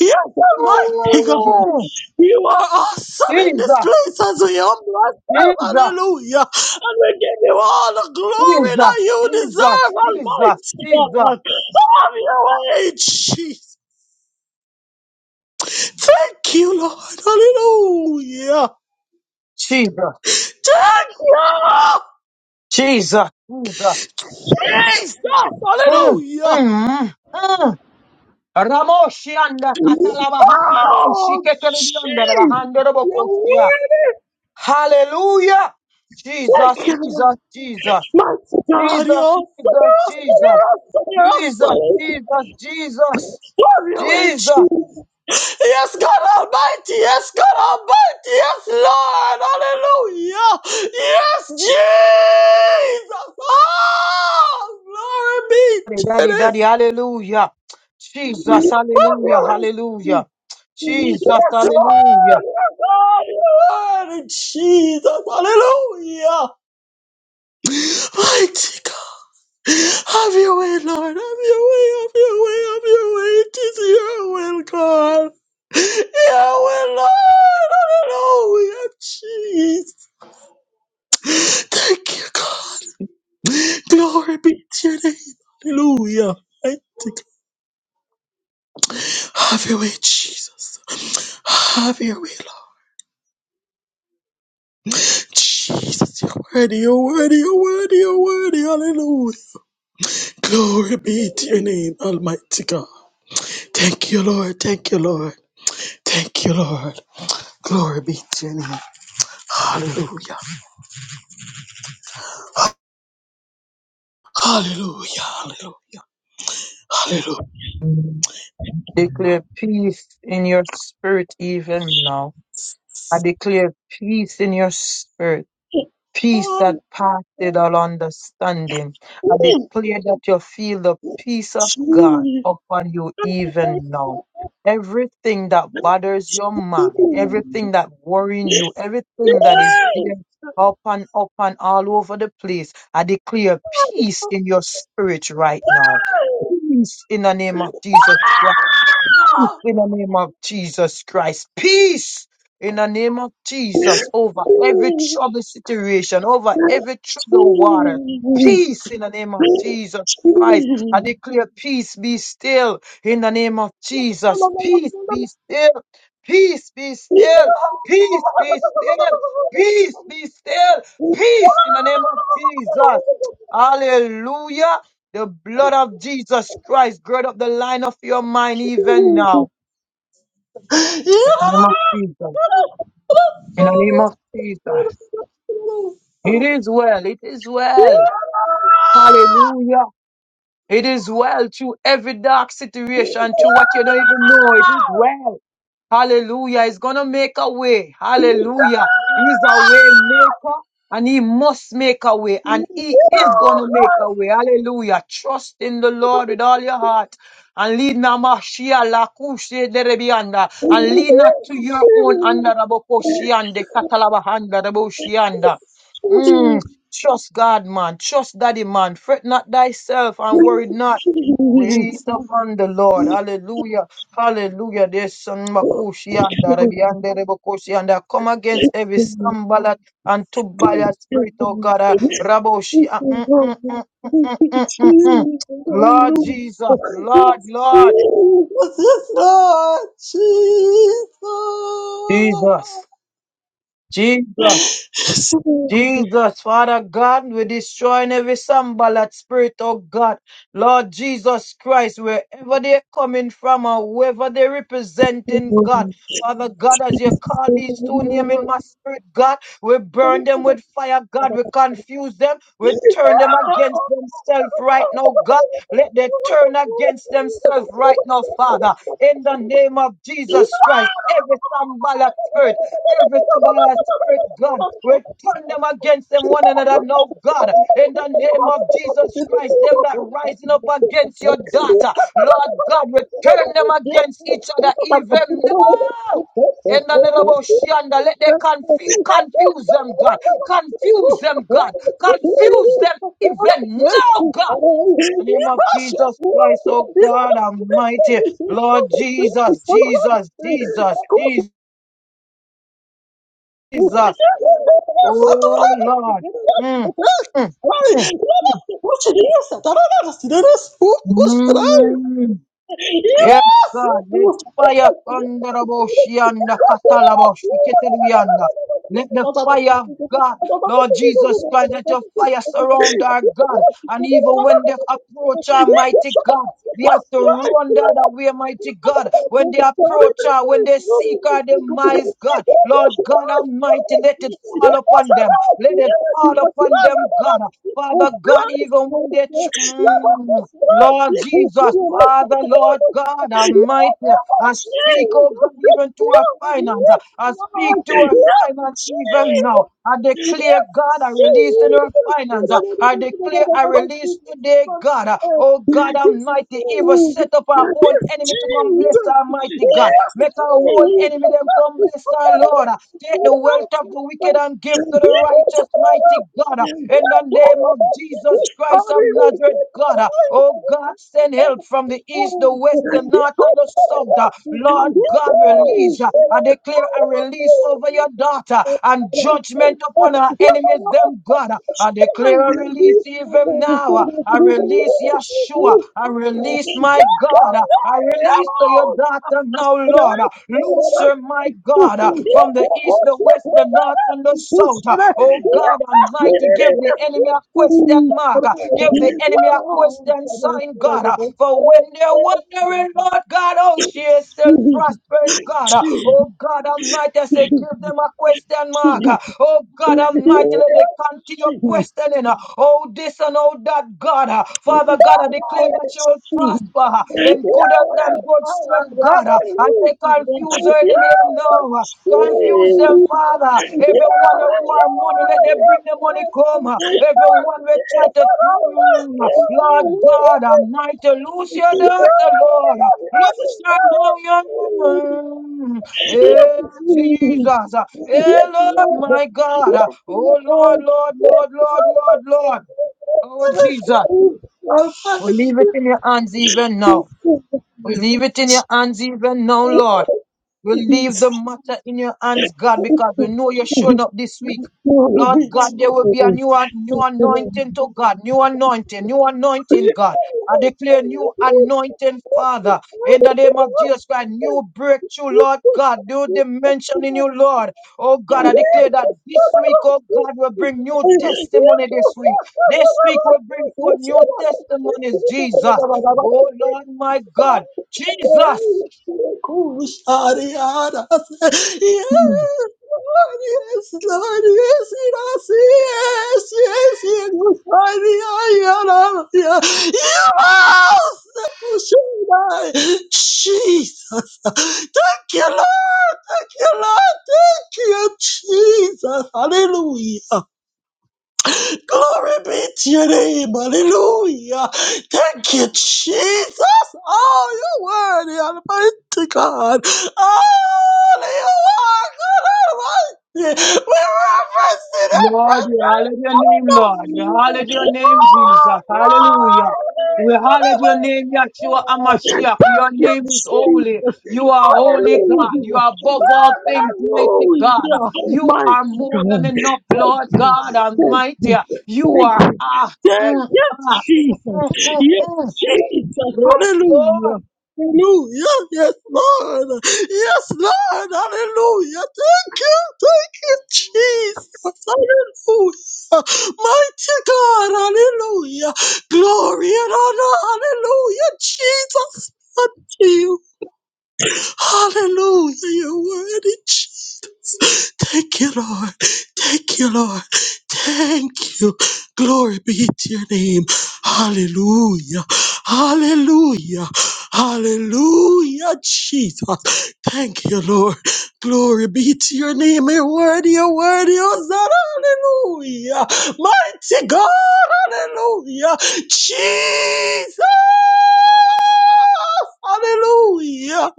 [SPEAKER 6] Yes, Almighty God.
[SPEAKER 2] Mm,
[SPEAKER 6] You are awesome in this
[SPEAKER 2] Jesus,
[SPEAKER 6] place as we humble ourselves.
[SPEAKER 2] Jesus,
[SPEAKER 6] Hallelujah. And we give you all the glory
[SPEAKER 2] Jesus,
[SPEAKER 6] that you deserve,
[SPEAKER 2] Jesus, Jesus, Jesus,
[SPEAKER 6] Almighty God. Have your way, Jesus. Thank you, Lord. Hallelujah.
[SPEAKER 2] Jesus,
[SPEAKER 6] Thank you,
[SPEAKER 2] Jesus, Jesus.
[SPEAKER 6] Jesus.
[SPEAKER 2] Mm,
[SPEAKER 6] Hallelujah.
[SPEAKER 2] mm, mm. Ramoshi anda katalaba handaraboshi
[SPEAKER 6] Oh,
[SPEAKER 2] keterebiyondaraba
[SPEAKER 6] Jesus.
[SPEAKER 2] handarabokoshia. Hallelujah.
[SPEAKER 6] Thank
[SPEAKER 2] Jesus,
[SPEAKER 6] you, Lord.
[SPEAKER 2] Jesus, Jesus,
[SPEAKER 6] My God, you're
[SPEAKER 2] Jesus,
[SPEAKER 6] awesome. You're awesome.
[SPEAKER 2] Jesus,
[SPEAKER 6] You're awesome. You're
[SPEAKER 2] Jesus,
[SPEAKER 6] awesome.
[SPEAKER 2] Jesus, Jesus, Jesus,
[SPEAKER 6] Have your way,
[SPEAKER 2] Jesus,
[SPEAKER 6] Jesus. Yes, God Almighty. Yes, God Almighty. Yes, Lord. Hallelujah. Yes, Jesus. Oh, glory be
[SPEAKER 2] Daddy,
[SPEAKER 6] to
[SPEAKER 2] daddy, daddy,
[SPEAKER 6] this.
[SPEAKER 2] hallelujah. Jesus, hallelujah,
[SPEAKER 6] Yes,
[SPEAKER 2] hallelujah. Jesus, hallelujah.
[SPEAKER 6] Lord, Lord, in Jesus, hallelujah. Mighty God, have your way, Lord, have your way, have your way, have your way. It is your will, God. Your will, Lord, hallelujah, Jesus. Thank you, God. Glory be to your name. Hallelujah. Thank you. Have your way, Jesus. Have your way, Lord. Jesus, you're worthy, you're worthy, you're worthy, you're worthy. Hallelujah. Glory be to your name, Almighty God. Thank you, Lord. Thank you, Lord. Thank you, Lord. Glory be to your name. Hallelujah. Hallelujah. Hallelujah. Hallelujah.
[SPEAKER 2] Declare peace in your spirit even now. I declare peace in your spirit. peace that passeth all understanding. I declare that you feel the peace of God upon you even now.
[SPEAKER 6] Oh,
[SPEAKER 2] Everything that bothers your
[SPEAKER 6] Yeah!
[SPEAKER 2] mind, everything that worrying you, everything that is there up and up and all over the place, I declare peace in your spirit right now. Peace in the name of Jesus Christ in the name of Jesus Christ. Peace in the name of Jesus over every troubled situation, over every troubled water. Peace in the name of Jesus Christ. I declare peace be still in the name of Jesus. Peace be still. Peace be still. Peace be still. Peace be still. Peace in the name of Jesus. Hallelujah. The blood of Jesus Christ gird up the line of your mind even now. In the name of Jesus. In the name of Jesus. It is well. It is well. Hallelujah. It is well through every dark situation, through what you don't even know. It is well. Hallelujah. He's going to make a way. Hallelujah. He's a way maker and he must make a way and he is going to make a way. Hallelujah. Trust in the Lord with all your heart and lead Namashia Lakushe Derebianda and lead not to your own
[SPEAKER 6] Jesus.
[SPEAKER 2] Andarabokoshiande Katalabahanda Raboshianda. Mm, trust God, man. Trust Daddy, man. Fret not thyself and worry not. Wait upon the Lord. Hallelujah. Hallelujah. There's some Makushi and Arabiande Rebokoshi and I come against every Sambalat and Tubala spirit, oh God, uh, Raboshi. uh, mm, mm, mm, mm, mm, mm, mm, mm. mm. Lord Jesus, Lord, Lord, Jesus, Jesus. Jesus, Father God, we destroying every sambalat spirit, oh God. Lord Jesus Christ, wherever they're coming from or whoever they're representing, God. Father God, as you call these two names in my spirit, God, we burn them with fire, God. We confuse them. We turn them against themselves right now, God. Let them turn against themselves right now, Father. In the name of Jesus Christ, every sambalat spirit every Tobiah spirit, God. We turn them against them one another now, God. In the name of Jesus Christ, them that rising up against your daughter, Lord God, we turn them against each other even now. In the name of Oceana, let they confuse, confuse them, God. Confuse them, God. Confuse them even now, God. In the name of Jesus Christ, oh God Almighty, Lord Jesus, Jesus, Jesus, Jesus. Oh Lord. Mm, mm, mm.
[SPEAKER 6] Yes,
[SPEAKER 2] Mm. Yes, God, let fire thunder Aboshianda, Katalabosh, Keteluianda. Let the fire of God, Lord Jesus Christ, let your fire surround our God. And even when they approach our mighty God, we have to run the other
[SPEAKER 6] Yes!
[SPEAKER 2] way,
[SPEAKER 6] Jesus, Jesus,
[SPEAKER 2] mighty God. When they approach her, when they seek her demise, God, Lord God Almighty, let it fall upon them. Let it fall upon them, God. Father God, even when they, tr- mm, Lord Jesus, Father, Lord God Almighty, I speak, oh God, even to our finance. I speak to our finance even now. I declare, God, I release in our finance. I declare, I release today, God. Oh
[SPEAKER 6] Yes,
[SPEAKER 2] God Almighty, even
[SPEAKER 6] Jesus,
[SPEAKER 2] set up our
[SPEAKER 6] Yes,
[SPEAKER 2] own enemy to come bless
[SPEAKER 6] Jesus.
[SPEAKER 2] our mighty God.
[SPEAKER 6] Yes,
[SPEAKER 2] Make our own enemy them come bless our Lord. Take the wealth of the wicked and give to the righteous, mighty God. In the name of Jesus Christ of Nazareth, God. Oh God, send help from the east, the west, the north, and the south. Lord God, release. I declare a release over
[SPEAKER 6] Jesus.
[SPEAKER 2] your daughter and judgment upon her enemies, them God. I declare a release even now. I release Yeshua. I release my God. God. I release to your daughter now, Lord. Loose her, my God, from the east, the west, the north, and the south. Oh God Almighty, give the enemy a question mark. Give the enemy a question sign, God. For when they're wondering, Lord God, oh, she is still prospering, God. Oh God Almighty, I say, give them a question mark. Oh God Almighty, let they continue without
[SPEAKER 6] Yes.
[SPEAKER 2] questioning. uh, Oh, this and oh, that, God. uh, Father God, I declare that you will prosper uh, in good health and good strength, God. uh, I say, confuse your enemy now. uh, Confuse them, Father. Everyone who want money, let them bring the money come. uh, Everyone will try to, Mm, Lord God, I'm not to lose your daughter, Lord. Lose her now,
[SPEAKER 6] Hallelujah.
[SPEAKER 2] young
[SPEAKER 6] Yes,
[SPEAKER 2] Eh,
[SPEAKER 6] Jesus.
[SPEAKER 2] Jesus. Eh,
[SPEAKER 6] Yes,
[SPEAKER 2] Lord,
[SPEAKER 6] Lord.
[SPEAKER 2] my
[SPEAKER 6] Yes,
[SPEAKER 2] God. Oh, Lord,
[SPEAKER 6] Lord.
[SPEAKER 2] Lord,
[SPEAKER 6] Yes,
[SPEAKER 2] Lord, Lord,
[SPEAKER 6] Lord.
[SPEAKER 2] Lord, Lord. Oh, Jesus.
[SPEAKER 6] Our Father,
[SPEAKER 2] We leave it in your hands even now. We
[SPEAKER 6] please.
[SPEAKER 2] leave it in your hands even now, Lord. We leave
[SPEAKER 6] it's
[SPEAKER 2] the matter in your hands, God, because we know you're showing up this week.
[SPEAKER 6] glory
[SPEAKER 2] Lord
[SPEAKER 6] be to
[SPEAKER 2] God, there will be a
[SPEAKER 6] you.
[SPEAKER 2] new, new
[SPEAKER 6] Thank
[SPEAKER 2] anointing to God, new anointing, new anointing, God. I declare new anointing, Father, in the name of Jesus Christ, new breakthrough, Lord God, new dimension in you, Lord. Oh God, I declare that this week, oh God, will bring new testimony this week. This week will bring forth new testimonies, Jesus.
[SPEAKER 6] Yes, Lord.
[SPEAKER 2] Oh Lord, my
[SPEAKER 6] Yes,
[SPEAKER 2] God,
[SPEAKER 6] Lord,
[SPEAKER 2] Jesus.
[SPEAKER 6] yes, Lord, yes, yes, yes, yes, yes, Ariana, yes, Jesus. Thank you, Lord. Thank you, Lord. Thank you, Jesus. Hallelujah. Glory be to your name. Hallelujah. Thank you, Jesus. Oh, you're worthy, Almighty God. Oh, you are good, Almighty. We reverence the
[SPEAKER 2] Lord,
[SPEAKER 6] reference.
[SPEAKER 2] we
[SPEAKER 6] it.
[SPEAKER 2] holler your name, Lord. We
[SPEAKER 6] Hallelujah.
[SPEAKER 2] holler your name, Jesus. Hallelujah.
[SPEAKER 6] Glory
[SPEAKER 2] We
[SPEAKER 6] to the
[SPEAKER 2] holler your name, Yahshua
[SPEAKER 6] Lord.
[SPEAKER 2] Amashiach. Your
[SPEAKER 6] Thank you,
[SPEAKER 2] name is
[SPEAKER 6] Jesus.
[SPEAKER 2] holy. You are holy God. You are above all things, mighty God. You are more than enough, Lord God
[SPEAKER 6] Thank
[SPEAKER 2] Almighty. You are
[SPEAKER 6] you,
[SPEAKER 2] ah,
[SPEAKER 6] Yes, yes, Jesus. Yes, Jesus. Hallelujah. Hallelujah. Yes, Lord. Yes, Lord. Hallelujah. Thank you. Thank you, Jesus. Hallelujah. Mighty God. Hallelujah. Glory and honor. Hallelujah. Jesus. unto you. Hallelujah. You're worthy, Jesus. Thank you, Lord. Thank you, Lord. Thank you. Glory be to your name. Hallelujah. Hallelujah. Hallelujah, Jesus. Thank you, Lord. Glory be to your name. You're worthy, you're worthy. Hosanna. Hallelujah. Mighty God. Hallelujah. Jesus. Hallelujah.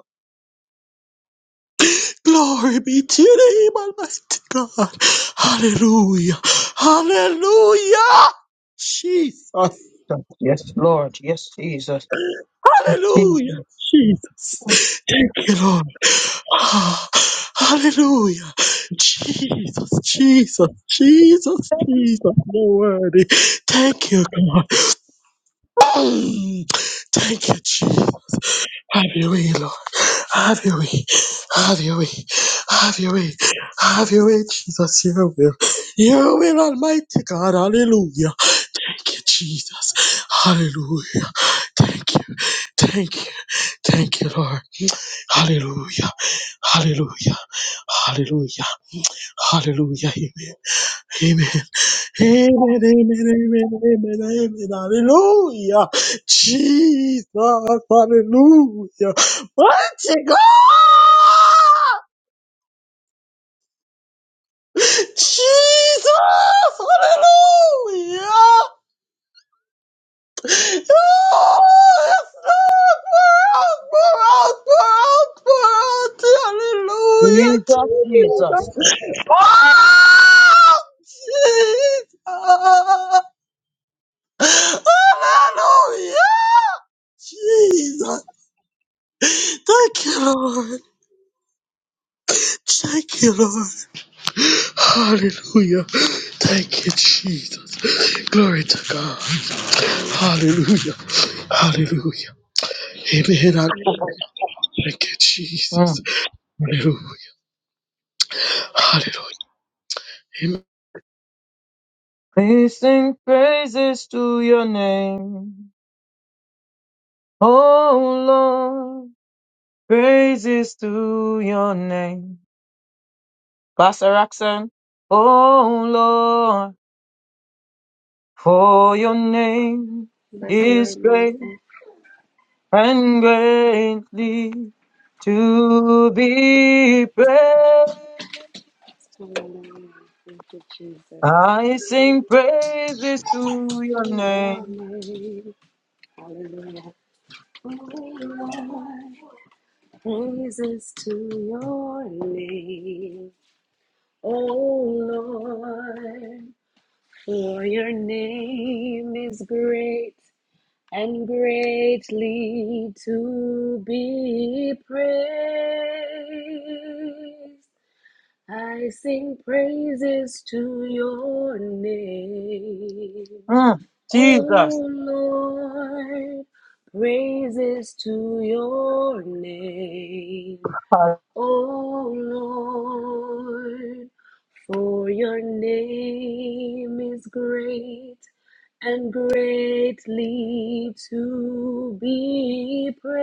[SPEAKER 6] Glory be to your name, Almighty God. Hallelujah. Hallelujah. Jesus.
[SPEAKER 2] Yes, Lord. Yes, Jesus. Oh, Jesus,
[SPEAKER 6] Hallelujah. Jesus. Thank you, Lord. Ah, Hallelujah. Jesus, Jesus, Jesus, Jesus. No worthy. Thank you, God. Mm. Thank you, Jesus. Have your way, Lord. Have your way. Have your way. Have your way. Have your way, Jesus. Your will. Your will, Almighty God. Hallelujah. Thank you, Jesus. Hallelujah. Thank you. Thank you. Thank you, Lord. Hallelujah. Hallelujah. Hallelujah. Hallelujah. Amen. Amen. Amen, amen, amen, amen, amen. Hallelujah. Jesus, hallelujah. Mighty God. Jesus, hallelujah. Oh, yes, Lord, pour out, pour out, pour out, pour out. Hallelujah,
[SPEAKER 2] Jesus.
[SPEAKER 6] Jesus.
[SPEAKER 2] Jesus.
[SPEAKER 6] Pour out, Jesus. Hallelujah. Jesus. Thank you, Lord. Thank you, Lord. Hallelujah. Thank you, Jesus. Glory to God. Hallelujah. Hallelujah. Amen. Hallelujah. Thank you, Jesus.
[SPEAKER 2] Mm.
[SPEAKER 6] Hallelujah. Hallelujah. Amen.
[SPEAKER 2] We sing praises to your name, oh Lord. Praises to your name. Pastor Roxanne. Oh Lord, for your name
[SPEAKER 7] Bless the
[SPEAKER 2] is
[SPEAKER 7] Lord,
[SPEAKER 2] great
[SPEAKER 7] minister.
[SPEAKER 2] and greatly to be praised.
[SPEAKER 7] Hallelujah. Thank you, Jesus.
[SPEAKER 2] I sing praises to your
[SPEAKER 7] You
[SPEAKER 2] name.
[SPEAKER 7] Hallelujah. Praises to your name, oh Lord, for your name is great and greatly to be praised. I sing praises to your name.
[SPEAKER 2] Mm, Jesus,
[SPEAKER 7] Oh Lord, praises to your name. Oh Lord, for your name is great and greatly to be praised.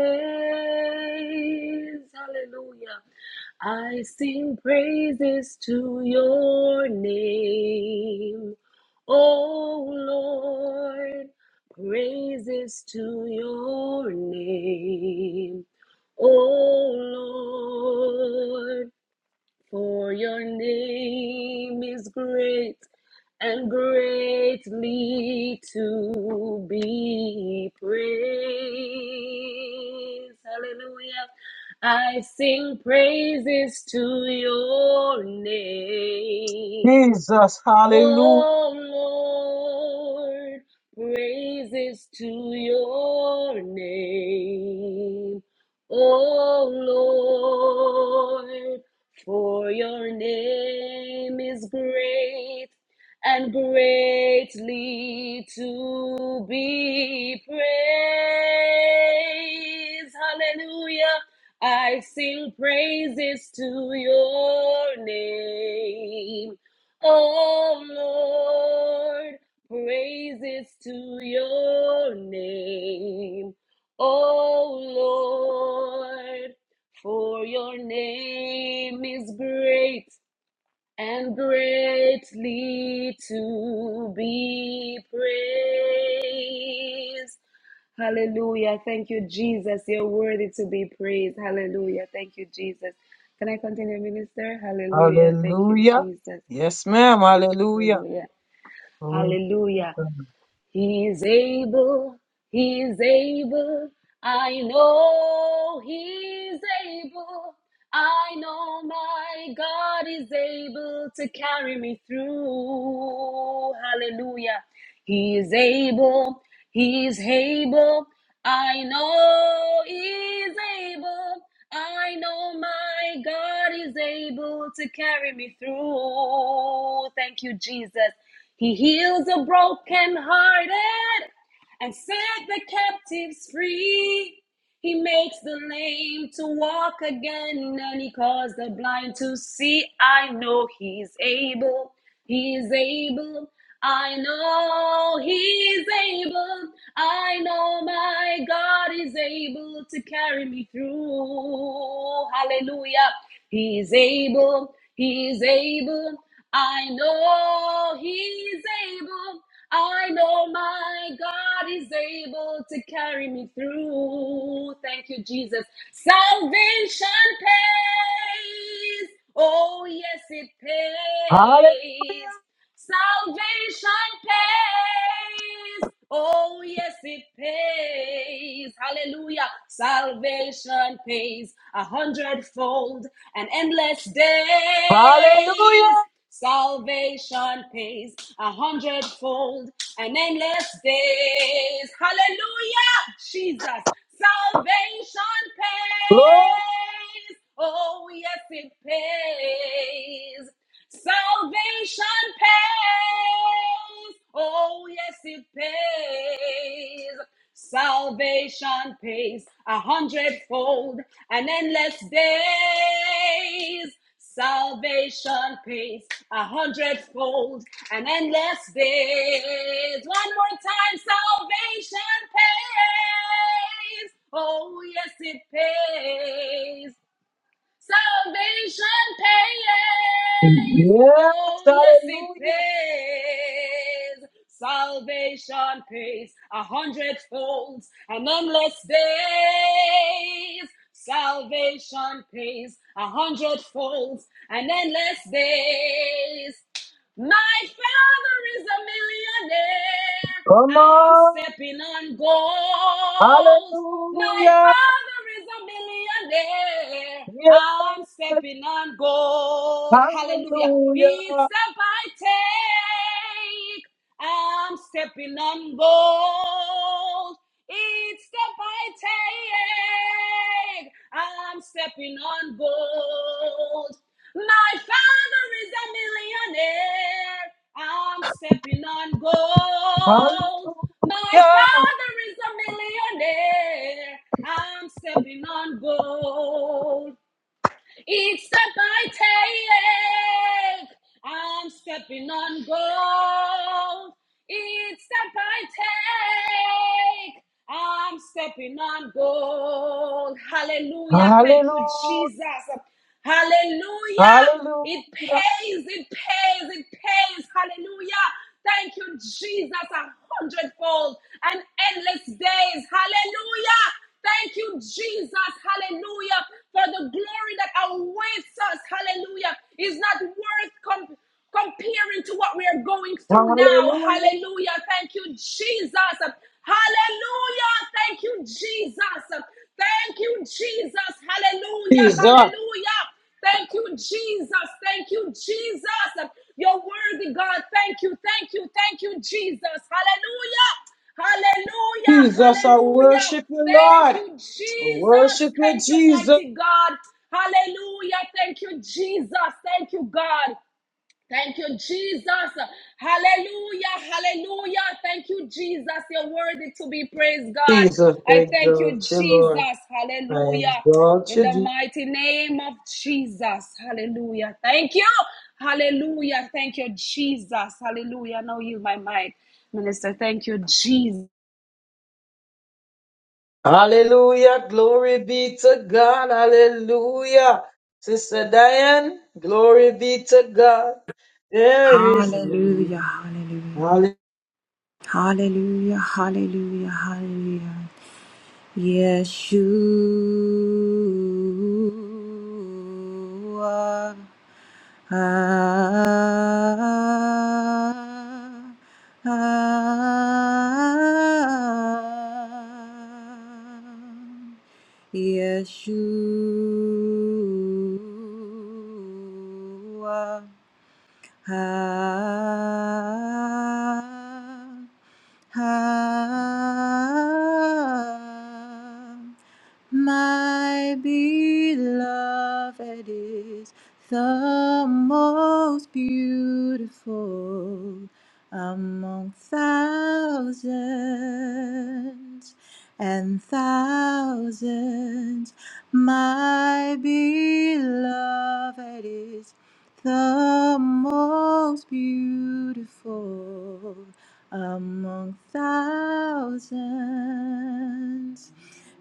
[SPEAKER 7] Hallelujah. I sing praises to your name. Oh Lord, praises to your name. Oh Lord, for your name is great and greatly to be praised. Hallelujah. I sing praises to your name.
[SPEAKER 2] Jesus, hallelujah,
[SPEAKER 7] Oh Lord, praises to your name. O Lord, for your name is great and greatly to be praised. Hallelujah. I sing praises to your name. O Lord, praises to your name. O Lord, for your name is great and greatly to be praised. Hallelujah. Thank you, Jesus. You're worthy to be praised. Hallelujah. Thank you, Jesus. Can I continue, Minister? Hallelujah. Thank you,
[SPEAKER 2] hallelujah.
[SPEAKER 7] Jesus.
[SPEAKER 2] Yes, ma'am, hallelujah.
[SPEAKER 7] Hallelujah.
[SPEAKER 2] Glory to
[SPEAKER 7] Hallelujah.
[SPEAKER 2] God.
[SPEAKER 7] He is able, he is able. I know he is able. I know my God is able to carry me through. Hallelujah. He is able, he is able. I know he is able. I know my God is able to carry me through. Thank you, Jesus. He heals the brokenhearted and set the captives free. He makes the lame to walk again and he calls the blind to see. I know he's able. He is able. I know he is able. I know my God is able to carry me through. Hallelujah. He is able. He is able. I know he's able. I know my God is able to carry me through. Thank you, Jesus. Salvation pays. Oh, yes, it
[SPEAKER 2] Halle-
[SPEAKER 7] pays. Salvation pays. Oh, yes, it pays. Hallelujah. Salvation pays a hundredfold and endless days.
[SPEAKER 2] Hallelujah.
[SPEAKER 7] Salvation pays a hundredfold and endless days. Hallelujah, Jesus. Salvation
[SPEAKER 2] Glory
[SPEAKER 7] pays. Oh, yes, it pays. Salvation pays. Oh, yes, it pays. Salvation pays a hundredfold and endless days. Salvation pays a hundredfold and endless days. One more time, salvation pays. Oh, yes, it pays. Salvation pays. Oh, yes, it
[SPEAKER 2] Hallelujah.
[SPEAKER 7] pays. Salvation pays a hundredfold and endless days. Salvation pays a hundredfold and endless days. My father is a millionaire.
[SPEAKER 2] Come
[SPEAKER 7] I'm
[SPEAKER 2] on.
[SPEAKER 7] stepping on gold. My
[SPEAKER 2] Hallelujah.
[SPEAKER 7] father is a millionaire.
[SPEAKER 2] Yes.
[SPEAKER 7] I'm stepping on gold. Hallelujah. Each
[SPEAKER 2] Hallelujah.
[SPEAKER 7] step I take, I'm stepping on gold. Each step I take, I'm stepping on gold. My father is a millionaire. I'm stepping on gold. My
[SPEAKER 2] Hallelujah.
[SPEAKER 7] father is a millionaire. I'm stepping on gold. Each step I take, I'm stepping on gold. Each step I take, I'm stepping on gold. Hallelujah. Thank you,
[SPEAKER 2] Hallelujah.
[SPEAKER 7] Jesus. Hallelujah.
[SPEAKER 2] Hallelujah.
[SPEAKER 7] It pays, it pays, it pays. Hallelujah. Thank you, Jesus, a hundredfold and endless days. Hallelujah. Thank you, Jesus. Hallelujah. For the glory that awaits us. Hallelujah. Is not worth comp- comparing to what we are going through now.
[SPEAKER 2] Hallelujah.
[SPEAKER 7] Hallelujah. Thank you, Jesus. Hallelujah. Thank you, Jesus. Thank you, Jesus. Hallelujah.
[SPEAKER 2] Jesus.
[SPEAKER 7] Hallelujah. Thank you, Jesus. Thank you, Jesus. You're worthy, God. Thank you. Thank you. Thank you, Jesus. Hallelujah. Hallelujah.
[SPEAKER 2] Jesus, I
[SPEAKER 7] Hallelujah.
[SPEAKER 2] worship you,
[SPEAKER 7] Thank
[SPEAKER 2] Lord. I
[SPEAKER 7] you, Jesus.
[SPEAKER 2] worship you,
[SPEAKER 7] Thank you,
[SPEAKER 2] Jesus.
[SPEAKER 7] mighty God. Hallelujah. Thank you, Jesus. Thank you, God. Thank you, Jesus. Hallelujah. Hallelujah. Thank you, Jesus. You're worthy to be praised, God.
[SPEAKER 2] Jesus, I
[SPEAKER 7] I thank you,
[SPEAKER 2] exalt you, Lord.
[SPEAKER 7] Jesus.
[SPEAKER 2] I
[SPEAKER 7] Hallelujah.
[SPEAKER 2] exalt
[SPEAKER 7] In
[SPEAKER 2] you,
[SPEAKER 7] the
[SPEAKER 2] Jesus.
[SPEAKER 7] mighty name of Jesus. Hallelujah. Thank you. Hallelujah. Thank you, Jesus. Hallelujah. Now you, my mind, minister. Thank you, Jesus.
[SPEAKER 2] Sister, yeah.
[SPEAKER 8] Hallelujah, hallelujah, hallelujah, hallelujah, hallelujah. Yeshua. ah, ah, Yeshua ha ha my beloved is the most beautiful among thousands and thousands my beloved is the most beautiful among thousands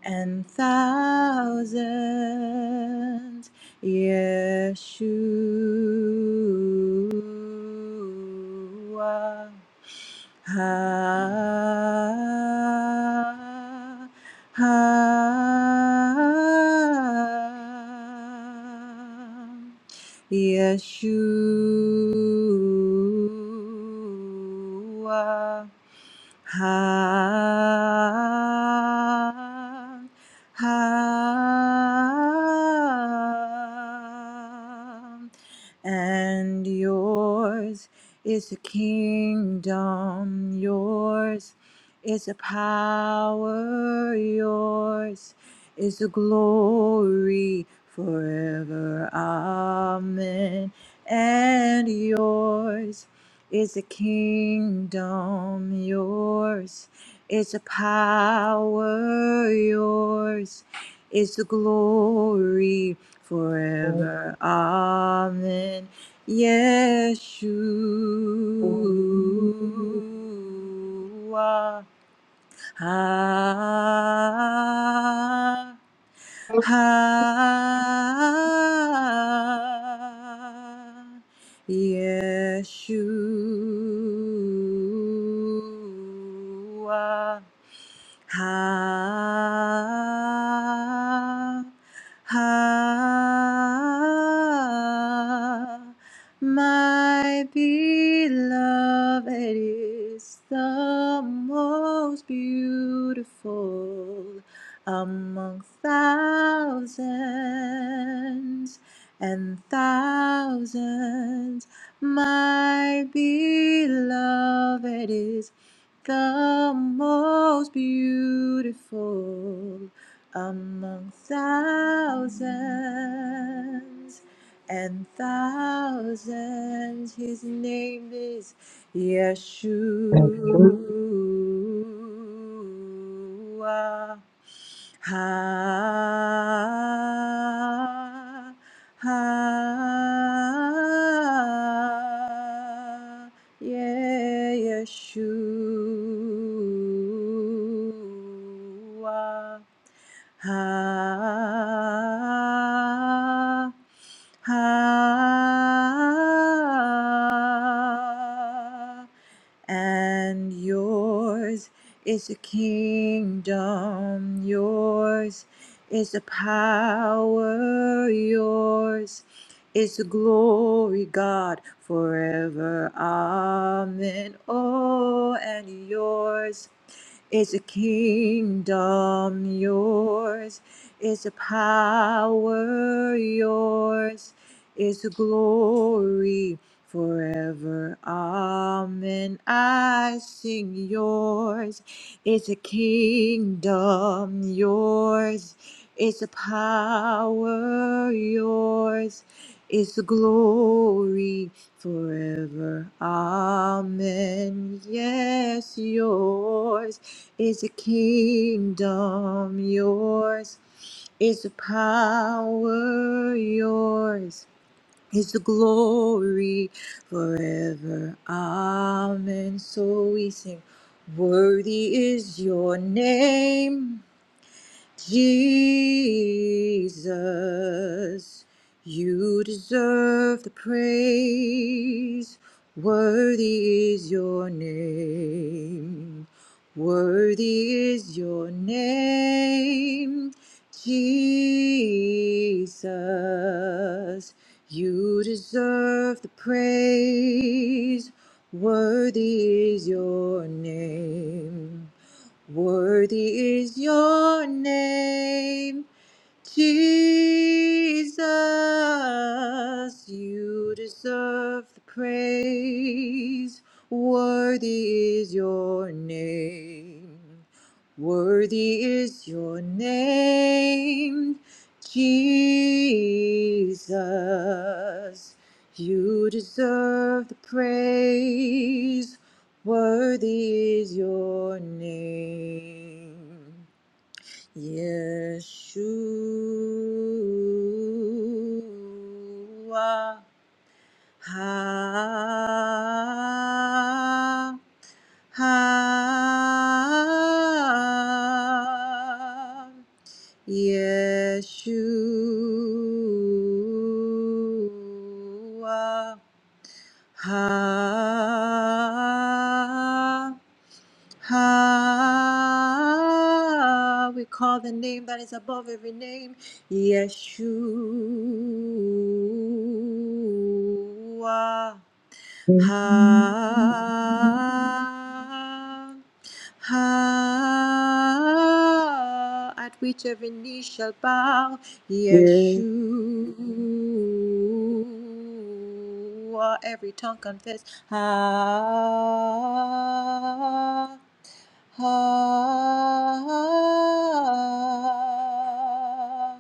[SPEAKER 8] and thousands, Yeshua ah, ah, Yeshua ha, ha. And yours is the kingdom, yours is the power, yours is the glory forever. Amen. And yours. Is the kingdom yours? Is the power yours? Is the glory forever? Amen. Yeshua. Ah. Ha Yeshua. Ha, ha, my beloved is the most beautiful among thousands and thousands. My beloved is the most beautiful among thousands and thousands. His name is Yeshua. Ha, ha, yeah, Yeshua. Ha, ha, and yours is the kingdom, yours is the power, yours is the glory, God, forever. Amen. Oh, and yours is the kingdom, yours is the power, yours is the glory forever. Amen. I sing yours. It's a kingdom yours. It's a power yours. It's a glory forever. Amen. Yes, yours. It's a kingdom yours. It's a power yours is the glory forever. Amen. So we sing, Worthy is your name. Jesus, you deserve the praise. Worthy is your name. Worthy is your name, Jesus. You deserve the praise. Worthy is your name. Worthy is your name, Jesus. You deserve the praise. Worthy is your name. Worthy is your name, Jesus. You deserve the praise. Worthy is your name, Yeshua. Ha, ha, Yeshua. Ha, Ah, we call the name that is above every name, Yeshua. Ah, Ah, at which every knee shall bow, Yeshua, every tongue confess. Ah, Ah,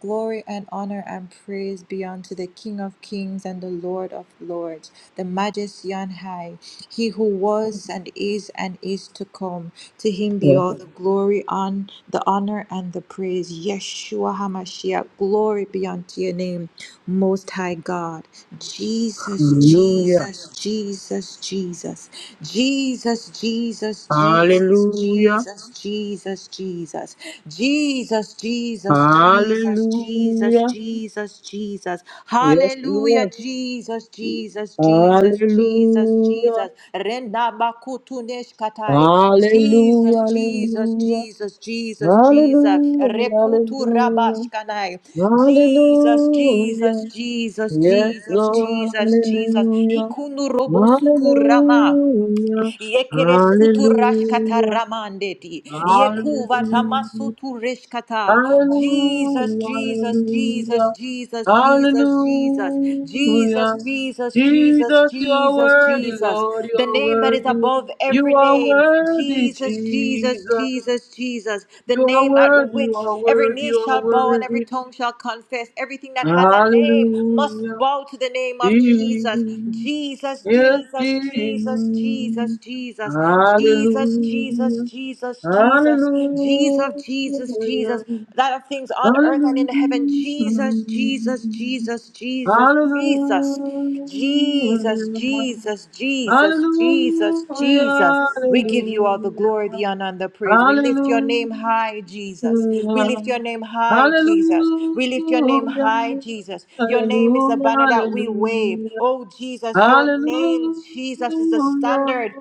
[SPEAKER 8] glory and honor and praise be unto the King of kings and the Lord of lords, the majesty on high. He who was and is and is to come, to him be all the glory, on the honor, and the praise. Yeshua HaMashiach, glory be unto your name, Most High God. Jesus, Jesus, Jesus, Jesus, Jesus, Jesus, Jesus, Jesus, Jesus, Jesus, Jesus, Jesus, Jesus, Jesus, Jesus, Jesus, Jesus. Hallelujah, Jesus, Jesus, Jesus, Jesus, Jesus. Renda makutunesh katai.
[SPEAKER 2] Hallelujah,
[SPEAKER 8] Jesus, Jesus,
[SPEAKER 2] hallelujah,
[SPEAKER 8] Jesus, Jesus, Jesus.
[SPEAKER 2] hallelujah,
[SPEAKER 8] Rekutu
[SPEAKER 2] hallelujah.
[SPEAKER 8] rabashkanai. Jesus,
[SPEAKER 2] Hallelujah,
[SPEAKER 8] Jesus, Jesus,
[SPEAKER 2] Yes,
[SPEAKER 8] Jesus,
[SPEAKER 2] Lord,
[SPEAKER 8] Jesus, Jesus.
[SPEAKER 2] hallelujah,
[SPEAKER 8] Ikunu robosutu rama.
[SPEAKER 2] hallelujah,
[SPEAKER 8] Yekere sutu rashkata
[SPEAKER 2] hallelujah,
[SPEAKER 8] ramandeti. Yekuva
[SPEAKER 2] hallelujah,
[SPEAKER 8] tamasutu reshkata. Jesus, Jesus, Jesus,
[SPEAKER 2] hallelujah,
[SPEAKER 8] Jesus, Jesus, Jesus, Jesus,
[SPEAKER 2] hallelujah.
[SPEAKER 8] Jesus, Jesus,
[SPEAKER 2] Jesus, you
[SPEAKER 8] Jesus,
[SPEAKER 2] are
[SPEAKER 8] Jesus. The
[SPEAKER 2] you're
[SPEAKER 8] name that is
[SPEAKER 2] worthy.
[SPEAKER 8] above
[SPEAKER 2] You
[SPEAKER 8] every
[SPEAKER 2] are
[SPEAKER 8] name.
[SPEAKER 2] worthy,
[SPEAKER 8] Jesus, Jesus,
[SPEAKER 2] Jesus.
[SPEAKER 8] Jesus, Jesus. The
[SPEAKER 2] You are
[SPEAKER 8] name at
[SPEAKER 2] worthy, you
[SPEAKER 8] which
[SPEAKER 2] are
[SPEAKER 8] every
[SPEAKER 2] worthy,
[SPEAKER 8] knee
[SPEAKER 2] you are
[SPEAKER 8] shall bow and every
[SPEAKER 2] worthy.
[SPEAKER 8] tongue shall confess. Everything that has a name must
[SPEAKER 2] Hallelujah.
[SPEAKER 8] bow to the name of Jesus. Jesus,
[SPEAKER 2] Yes,
[SPEAKER 8] Jesus, Jesus, Jesus,
[SPEAKER 2] Jesus.
[SPEAKER 8] Jesus. Jesus, Jesus, Jesus,
[SPEAKER 2] Hallelujah.
[SPEAKER 8] Jesus, Jesus, Jesus, Jesus, Jesus,
[SPEAKER 2] Hallelujah.
[SPEAKER 8] that of things on earth and in heaven.
[SPEAKER 2] Hallelujah.
[SPEAKER 8] Jesus, Jesus, Jesus, Jesus, Jesus.
[SPEAKER 2] Hallelujah.
[SPEAKER 8] Jesus, Jesus, Jesus, Jesus, Jesus. We give you all the glory, the honor, and the praise. We lift your name high, Jesus. We lift your name high, Jesus. We lift your name high, Jesus. Your name is the banner that we wave. Oh, Jesus, your name, Jesus, is the standard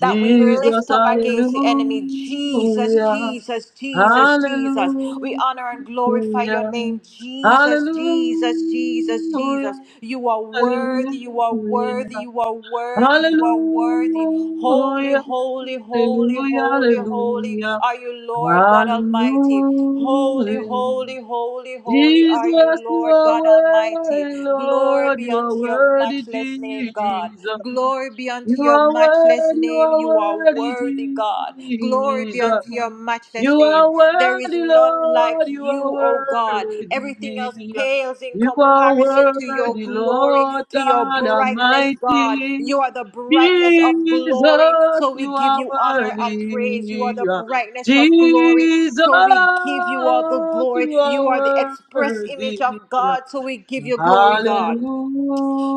[SPEAKER 8] that we lift up against the enemy. Jesus, Jesus, Jesus, Jesus. We honor and glorify your name. Jesus, Jesus, Jesus, Jesus. You are worthy, you are worthy, you are worthy, you are worthy. Holy, holy, holy, holy,
[SPEAKER 2] Hallelujah.
[SPEAKER 8] holy are you, Lord God Almighty. Holy,
[SPEAKER 2] Hallelujah.
[SPEAKER 8] holy, holy, holy are
[SPEAKER 2] Jesus,
[SPEAKER 8] you,
[SPEAKER 2] you
[SPEAKER 8] Lord
[SPEAKER 2] are
[SPEAKER 8] God Almighty.
[SPEAKER 2] worthy,
[SPEAKER 8] Glory
[SPEAKER 2] Lord.
[SPEAKER 8] be
[SPEAKER 2] You are
[SPEAKER 8] unto your
[SPEAKER 2] worthy,
[SPEAKER 8] matchless name, God.
[SPEAKER 2] Jesus.
[SPEAKER 8] Glory be
[SPEAKER 2] You
[SPEAKER 8] unto your
[SPEAKER 2] are
[SPEAKER 8] matchless
[SPEAKER 2] worthy, you
[SPEAKER 8] name.
[SPEAKER 2] are
[SPEAKER 8] You are
[SPEAKER 2] worthy,
[SPEAKER 8] worthy, God. Glory be
[SPEAKER 2] Jesus.
[SPEAKER 8] unto your matchless
[SPEAKER 2] You
[SPEAKER 8] name.
[SPEAKER 2] are
[SPEAKER 8] There is
[SPEAKER 2] worthy,
[SPEAKER 8] none
[SPEAKER 2] Lord.
[SPEAKER 8] like you, O God. Everything else pales in
[SPEAKER 2] You are
[SPEAKER 8] comparison to
[SPEAKER 2] worthy,
[SPEAKER 8] your glory,
[SPEAKER 2] Lord
[SPEAKER 8] to your
[SPEAKER 2] God
[SPEAKER 8] brightness, God.
[SPEAKER 2] Almighty.
[SPEAKER 8] You are the brightness of glory.
[SPEAKER 2] Jesus,
[SPEAKER 8] So we
[SPEAKER 2] you
[SPEAKER 8] give
[SPEAKER 2] are
[SPEAKER 8] you honor and
[SPEAKER 2] worthy.
[SPEAKER 8] praise. You are the brightness of glory.
[SPEAKER 2] Jesus,
[SPEAKER 8] So we give you all the glory.
[SPEAKER 2] you are
[SPEAKER 8] You are the express image of
[SPEAKER 2] worthy.
[SPEAKER 8] God. So we give you glory, God.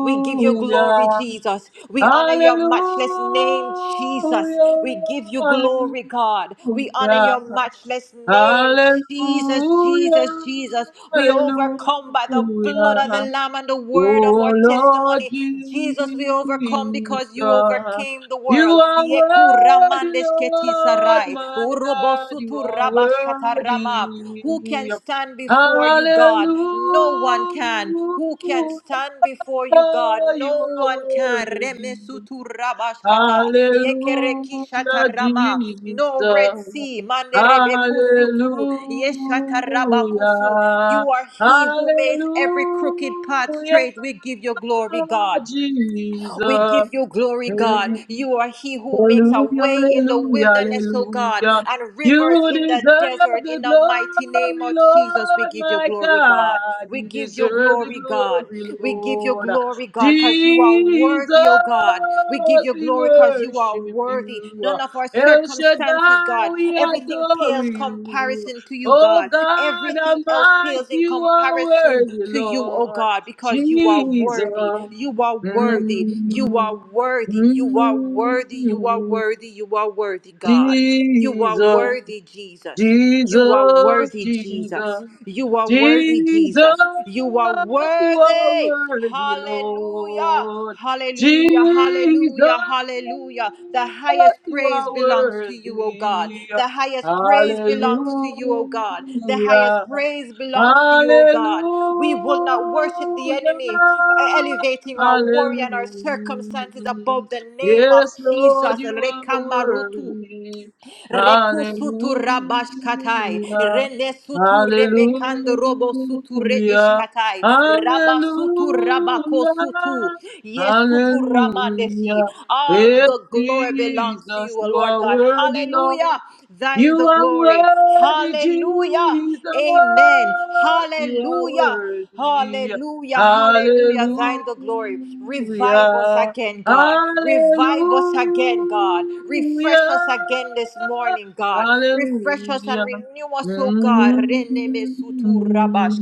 [SPEAKER 8] We give you glory, Jesus. We honor your
[SPEAKER 2] Hallelujah.
[SPEAKER 8] matchless name, Jesus. We give you glory, God. We honor
[SPEAKER 2] Hallelujah.
[SPEAKER 8] your matchless name, Jesus,
[SPEAKER 2] Hallelujah.
[SPEAKER 8] Jesus, Jesus. We overcome by the blood of
[SPEAKER 2] Hallelujah.
[SPEAKER 8] the Lamb and the
[SPEAKER 2] Oh
[SPEAKER 8] word of our
[SPEAKER 2] Lord
[SPEAKER 8] testimony. Jesus, we
[SPEAKER 2] Jesus,
[SPEAKER 8] overcome because you overcame the
[SPEAKER 2] you
[SPEAKER 8] world.
[SPEAKER 2] are worthy,
[SPEAKER 8] Yekuramandesh
[SPEAKER 2] Lord,
[SPEAKER 8] ketisarai.
[SPEAKER 2] my God, you are
[SPEAKER 8] Rabashkatarama. Who can
[SPEAKER 2] worthy.
[SPEAKER 8] stand before you, God? No one can.
[SPEAKER 2] Hallelujah,
[SPEAKER 8] Who can stand before you, God?
[SPEAKER 2] you
[SPEAKER 8] No
[SPEAKER 2] are
[SPEAKER 8] one can.
[SPEAKER 2] worthy.
[SPEAKER 8] Remesutu Rabashkata.
[SPEAKER 2] Hallelujah,
[SPEAKER 8] Yekerekishatarama.
[SPEAKER 2] Jesus.
[SPEAKER 8] No Red Sea. Manderebekusutu. Yeshatarabakusu.
[SPEAKER 2] Hallelujah.
[SPEAKER 8] You are He who makes every crooked path
[SPEAKER 2] Hallelujah.
[SPEAKER 8] straight. We give you glory, God. We give
[SPEAKER 2] Jesus.
[SPEAKER 8] you glory, God. You are He who makes a
[SPEAKER 2] Hallelujah,
[SPEAKER 8] way in the
[SPEAKER 2] hallelujah,
[SPEAKER 8] wilderness, oh God,
[SPEAKER 2] hallelujah.
[SPEAKER 8] and rivers
[SPEAKER 2] You
[SPEAKER 8] in the
[SPEAKER 2] deserve
[SPEAKER 8] desert.
[SPEAKER 2] the
[SPEAKER 8] In the mighty name
[SPEAKER 2] glory,
[SPEAKER 8] of Jesus, we
[SPEAKER 2] Lord,
[SPEAKER 8] give you
[SPEAKER 2] my
[SPEAKER 8] glory, God.
[SPEAKER 2] God.
[SPEAKER 8] We
[SPEAKER 2] You
[SPEAKER 8] give you
[SPEAKER 2] deserve the
[SPEAKER 8] glory, God.
[SPEAKER 2] glory,
[SPEAKER 8] We give you
[SPEAKER 2] Lord.
[SPEAKER 8] glory, God, because you are
[SPEAKER 2] Jesus,
[SPEAKER 8] worthy, oh God. We give you
[SPEAKER 2] we
[SPEAKER 8] glory because you are
[SPEAKER 2] worship
[SPEAKER 8] worthy.
[SPEAKER 2] you.
[SPEAKER 8] None of our
[SPEAKER 2] El
[SPEAKER 8] circumstances,
[SPEAKER 2] Shaddai,
[SPEAKER 8] God.
[SPEAKER 2] we
[SPEAKER 8] Everything
[SPEAKER 2] adore
[SPEAKER 8] pales pales
[SPEAKER 2] you.
[SPEAKER 8] comparison to you,
[SPEAKER 2] Oh
[SPEAKER 8] God.
[SPEAKER 2] God
[SPEAKER 8] Everything else
[SPEAKER 2] Almighty,
[SPEAKER 8] pales in
[SPEAKER 2] you are
[SPEAKER 8] comparison
[SPEAKER 2] worthy,
[SPEAKER 8] to you, oh
[SPEAKER 2] Lord.
[SPEAKER 8] God, because you are worthy.
[SPEAKER 2] Jesus,
[SPEAKER 8] You are worthy. You are
[SPEAKER 2] Mhm.
[SPEAKER 8] worthy. You are worthy. You are worthy. You are worthy, God. You are worthy,
[SPEAKER 2] Jesus.
[SPEAKER 8] Jesus. You are worthy, Jesus. You are worthy, Jesus. You are
[SPEAKER 2] you are
[SPEAKER 8] worthy. Hallelujah. Hallelujah, hallelujah, hallelujah. The highest praise belongs to you, O God. The highest praise belongs to you, O God. The highest praise belongs to you, O God. We will not worship the enemy by elevating our worry and our circumstances above the
[SPEAKER 2] worthy.
[SPEAKER 8] name of Jesus. Rekamarutu. Rekusutura bashkatai. Renesuture mekandrobo suture
[SPEAKER 2] Hallelujah.
[SPEAKER 8] ishkatai.
[SPEAKER 2] Hallelujah.
[SPEAKER 8] Rabasutu rabako sutu. Yes, kuturamandesi.
[SPEAKER 2] Hallelujah.
[SPEAKER 8] All
[SPEAKER 2] Yes,
[SPEAKER 8] the glory belongs to you,
[SPEAKER 2] Jesus,
[SPEAKER 8] O
[SPEAKER 2] you
[SPEAKER 8] Lord
[SPEAKER 2] are
[SPEAKER 8] God.
[SPEAKER 2] worthy, Lord.
[SPEAKER 8] Hallelujah. Thine
[SPEAKER 2] You
[SPEAKER 8] the
[SPEAKER 2] are
[SPEAKER 8] glory.
[SPEAKER 2] worthy,
[SPEAKER 8] Hallelujah.
[SPEAKER 2] Jesus.
[SPEAKER 8] Amen.
[SPEAKER 2] You are
[SPEAKER 8] Hallelujah.
[SPEAKER 2] worthy.
[SPEAKER 8] Hallelujah, hallelujah. Thine the glory. Revive us
[SPEAKER 2] Hallelujah.
[SPEAKER 8] again, God. Revive
[SPEAKER 2] Hallelujah.
[SPEAKER 8] us again, God. Refresh us again this morning, God. Refresh us
[SPEAKER 2] Hallelujah.
[SPEAKER 8] and renew us, oh God. Rene sutu rabash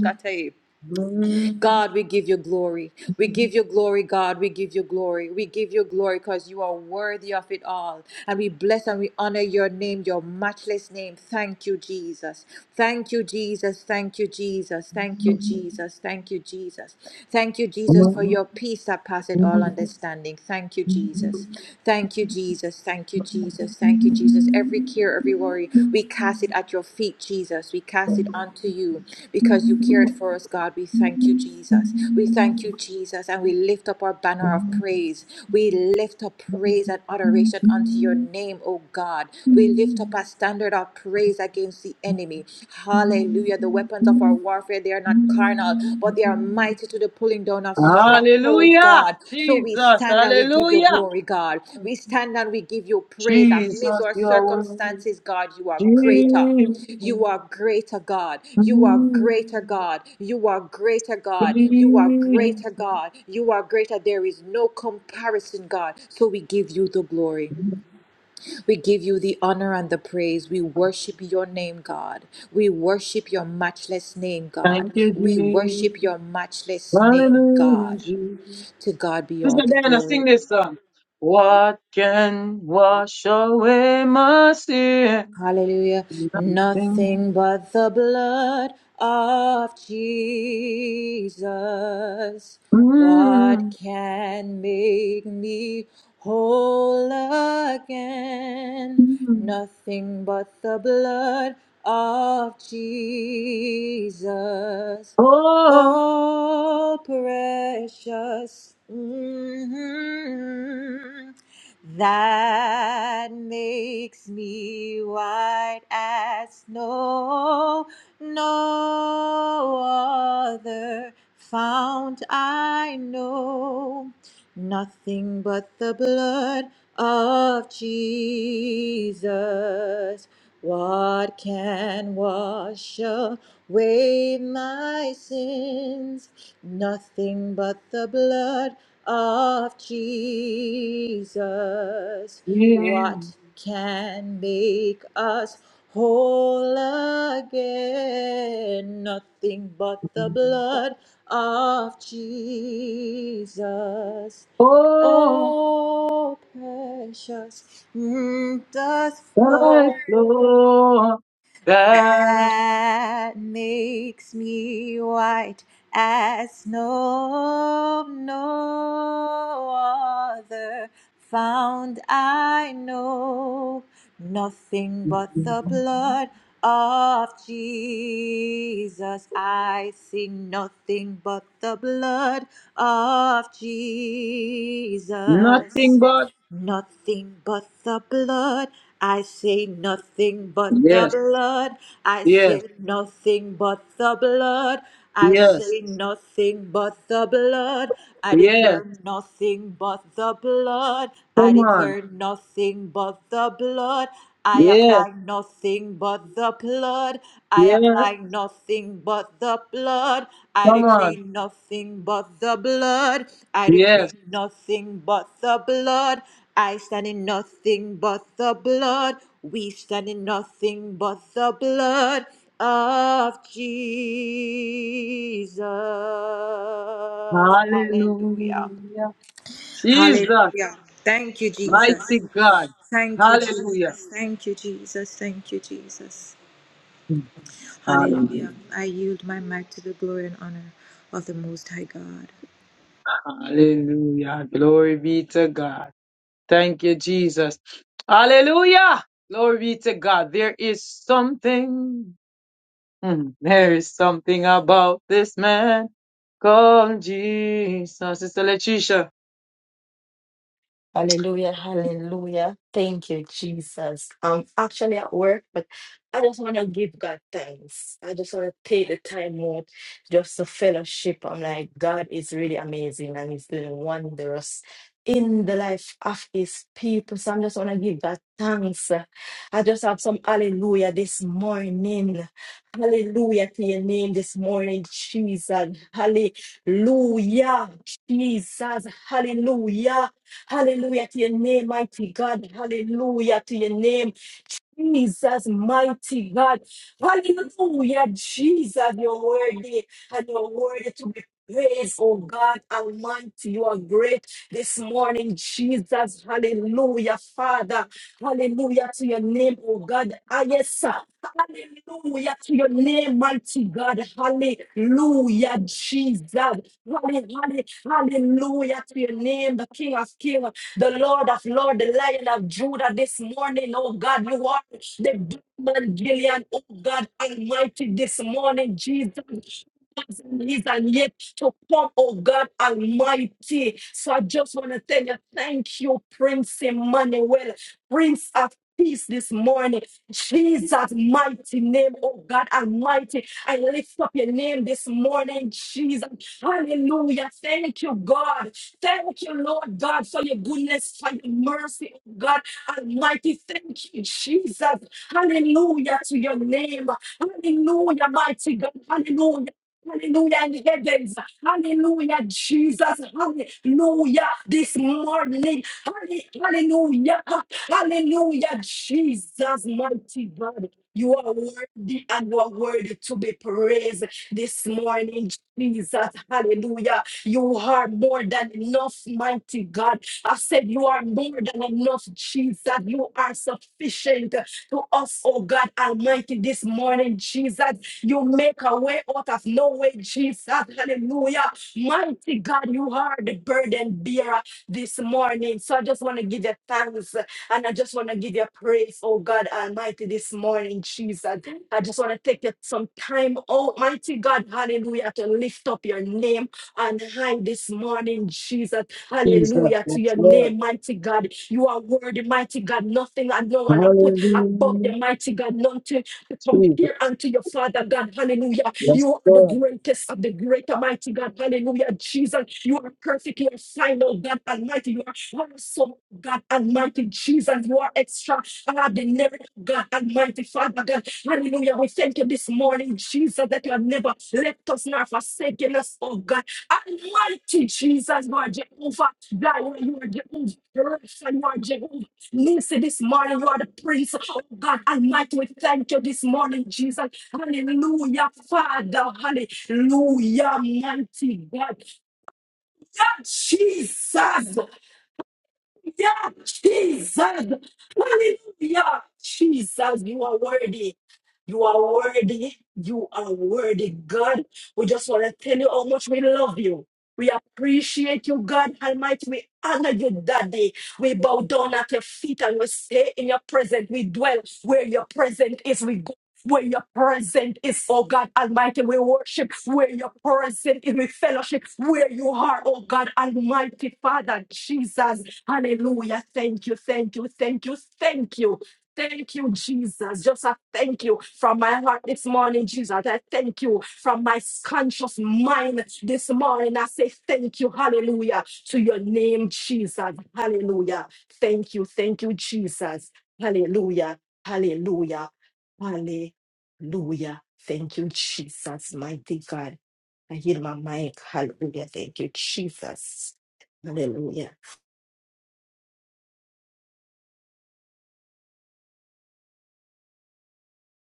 [SPEAKER 8] God, we give you glory. We give you glory, God. We give you glory. We give you glory because you are worthy of it all. And we bless and we honor your name, your matchless name. Thank you, Jesus. Thank you, Jesus. Thank you, Jesus. Thank you, Jesus. Thank you, Jesus. Thank you, Jesus, for your peace that passeth all understanding. Thank you, Jesus. Thank you, Jesus. Thank you, Jesus. Jesus. Thank you, Jesus. Every care, every worry, we cast it at your feet, Jesus. We cast it unto you because you cared for us, God. We thank you, Jesus. We thank you, Jesus. And we lift up our banner of praise. We lift up praise and adoration unto your name, O God. We lift up a standard of praise against the enemy. Hallelujah. The weapons of our warfare, they are not carnal carnal, but they are mighty to the pulling down of stronghold,
[SPEAKER 2] Hallelujah.
[SPEAKER 8] God. So we
[SPEAKER 2] Jesus.
[SPEAKER 8] stand and we give you
[SPEAKER 2] Hallelujah.
[SPEAKER 8] glory, God. We stand and we give you praise amidst
[SPEAKER 2] Jesus,
[SPEAKER 8] our
[SPEAKER 2] you are worthy.
[SPEAKER 8] circumstances, God. You are greater.
[SPEAKER 2] Jesus.
[SPEAKER 8] You are greater God. You are greater God. You are greater God. You are
[SPEAKER 2] Jesus.
[SPEAKER 8] greater God. You are greater. There is no comparison, God. So we give you the glory. We give you the honor and the praise. We worship your name, God. We worship your matchless name, God.
[SPEAKER 2] Thank you,
[SPEAKER 8] We
[SPEAKER 2] Jesus.
[SPEAKER 8] worship your matchless name,
[SPEAKER 2] Hallelujah,
[SPEAKER 8] God.
[SPEAKER 2] Jesus.
[SPEAKER 8] To God be all
[SPEAKER 2] Sister
[SPEAKER 8] the
[SPEAKER 2] Diana,
[SPEAKER 8] glory.
[SPEAKER 2] sing this song. What can wash away my sin?
[SPEAKER 8] Hallelujah.
[SPEAKER 2] Nothing.
[SPEAKER 8] Nothing but the blood of Jesus. What
[SPEAKER 2] Mm,
[SPEAKER 8] can make me whole again?
[SPEAKER 2] mm.
[SPEAKER 8] Nothing but the blood of Jesus.
[SPEAKER 2] Oh,
[SPEAKER 8] Oh, precious, mm, that makes me white as snow. No other fount I know. Nothing but the blood of Jesus. What can wash away my sins? Nothing but the blood of Jesus.
[SPEAKER 2] yeah.
[SPEAKER 8] What can make us whole again? Nothing but the blood of Jesus.
[SPEAKER 2] Oh,
[SPEAKER 8] Oh, precious mm, does
[SPEAKER 2] thy
[SPEAKER 8] flow
[SPEAKER 2] Lord,
[SPEAKER 8] that makes me white as snow. No other found I know, nothing but the blood of Jesus. I sing nothing but the blood of Jesus.
[SPEAKER 2] Nothing but
[SPEAKER 8] Nothing but the blood. I say nothing but the blood. I say nothing but the blood. I say nothing but the blood. I declare nothing but the blood. I declare nothing but the blood. I apply nothing but the blood. I apply nothing but the blood. I decree nothing but the blood. I decree nothing but the blood. I stand in nothing but the blood. We stand in nothing but the blood of Jesus. Hallelujah. Hallelujah. Thank you, Jesus. Thank you, Jesus. Thank you, Jesus. Thank you, Jesus. Hallelujah. I yield my mic to the glory and honor of the Most High God.
[SPEAKER 2] hallelujah. Glory be to God. Thank you, Jesus. Hallelujah. Glory be to God. There is something. mm, There is something about this man called Jesus. Sister Letitia.
[SPEAKER 9] Hallelujah, hallelujah. Thank you, Jesus. I'm actually at work, but I just want to give God thanks. I just want to take the time out just to fellowship. I'm like, God is really amazing and He's doing wonders in the life of His people. So I'm just want to give God thanks. I just have some hallelujah this morning. Hallelujah to your name this morning, Jesus. Hallelujah, Jesus. Hallelujah. Hallelujah to your name, mighty God. Hallelujah to your name. Jesus, mighty God. Hallelujah, Jesus, you're worthy and you're worthy to be praised, oh God Almighty. You are great this morning, Jesus. Hallelujah, Father. Hallelujah to your name, oh God. Ah, yes, sir. Hallelujah to your name, mighty God. Hallelujah, Jesus. Hallelujah, to your name, the King of Kings, the Lord of Lords, the Lion of Judah. This morning, oh God, you are the Batman Gillian, oh God Almighty. This morning, Jesus. Is and yet to come, oh God Almighty. So I just want to tell you, thank you, Prince Emmanuel, Prince of Peace this morning. Jesus' mighty name, oh God Almighty. I lift up your name this morning, Jesus. Hallelujah. Thank you, God. Thank you, Lord God, for your goodness, for your mercy, oh God Almighty. Thank you, Jesus. Hallelujah to your name. Hallelujah, mighty God. Hallelujah. Hallelujah in heavens. Hallelujah, Jesus. Hallelujah this morning. Halle- Hallelujah. Hallelujah, Jesus, mighty God. You are worthy and you are worthy to be praised this morning, Jesus. Hallelujah. You are more than enough, mighty God. I said, You are more than enough, Jesus. You are sufficient to us, oh God Almighty, this morning, Jesus. You make a way out of no way, Jesus. Hallelujah. Mighty God, you are the burden bearer this morning. So I just want to give you thanks and I just want to give you praise, oh God Almighty, this morning, Jesus. I just want to take it some time, Almighty God, hallelujah, to lift up your name and high this morning, Jesus, hallelujah, to your name, mighty God. You are worthy, mighty God. Nothing and no one I put above the mighty God. nothing to compare unto your Father God. Hallelujah. You are the greatest of the great Almighty God. Hallelujah. Jesus, you are perfect. You are final, God Almighty. You are awesome, God Almighty. Jesus, you are extraordinary, God Almighty, Father God. Hallelujah. We thank you this morning, Jesus, that you have never left us nor forsaken us, oh God. Almighty Jesus, you are Jehovah. God, you are Jehovah. Rapha, You are Jehovah. Listen, this morning you are the prince. Oh God Almighty, we thank you this morning, Jesus. Hallelujah, Father. Hallelujah, mighty God. Jesus. Yeah, Jesus. Hallelujah. Jesus, you are worthy. You are worthy. You are worthy, God. We just want to tell you how much we love you. We appreciate you, God Almighty. We honor you, Daddy. We bow down at your feet and we stay in your presence. We dwell where your presence is. We go where your presence is, oh God Almighty. We worship where your presence is. We fellowship where you are, oh God Almighty, Father Jesus. Hallelujah. Thank you, thank you, thank you, thank you. Thank you, Jesus. Just a thank you from my heart this morning, Jesus. I thank you from my conscious mind this morning. I say thank you, hallelujah, to your name, Jesus. Hallelujah. Thank you, thank you, Jesus. Hallelujah, hallelujah, hallelujah. Thank you, Jesus, mighty God. I hear my mic. Hallelujah. Thank you, Jesus. Hallelujah.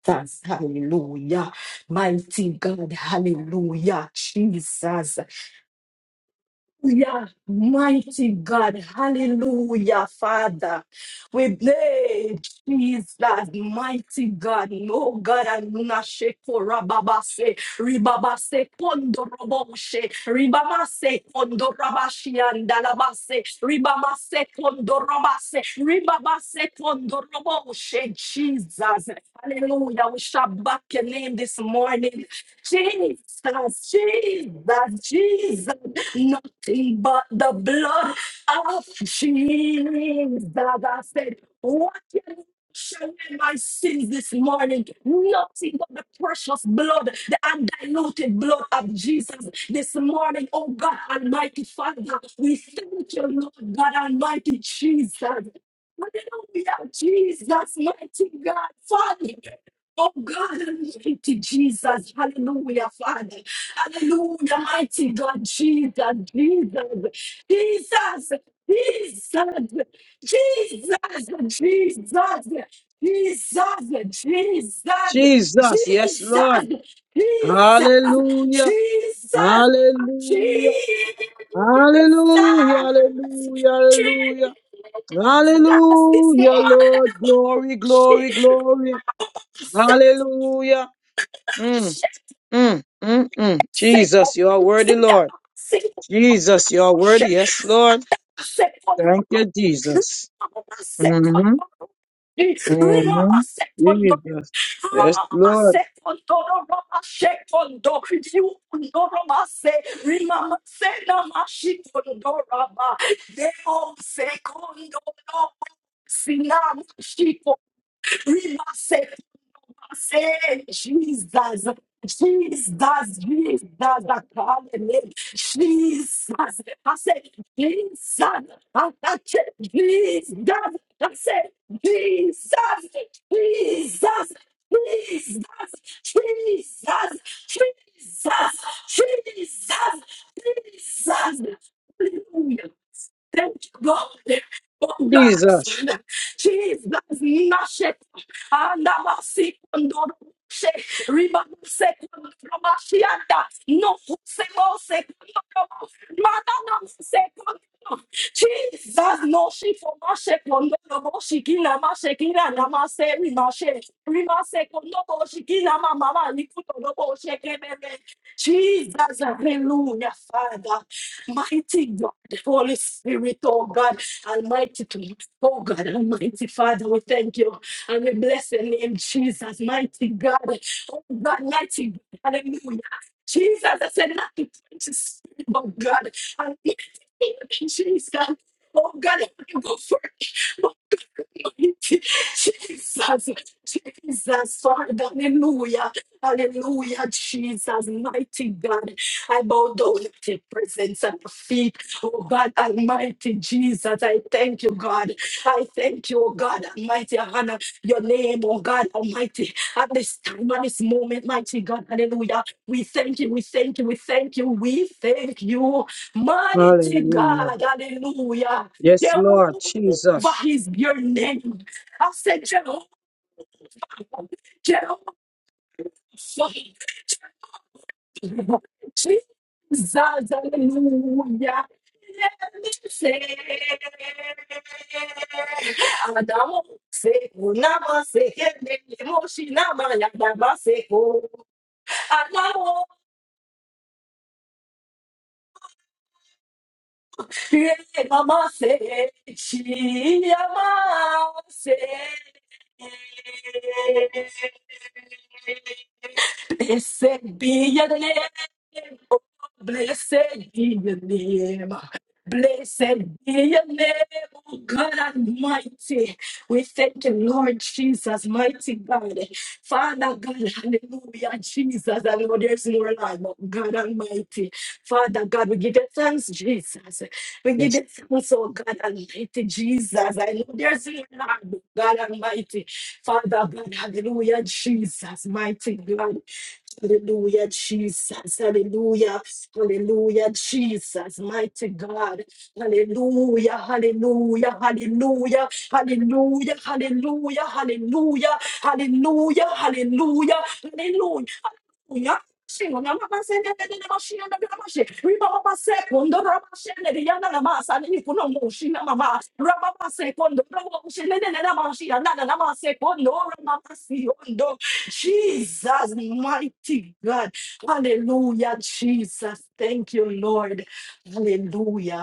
[SPEAKER 9] Jesus, hallelujah. Mighty God, hallelujah. Jesus, Hallelujah, mighty God, hallelujah, Father. We bless Jesus, mighty God, no God, Anunashe, Korababase, Ribabase, Kondoroboshe, Ribamase, Kondorabashi, and Dalabase, Ribamase, Kondorabase, Ribabase, Kondoroboshe, Jesus, hallelujah. We shall back your name this morning. Jesus, Jesus, Jesus. Nothing but the blood of Jesus. I said, what can shall in my sins this morning? Nothing but the precious blood, the undiluted blood of Jesus this morning. Oh God Almighty Father, we thank you, Lord God Almighty Jesus. Hallelujah, Jesus, mighty God, Father. Oh God Almighty Jesus, hallelujah, Father. Hallelujah, mighty God, Jesus, Jesus, Jesus, Jesus, Jesus, Jesus, Jesus, Jesus, Jesus,
[SPEAKER 2] Jesus.
[SPEAKER 9] Jesus,
[SPEAKER 2] Yes, Lord. Hallelujah. Hallelujah.
[SPEAKER 9] Jesus,
[SPEAKER 2] Hallelujah. Hallelujah.
[SPEAKER 9] Jesus,
[SPEAKER 2] Hallelujah.
[SPEAKER 9] Jesus, this
[SPEAKER 2] Hallelujah,
[SPEAKER 9] morning,
[SPEAKER 2] Lord. Glory,
[SPEAKER 9] shit,
[SPEAKER 2] glory,
[SPEAKER 9] shit,
[SPEAKER 2] glory.
[SPEAKER 9] shit,
[SPEAKER 2] Hallelujah. Mm, mm, mm, mm.
[SPEAKER 9] shit,
[SPEAKER 2] Jesus, you are worthy,
[SPEAKER 9] shit,
[SPEAKER 2] Lord.
[SPEAKER 9] shit,
[SPEAKER 2] Jesus, you are
[SPEAKER 9] shit,
[SPEAKER 2] worthy.
[SPEAKER 9] shit,
[SPEAKER 2] Yes, Lord. Thank
[SPEAKER 9] Sekondoro.
[SPEAKER 2] you, Jesus.
[SPEAKER 9] Rama
[SPEAKER 2] Mm-hmm.
[SPEAKER 9] sekondoro.
[SPEAKER 2] Mm-hmm.
[SPEAKER 9] Rama sekondo.
[SPEAKER 2] Jesus. Yes,
[SPEAKER 9] Rama
[SPEAKER 2] Lord.
[SPEAKER 9] sekondoro. Rama sekondo. You rama se. Rima se nama shikondo rama. Deo sekondo no. Sinama shiko. Say, Jesus, Jesus, Jesus, I call your name. Jesus, I said, Jesus, I, I said, Jesus, I said, Jesus, Jesus, Jesus, Jesus, Jesus, Jesus, Jesus. Hallelujah. Thank you, God. Oh God,
[SPEAKER 2] Jesus.
[SPEAKER 9] Father. Jesus, Nashet. Andamasi Kondoroshe. Rimamuse Kondoramashianda. No Fuse Mose Kondoro. Mananamuse Kondoro. Jesus, no she for Mashe Kondoro. Shikina Mashe Kina Namase Rimashe. Rimase Kondoro. Shikina Mama Nikudo Jesus, hallelujah, Father, mighty God, Holy Spirit, oh God, Almighty, King, oh God, Almighty Father, we thank you and we bless your name, Jesus, mighty God, oh God, mighty God, hallelujah. Jesus, I said not to preach the spirit, but God, Almighty, King, Jesus, oh God, I can go first. Jesus, Jesus, Lord, hallelujah, hallelujah, Jesus, mighty God. I bow down at your presence at your feet. Oh God, Almighty Jesus, I thank you, God. I thank you, oh God, Almighty. I honor your name, oh God, Almighty. At this time, at this moment, mighty God, hallelujah. We thank you, we thank you, we thank you, we thank you, mighty
[SPEAKER 2] Hallelujah.
[SPEAKER 9] God, hallelujah.
[SPEAKER 2] Yes, Lord. Jesus.
[SPEAKER 9] Jehovah is your name. I said Jehovah, Jehovah, Jesus, hallelujah. Let me say, Adamo se kunama se kene moshi nama ya dama se ko. Create mama say, she mama say. Blessed be your name, blessed be your name, blessed be your name, oh God Almighty. We thank you, Lord Jesus, mighty God. Father God, hallelujah, Jesus. And Lord, there's no lie, but God Almighty. Father God, we give you thanks, Jesus. We give
[SPEAKER 2] Yes.
[SPEAKER 9] you thanks, oh God Almighty, Jesus. I know there's no lie, but God Almighty. Father God, hallelujah, Jesus, mighty God. Hallelujah, Jesus. Hallelujah. Hallelujah, Jesus. Mighty God. Hallelujah, hallelujah, hallelujah, hallelujah, hallelujah, hallelujah, hallelujah, hallelujah, hallelujah, hallelujah. Shingo na mama sende de de de mashi na de mashi. Riba mama se kondo rama shende de yana na masa ni kuno moshi na mama. Rama mama se kondo rama moshi ne ne ne na mashi na na Jesus mighty God. Hallelujah, Jesus. Thank you, Lord. Hallelujah.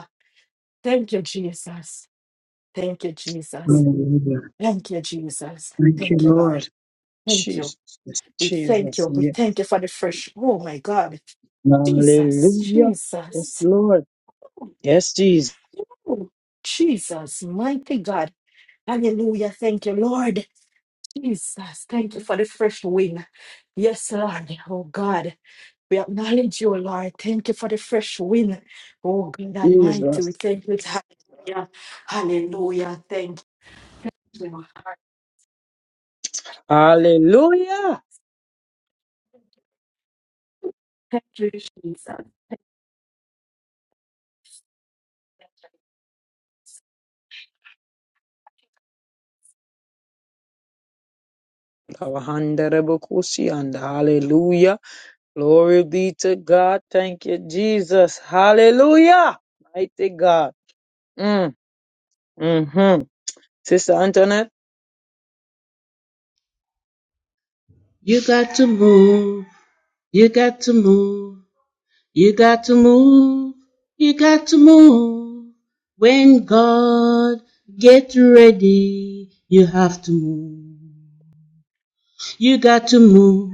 [SPEAKER 9] Thank you, Jesus. Thank you, Jesus.
[SPEAKER 2] Hallelujah.
[SPEAKER 9] Thank you, Jesus.
[SPEAKER 2] Thank you,
[SPEAKER 9] Thank you, Lord.
[SPEAKER 2] Lord.
[SPEAKER 9] Thank you.
[SPEAKER 2] Jesus. Yes,
[SPEAKER 9] We thank
[SPEAKER 2] Jesus.
[SPEAKER 9] you. We
[SPEAKER 2] Yes.
[SPEAKER 9] thank you for the fresh. Oh my God. Jesus.
[SPEAKER 2] Hallelujah. Yes,
[SPEAKER 9] Jesus.
[SPEAKER 2] Lord. Yes, Jesus.
[SPEAKER 9] Oh, Jesus. Mighty God. Hallelujah. Thank you, Lord. Jesus. Thank you for the fresh wind. Yes, Lord. Oh God. We acknowledge you, Lord. Thank you for the fresh wind. Oh God Almighty. We
[SPEAKER 2] Jesus.
[SPEAKER 9] thank you. Hallelujah. Hallelujah. Thank you.
[SPEAKER 2] Hallelujah.
[SPEAKER 9] Thank you, Jesus.
[SPEAKER 2] Kabahandarebokusi, and Hallelujah. Glory be to God. Thank you, Jesus. Hallelujah. Mighty God. Mm, hmm Sister Antoinette.
[SPEAKER 10] You got to move. You got to move. You got to move. You got to move. When God gets ready, you have to move. You got to move.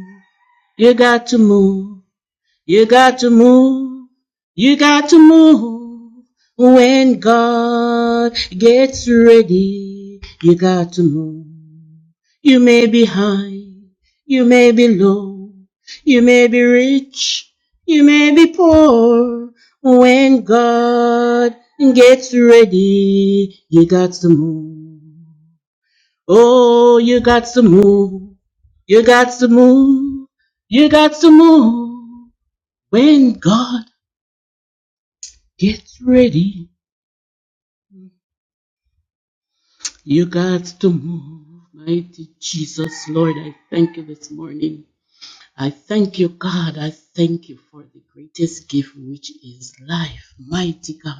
[SPEAKER 10] You got to move. You got to move. You got to move. When God gets ready, you got to move. You may be high. You may be low. You may be rich. You may be poor. When God gets ready, you got to move. Oh, you got to move. You got to move. You got to move. When God gets ready, you got to move. Mighty Jesus, Lord, I thank you this morning. I thank you, God. I thank you for the greatest gift, which is life. Mighty God.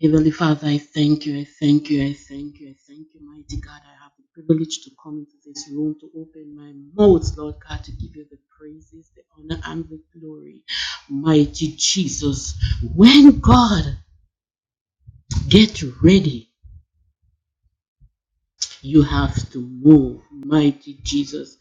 [SPEAKER 10] Heavenly Father, I thank you. I thank you. I thank you. I thank you, mighty God. I have the privilege to come into this room to open my mouth, Lord God, to give you the praises, the honor, and the glory. Mighty Jesus, when God gets ready, You have to move, mighty Jesus.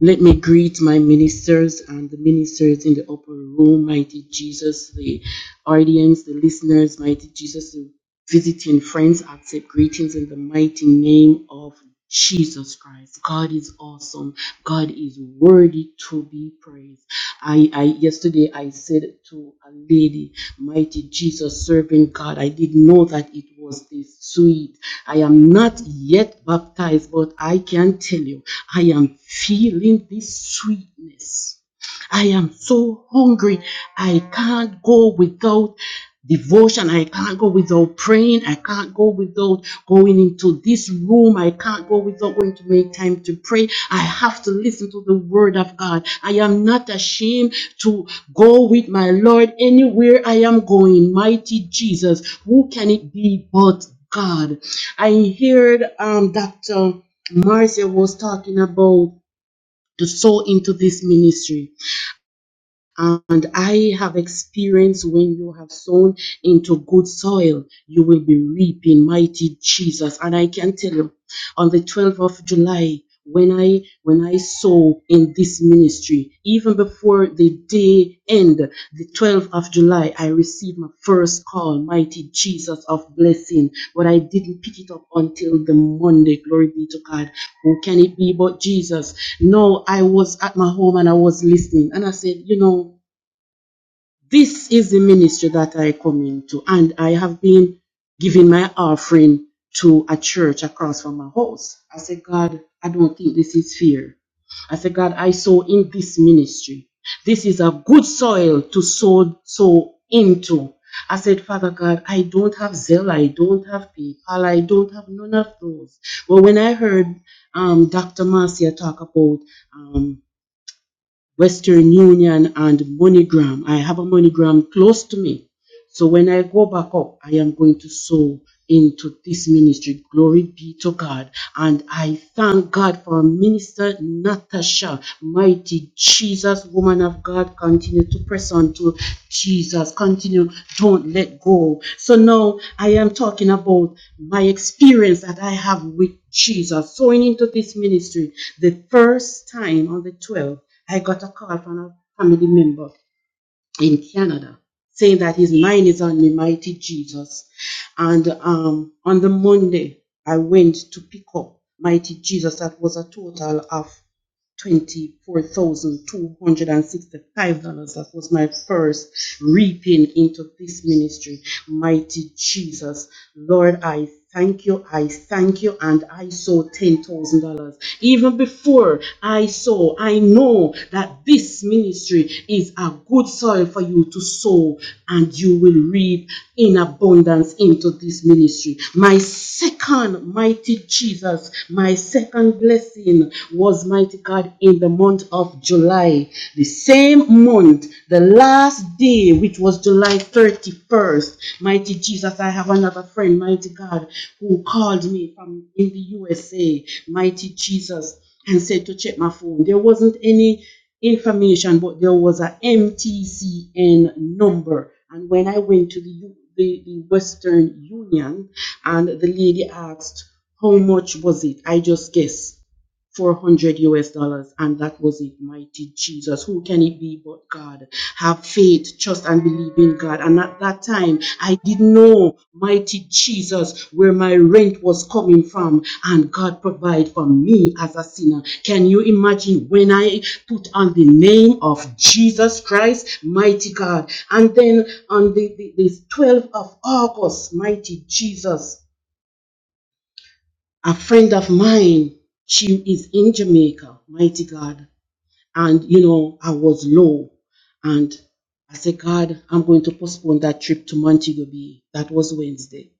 [SPEAKER 10] Let me greet my ministers and the ministers in the upper room, mighty Jesus, the audience, the listeners, mighty Jesus, the visiting friends. Accept greetings in the mighty name of Jesus Christ. God is awesome. God is worthy to be praised. I, I yesterday I said to a lady, mighty Jesus, serving God. I didn't know that it was this sweet. I am not yet baptized, but I can tell you, I am feeling this sweetness I am so hungry. I can't go without devotion. I can't go without praying. I can't go without going into this room. I can't go without going to make time to pray. I have to listen to the word of God. I am not ashamed to go with my Lord anywhere I am going. Mighty Jesus, who can it be but God? I heard um, Dr. Marcia was talking about to sow into this ministry and I have experienced when you have sown into good soil, you will be reaping mighty Jesus. And I can tell you, on the 12th of July, when I when I sow in this ministry, even before the day end, the 12th of July, I received my first call, mighty Jesus of blessing. But I didn't pick it up until the Monday. Glory be to God. Who can it be but Jesus? No, I was at my home and I was listening. And I said, you know, this is the ministry that I come into, and I have been giving my offering to a church across from my house. I said, God, I don't think this is fair. I said, God, I sow in this ministry. This is a good soil to sow, sow into. I said, Father God, I don't have Zelle, I don't have PayPal, I don't have none of those. But when I heard um, Dr. Marcia talk about um, Western Union and MoneyGram. I have a MoneyGram close to me. So when I go back up, I am going to sow into this ministry. Glory be to God. And I thank God for Minister Natasha, mighty Jesus, woman of God. Continue to press on to Jesus. Continue. Don't let go. So now I am talking about my experience that I have with Jesus. Sowing into this ministry, the first time on the 12th, I got a call from a family member in Canada, saying that his mind is on me, mighty Jesus. And um, on the Monday, I went to pick up mighty Jesus. That was a total of $24,265. That was my first reaping into this ministry. Mighty Jesus, Lord, I thank you, I thank you, and I saw $10,000. Even before I saw, I know that this ministry is a good soil for you to sow, and you will reap in abundance into this ministry. My second, mighty Jesus, my second blessing was mighty God in the month of July, the same month, the last day, which was July 31st. Mighty Jesus, I have another friend, mighty God, who called me from in the USA, mighty Jesus, and said to check my phone. There wasn't any information, but there was a MTCN number. And when I went to the, the, the Western Union, and the lady asked, How much was it? I just guessed. 400 US dollars, and that was it. Mighty Jesus, who can it be but God? Have faith, trust, and believe in God. And at that time, I didn't know, mighty Jesus, where my rent was coming from, and God provide for me as a sinner. Can you imagine when I put on the name of Jesus Christ, mighty God? And then on the, the, the 12th of August, mighty Jesus a friend of mine, she is in Jamaica, mighty God. And, you know, I was low. And I said, God, I'm going to postpone that trip to Montego Bay. That was Wednesday.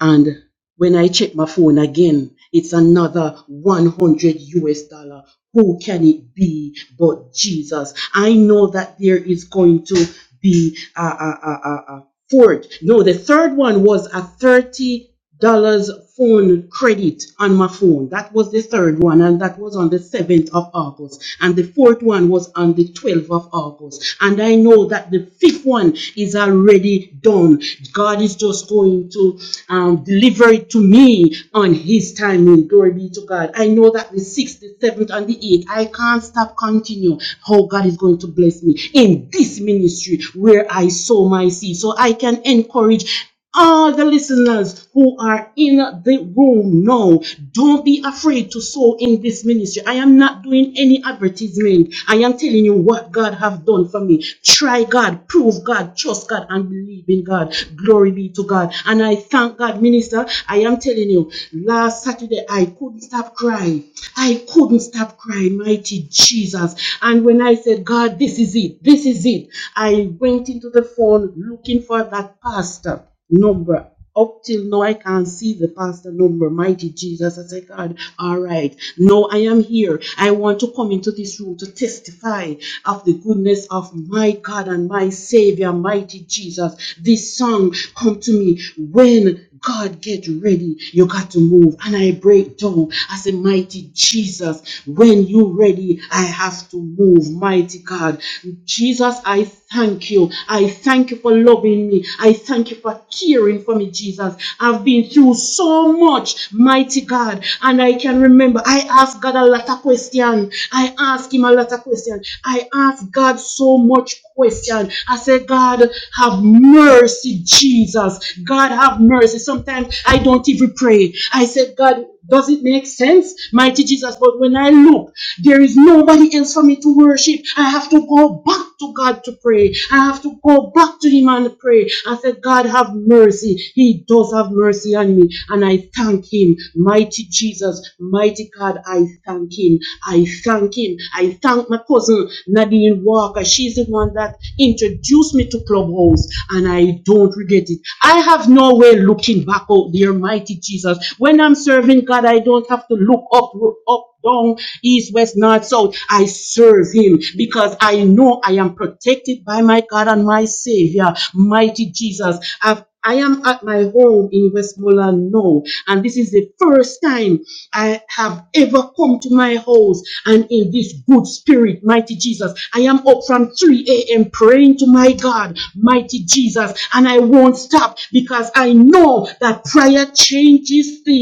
[SPEAKER 10] And when I check my phone again, it's another 100 US dollar. Who can it be but Jesus? I know that there is going to be a, a, a, a, a fourth. No, the third one was a 30 dollars phone credit on my phone. That was the third one, and that was on the 7th of August. And the fourth one was on the 12th of August. And I know that the fifth one is already done. God is just going to um, deliver it to me on His timing. Glory be to God. I know that the sixth, the seventh, and the eighth, I can't stop continue how God is going to bless me in this ministry where I sow my seed. So I can encourage all the listeners who are in the room now, don't be afraid to sow in this ministry. I am not doing any advertisement. I am telling you what God have done for me. Try God, prove God, trust God, and believe in God. Glory be to God. And I thank God, minister. I am telling you, last Saturday I couldn't stop crying. I couldn't stop crying, mighty Jesus. And when I said, God, this is it, this is it, I went into the phone looking for that pastor number. Up till now, I can't see the pastor number. Mighty Jesus, I say, God, all right. Now I am here. I want to come into this room to testify of the goodness of my God and my Savior, mighty Jesus. This song come to me when God, get ready. You got to move. And I break down. I say, Mighty Jesus, when you ready, I have to move. Mighty God. Jesus, I thank you. I thank you for loving me. I thank you for caring for me, Jesus. I've been through so much, mighty God. And I can remember I asked God a lot of questions. I asked him a lot of questions. I I asked God so much question. I said, God, have mercy, Jesus. God, have mercy. Sometimes I don't even pray. I said, God, does it make sense, mighty Jesus? But when I look, there is nobody else for me to worship. I have to go back to God to pray. I have to go back to Him and pray. I said, God, have mercy. He does have mercy on me and I thank Him. Mighty Jesus, mighty God, I thank Him. I thank Him. I thank my cousin Nadine Walker. She's the one that introduced me to Clubhouse, and I don't regret it. I have no way looking back out there, mighty Jesus. When I'm serving God, I don't have to look up, up, down, east, west, north, south. I serve him because I know I am protected by my God and my Savior, mighty Jesus. I've I am at my home in Westmoreland now, and this is the first time I have ever come to my house and in this good spirit, mighty Jesus. I am up from 3 a.m. praying to my God, mighty Jesus, and I won't stop because I know that prayer changes things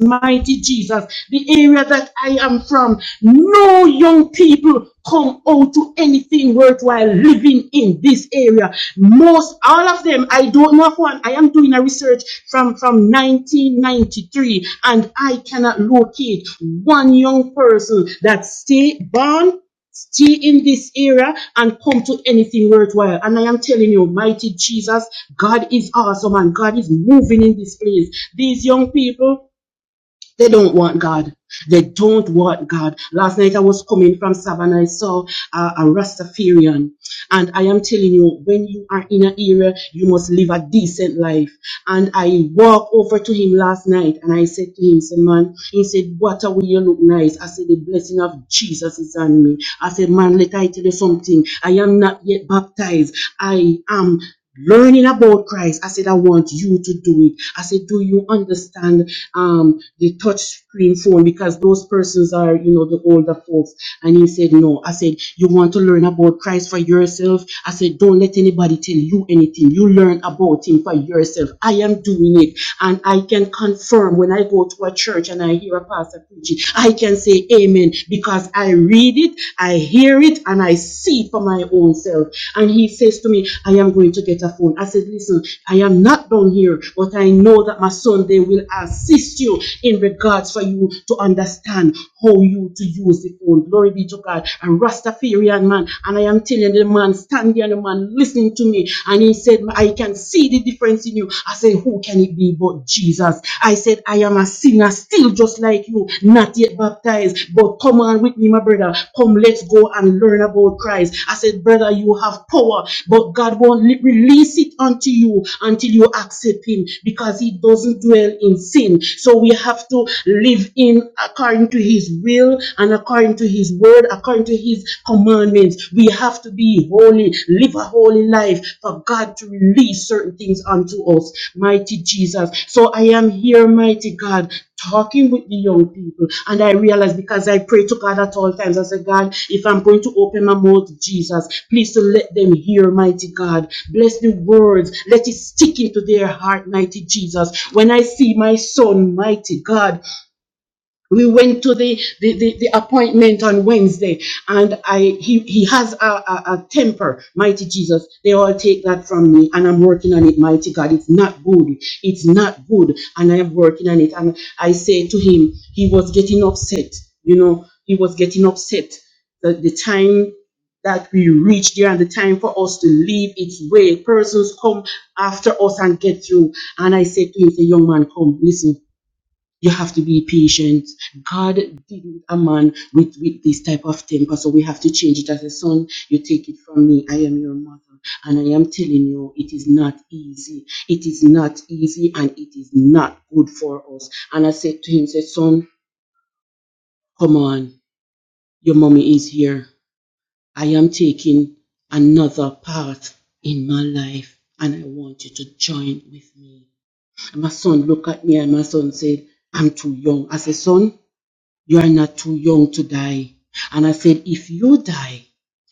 [SPEAKER 10] mighty Jesus. The area that I am from, no young people come out to anything worthwhile living in this area. Most, all of them, I don't know of one. I am doing a research from, from 1993 and I cannot locate one young person that stay born stay in this area and come to anything worthwhile. And I am telling you, mighty Jesus, God is awesome and God is moving in this place. These young people, they don't want God. They don't want God. Last night I was coming from Savannah. I saw uh, a Rastafarian. And I am telling you, when you are in an area, you must live a decent life. And I walked over to him last night and I said to him, said, man, he said, what a way you look nice. I said, the blessing of Jesus is on me. I said, man, let I tell you something. I am not yet baptized. I am learning about Christ. I said, I want you to do it. I said, do you understand um, the touch screen phone? Because those persons are, you know, the older folks. And he said, no. I said, you want to learn about Christ for yourself? I said, don't let anybody tell you anything. You learn about him for yourself. I am doing it. And I can confirm when I go to a church and I hear a pastor preaching, I can say amen because because I read it, I hear it, and I see it for my own self. And he says to me, I am going to get a phone. I said, Listen, I am not down here, but I know that my son they will assist you in regards for you to understand how you to use the phone. Glory be to God. A Rastafarian man. And I am telling the man, standing and the man listening to me. And he said, I can see the difference in you. I said, Who can can it be but Jesus? I said, I am a sinner, still just like you, not yet baptized. But come on with me, my brother. Come, let's go and learn about Christ. I said, brother, you have power, but God won't li- release it unto you until you accept Him because He doesn't dwell in sin. So we have to live in according to His will and according to His word, according to His commandments. We we have to be holy, live a holy life for God to release certain things unto us, mighty Jesus. So I am here, mighty God, talking with the young people. And I realize because I pray to God at all times, I say, God, if I'm going to open my mouth, Jesus, please to let them hear, mighty God. Bless the words, let it stick into their heart, mighty Jesus. When I see my son, mighty God, we went to the, the, the, the appointment on Wednesday, and I he, he has a, a, a temper, mighty Jesus. They all take that from me, and I'm working on it, mighty God. It's not good. It's not good, and I am working on it. And I say to him, he was getting upset. You know, he was getting upset. The, the time that we reached there and the time for us to leave its way. Persons come after us and get through. And I said to him, say, young man, come, listen. You have to be patient. God didn't a man with, with this type of temper, so we have to change it as a son. You take it from me. I am your mother. And I am telling you, it is not easy. It is not easy and it is not good for us. And I said to him, said, son, come on, your mommy is here. I am taking another path in my life and I want you to join with me. And my son looked at me and my son said, I'm too young. I said, son, You are not too young to die. And I said, If you die,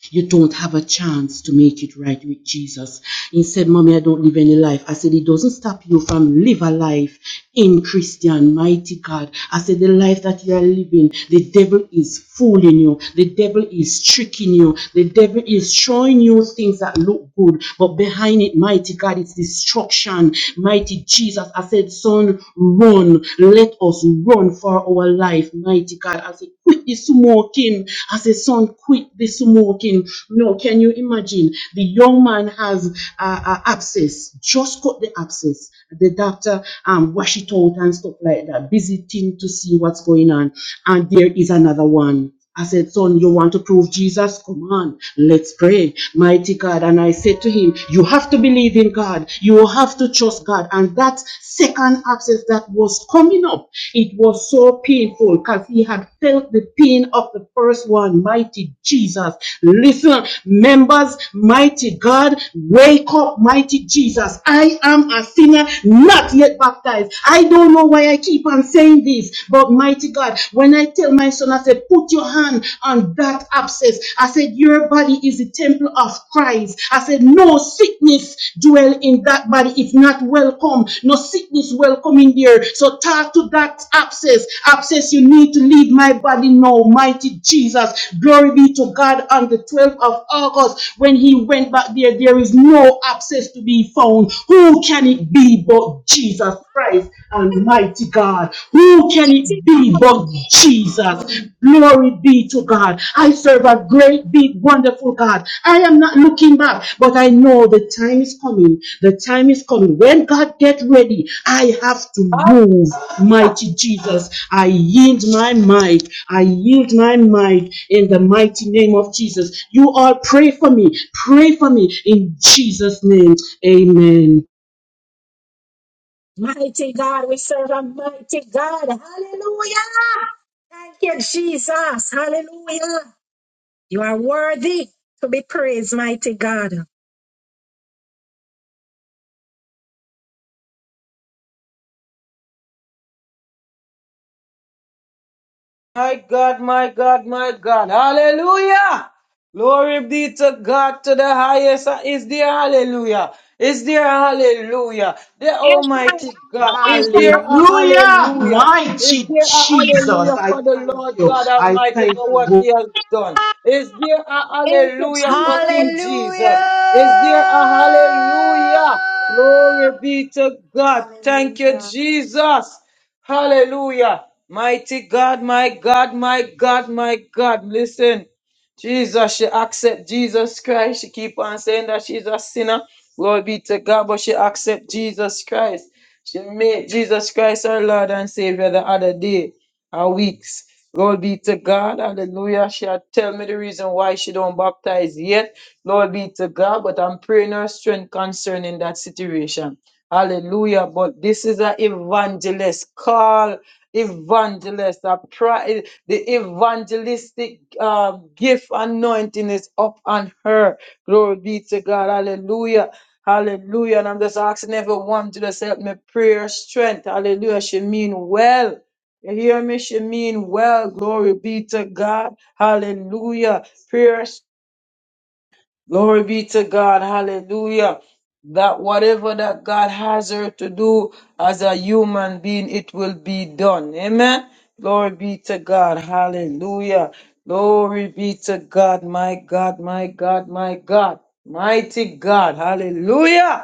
[SPEAKER 10] you don't have a chance to make it right with Jesus. He said, Mommy, I don't live any life. I said, It doesn't stop you from live a life in Christian, mighty God. I said, The life that you are living, the devil is fooling you. The devil is tricking you. The devil is showing you things that look good, but behind it, mighty God, it's destruction. Mighty Jesus, I said, Son, run. Let us run for our life, mighty God. I said, quit the smoking. I said, son, quit the smoking. No, can you imagine? The young man has uh, uh, abscess, just cut the abscess. The doctor um, wash it out and stuff like that, visiting to see what's going on. And there is another one. I said, Son, you want to prove Jesus? Come on, let's pray. Mighty God. And I said to him, You have to believe in God. You have to trust God. And that second abscess that was coming up, it was so painful because he had felt the pain of the first one. Mighty Jesus. Listen, members, mighty God, wake up, mighty Jesus. I am a sinner, not yet baptized. I don't know why I keep on saying this, but mighty God. When I tell my son, I said, put your hand on that abscess. I said, your body is the temple of Christ. I said, no sickness dwell in that body. It's not welcome. No sickness welcome in there. So talk to that abscess. Abscess, you need to leave my body now, mighty Jesus. Glory be to God on the 12th of August when he went back there. There is no abscess to be found. Who can it be but Jesus? Christ, Almighty God. Who can it be but Jesus? Glory be to God. I serve a great, big, wonderful God. I am not looking back, but I know the time is coming. The time is coming. When God get ready, I have to move. Mighty Jesus, I yield my might. I yield my might in the mighty name of Jesus. You all pray for me. Pray for me in Jesus' name. Amen.
[SPEAKER 2] My God, my God, my God. Hallelujah. Glory be to God to the highest. Is there hallelujah? Is there hallelujah? The Almighty God. Is there a
[SPEAKER 10] Hallelujah,
[SPEAKER 2] hallelujah? Is
[SPEAKER 10] mighty
[SPEAKER 2] there a
[SPEAKER 10] Jesus.
[SPEAKER 2] hallelujah
[SPEAKER 10] I
[SPEAKER 2] for the
[SPEAKER 10] thank
[SPEAKER 2] Lord
[SPEAKER 10] you.
[SPEAKER 2] God
[SPEAKER 10] I
[SPEAKER 2] Almighty
[SPEAKER 10] thank
[SPEAKER 2] for what
[SPEAKER 10] you.
[SPEAKER 2] he has done? Is there a hallelujah for King
[SPEAKER 8] Hallelujah!
[SPEAKER 2] Jesus? Is there a hallelujah? Glory be to God. Thank you,
[SPEAKER 8] Hallelujah!
[SPEAKER 2] Jesus. Hallelujah. Mighty God, my God, my God, my God. Listen, Jesus, she accept Jesus Christ. She keep on saying that she's a sinner. Glory be to God, but she accept Jesus Christ. She made Jesus Christ her Lord and Savior the other day, or weeks. Glory be to God. Hallelujah. She had tell me the reason why she don't baptize yet. Lord be to God, but I'm praying her strength concerning that situation. Hallelujah. But this is an evangelist call, evangelist, a pri- the evangelistic uh, gift anointing is up on her. Glory be to God. Hallelujah. Hallelujah. And I'm just asking everyone to just help me prayer strength. Hallelujah. She mean well. You hear me? She mean well. Glory be to God. Hallelujah. Prayer Glory be to God. Hallelujah. That whatever that God has her to do as a human being, it will be done. Amen. Glory be to God. Hallelujah. Glory be to God. My God, my God, my God. Mighty God. Hallelujah.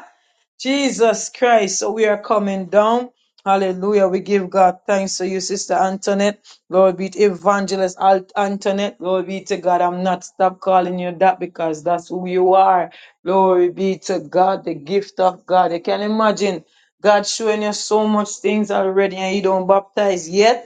[SPEAKER 2] Jesus Christ, so we are coming down. Hallelujah. We give God thanks for you, Sister Antoinette. Lord be to Evangelist Alt- Antoinette. Lord be to God. I'm not stop calling you that because that's who you are. Glory be to God, the gift of God. You can imagine God showing you so much things already and you don't baptize yet.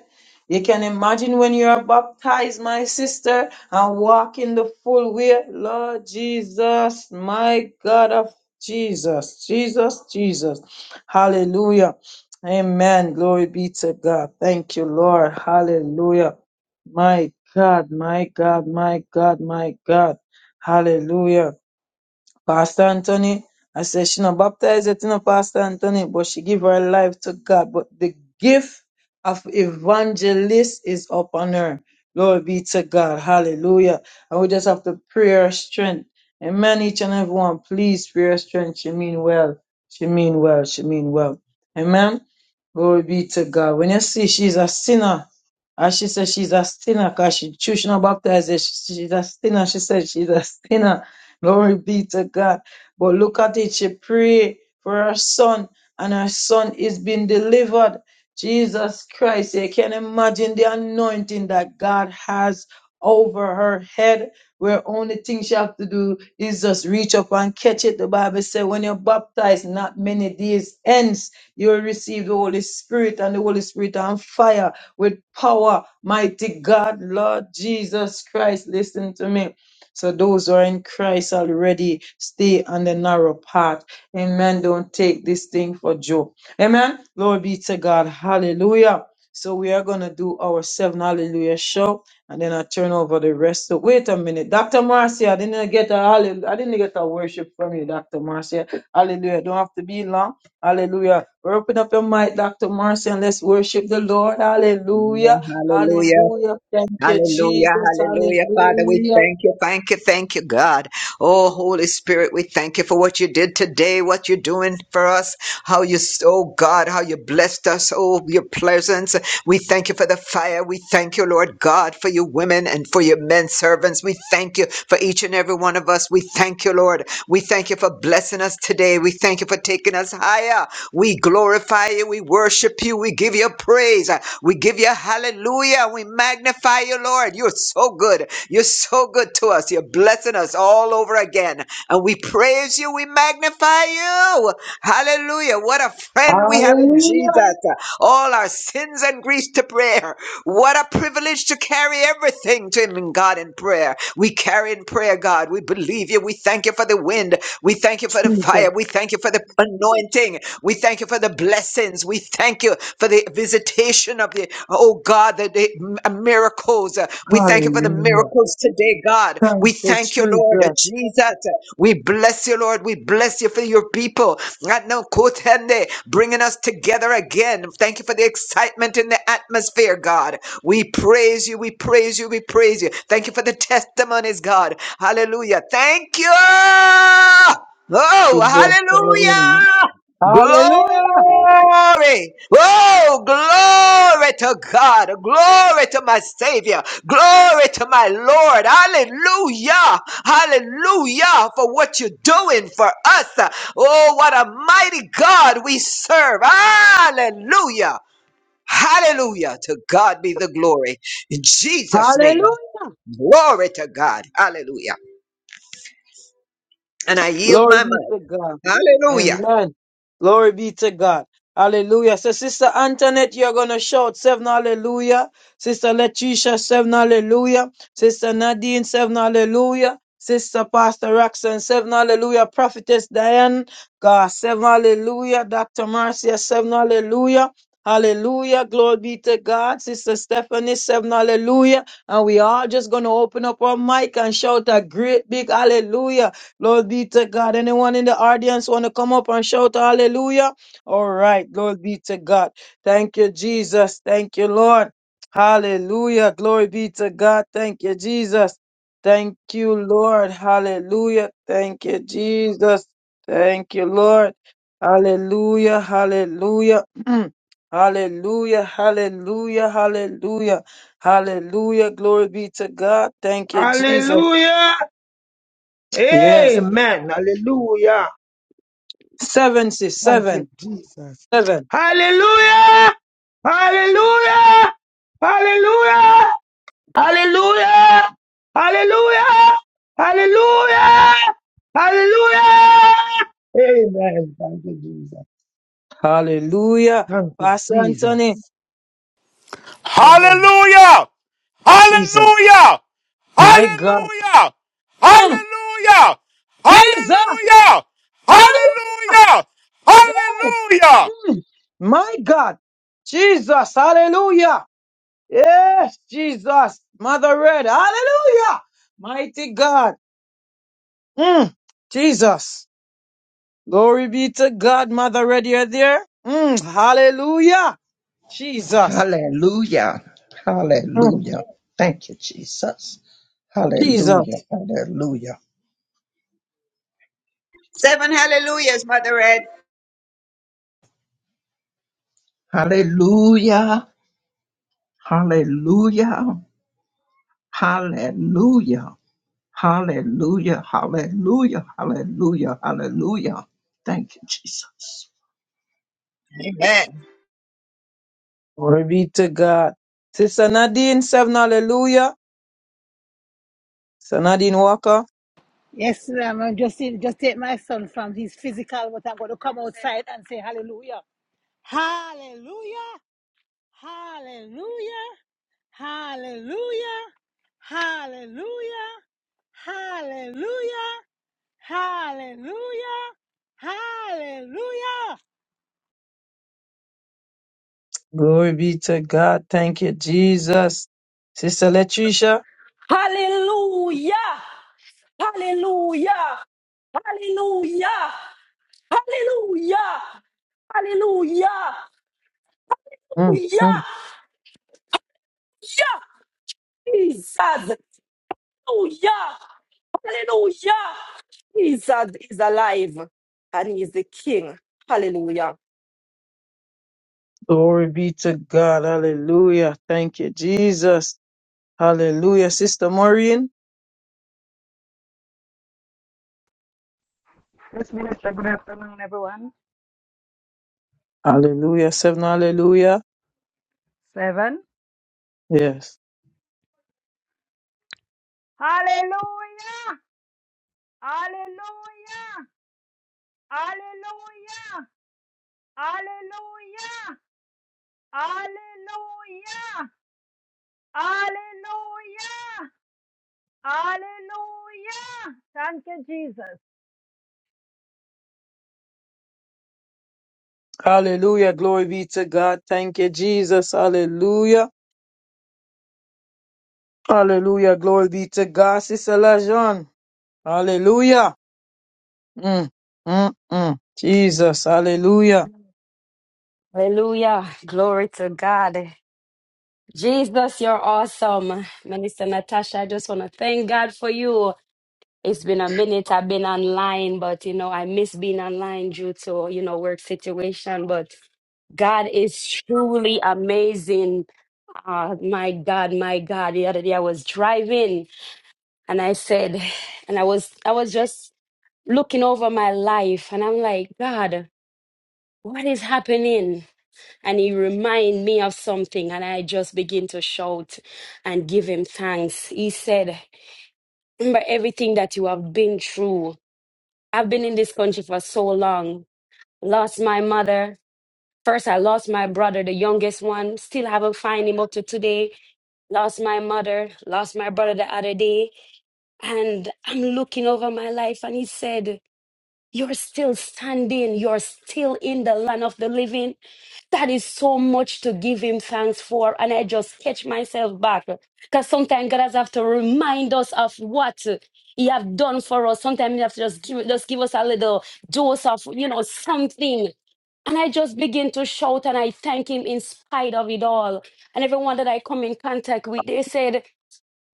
[SPEAKER 2] You can imagine when you are baptized, my sister, and walk in the full way. Lord Jesus, my God of Jesus, Jesus, Jesus. Hallelujah. Amen. Glory be to God. Thank you, Lord. Hallelujah. My God, my God, my God, my God. Hallelujah. Pastor Anthony, I said she not baptized yet, you know, Pastor Anthony, but she give her life to God. But the gift of evangelist is upon her. Glory be to God. Hallelujah. And we just have to prayer strength. Amen. Each and everyone, one, please prayer strength. She mean well. She mean well. She mean well. Amen. Glory be to God. When you see she's a sinner, as she said she's a sinner, cause she choose she not baptized yet. She- she's a sinner. She said she's a sinner. Glory be to God. But look at it. She prayed for her son, and her son is being delivered. Jesus Christ, you can imagine the anointing that God has over her head, where only thing she have to do is just reach up and catch it. The Bible says, when you're baptized, not many days hence, you will receive the Holy Spirit and the Holy Spirit on fire with power. Mighty God, Lord Jesus Christ, listen to me. So those who are in Christ already stay on the narrow path. Amen. Don't take this thing for joke. Amen. Glory be to God. Hallelujah. So we are gonna do our seven hallelujah show, and then I turn over the rest. So wait a minute, Doctor Marcia. I didn't get a hallelujah. I didn't get a worship from you, Doctor Marcia. Hallelujah. Don't have to be long. Hallelujah. Open up your mic, Doctor Marcia, and let's worship the Lord. Hallelujah.
[SPEAKER 4] Hallelujah.
[SPEAKER 2] Hallelujah. Thank you,
[SPEAKER 4] Hallelujah,
[SPEAKER 2] Jesus. Hallelujah.
[SPEAKER 4] hallelujah. Father, we thank you, thank you, thank you, God. Oh, Holy Spirit, we thank you for what you did today, what you're doing for us, how you, oh God, how you blessed us, oh, your presence. We thank you for the fire. We thank you, Lord God, for your women and for your men servants. We thank you for each and every one of us. We thank you, Lord. We thank you for blessing us today. We thank you for taking us higher. We glorify you. We worship you. We give you praise. We give you hallelujah. We magnify you, Lord. You're so good. You're so good to us. You're blessing us all over again. And we praise you. We magnify you. Hallelujah. What a
[SPEAKER 2] Thank
[SPEAKER 4] friend we have in Jesus. All our sins and griefs to prayer. What a privilege to carry everything to Him in God in prayer. We carry in prayer, God. We believe you. We thank you for the wind. We thank you for the fire. We thank you for the anointing. We thank you for the blessings. We thank you for the visitation of the, oh God, the, the m- uh, miracles. We thank you for the miracles today, God. We
[SPEAKER 2] you,
[SPEAKER 4] thank you, Lord
[SPEAKER 2] Jesus.
[SPEAKER 4] Jesus. We bless you, Lord. We bless you for your people. Right now, Kotende, bringing us together again. Thank you for the excitement in the atmosphere, God. We praise you. We praise you. We praise you. Thank you for the testimonies, God. Hallelujah. Thank you.
[SPEAKER 2] Praise the
[SPEAKER 4] Oh,
[SPEAKER 2] Father.
[SPEAKER 4] hallelujah. Glory.
[SPEAKER 2] Hallelujah.
[SPEAKER 4] Oh, glory to God. Glory to my Savior. Glory to my Lord. Hallelujah. Hallelujah for what you're doing for us. Oh, what a mighty God we serve. Hallelujah. Hallelujah. To God be the glory. In Jesus' name.
[SPEAKER 2] Hallelujah.
[SPEAKER 4] Glory to God. Hallelujah. And I yield
[SPEAKER 2] Glory
[SPEAKER 4] my
[SPEAKER 2] be
[SPEAKER 4] mind.
[SPEAKER 2] to God.
[SPEAKER 4] Hallelujah.
[SPEAKER 2] Amen. Glory be to God. Hallelujah. So, Sister Antoinette, you're going to shout seven hallelujah. Sister Letitia, seven hallelujah. Sister Nadine, seven hallelujah. Sister Pastor Roxanne, seven hallelujah. Prophetess Diane, God, seven hallelujah. Dr. Marcia, seven hallelujah. Hallelujah. Glory be to God. Sister Stephanie, seven hallelujah. And we are just going to open up our mic and shout a great big hallelujah. Lord be to God. Anyone in the audience want to come up and shout hallelujah? All right. Glory be to God. Thank you, Jesus. Thank you, Lord. Hallelujah. Glory be to God. Thank you, Jesus. Thank you, Lord. Hallelujah. Thank you, Jesus. Thank you, Lord. Hallelujah. Hallelujah. hallelujah. Hallelujah. Hallelujah. Hallelujah. Glory be to God. Thank you, Jesus.
[SPEAKER 5] Hallelujah.
[SPEAKER 2] Yes.
[SPEAKER 5] Amen. Hallelujah. Thank
[SPEAKER 2] 77.
[SPEAKER 5] you, Jesus. Hallelujah! Hallelujah! Hallelujah! Hallelujah! Hallelujah! Hallelujah! Hallelujah! Amen. Thank you, Jesus.
[SPEAKER 2] Hallelujah.
[SPEAKER 5] Thank you,
[SPEAKER 2] Pastor Anthony.
[SPEAKER 5] Jesus. Amen.
[SPEAKER 11] Hallelujah!
[SPEAKER 2] Jesus.
[SPEAKER 11] Hallelujah!
[SPEAKER 2] My God.
[SPEAKER 11] Hallelujah! Hallelujah!
[SPEAKER 2] Jesus.
[SPEAKER 11] Hallelujah!
[SPEAKER 2] Hallelujah.
[SPEAKER 11] Hallelujah! Hallelujah!
[SPEAKER 2] My God. Jesus. Hallelujah. Yes, Jesus. Mother Red. Hallelujah. Mighty God. Mm. Jesus. Glory be to God, Mother Red. You're there. Mm. Hallelujah. Jesus.
[SPEAKER 12] Hallelujah.
[SPEAKER 2] Mm.
[SPEAKER 12] Hallelujah. Thank you, Jesus.
[SPEAKER 2] Jesus.
[SPEAKER 12] Hallelujah. Hallelujah.
[SPEAKER 4] Seven hallelujahs, Mother Ed.
[SPEAKER 12] Hallelujah. Hallelujah. Hallelujah. Hallelujah. Hallelujah. Hallelujah. Hallelujah. Thank you, Jesus.
[SPEAKER 2] Glory be to God. Sister Nadine, seven hallelujah. Sister Nadine Walker.
[SPEAKER 13] Yes, ma'am. I'm just just take my son from his physical, but I'm going to come outside and say hallelujah. Hallelujah. Hallelujah. Hallelujah. Hallelujah. Hallelujah. Hallelujah. Hallelujah.
[SPEAKER 2] Glory be to God. Thank you, Jesus. Sister Letitia,
[SPEAKER 9] Hallelujah. Hallelujah. Hallelujah. Hallelujah. Hallelujah.
[SPEAKER 2] mm,
[SPEAKER 9] Hallelujah. Yeah. Jesus. Hallelujah. Hallelujah. Jesus is alive and he is the King. Hallelujah.
[SPEAKER 2] glory be to God. Hallelujah. Thank you, Jesus. Hallelujah. Sister Maureen,
[SPEAKER 14] Yes, Minister. Good afternoon, everyone.
[SPEAKER 2] hallelujah. Seven hallelujah.
[SPEAKER 14] Seven.
[SPEAKER 2] Yes.
[SPEAKER 14] Hallelujah! Hallelujah! Hallelujah! Hallelujah! Hallelujah! Hallelujah! Hallelujah! Thank you, Jesus.
[SPEAKER 2] Hallelujah. Glory be to God. Thank you, Jesus. Hallelujah. Hallelujah. Glory be to God. Sister Lajon, hallelujah. Mm, mm, mm. Jesus. Hallelujah.
[SPEAKER 15] Hallelujah. Glory to God. Jesus, you're awesome. Minister Natasha, I just want to thank God for you. It's been a minute I've been online, but you know, I miss being online due to, you know, work situation. But God is truly amazing. Uh, my God, my God. The other day I was driving and I said, and I was I was just looking over my life and I'm like, God, what is happening? and he remind me of something and i just begin to shout and give him thanks he said remember everything that you have been through i've been in this country for so long lost my mother first i lost my brother the youngest one still haven't find him up to today lost my mother lost my brother the other day and i'm looking over my life and he said You're still standing. You're still in the land of the living. That is so much to give him thanks for. And I just catch myself back. Because sometimes God has have to remind us of what he have done for us. Sometimes he have to just give, just give us a little dose of, you know, something. And I just begin to shout and I thank him in spite of it all. And everyone that I come in contact with, they said,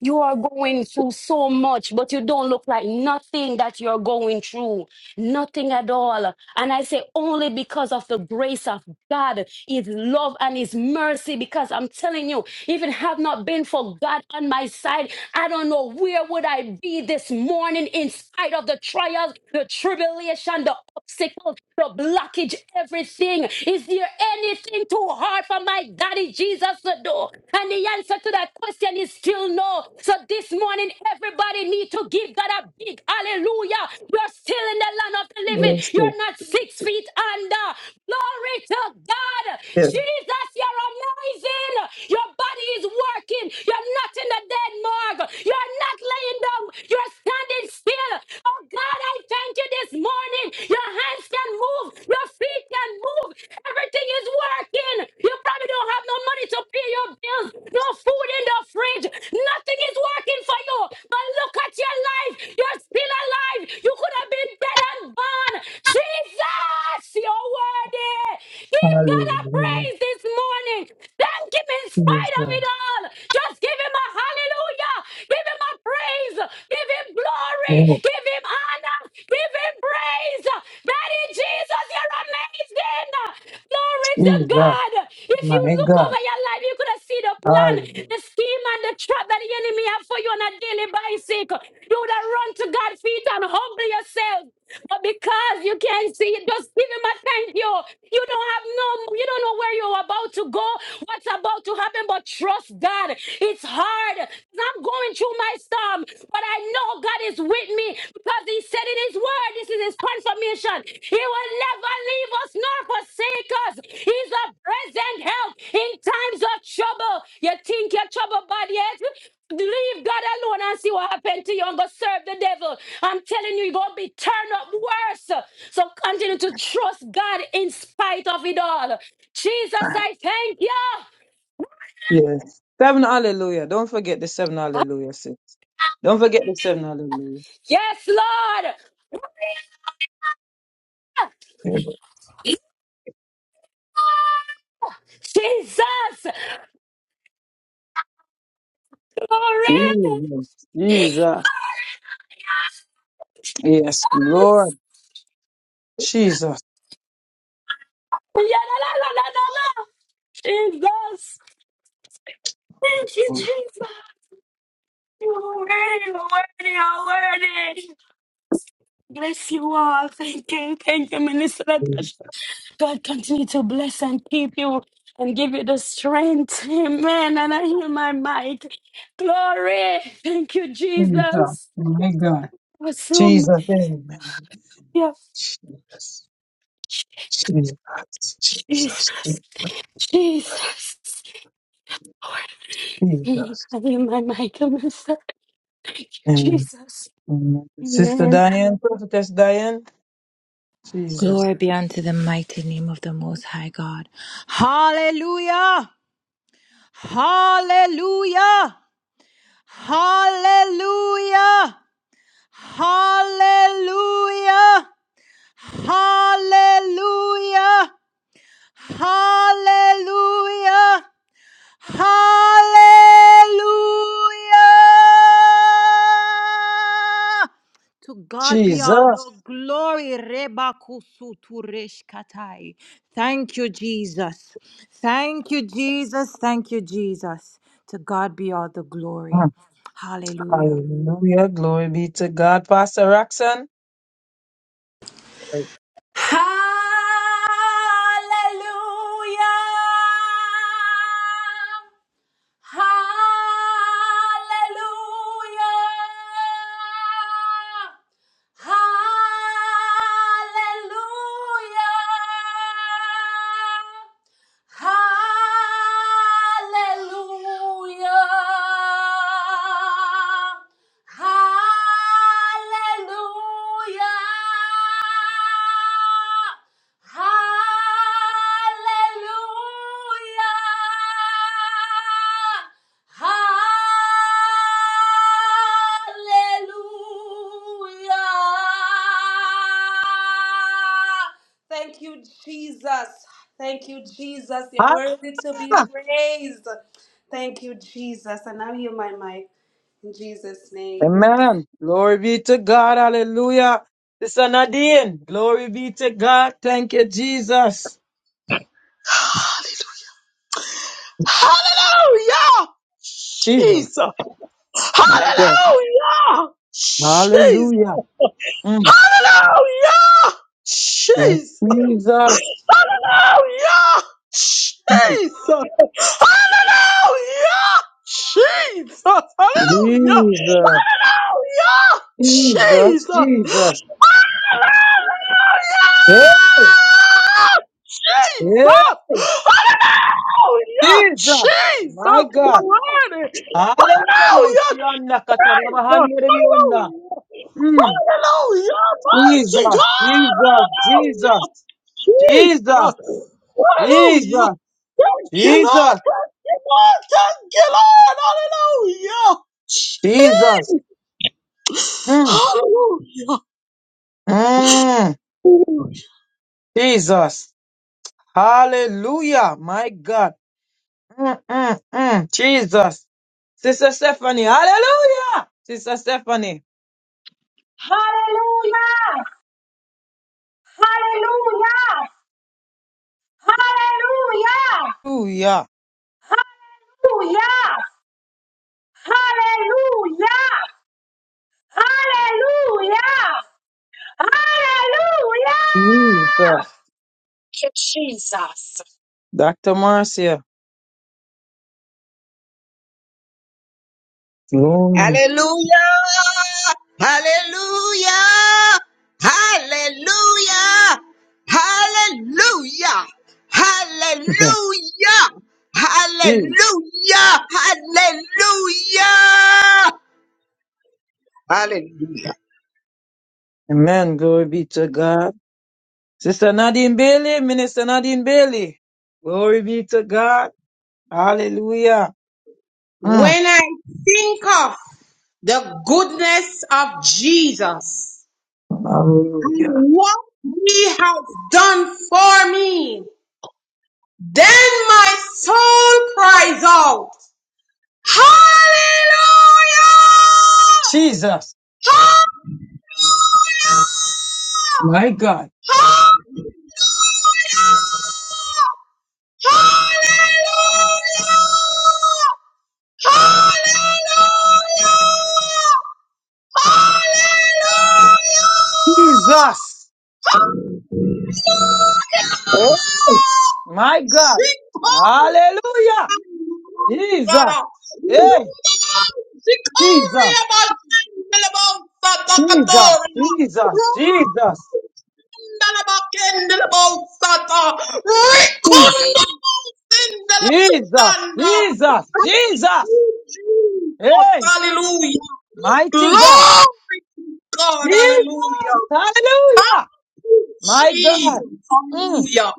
[SPEAKER 15] you are going through so much, but you don't look like nothing that you're going through nothing at all. And I say only because of the grace of God, His love and His mercy. Because I'm telling you, if it had not been for God on my side, I don't know where would I be this morning in spite of the trials, the tribulation, the obstacles, the blockage, everything. Is there anything too hard for my daddy Jesus to do? And the answer to that question is still no. So this morning, everybody need to give God a big hallelujah. we are still in the land of the living. You're not six feet under. Glory to God. Jesus, you're amazing. Your body is working. You're not in the dead morgue. You're not laying down. You're standing still. Oh God, I thank you this morning. Your hands can move. Your feet can move. Everything is working. You probably don't have no money to pay your bills. No food in the fridge. Nothing is working for you. But look at your life. You're still alive. You you could have been dead and gone. Jesus, you're worthy. Give God a
[SPEAKER 2] Hallelujah.
[SPEAKER 15] praise this morning. Thank Him in
[SPEAKER 2] Jesus.
[SPEAKER 15] spite of it all. Just give Him a hallelujah. Give Him a praise. Give Him glory.
[SPEAKER 2] Lord
[SPEAKER 15] Give Him honor. Give Him praise. Daddy Jesus, you're amazing. Glory to
[SPEAKER 2] Jesus.
[SPEAKER 15] God. If you
[SPEAKER 2] My
[SPEAKER 15] look
[SPEAKER 2] God.
[SPEAKER 15] over your life, you could have seen the plan,
[SPEAKER 2] Hallelujah.
[SPEAKER 15] the scheme, and the trap that the enemy have for you on a daily basis. You would have run to God's feet and humble yourself. But because you can't see it, just give him a thank you. You don't have no, you don't know where you're about to go, what's about to happen, but trust God. It's hard. I'm going through my storm, but I know God is with me because He said in His word, this is His confirmation. He will never leave us nor forsake us. He's a present help in times of trouble. You think your trouble bad yet? Leave God alone and see what happened to you and go serve the devil. I'm telling you, you're going to be turned up worse. So continue to trust God in spite of it all. Jesus, I thank you.
[SPEAKER 2] Yes. Seven hallelujah. Don't forget the seven hallelujah. sis. Don't forget the seven hallelujah.
[SPEAKER 15] Yes, Lord.
[SPEAKER 2] Yes.
[SPEAKER 15] Jesus. Glory.
[SPEAKER 2] Jesus. Jesus. Yes,
[SPEAKER 15] Yes.
[SPEAKER 2] Lord. Jesus.
[SPEAKER 15] Yeah, la, la, la, la, la, la. Jesus. Thank you,
[SPEAKER 2] Lord.
[SPEAKER 15] Jesus. You're worthy, you're worthy, you're worthy. Bless you all. Thank you. Thank you, Minister. God continue to bless and keep you and give you the strength. Amen. And I hear my mic. Glory. Thank you,
[SPEAKER 2] Jesus.
[SPEAKER 15] Jesus.
[SPEAKER 2] My God.
[SPEAKER 15] Awesome.
[SPEAKER 2] Jesus. Amen.
[SPEAKER 15] Yes.
[SPEAKER 2] Jesus. Jesus. Jesus.
[SPEAKER 15] Jesus. Jesus. Lord,
[SPEAKER 2] Jesus.
[SPEAKER 15] I hear my mic. Thank you,
[SPEAKER 2] Amen.
[SPEAKER 15] Jesus.
[SPEAKER 2] Amen. Sister
[SPEAKER 15] Amen.
[SPEAKER 2] Diane, Prophetess Diane. Jesus.
[SPEAKER 8] Glory be unto the mighty name of the Most High God. Hallelujah! Hallelujah! Hallelujah! Hallelujah! Hallelujah! Hallelujah. Hallelujah. To God be
[SPEAKER 2] Jesus.
[SPEAKER 8] all the glory. Rebakusu tureshkatai. Thank you, Jesus. Thank you, Jesus. Thank you, Jesus. To God be all the glory. Hallelujah.
[SPEAKER 2] Hallelujah. Glory be to God. Pastor Roxanne. Right.
[SPEAKER 7] Hallelujah. Hallelujah! Hallelujah! Hallelujah. Hallelujah. Hallelujah. Hallelujah. Thank you, Jesus. Thank you, Jesus. You're worthy to be praised. Thank you, Jesus. And now hear my mic in Jesus' name.
[SPEAKER 2] Amen. Glory be to God. Hallelujah. Sister Nadine, glory be to God. Thank you, Jesus.
[SPEAKER 6] Hallelujah.
[SPEAKER 2] Jesus,
[SPEAKER 6] Jesus.
[SPEAKER 2] my God.
[SPEAKER 6] Hallelujah. Jesus.
[SPEAKER 2] Hallelujah. Mm,
[SPEAKER 6] Hallelujah.
[SPEAKER 2] Yes.
[SPEAKER 6] Jesus.
[SPEAKER 2] Jesus.
[SPEAKER 6] Hallelujah. Jesus. Hallelujah. Jesus. Hallelujah.
[SPEAKER 2] Jesus.
[SPEAKER 6] Yeah,
[SPEAKER 2] Jesus.
[SPEAKER 6] Jesus.
[SPEAKER 2] Jesus. Yeah,
[SPEAKER 6] Yeah,
[SPEAKER 2] yeah,
[SPEAKER 6] Jesus. Oh, yeah,
[SPEAKER 2] Jesus.
[SPEAKER 6] Jesus.
[SPEAKER 2] My God.
[SPEAKER 6] Almighty.
[SPEAKER 2] Hallelujah.
[SPEAKER 6] Hallelujah,
[SPEAKER 2] Shianna kataraba
[SPEAKER 6] Jesus.
[SPEAKER 2] handere
[SPEAKER 6] Hallelujah.
[SPEAKER 2] Mm,
[SPEAKER 6] Hallelujah. Mighty
[SPEAKER 2] Jesus.
[SPEAKER 6] God.
[SPEAKER 2] Jesus.
[SPEAKER 6] Hallelujah,
[SPEAKER 2] Jesus. Jesus.
[SPEAKER 6] Jesus. Hallelujah.
[SPEAKER 2] Jesus.
[SPEAKER 6] Thank you, Lord.
[SPEAKER 2] Jesus.
[SPEAKER 6] Thank you, Lord. Thank you, Lord. Hallelujah.
[SPEAKER 2] Jesus.
[SPEAKER 6] Jesus.
[SPEAKER 2] Mm.
[SPEAKER 6] Hallelujah.
[SPEAKER 2] Mm,
[SPEAKER 6] Hallelujah.
[SPEAKER 2] Jesus. Hallelujah. My God. Mm, mm, mm. Jesus. Sister Stephanie. Hallelujah. Sister Stephanie.
[SPEAKER 1] Hallelujah! Hallelujah!
[SPEAKER 2] Hallelujah.
[SPEAKER 1] Hallelujah! Hallelujah! Hallelujah! Hallelujah!
[SPEAKER 2] Jesus. Dr. Marcia. Glory.
[SPEAKER 4] Hallelujah! Hallelujah! Hallelujah! Hallelujah! Hallelujah!
[SPEAKER 2] Jesus.
[SPEAKER 4] Hallelujah! Hallelujah! Hallelujah.
[SPEAKER 2] Amen. Glory be to God. Sister Nadine Bailey. Minister Nadine Bailey. Glory be to God. Hallelujah. Mm.
[SPEAKER 16] When I think of the goodness of Jesus and
[SPEAKER 2] Hallelujah.
[SPEAKER 16] what he has done for me, then my soul cries out, Hallelujah!
[SPEAKER 2] Jesus. My God.
[SPEAKER 16] Hallelujah! Hallelujah! Hallelujah! Hallelujah!
[SPEAKER 2] Jesus.
[SPEAKER 16] Hallelujah!
[SPEAKER 2] Eh? My God. Hallelujah. Jesus. Hey, Jesus. Jesus. Jesus. Jesus.
[SPEAKER 16] Ndalabakendelabosata.
[SPEAKER 2] Jesus.
[SPEAKER 16] Rekundabosendelabosanda.
[SPEAKER 2] Jesus.
[SPEAKER 16] Thank
[SPEAKER 2] Jesus.
[SPEAKER 16] you, Jesus.
[SPEAKER 2] Hey,
[SPEAKER 16] Hallelujah.
[SPEAKER 2] mighty
[SPEAKER 16] Glory to
[SPEAKER 2] God.
[SPEAKER 16] God. Hallelujah.
[SPEAKER 2] Jesus.
[SPEAKER 16] Thank
[SPEAKER 2] Hallelujah.
[SPEAKER 16] you,
[SPEAKER 2] My God.
[SPEAKER 16] Jesus.
[SPEAKER 2] Mm.
[SPEAKER 16] Hallelujah.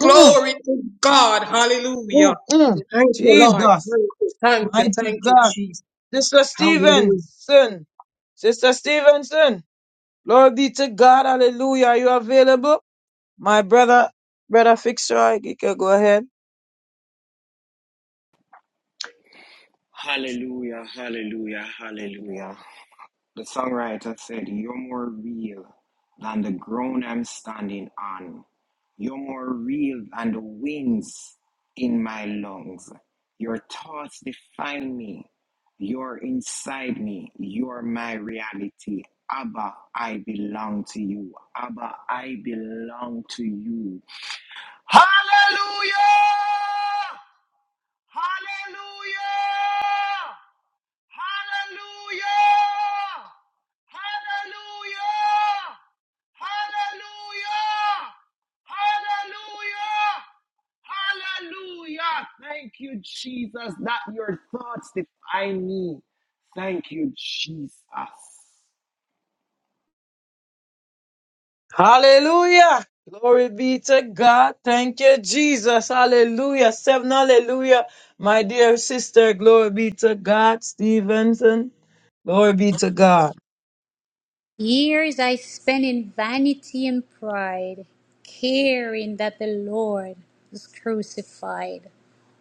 [SPEAKER 16] Glory to God. Hallelujah. Thank you, Lord. Thank you. Thank you. Thank you,
[SPEAKER 2] Uh,
[SPEAKER 16] Jesus.
[SPEAKER 2] this even
[SPEAKER 16] Hallelujah.
[SPEAKER 2] says, Lord be to God. Hallelujah. Are you available? My brother, brother Fixer, you can go ahead.
[SPEAKER 17] Hallelujah, hallelujah, hallelujah. The songwriter said, You're more real than the ground I'm standing on. You're more real than the winds in my lungs. Your thoughts define me. You're inside me. You're my reality. Abba, I belong to you. Abba, I belong to you. Hallelujah! Hallelujah! Hallelujah! Hallelujah! Hallelujah! Hallelujah! Thank you, Jesus, that your thoughts define me. Thank you, Jesus.
[SPEAKER 2] Hallelujah. Glory be to God. Thank you, Jesus. Hallelujah. Seven hallelujah. My dear sister, glory be to God. Stevenson, glory be to God.
[SPEAKER 18] Years I spent in vanity and pride, caring that the Lord was crucified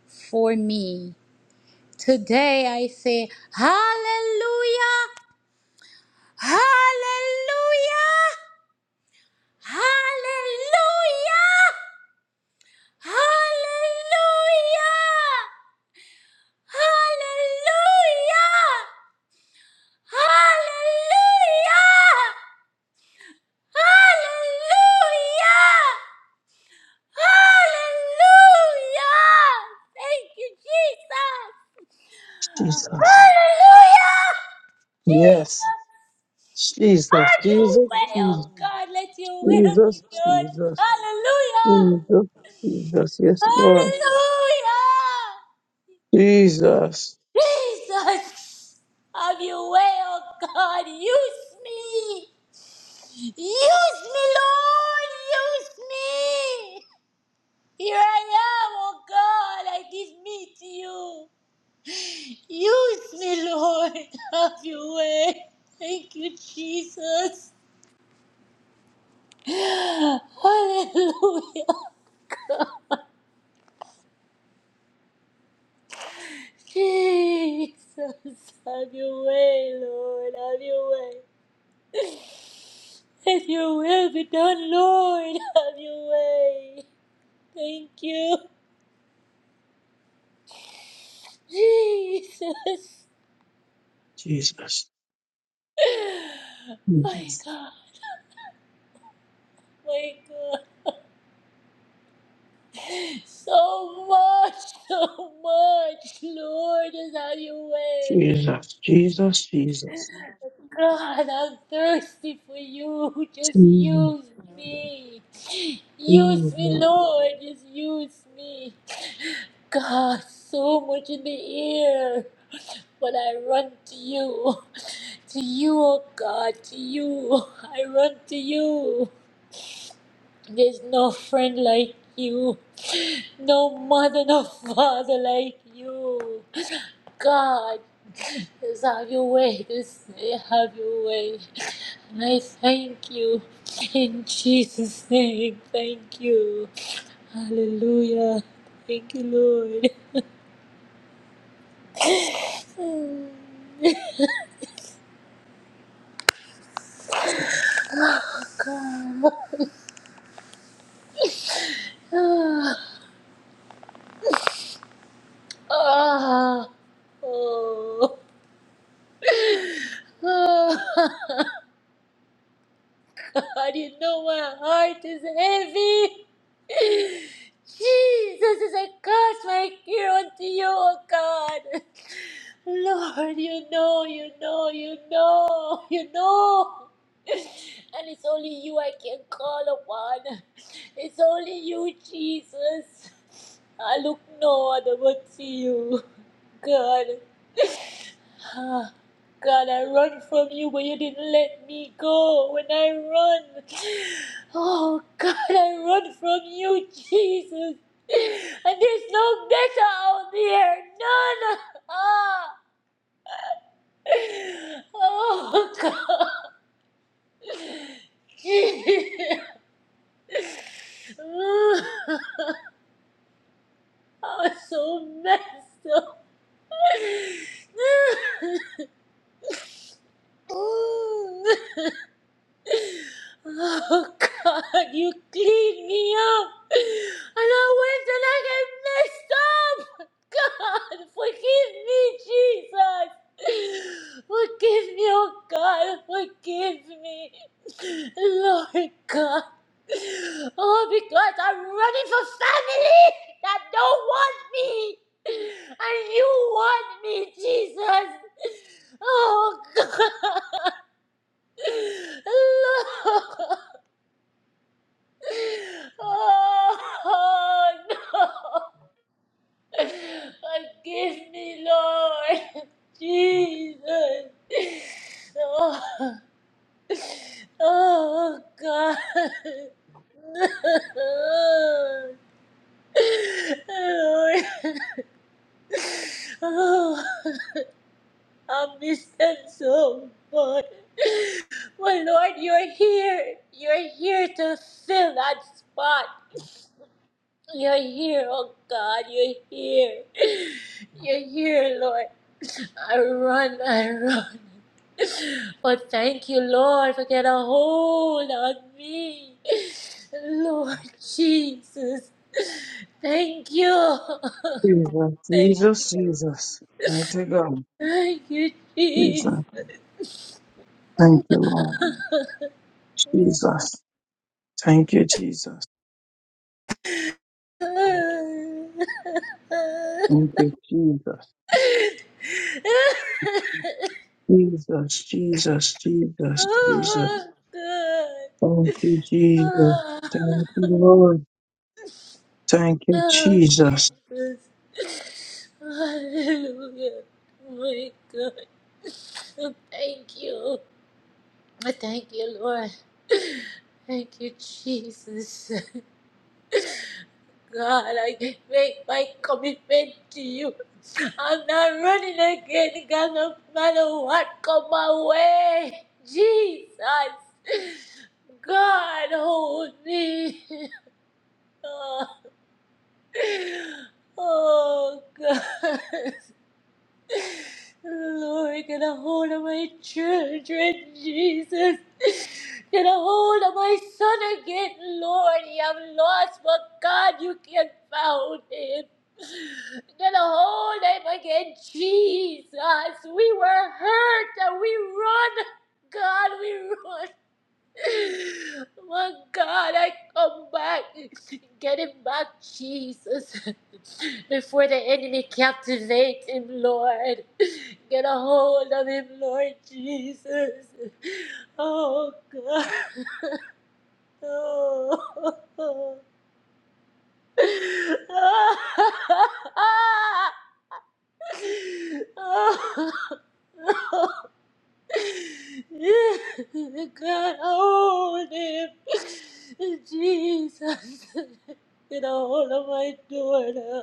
[SPEAKER 18] for me. Today I say, Hallelujah! Hallelujah! Hallelujah! Hallelujah! Hallelujah! Hallelujah! Hallelujah! Hallelujah! Thank you, Jesus! Hallelujah!
[SPEAKER 2] Yes.
[SPEAKER 18] Jesus!
[SPEAKER 2] yes,
[SPEAKER 18] Have your
[SPEAKER 2] Jesus,
[SPEAKER 18] way, oh God, let your will be
[SPEAKER 2] Jesus,
[SPEAKER 18] done.
[SPEAKER 2] Jesus,
[SPEAKER 18] Hallelujah!
[SPEAKER 2] Jesus, Jesus. Yes, Lord.
[SPEAKER 18] Hallelujah!
[SPEAKER 2] Jesus,
[SPEAKER 18] Jesus! Have your way, oh God, use me! Use me, Lord! Use me! Here I am, oh God, I give me to you. Use me, Lord, have your way. Thank you, Jesus. Hallelujah. Jesus, have your way, Lord, have your way. Let your will be done, Lord, have your way. Thank you, Jesus.
[SPEAKER 2] Jesus,
[SPEAKER 18] My God, my God. So much, so much, Lord, is have your way.
[SPEAKER 2] Jesus, Jesus, Jesus,
[SPEAKER 18] God, I'm thirsty for you. Just use me. Use me, Lord. Just use me. God, so much in the air, but I run to you. To you, oh God, to you. I run to you. There's no friend like you, no mother, no father like you. God, just have your way. Just have your way. And I thank you in Jesus' name. Thank you. Hallelujah. Thank you, Lord. Come. Ah, ah, oh. Ah. I didn't know my heart is heavy. Jesus, as I cast my care unto you, O God. Lord, you know, you know, you know, you know. And it's only you I can call upon. It's only you, Jesus. I look no other but to you, God. Ah, God, I run from you, but you didn't let me go. When I run, oh God, I run from you, Jesus. And there's no better out there. None. Ah. Oh God. I'm so messed up. Oh God, you cleaned me up. And I went and I got messed up. God, forgive me, Jesus. Forgive me, oh God, forgive me. Lord God. Oh, because I'm running for family that don't want me. And you want me, Jesus. Oh God. Lord. Oh no! Forgive me, Lord Jesus. Oh, oh God. Lord, oh, I miss them so much. Well, Lord, you're here. You're here to fill that spot. You're here, oh God, you're here. You're here, Lord. I run, I run. But thank you, Lord, for getting a hold on me. Lord Jesus. Thank you.
[SPEAKER 2] Jesus,
[SPEAKER 18] Thank,
[SPEAKER 2] Jesus, Jesus. Mighty God.
[SPEAKER 18] thank you, Jesus.
[SPEAKER 2] Jesus. Thank you, Lord. Jesus. Thank you, Jesus. Thank you, Jesus. Jesus, Jesus, Jesus, Jesus.
[SPEAKER 18] oh, good.
[SPEAKER 2] Thank you, Jesus. Thank you, Lord. Thank you,
[SPEAKER 18] Oh,
[SPEAKER 2] Jesus.
[SPEAKER 18] Jesus. Hallelujah. My God. Oh, Thank you. I Thank you, Lord. Thank you, Jesus. God, I make my commitment to you. I'm not running again, God, no matter what come my way. Jesus. God, hold me. Oh, oh God. Lord, get a hold of my children, Jesus. Get a hold of my son again, Lord. He have lost, but God, you can found him. Get a hold of him again, Jesus. We were hurt and we run. God, we run. My God, I come back. Get him back, Jesus. Before the enemy captivate him, Lord. Get a hold of him, Lord Jesus. Oh, God. Oh. God, hold him. Jesus, get a hold of my daughter.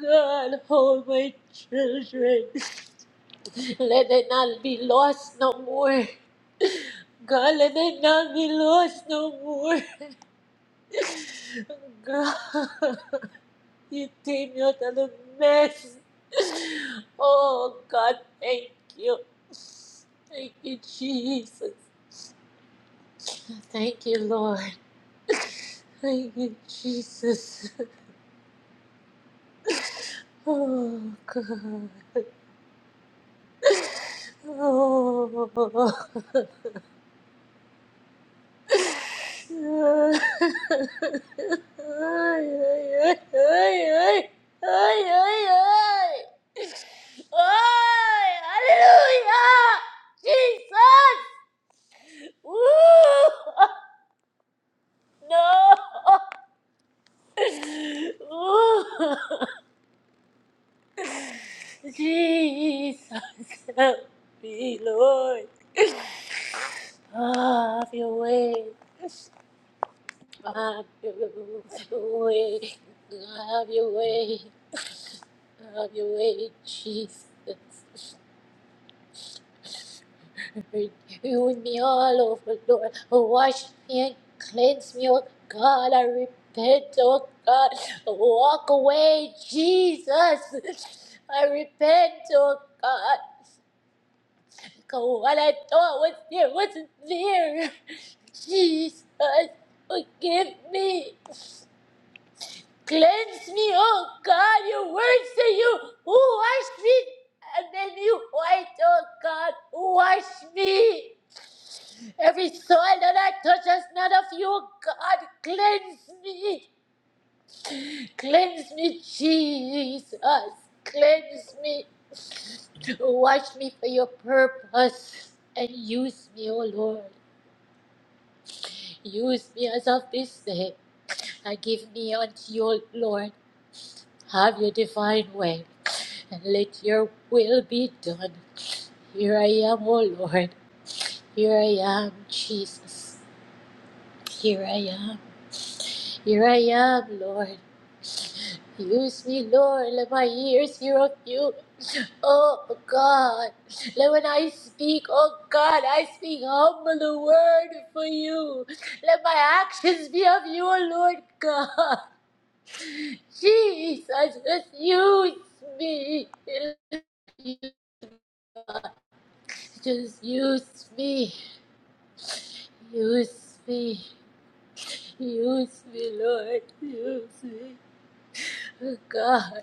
[SPEAKER 18] God, hold my children. Let them not be lost no more. God, let them not be lost no more. God, you take me out of the mess. Oh, God, thank you. Thank you, Jesus. Thank you, Lord. Thank you, Jesus. Oh, God. Oh. ay, ay, ay, ay, ay, ay, ay. Ay, hallelujah. Jesus. Woo. No. Woo. Jesus, help me, Lord. Have your way. Have your way, have your way, have your way, Jesus. You me all over, Lord. Wash me and cleanse me, oh God. I repent, oh God. Walk away, Jesus. I repent, oh God. Because what I thought was there wasn't there. Jesus, forgive me. Cleanse me, oh God. Your word say you who wash me and then you white, oh God. Wash me. Every soil that I touch is not of you, oh God. Cleanse me. Cleanse me, Jesus. Cleanse me. Wash me for your purpose and use me, O Lord. Use me as of this day and give me unto you, oh Lord. Have your divine way. and let your will be done. Here I am, O Lord. Here I am, Jesus. Here I am. Here I am, Lord. Use me, Lord. Let my ears hear of you. Oh God. Let when I speak, oh God, I speak humble the word for you. Let my actions be of you, O Lord God. Jesus, just use me. Just use me. Use me, use me, Lord, use me. God,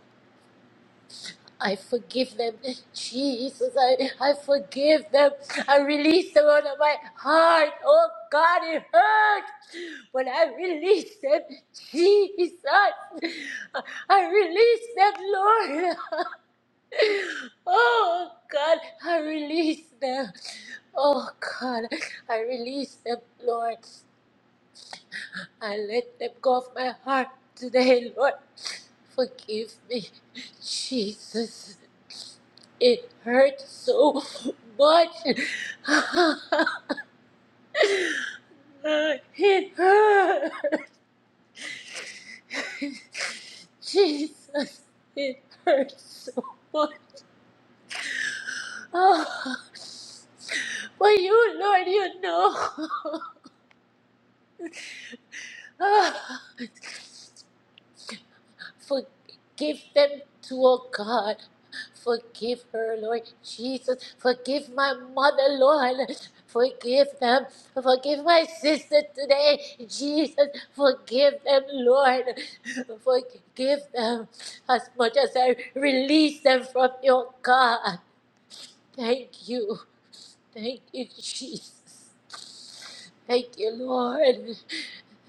[SPEAKER 18] I forgive them. Jesus, I, I forgive them. I release them out of my heart. Oh God, it hurts. But I release them, Jesus. I I release them, Lord. Oh God, I release them. Oh God, I release them, Lord. I let them go of my heart today, Lord. Forgive me, Jesus. It hurt so much. it hurt. Jesus, it hurts so much. Oh. But you, Lord, you know. Forgive them too, oh God. Forgive her, Lord Jesus. Forgive my mother, Lord. Forgive them. Forgive my sister today, Jesus. Forgive them, Lord. Forgive them as much as I release them from your God. Thank you. Thank you, Jesus. Thank you, Lord.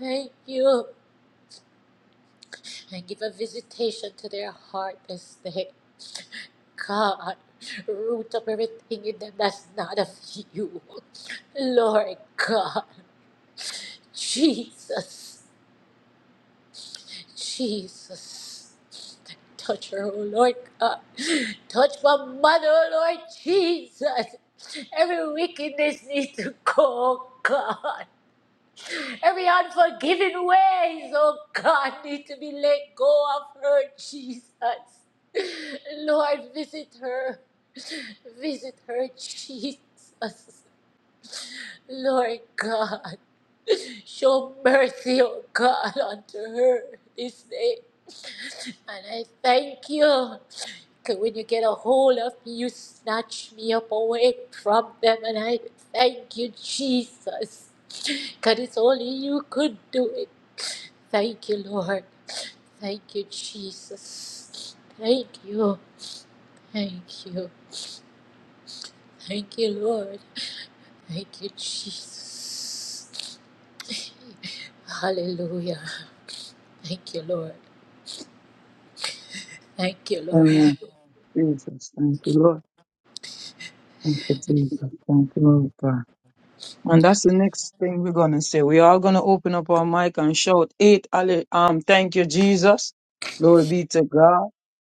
[SPEAKER 18] Thank you. And give a visitation to their heart this day. God, root of everything in them that's not of you. Lord God, Jesus, Jesus. Touch her, oh Lord God. Touch my mother, oh Lord Jesus. Every wickedness needs to go, God. Every unforgiven ways, oh God, need to be let go of her, Jesus. Lord, visit her. Visit her, Jesus. Lord God, show mercy, oh God, unto her this day. And I thank you. Because when you get a hold of me, you snatch me up away from them. And I thank you, Jesus. Because it's only you could do it. Thank you, Lord. Thank you, Jesus. Thank you. Thank you. Thank you, Lord. Thank you, Jesus. Hallelujah. Thank you, Lord. Thank you, Lord.
[SPEAKER 2] Amen. Jesus. Thank you, Lord. Thank you, Jesus. Thank you, Lord God. And that's the next thing we're gonna say. We are gonna open up our mic and shout eight. alle- Um, thank you, Jesus. Glory be to God.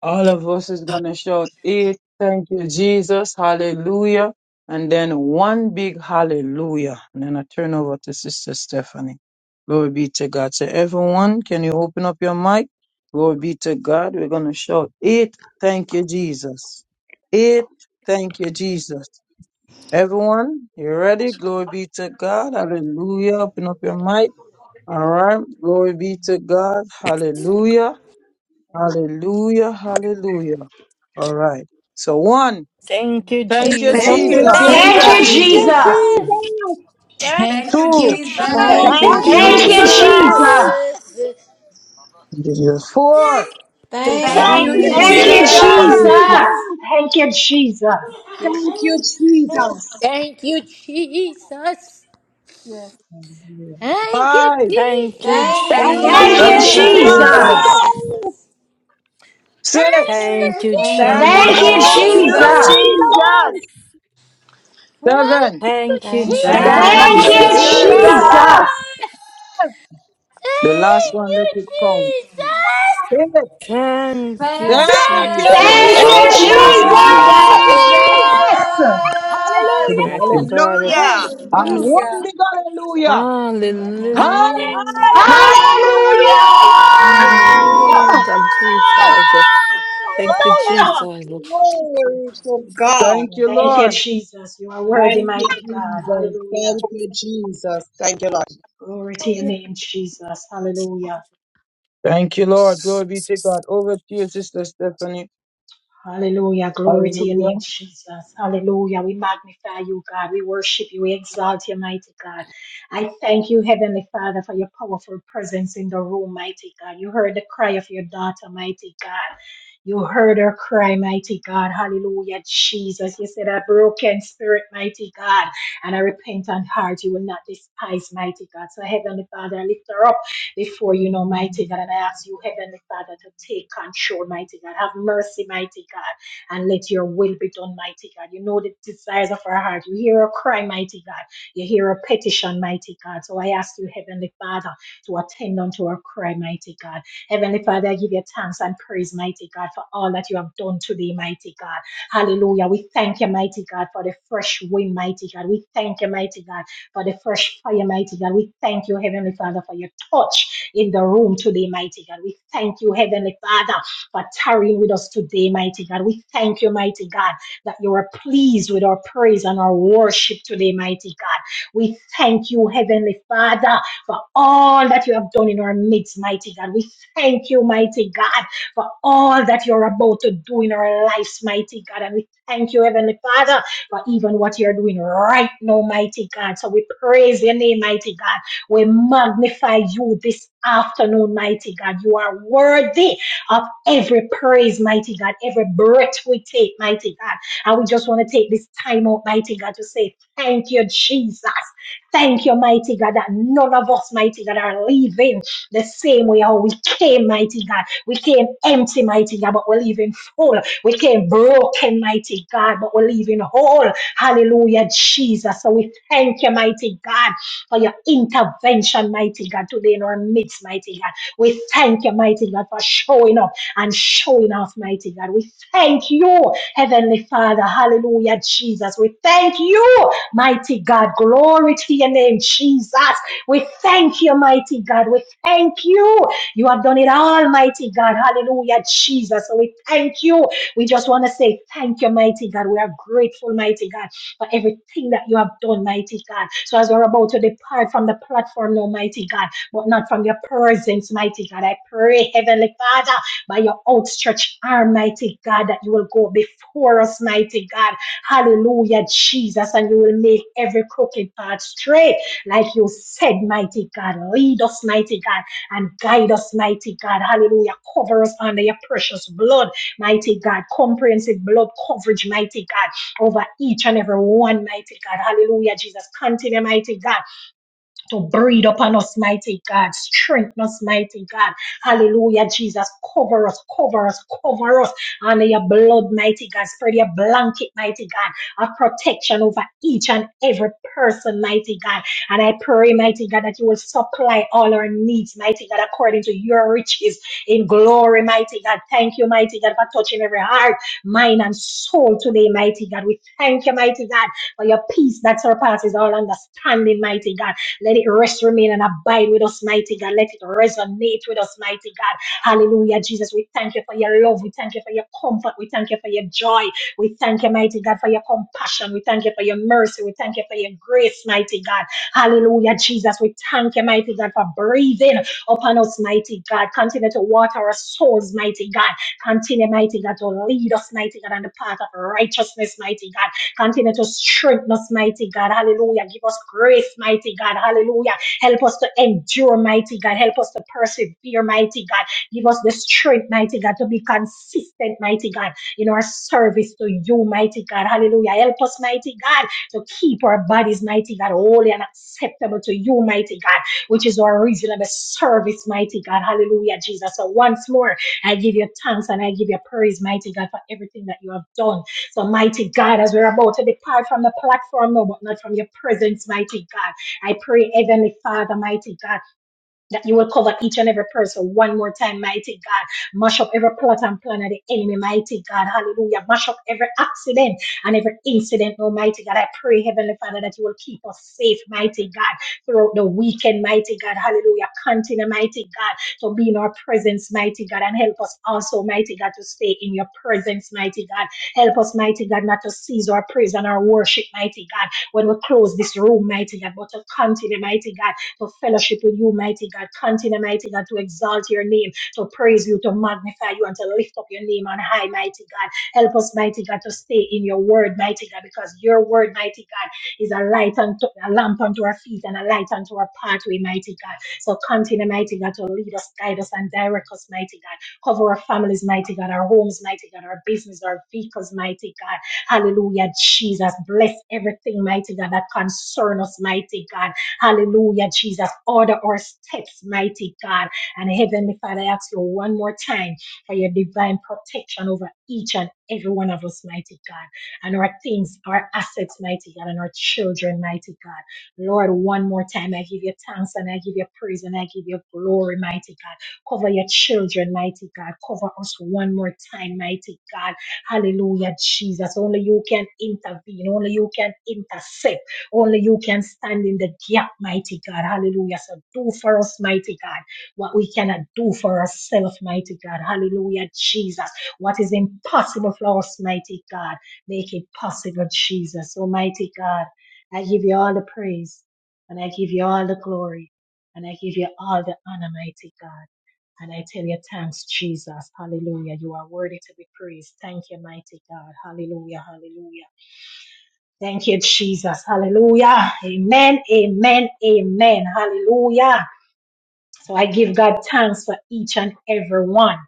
[SPEAKER 2] All of us is going to shout it. Thank you, Jesus. Hallelujah. And then one big hallelujah. And then I turn over to Sister Stephanie. Glory be to God. So everyone, can you open up your mic? Glory be to God. We're going to shout it. Thank you, Jesus. It. Thank you, Jesus. Everyone, you ready? Glory be to God. Hallelujah. Open up your mic. All right. Glory be to God. Hallelujah. Hallelujah, hallelujah. All right. So one,
[SPEAKER 9] Thank you,
[SPEAKER 2] thank you,
[SPEAKER 14] Thank
[SPEAKER 4] Thank
[SPEAKER 2] Jesus.
[SPEAKER 6] Jesus,
[SPEAKER 14] you,
[SPEAKER 4] you,
[SPEAKER 9] Jesus.
[SPEAKER 15] Thank
[SPEAKER 8] Thank
[SPEAKER 15] you,
[SPEAKER 1] Thank
[SPEAKER 8] you,
[SPEAKER 1] you,
[SPEAKER 4] Jesus.
[SPEAKER 14] Jesus.
[SPEAKER 15] Jesus.
[SPEAKER 7] Jesus.
[SPEAKER 8] Jesus.
[SPEAKER 1] Jesus.
[SPEAKER 14] Thank
[SPEAKER 18] Thank
[SPEAKER 7] Thank you,
[SPEAKER 2] Two,
[SPEAKER 18] you,
[SPEAKER 14] you,
[SPEAKER 18] Jesus.
[SPEAKER 7] Jesus.
[SPEAKER 6] thank
[SPEAKER 14] Jesus.
[SPEAKER 9] Thank
[SPEAKER 8] Thank
[SPEAKER 4] Thank
[SPEAKER 9] you,
[SPEAKER 8] you,
[SPEAKER 6] you,
[SPEAKER 15] Thank
[SPEAKER 16] Thank
[SPEAKER 4] you,
[SPEAKER 6] Jesus.
[SPEAKER 15] you,
[SPEAKER 16] you,
[SPEAKER 1] Thank you,
[SPEAKER 8] Jesus.
[SPEAKER 15] Jesus.
[SPEAKER 4] Jesus.
[SPEAKER 16] Jesus.
[SPEAKER 9] Jesus.
[SPEAKER 1] Jesus.
[SPEAKER 18] Thank you,
[SPEAKER 2] this four.
[SPEAKER 9] Thank
[SPEAKER 8] Thank
[SPEAKER 2] Thank
[SPEAKER 7] Thank
[SPEAKER 6] Thank
[SPEAKER 4] Thank
[SPEAKER 7] you,
[SPEAKER 15] Thank
[SPEAKER 8] you,
[SPEAKER 6] you,
[SPEAKER 4] you,
[SPEAKER 9] you,
[SPEAKER 15] you,
[SPEAKER 16] Thank
[SPEAKER 1] Thank
[SPEAKER 7] Jesus.
[SPEAKER 1] you,
[SPEAKER 16] you,
[SPEAKER 8] Jesus.
[SPEAKER 4] Jesus.
[SPEAKER 6] Jesus.
[SPEAKER 9] Jesus.
[SPEAKER 2] you.
[SPEAKER 14] Thank
[SPEAKER 15] Jesus.
[SPEAKER 1] Jesus.
[SPEAKER 16] Jesus.
[SPEAKER 1] Thank you, Jesus.
[SPEAKER 16] Thank you,
[SPEAKER 18] Jesus.
[SPEAKER 16] Jesus.
[SPEAKER 18] Thank you, Jesus. Thank you,
[SPEAKER 2] Five,
[SPEAKER 9] Thank you,
[SPEAKER 18] Jesus.
[SPEAKER 8] Thank you,
[SPEAKER 7] Thank
[SPEAKER 4] Thank
[SPEAKER 16] Thank
[SPEAKER 15] Thank
[SPEAKER 7] you,
[SPEAKER 15] you,
[SPEAKER 1] Thank
[SPEAKER 6] Thank
[SPEAKER 4] you,
[SPEAKER 16] you,
[SPEAKER 1] you,
[SPEAKER 6] you,
[SPEAKER 2] thank you.
[SPEAKER 7] Jesus.
[SPEAKER 8] Jesus.
[SPEAKER 16] Jesus.
[SPEAKER 8] Thank
[SPEAKER 9] Jesus.
[SPEAKER 2] Lord.
[SPEAKER 8] you,
[SPEAKER 1] Jesus.
[SPEAKER 4] Jesus.
[SPEAKER 6] Jesus.
[SPEAKER 15] Jesus.
[SPEAKER 8] Jesus.
[SPEAKER 18] Thank
[SPEAKER 2] Six,
[SPEAKER 9] Thank you,
[SPEAKER 8] Thank
[SPEAKER 18] you,
[SPEAKER 8] you,
[SPEAKER 2] thank
[SPEAKER 16] Thank
[SPEAKER 2] you.
[SPEAKER 1] Thank
[SPEAKER 7] Thank
[SPEAKER 16] you,
[SPEAKER 7] you,
[SPEAKER 15] Thank
[SPEAKER 14] you,
[SPEAKER 1] you,
[SPEAKER 15] you,
[SPEAKER 8] Jesus.
[SPEAKER 6] Thank
[SPEAKER 4] Thank
[SPEAKER 15] Jesus.
[SPEAKER 14] Jesus.
[SPEAKER 7] Jesus.
[SPEAKER 6] you,
[SPEAKER 4] you,
[SPEAKER 1] Jesus.
[SPEAKER 9] Jesus.
[SPEAKER 16] Jesus.
[SPEAKER 6] Jesus.
[SPEAKER 4] Jesus.
[SPEAKER 2] Seven,
[SPEAKER 9] Thank you,
[SPEAKER 8] Thank you,
[SPEAKER 14] Thank
[SPEAKER 2] thank
[SPEAKER 7] Thank
[SPEAKER 2] you,
[SPEAKER 4] Thank
[SPEAKER 19] Jesus,
[SPEAKER 15] Thank
[SPEAKER 7] you,
[SPEAKER 16] Thank
[SPEAKER 18] Jesus.
[SPEAKER 1] Thank
[SPEAKER 14] you,
[SPEAKER 6] Thank
[SPEAKER 15] you,
[SPEAKER 4] you,
[SPEAKER 2] Jesus.
[SPEAKER 16] you,
[SPEAKER 6] you,
[SPEAKER 1] you,
[SPEAKER 8] Jesus.
[SPEAKER 7] Jesus.
[SPEAKER 9] Jesus.
[SPEAKER 14] Jesus.
[SPEAKER 4] Jesus.
[SPEAKER 6] Jesus.
[SPEAKER 16] Jesus.
[SPEAKER 1] Jesus.
[SPEAKER 15] Jesus.
[SPEAKER 2] The last
[SPEAKER 18] Thank
[SPEAKER 2] one,
[SPEAKER 18] you,
[SPEAKER 2] let it count.
[SPEAKER 18] Jesus.
[SPEAKER 2] Eight,
[SPEAKER 9] Thank you,
[SPEAKER 2] thank
[SPEAKER 6] Thank
[SPEAKER 15] Thank
[SPEAKER 2] you,
[SPEAKER 15] you,
[SPEAKER 6] you,
[SPEAKER 7] Thank
[SPEAKER 1] Thank
[SPEAKER 9] Jesus.
[SPEAKER 14] Thank
[SPEAKER 1] you,
[SPEAKER 8] Thank
[SPEAKER 4] Thank
[SPEAKER 2] Jesus.
[SPEAKER 9] Thank
[SPEAKER 4] you,
[SPEAKER 9] you,
[SPEAKER 8] you,
[SPEAKER 7] you,
[SPEAKER 15] Jesus.
[SPEAKER 9] Jesus.
[SPEAKER 4] Jesus.
[SPEAKER 8] Jesus.
[SPEAKER 7] Jesus.
[SPEAKER 6] Jesus.
[SPEAKER 1] Jesus.
[SPEAKER 9] Mighty
[SPEAKER 15] Hallelujah.
[SPEAKER 9] God.
[SPEAKER 4] Hallelujah.
[SPEAKER 14] you, Jesus.
[SPEAKER 2] And
[SPEAKER 8] Hallelujah.
[SPEAKER 2] one
[SPEAKER 18] Hallelujah.
[SPEAKER 15] Jesus.
[SPEAKER 2] big hallelujah.
[SPEAKER 14] to
[SPEAKER 8] Glory be unto your name,
[SPEAKER 15] Hallelujah.
[SPEAKER 2] Hallelujah.
[SPEAKER 8] Most
[SPEAKER 9] Hallelujah.
[SPEAKER 8] High God.
[SPEAKER 14] Hallelujah.
[SPEAKER 6] Hallelujah.
[SPEAKER 4] Hallelujah.
[SPEAKER 8] Hallelujah.
[SPEAKER 9] Lord, Jesus. Thank you,
[SPEAKER 1] Hallelujah.
[SPEAKER 9] Jesus.
[SPEAKER 6] Hallelujah.
[SPEAKER 16] Glory to God.
[SPEAKER 2] Thank you,
[SPEAKER 1] Thank you,
[SPEAKER 2] Lord.
[SPEAKER 1] Jesus. You are worthy,
[SPEAKER 16] Thank you,
[SPEAKER 1] mighty God.
[SPEAKER 16] Jesus.
[SPEAKER 1] Hallelujah.
[SPEAKER 16] Thank you, Jesus. Thank you.
[SPEAKER 1] Glory to your
[SPEAKER 15] Glory.
[SPEAKER 1] name, Jesus. Hallelujah.
[SPEAKER 2] Thank you, Lord. Glory be to God. Over to you, Sister Stephanie.
[SPEAKER 1] Hallelujah. Glory to your
[SPEAKER 2] Hallelujah.
[SPEAKER 1] name, Jesus. Hallelujah. We magnify you, God. We worship you. We exalt you, mighty God. I thank you, Heavenly Father, for your powerful presence in the room, mighty God. You heard the cry of your daughter, mighty God. You heard her cry, mighty God. Hallelujah, Jesus. You said, a broken spirit, mighty God, and a repentant heart you will not despise, mighty God. So, Heavenly Father, I lift her up before you know, mighty God. And I ask you, Heavenly Father, to take control, mighty God. Have mercy, mighty God, and let your will be done, mighty God. You know the desires of our heart. You hear a cry, mighty God. You hear a petition, mighty God. So I ask you, Heavenly Father, to attend unto our cry, mighty God. Heavenly Father, I give you thanks and praise, mighty God, for all that you have done today, mighty God. Hallelujah. We thank you, mighty God, for the fresh wind, mighty God. We thank you, mighty God for the fresh fire, mighty God. We thank you, Heavenly Father, for your touch in the room today, mighty God. We thank you, Heavenly Father, for tarrying with us today, mighty God. We thank you, mighty God, that you are pleased with our praise and our worship today, mighty God. We thank you, Heavenly Father, for all that you have done in our midst, mighty God. We thank you, mighty God, for all that you're about to do in our lives, mighty God. And we thank you, Heavenly Father for even what you're doing right now, mighty God. So we praise your name, mighty God. We magnify you this afternoon, mighty God. You are worthy of every praise, mighty God, every breath we take, mighty God. And we just want to take this time out, mighty God, to say thank you, Jesus. Thank you, mighty God, that none of us, mighty God, are leaving the same way how we came, mighty God. We came empty, mighty God, but we're leaving full. We came broken, mighty God, but we're leaving whole. Hallelujah, Jesus. So we thank you, mighty God, for your intervention, mighty God, today in our midst, mighty God. We thank you, mighty God, for showing up and showing off, mighty God. We thank you, Heavenly Father. Hallelujah, Jesus. We thank you, mighty God. Glory to your name, Jesus. We thank you, mighty God. We thank you. You have done it all, mighty God. Hallelujah, Jesus. So we thank you we just want to say thank you, mighty God. We are grateful, mighty God, for everything that you have done, mighty God. So as we're about to depart from the platform now, mighty God, but not from your presence, mighty God, I pray, Heavenly Father, by your outstretched arm, mighty God, that you will go before us, mighty God. Hallelujah, Jesus, and you will make every crooked path straight, like you said, mighty God. Lead us, mighty God, and guide us, mighty God. Hallelujah. Cover us under your precious blood mighty God, comprehensive blood coverage, mighty God, over each and every one, mighty God. Hallelujah, Jesus. Continue, mighty God to breathe upon us, mighty God. Strengthen us, mighty God. Hallelujah, Jesus. Cover us, cover us, cover us under your blood, mighty God. Spread your blanket, mighty God, of protection over each and every person, mighty God. And I pray, mighty God, that you will supply all our needs, mighty God, according to your riches in glory, mighty God. Thank you, mighty God, for touching every heart, mind, and soul today, mighty God. We thank you, mighty God, for your peace that surpasses all understanding, mighty God. Let it rest, remain, and abide with us, mighty God. Let it resonate with us, mighty God. Hallelujah, Jesus. We thank you for your love. We thank you for your comfort. We thank you for your joy. We thank you, mighty God, for your compassion. We thank you for your mercy. We thank you for your grace, mighty God. Hallelujah, Jesus. We thank you, mighty God, for breathing upon us, mighty God. Continue to water our souls, mighty God. Continue, mighty God, to lead us, mighty God, on the path of righteousness, mighty God. Continue to strengthen us, mighty God. Hallelujah. Give us grace, mighty God. Hallelujah. Help us to endure, mighty God. Help us to persevere, mighty God. Give us the strength, mighty God, to be consistent, mighty God, in our service to you, mighty God. Hallelujah. Help us, mighty God, to keep our bodies, mighty God, holy and acceptable to you, mighty God, which is our reasonable service, mighty God. Hallelujah, Jesus. So once more, I give you thanks and I give you praise, mighty God, for everything that you have done. So, mighty God, as we're about to depart from the platform, no, but not from your presence, mighty God. I pray, Heavenly Father, mighty God that you will cover each and every person one more time, mighty God. Mash up every plot and plan of the enemy, mighty God. Hallelujah. Mash up every accident and every incident, almighty God. I pray, Heavenly Father, that you will keep us safe, mighty God, throughout the weekend, mighty God. Hallelujah. Continue, mighty God, to be in our presence, mighty God, and help us also, mighty God, to stay in your presence, mighty God. Help us, mighty God, not to cease our praise and our worship, mighty God, when we close this room, mighty God, but to continue, mighty God to fellowship with you, mighty God. Continue, mighty God, to exalt your name, to praise you, to magnify you, and to lift up your name on high, mighty God. Help us, mighty God, to stay in your word, mighty God, because your word, mighty God, is a light unto a lamp unto our feet and a light unto our pathway, mighty God. So continue, mighty God, to lead us, guide us, and direct us, mighty God. Cover our families, mighty God, our homes, mighty God, our business, our vehicles, mighty God. Hallelujah, Jesus. Bless everything, mighty God, that concern us, mighty God. Hallelujah, Jesus. Order our steps, mighty God. And Heavenly Father, I ask you one more time for your divine protection over each and every one of us, mighty God. And our things, our assets, mighty God, and our children, mighty God. Lord, one more time, I give you thanks and I give you praise and I give you glory, mighty God. Cover your children, mighty God. Cover us one more time, mighty God. Hallelujah, Jesus. Only you can intervene. Only you can intercept. Only you can stand in the gap, mighty God. Hallelujah. So do for us, mighty God, what we cannot do for ourselves, mighty God. Hallelujah, Jesus. What is impossible for us, mighty God, make it possible, Jesus. Almighty God, I give you all the praise and I give you all the glory and I give you all the honor, mighty God. And I tell you, thanks, Jesus. Hallelujah. You are worthy to be praised. Thank you, mighty God. Hallelujah. Hallelujah. Thank you, Jesus. Hallelujah. Amen. Amen. Amen. Hallelujah. So I give God thanks for each and every one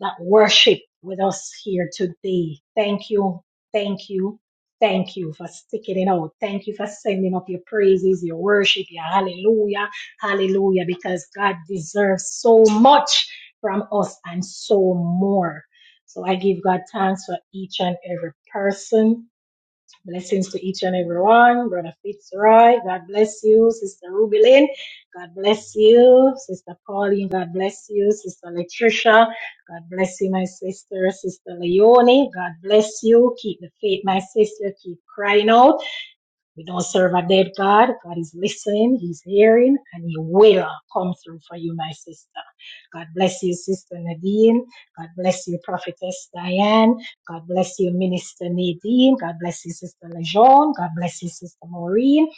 [SPEAKER 1] that worship with us here today. Thank you. Thank you. Thank you for sticking it out. Thank you for sending up your praises, your worship, your hallelujah. Hallelujah. Because God deserves so much from us and so more. So I give God thanks for each and every person Blessings to each and everyone. Brother Fitzroy, God bless you. Sister Ruby Lynn, God bless you. Sister Pauline, God bless you. Sister Latricia, God bless you, my sister. Sister Leonie, God bless you. Keep the faith, my sister. Keep crying out. We don't serve a dead God. God is listening, He's hearing, and He will come through for you, my sister. God bless you, Sister Nadine. God bless you, Prophetess Diane. God bless you, Minister Nadine. God bless you, Sister Lejeune. God bless you, Sister Maureen.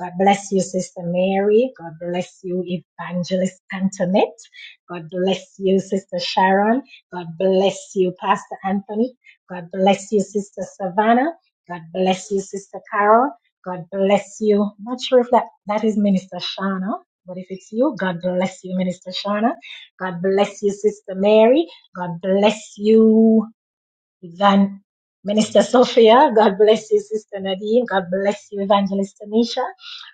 [SPEAKER 1] God bless you, Sister Mary. God bless you, Evangelist Antoinette. God bless you, Sister Sharon. God bless you, Pastor Anthony. God bless you, Sister Savannah. God bless you, Sister Carol. God bless you. Not sure if that, that is Minister Shauna, but if it's you, God bless you, Minister Shauna. God bless you, Sister Mary. God bless you. Evan, Minister Sophia, God bless you, Sister Nadine. God bless you, Evangelist Tanisha.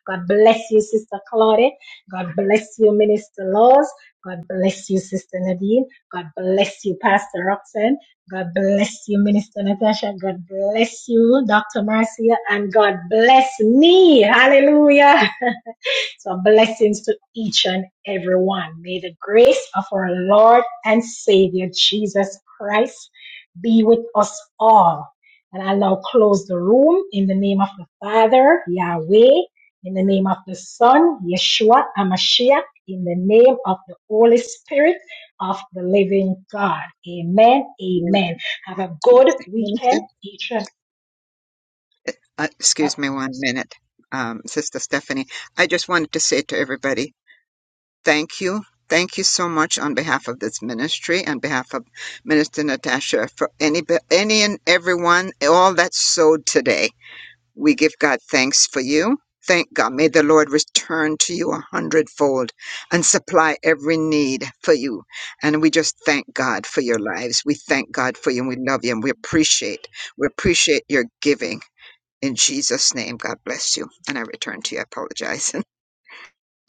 [SPEAKER 1] God bless you, Sister Claudette. God bless you, Minister Laws. God bless you, Sister Nadine. God bless you, Pastor Roxanne. God bless you, Minister Natasha. God bless you, Dr. Marcia. And God bless me. Hallelujah. So blessings to each and every one. May the grace of our Lord and Savior Jesus Christ be with us all. And I'll now close the room in the name of the Father, Yahweh, in the name of the Son, Yeshua Amashiach, in the name of the Holy Spirit of the living God. Amen. Amen. Have a good
[SPEAKER 4] Minister,
[SPEAKER 1] weekend, each and
[SPEAKER 4] uh, excuse me one minute, um, Sister Stephanie. I just wanted to say to everybody, thank you. Thank you so much on behalf of this ministry, on behalf of Minister Natasha, for any, any and everyone, all that sowed today. We give God thanks for you. Thank God. May the Lord return to you a hundredfold and supply every need for you. And we just thank God for your lives. We thank God for you and we love you and we appreciate. We appreciate your giving. In Jesus' name, God bless you. And I return to you. I apologize.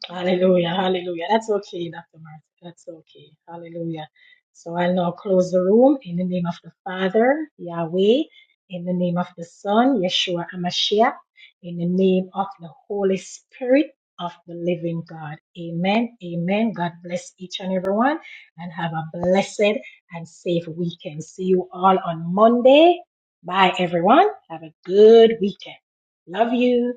[SPEAKER 1] Hallelujah, hallelujah. That's okay, Dr. Martin. That's okay. Hallelujah. So I'll now close the room in the name of the Father, Yahweh, in the name of the Son, Yeshua Amashiach, in the name of the Holy Spirit of the living God. Amen, amen. God bless each and everyone and have a blessed and safe weekend. See you all on Monday. Bye, everyone. Have a good weekend. Love you.